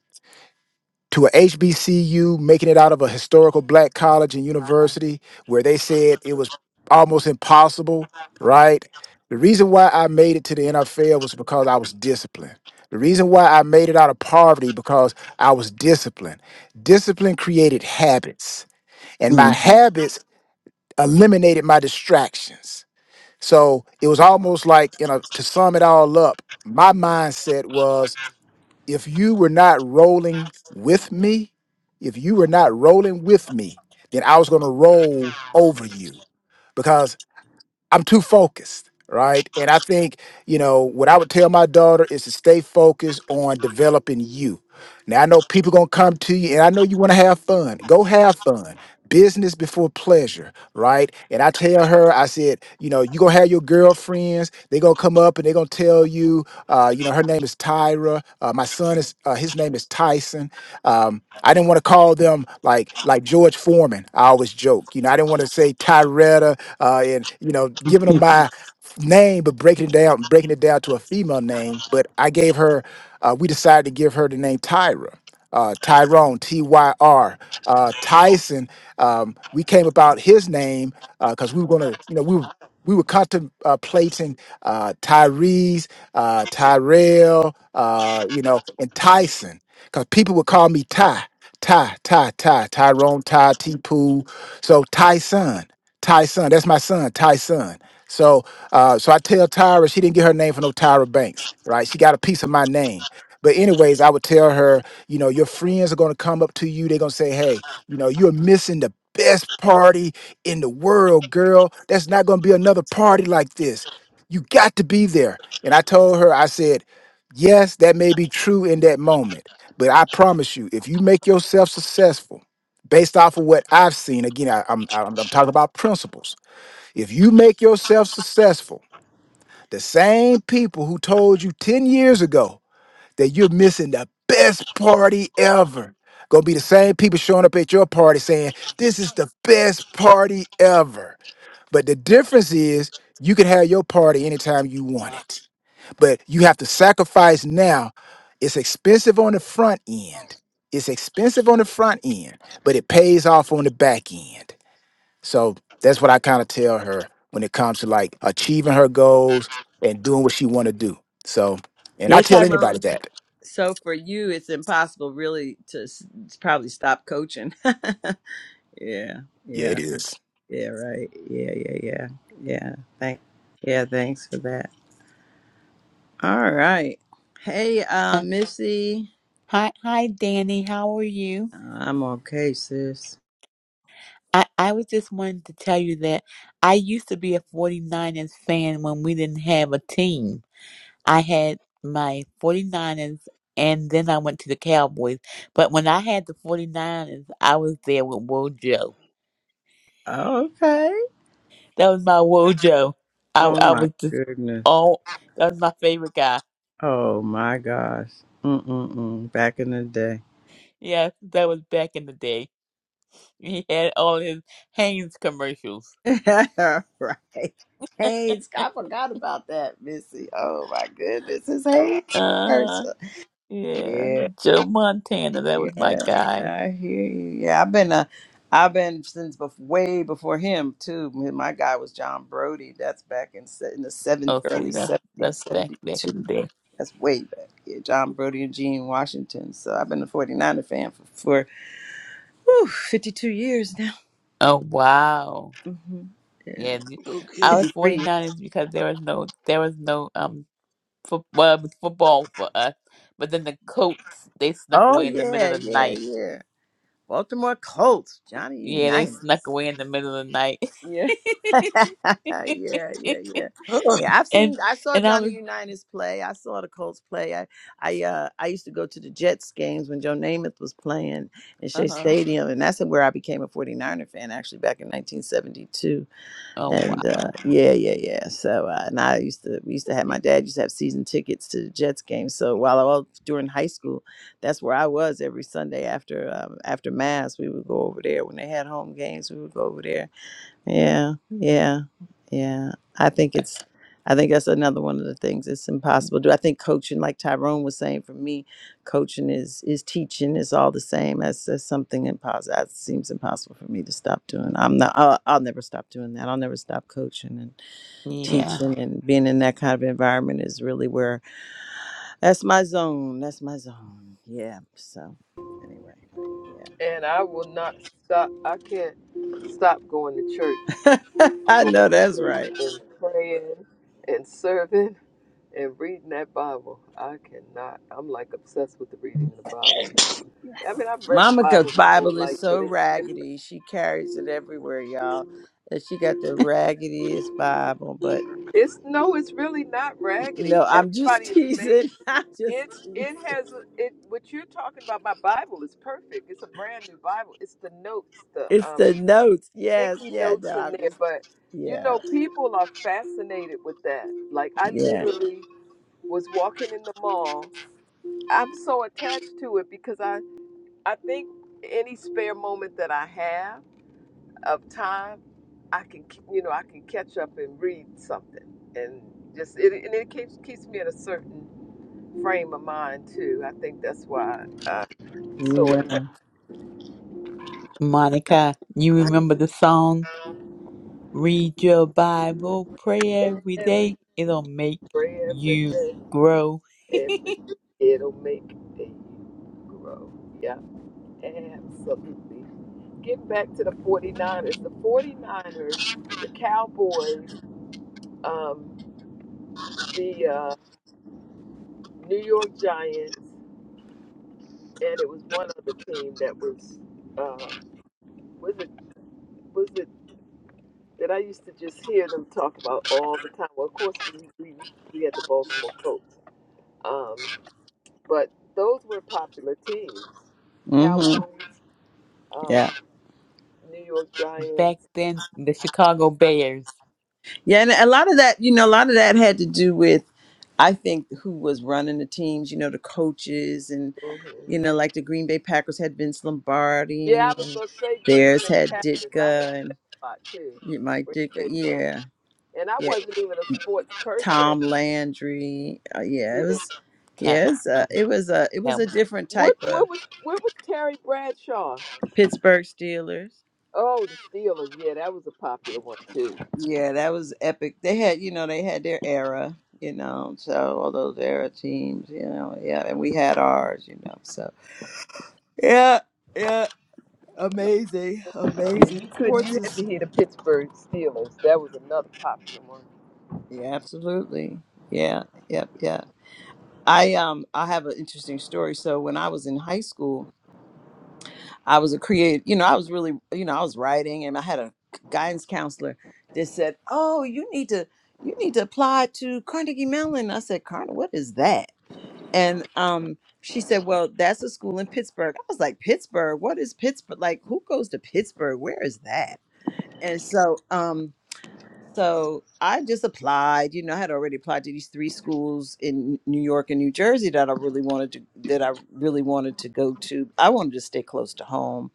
to a HBCU, making it out of a historical black college and university where they said it was almost impossible, right? The reason why I made it to the NFL was because I was disciplined. The reason why I made it out of poverty because I was disciplined. Discipline created habits, and my Mm. habits eliminated my distractions. So it was almost like, you know, to sum it all up, my mindset was if you were not rolling with me, if you were not rolling with me, then I was going to roll over you because I'm too focused, right? And I think, you know, what I would tell my daughter is to stay focused on developing you. Now I know people gonna come to you and I know you wanna have fun. Go have fun. Business before pleasure, right? And I tell her, I said, you know, you gonna have your girlfriends. They gonna come up and they gonna tell you, uh, you know, her name is Tyra. Uh, my son is, uh, his name is Tyson. Um, I didn't want to call them like like George Foreman. I always joke, you know. I didn't want to say Tyretta uh, and you know giving them my name, but breaking it down, breaking it down to a female name. But I gave her. Uh, we decided to give her the name Tyra, uh, Tyrone T Y R uh, Tyson. Um, we came about his name because we were gonna, you know, we were we were contemplating uh, Tyrese, uh, Tyrell, uh, you know, and Tyson. Because people would call me Ty, Ty, Ty, Ty, Tyrone, Ty, T Poo. So Tyson, Tyson, that's my son, Tyson. So uh, so I tell Tyra, she didn't get her name from no Tyra Banks, right? She got a piece of my name. But anyways, I would tell her, you know, your friends are gonna come up to you, they're gonna say, Hey, you know, you're missing the best party in the world, girl. That's not gonna be another party like this. You got to be there. And I told her, I said, Yes, that may be true in that moment but I promise you, if you make yourself successful based off of what I've seen, again, I, I'm, I'm, I'm talking about principles. If you make yourself successful, the same people who told you 10 years ago that you're missing the best party ever, gonna be the same people showing up at your party saying, This is the best party ever but the difference is you can have your party anytime you want it. But you have to sacrifice now. It's expensive on the front end. It's expensive on the front end, but it pays off on the back end. So that's what I kind of tell her when it comes to like achieving her goals and doing what she want to do. So, and I Yeah, tell Tyrone. anybody that. So for you, it's impossible really to s- probably stop coaching. yeah, Yeah, yeah, it is. yeah, right. Yeah, yeah, yeah, yeah. Thank, yeah, thanks for that. All right. Hey, uh, Uh, Missy, hi, hi, Danny. How are you? I'm okay, sis. I, I was just wanting to tell you that I used to be a 49ers fan when we didn't have a team. I had my 49ers and then I went to the Cowboys. But when I had the 49ers, I was there with Wojo. Okay. That was my Wojo. I, Oh I my was just goodness. all, that was my favorite guy. Oh my gosh. Mm-mm-mm. Back in the day. Yes, that was back in the day. He had all his Hanes commercials. right. Hayes, I forgot about that, Missy. Oh my goodness. It's Hayes. Uh, Versa. yeah, Joe Montana, that was Yeah, my guy. I hear you. Yeah, I've been uh, I've been since bef way before him too. My my guy was John Brody. That's back in se- in the seven Oh, see, early that's seventies, that's back seventy back in the two. day. That's way back. Yeah, John Brody and Gene Washington. So I've been a 49er fan for for whew, fifty two years now. Oh wow, hmm Yeah, yeah. the- Okay. Our fifty three. 49ers because there was no there was no um foot, well, it was football for us, but then the Colts they snuck Oh away in the middle yeah, of the yeah, night. yeah. Baltimore Colts, Johnny Yeah, they Unitas. snuck away in the middle of the night. Yeah. yeah, yeah, yeah. Yeah, I've seen and I saw and I Johnny was Unitas play. I saw the Colts play. I I uh I used to go to the Jets games when Joe Namath was playing in uh Shea huh. Stadium and that's where I became a 49er fan actually back in 1972. Oh And uh wow, yeah, yeah, yeah. So uh, and I used to we used to have my dad used to have season tickets to the Jets games. So while I was during high school, that's where I was every Sunday after um, after mass. We would go over there when they had home games. We would go over there yeah, yeah, yeah. I think it's, I think that's another one of the things it's impossible to do. I think coaching, like Tyrone was saying, for me, coaching is is teaching is all the same. That's, that's something impossible. That seems impossible for me to stop doing. I'm not. I'll, I'll never stop doing that. I'll never stop coaching and yeah. teaching and being in that kind of environment is really where that's my zone. That's my zone. Yeah. So anyway, And I will not stop. I can't stop going to church, yeah. I know going to that's church right. and praying and serving and reading that Bible. I cannot. I'm like obsessed with the reading of the Bible now. I mean, I've read the Bible Monica's my whole Bible is life, but so it's different. raggedy. She carries it everywhere, y'all. That she got the raggediest Bible. But It's no, it's really not no, raggedy. I'm just Everybody is teasing. amazing. I'm just It's it teasing. has a- it. What you're talking about, my Bible is perfect. It's a brand new Bible. It's the notes, the It's um the notes. Yes, sticky yeah. notes No, in I'm there. just But you yeah, know, people are fascinated with that. Like I yeah, literally was walking in the mall. I'm so attached to it because I I think any spare moment that I have of time, I can you know I can catch up and read something, and just it and it keeps keeps me in a certain frame of mind too. I think that's why uh, so yeah. it Monica, you remember the song? Read your Bible, pray every every day. day, It'll make pray every you day, grow. every day it'll make you grow. Yeah, absolutely. Getting back to the 49ers, the 49ers, the Cowboys, um, the uh, New York Giants, and it was one other team that was uh, was it was it that I used to just hear them talk about all the time. Well, of course we we, we had the Baltimore Colts, um, but those were popular teams: hmm Cowboys, um, Yeah, New York Back Giants. then, the Chicago Bears yeah. And a lot of that, you know, a lot of that had to do with, I think, who was running the teams. You know, the coaches and hmm you know, like the Green Bay Packers had Vince Yeah, I Lombardi was and gonna say Green theirs Bay had Packers. I heard Ditka a lot too, You Mike Green Dick, Bay Packers, yeah, and I yeah. wasn't even a sports person. Tom Landry, uh, yeah. It Yeah. was, count. yes, It's Um, it was a, it was help. a different type What of what was what was Terry Bradshaw? Pittsburgh Steelers. Oh, the Steelers. Yeah, that was a popular one too. Yeah, that was epic. They had, you know, they had their era, you know. So all those era teams, you know, yeah, and we had ours, you know. So yeah, yeah, amazing, Yeah, amazing you couldn't. sports You had is to hear the Pittsburgh Steelers. That was another popular one. yeah, absolutely, yeah, yep, yeah. I um, I have an interesting story. So when I was in high school. I was a creative, you know, I was really, you know, I was writing and I had a guidance counselor that said, Oh, you need to, you need to apply to Carnegie Mellon. I said, Carnegie, what is that? And um, she said, Well, that's a school in Pittsburgh. I was like, Pittsburgh? What is Pittsburgh? Like, who goes to Pittsburgh? Where is that? And so, um, so I just applied, you know, I had already applied to these three schools in New York and New Jersey that I really wanted to, that I really wanted to go to. I wanted to stay close to home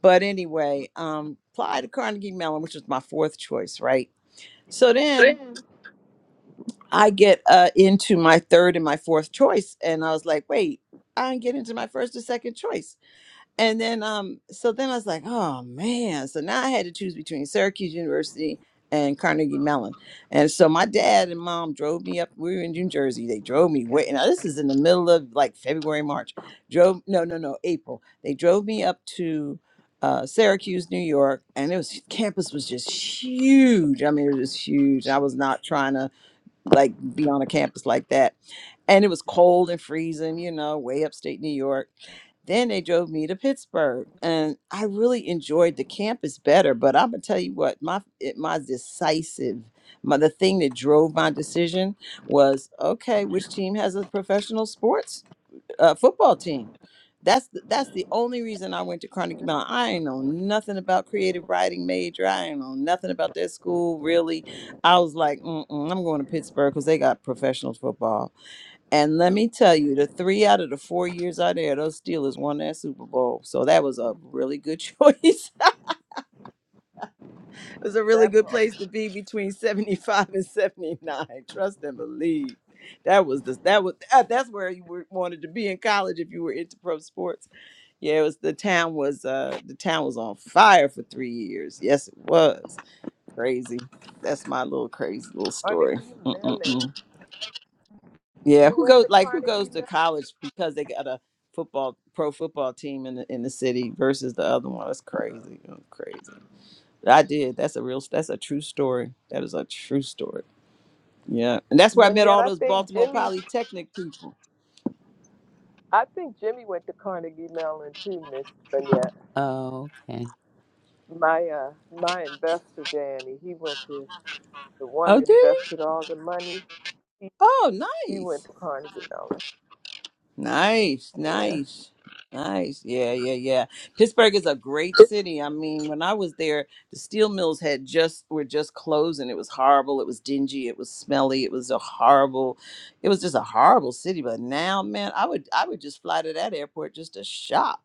but anyway, um, apply to Carnegie Mellon, which was my fourth choice, right? So then I get uh, into my third and my fourth choice, and I was like, wait, I didn't get into my first and second choice. And then um so then I was like, oh man. So now I had to choose between Syracuse University and Carnegie Mellon. And so my dad and mom drove me up. We were in New Jersey. They drove me way now this is in the middle of like February, March. Drove no, no, no, April. They drove me up to uh, Syracuse, New York, and it was campus was just huge. I mean, it was just huge. I was not trying to like be on a campus like that and it was cold and freezing, you know, way upstate New York. Then they drove me to Pittsburgh, and I really enjoyed the campus better. But I'm gonna tell you what, my it, my decisive, my the thing that drove my decision was okay, which team has a professional sports uh, football team? That's the, that's the only reason I went to Carnegie Mellon. I ain't know nothing about creative writing major. I ain't know nothing about that school really. I was like, Mm-mm, I'm going to Pittsburgh because they got professional football and let me tell you, the three out of the four years out there, those Steelers won that Super Bowl. So that was a really good choice. it was a really That good part. place to be between 75 and 79. Trust and believe. That was the that was that- that's where you were, wanted to be in college if you were into pro sports. Yeah, it was the town was uh the town was on fire for three years. Yes, it was. Crazy. That's my little crazy little Carnegie story. Mm-mm-mm. Mellon. Yeah, You who went goes to like who goes Carnegie to Mellon. college because they got a football pro football team in the in the city versus the other one? That's crazy. That's crazy. I did. That's a real that's a true story. That is a true story. Yeah. And that's where I met Manette, all I those think Baltimore Jimmy. Polytechnic people. I think Jimmy went to Carnegie Mellon too, Miss Manette. Oh, okay. My uh, my investor Danny. He went to the one Oh, that did you? invested all the money. He Oh, he nice. went to Carnegie Mellon. Nice, Yeah, nice, nice. Yeah, yeah, yeah. Pittsburgh is a great city. I mean, when I was there, the steel mills had just were just closing. It was horrible. It was dingy. It was smelly. It was a horrible. It was just a horrible city. But now, man, I would I would just fly to that airport just to shop.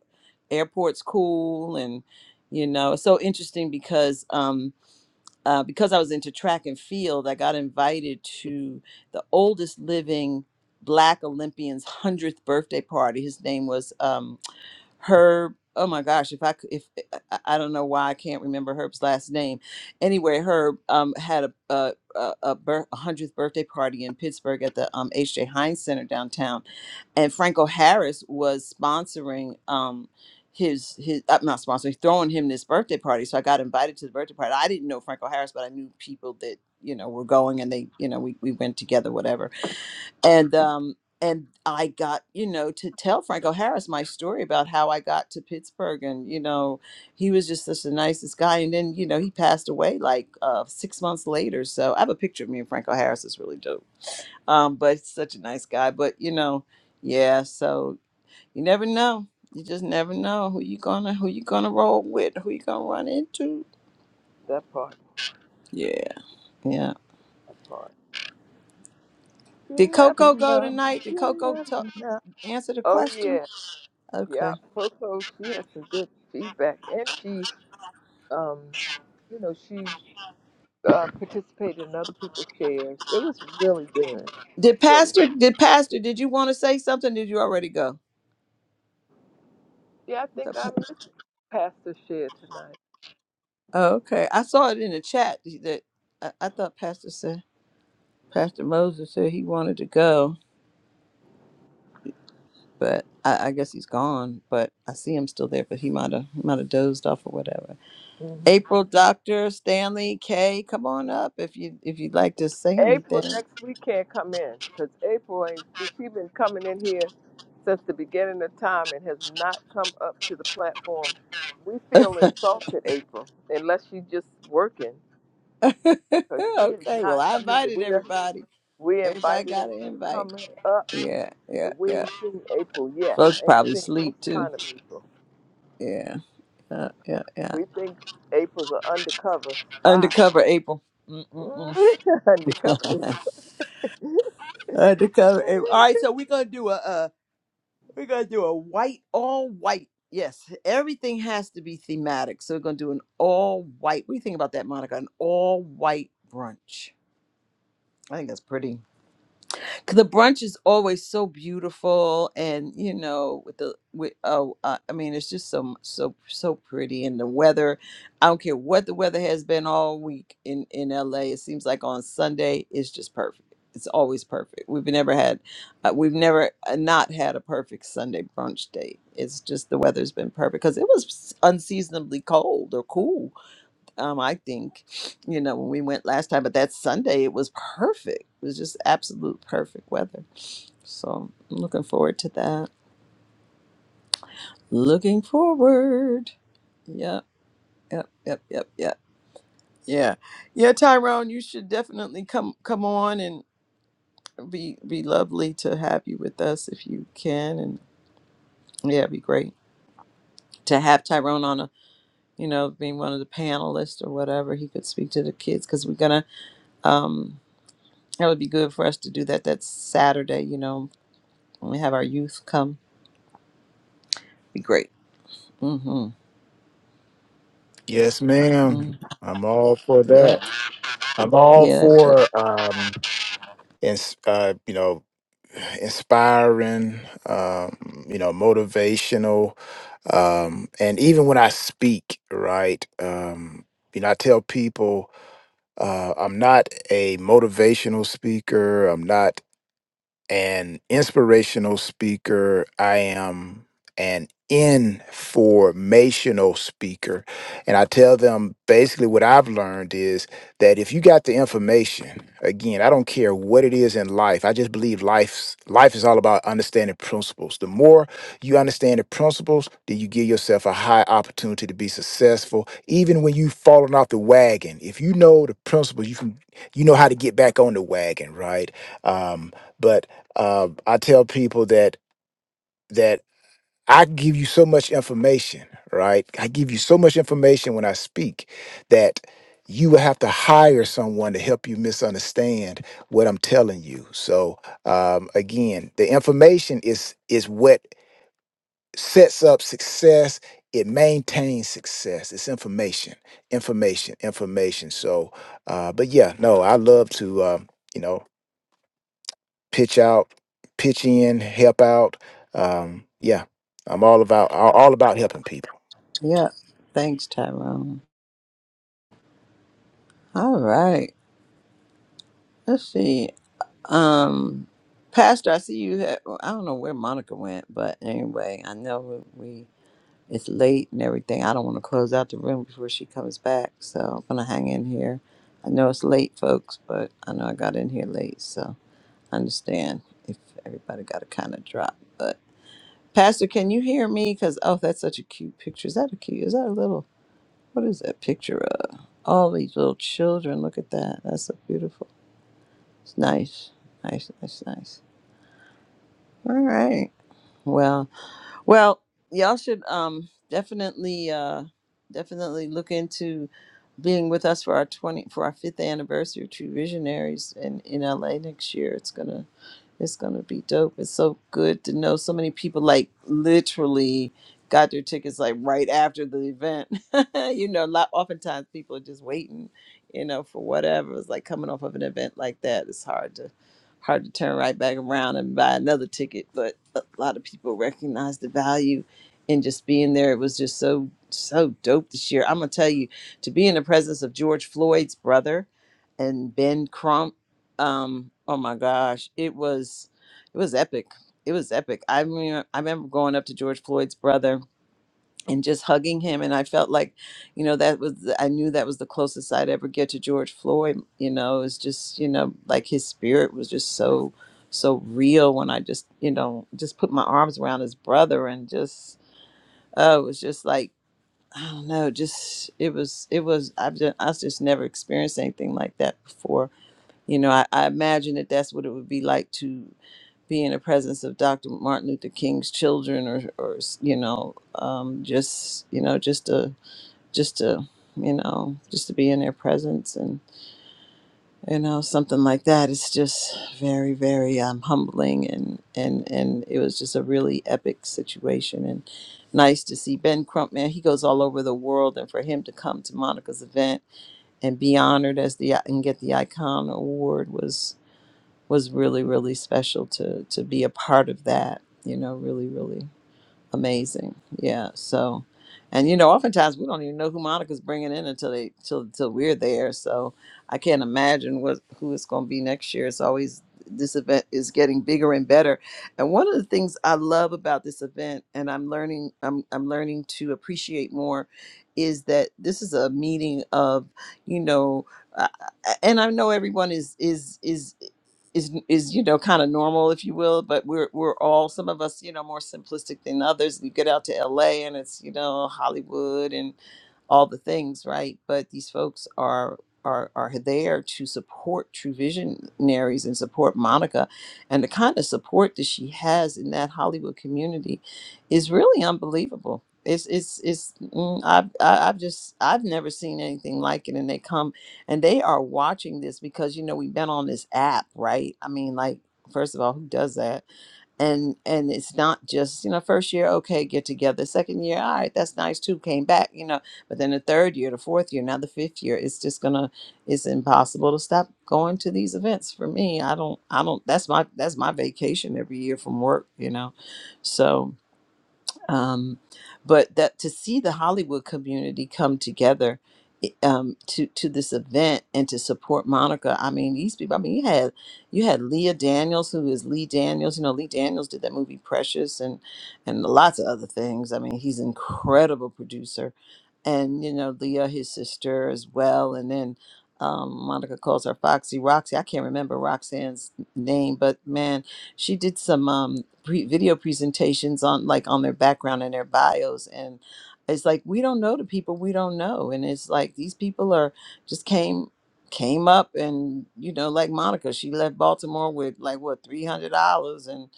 Airport's cool, and you know, it's so interesting because um uh, because I was into track and field, I got invited to the oldest living Black Olympian's 100th birthday party. His name was um, Herb. Oh my gosh, if I could, if eh, I I don't know why I can't remember Herb's last name. Anyway, Herb um, had a a a, a, bir- a hundredth birthday party in Pittsburgh at the um, H.J. Heinz Center downtown, and Franco Harris was sponsoring um, his his uh, not sponsoring throwing him this birthday party. So I got invited to the birthday party. I didn't know Franco Harris, but I knew people that you know were going, and they you know we we went together, whatever and um and I got you know to tell Franco Harris my story about how I got to Pittsburgh and you know he was just such the nicest guy and then you know he passed away like uh 6 months later so I have a picture of me and Franco Harris it's really dope um but such a nice guy but you know yeah so you never know you just never know who you gonna who you gonna roll with who you gonna run into that part. yeah yeah That part. did You never Coco go know. tonight did You Coco t- never know. answer the Oh question yeah. Yeah, okay Coco, she had some good feedback, and she, um, you know, she uh, participated in other people's shares. It was really good. It was Did really Pastor? good. Did Pastor? Did you want to say something? Did you already go? Yeah, I I think I thought- missed Pastor share tonight. Oh, okay, I saw it in the chat that I, I thought Pastor said Pastor Moses said he wanted to go, but I, I guess he's gone. But I see him still there, but he might have might have dozed off or whatever. hmm April, Doctor Stanley, Kay, come on up if you if you'd like to say April anything. next week can't come in because April ain't. She's been coming in here since the beginning of time and has not come up to the platform. We feel insulted, April, unless she's just working. Because she has okay, well not I come in. invited We just everybody. we Everybody invited got an April to invite. come up, Yeah, yeah, and we yeah. ain't seen April yet. Folks Ain't probably seen no sleep too. sign of April. Yeah. Yeah, yeah, yeah. We think April's an undercover spy. Undercover April. Mm-mm-mm. undercover Undercover April. All April. right, so we're gonna do a uh, we're gonna do a white all white. Yes, everything has to be thematic. So we're gonna do an all white. What do you think about that, Monica? An all white brunch. I think that's pretty. 'Cause the brunch is always so beautiful and you know with the with oh uh, i mean it's just so so so pretty and the weather i don't care what the weather has been all week in in la it seems like on sunday it's just perfect it's always perfect we've never had uh, we've never uh, not had a perfect sunday brunch date it's just the weather's been perfect because it was unseasonably cold or cool um, I think, you know, when we went last time, but that Sunday it was perfect. It was just absolute perfect weather. So I'm looking forward to that. Looking forward. Yep, yep, yep, yep, yep. Yeah. Yeah, Tyrone, you should definitely come come on and be be lovely to have you with us if you can and yeah, it'd be great to have Tyrone on a you know, being one of the panelists or whatever, he could speak to the kids because we're gonna um That would be good for us to do that. That's Saturday, you know, when we have our youth come. Be great. Mm-hmm. Yes, ma'am. mm I'm all for that. Yeah. I'm all Yeah. That's it. for um, and uh, you know inspiring, um, you know, motivational. Um, and even when I speak, right, um, you know, I tell people uh, I'm not a motivational speaker. I'm not an inspirational speaker. I am an informational speaker. And I tell them basically what I've learned is that if you got the information, again, I don't care what it is in life. I just believe life's life is all about understanding principles. The more you understand the principles, then you give yourself a high opportunity to be successful. Even when you've fallen off the wagon, if you know the principles, you can you know how to get back on the wagon, right? Um, but uh, I tell people that that I give you so much information, right? I give you so much information when I speak that you will have to hire someone to help you misunderstand what I'm telling you. So um, again, the information is is what sets up success. It maintains success. It's information, information, information. So, uh, but yeah, no, I love to. Uh, you know, pitch out, pitch in, help out. Um, yeah, I'm all about all all about helping people. Yeah. Thanks, Tyrone. All right. Let's see. Um, Pastor, I see you. Had, well, I don't know where Monica went, but anyway, I know we, we it's late and everything. I don't want to close out the room before she comes back, so I'm gonna hang in here. I know it's late, folks, but I know I got in here late, so I understand if everybody got to kind of drop, but. Pastor, can you hear me? Because oh, that's such a cute picture. Is that a cute? Is that a little? What is that picture of? All these little children. Look at that. That's so beautiful. It's nice, nice, nice, nice. All right. Well, well, y'all should um definitely uh definitely look into being with us for our twenty for our fifth anniversary of True Visionaries in in LA next year. It's gonna It's gonna be dope. It's so good to know so many people like literally got their tickets like right after the event. you know, a lot oftentimes people are just waiting, you know, for whatever. It's like coming off of an event like that. It's hard to hard to turn right back around and buy another ticket. But a lot of people recognize the value in just being there. It was just so so dope this year. I'm gonna tell you to be in the presence of George Floyd's brother and Ben Crump um oh my gosh it was it was epic it was epic i mean i remember going up to george floyd's brother and just hugging him and i felt like you know that was the- i knew that was the closest i'd ever get to george floyd you know it's just you know like his spirit was just so so real when i just you know just put my arms around his brother and just oh it was just like i don't know just it was it was i've just, i just never experienced anything like that before you know, I, I imagine that that's what it would be like to be in the presence of Dr. Martin Luther King's children, or, or you know, um, just you know, just to just to you know, just to be in their presence, and you know, something like that. It's just very, very um, humbling, and and and it was just a really epic situation, and nice to see Ben Crump. Man, he goes all over the world, and for him to come to Monica's event and be honored as the and get the icon award was was really really special to to be a part of that you know really really amazing yeah so and you know oftentimes we don't even know who monica's bringing in until they till, till we're there so i can't imagine what who it's going to be next year it's always this event is getting bigger and better and one of the things i love about this event and i'm learning i'm, I'm learning to appreciate more is that this is a meeting of you know uh, and i know everyone is is is is is you know kind of normal if you will but we're we're all some of us you know more simplistic than others we get out to LA and it's you know Hollywood and all the things, right? But these folks are are are there to support True Visionaries and support Monica, and the kind of support that she has in that Hollywood community is really unbelievable. It's it's it's mm, I've I- I've just I've never seen anything like it, and they come and they are watching this because you know we've been on this app, right? I mean, like first of all, who does that? and and it's not just you know first year okay get together second year all right that's nice too came back you know but then the third year the fourth year now the fifth year it's just gonna it's impossible to stop going to these events for me i don't i don't that's my that's my vacation every year from work you know so um, but that to see the Hollywood community come together i- um, to to this event and to support Monica. I mean, these people. I mean, you had you had Leah Daniels, who is Lee Daniels. You know, Lee Daniels did that movie Precious and and lots of other things. I mean, he's an incredible producer, and you know Leah, his sister as well, and then. Um, Monica calls her Foxy Roxy. I can't remember Roxanne's name, but man, she did some. um, pre- video presentations on like on their background and their bios and it's like we don't know the people we don't know and it's like these people are just came came up and you know like monica she left baltimore with like what $300 and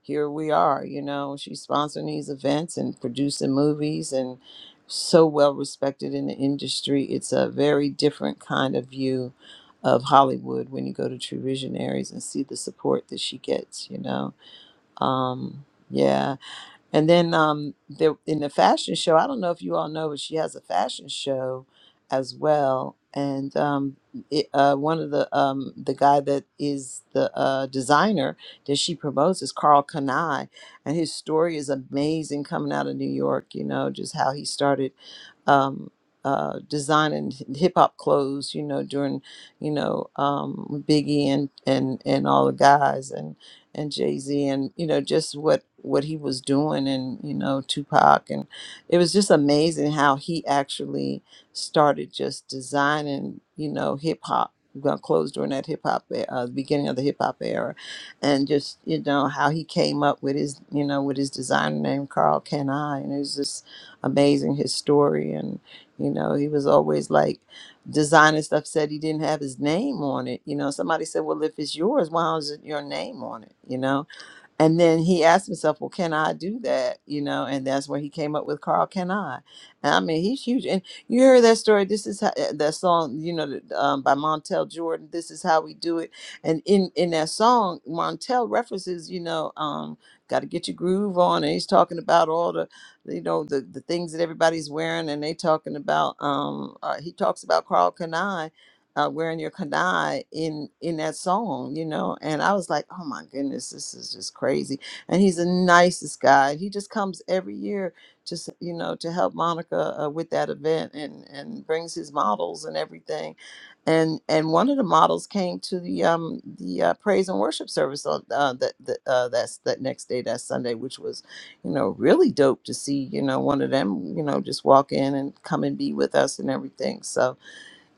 here we are you know she's sponsoring these events and producing movies and so well respected in the industry it's a very different kind of view of hollywood when you go to true visionaries and see the support that she gets you know um, yeah. And then um, there, in the fashion show, I don't know if you all know, but she has a fashion show as well. And um, it, uh, one of the um, the guy that is the uh, designer that she promotes is Carl Kanai, and his story is amazing coming out of New York. You know, just how he started um, uh, designing hip hop clothes. You know, during you know um, Biggie and and and all the guys and and Jay Z, and you know just what what he was doing, and you know Tupac, and it was just amazing how he actually started just designing, you know, hip hop. We're gonna close during that hip hop, e- uh, the beginning of the hip hop era, and just you know how he came up with his, you know, with his designer name Carl Can I, and it was just amazing his story, and you know he was always like designer stuff said he didn't have his name on it. You know, somebody said, "Well, if it's yours, why is it your name on it?" You know, and then he asked himself, well, can I do that? You know, and that's where he came up with Carl, Can I? And I mean, he's huge. And you heard that story. This is how, eh, that song, you know, that, um, by Montel Jordan. This is how we do it. And in, in that song, Montel references, you know, um, got to get your groove on. And he's talking about all the, you know, the, the things that everybody's wearing. And they talking about, um, uh, he talks about Carl Can I uh, wearing your kanai in in that song, you know. And I was like, oh my goodness, this is just crazy. And he's the nicest guy. He just comes every year, just you know, to help Monica uh, with that event and and brings his models and everything. And and one of the models came to the um the uh, praise and worship service on uh, that that uh, that's that next day that Sunday, which was you know really dope to see you know one of them you know just walk in and come and be with us and everything. So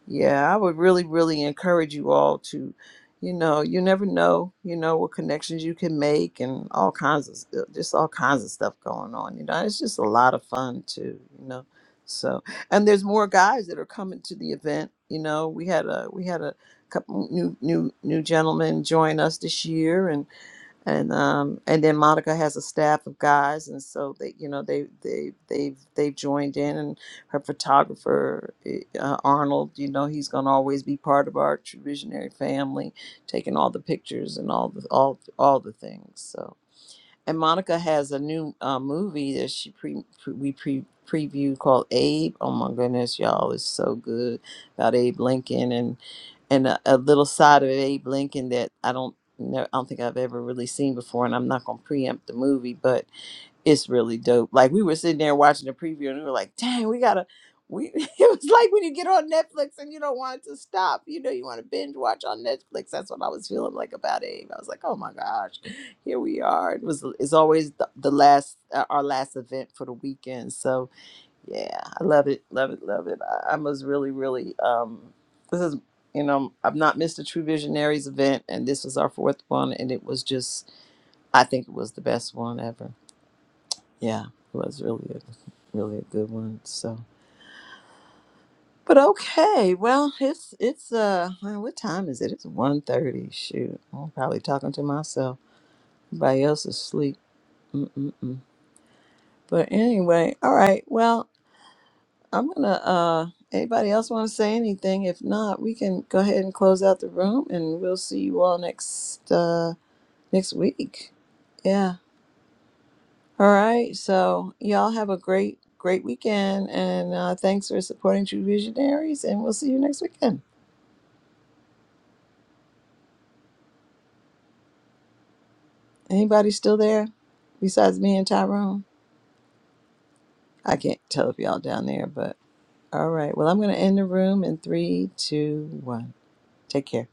yeah, I would really, really encourage you all to, you know, you never know, you know, what connections you can make and all kinds of st- just all kinds of stuff going on. You know, it's just a lot of fun too, you know. So, and there's more guys that are coming to the event. You know, we had a we had a couple new new new gentlemen join us this year, and um and then Monica has a staff of guys and so they you know they they they they've joined in and her photographer eh, uh, Arnold you know he's going to always be part of our visionary family taking all the pictures and all the all all the things So. And Monica has a new uh, movie that she pre, pre we pre previewed called Abe. Oh my goodness, y'all, it's so good about Abe Lincoln and and a, a little side of Abe Lincoln that I don't know, I don't think I've ever really seen before. And I'm not gonna preempt the movie, but it's really dope. Like we were sitting there watching the preview and we were like, dang, we gotta we it was like when you get on Netflix and you don't want it to stop. You know, you want to binge watch on Netflix. That's what I was feeling like about Abe. I was like, oh my gosh, here we are. It was it's always the, the last uh, our last event for the weekend. So yeah, I love it, love it, love it. I, I was really, really um this is you know, I've not missed a True Visionaries event and this was our fourth one and it was just I think it was the best one ever yeah, it was really a really a good one. So, but okay, well, it's it's uh, well, what time is it? It's one thirty. Shoot, I'm probably talking to myself. Everybody else is asleep. Mm-mm-mm. But anyway, all right. Well, I'm gonna. uh Anybody else want to say anything? If not, we can go ahead and close out the room, and we'll see you all next uh next week. Yeah. All right. So y'all have a great, great weekend. And uh, thanks for supporting True Visionaries. And we'll see you next weekend. Anybody still there besides me and Tyrone? I can't tell if y'all down there, but all right. Well, I'm going to end the room in three, two, one. Take care.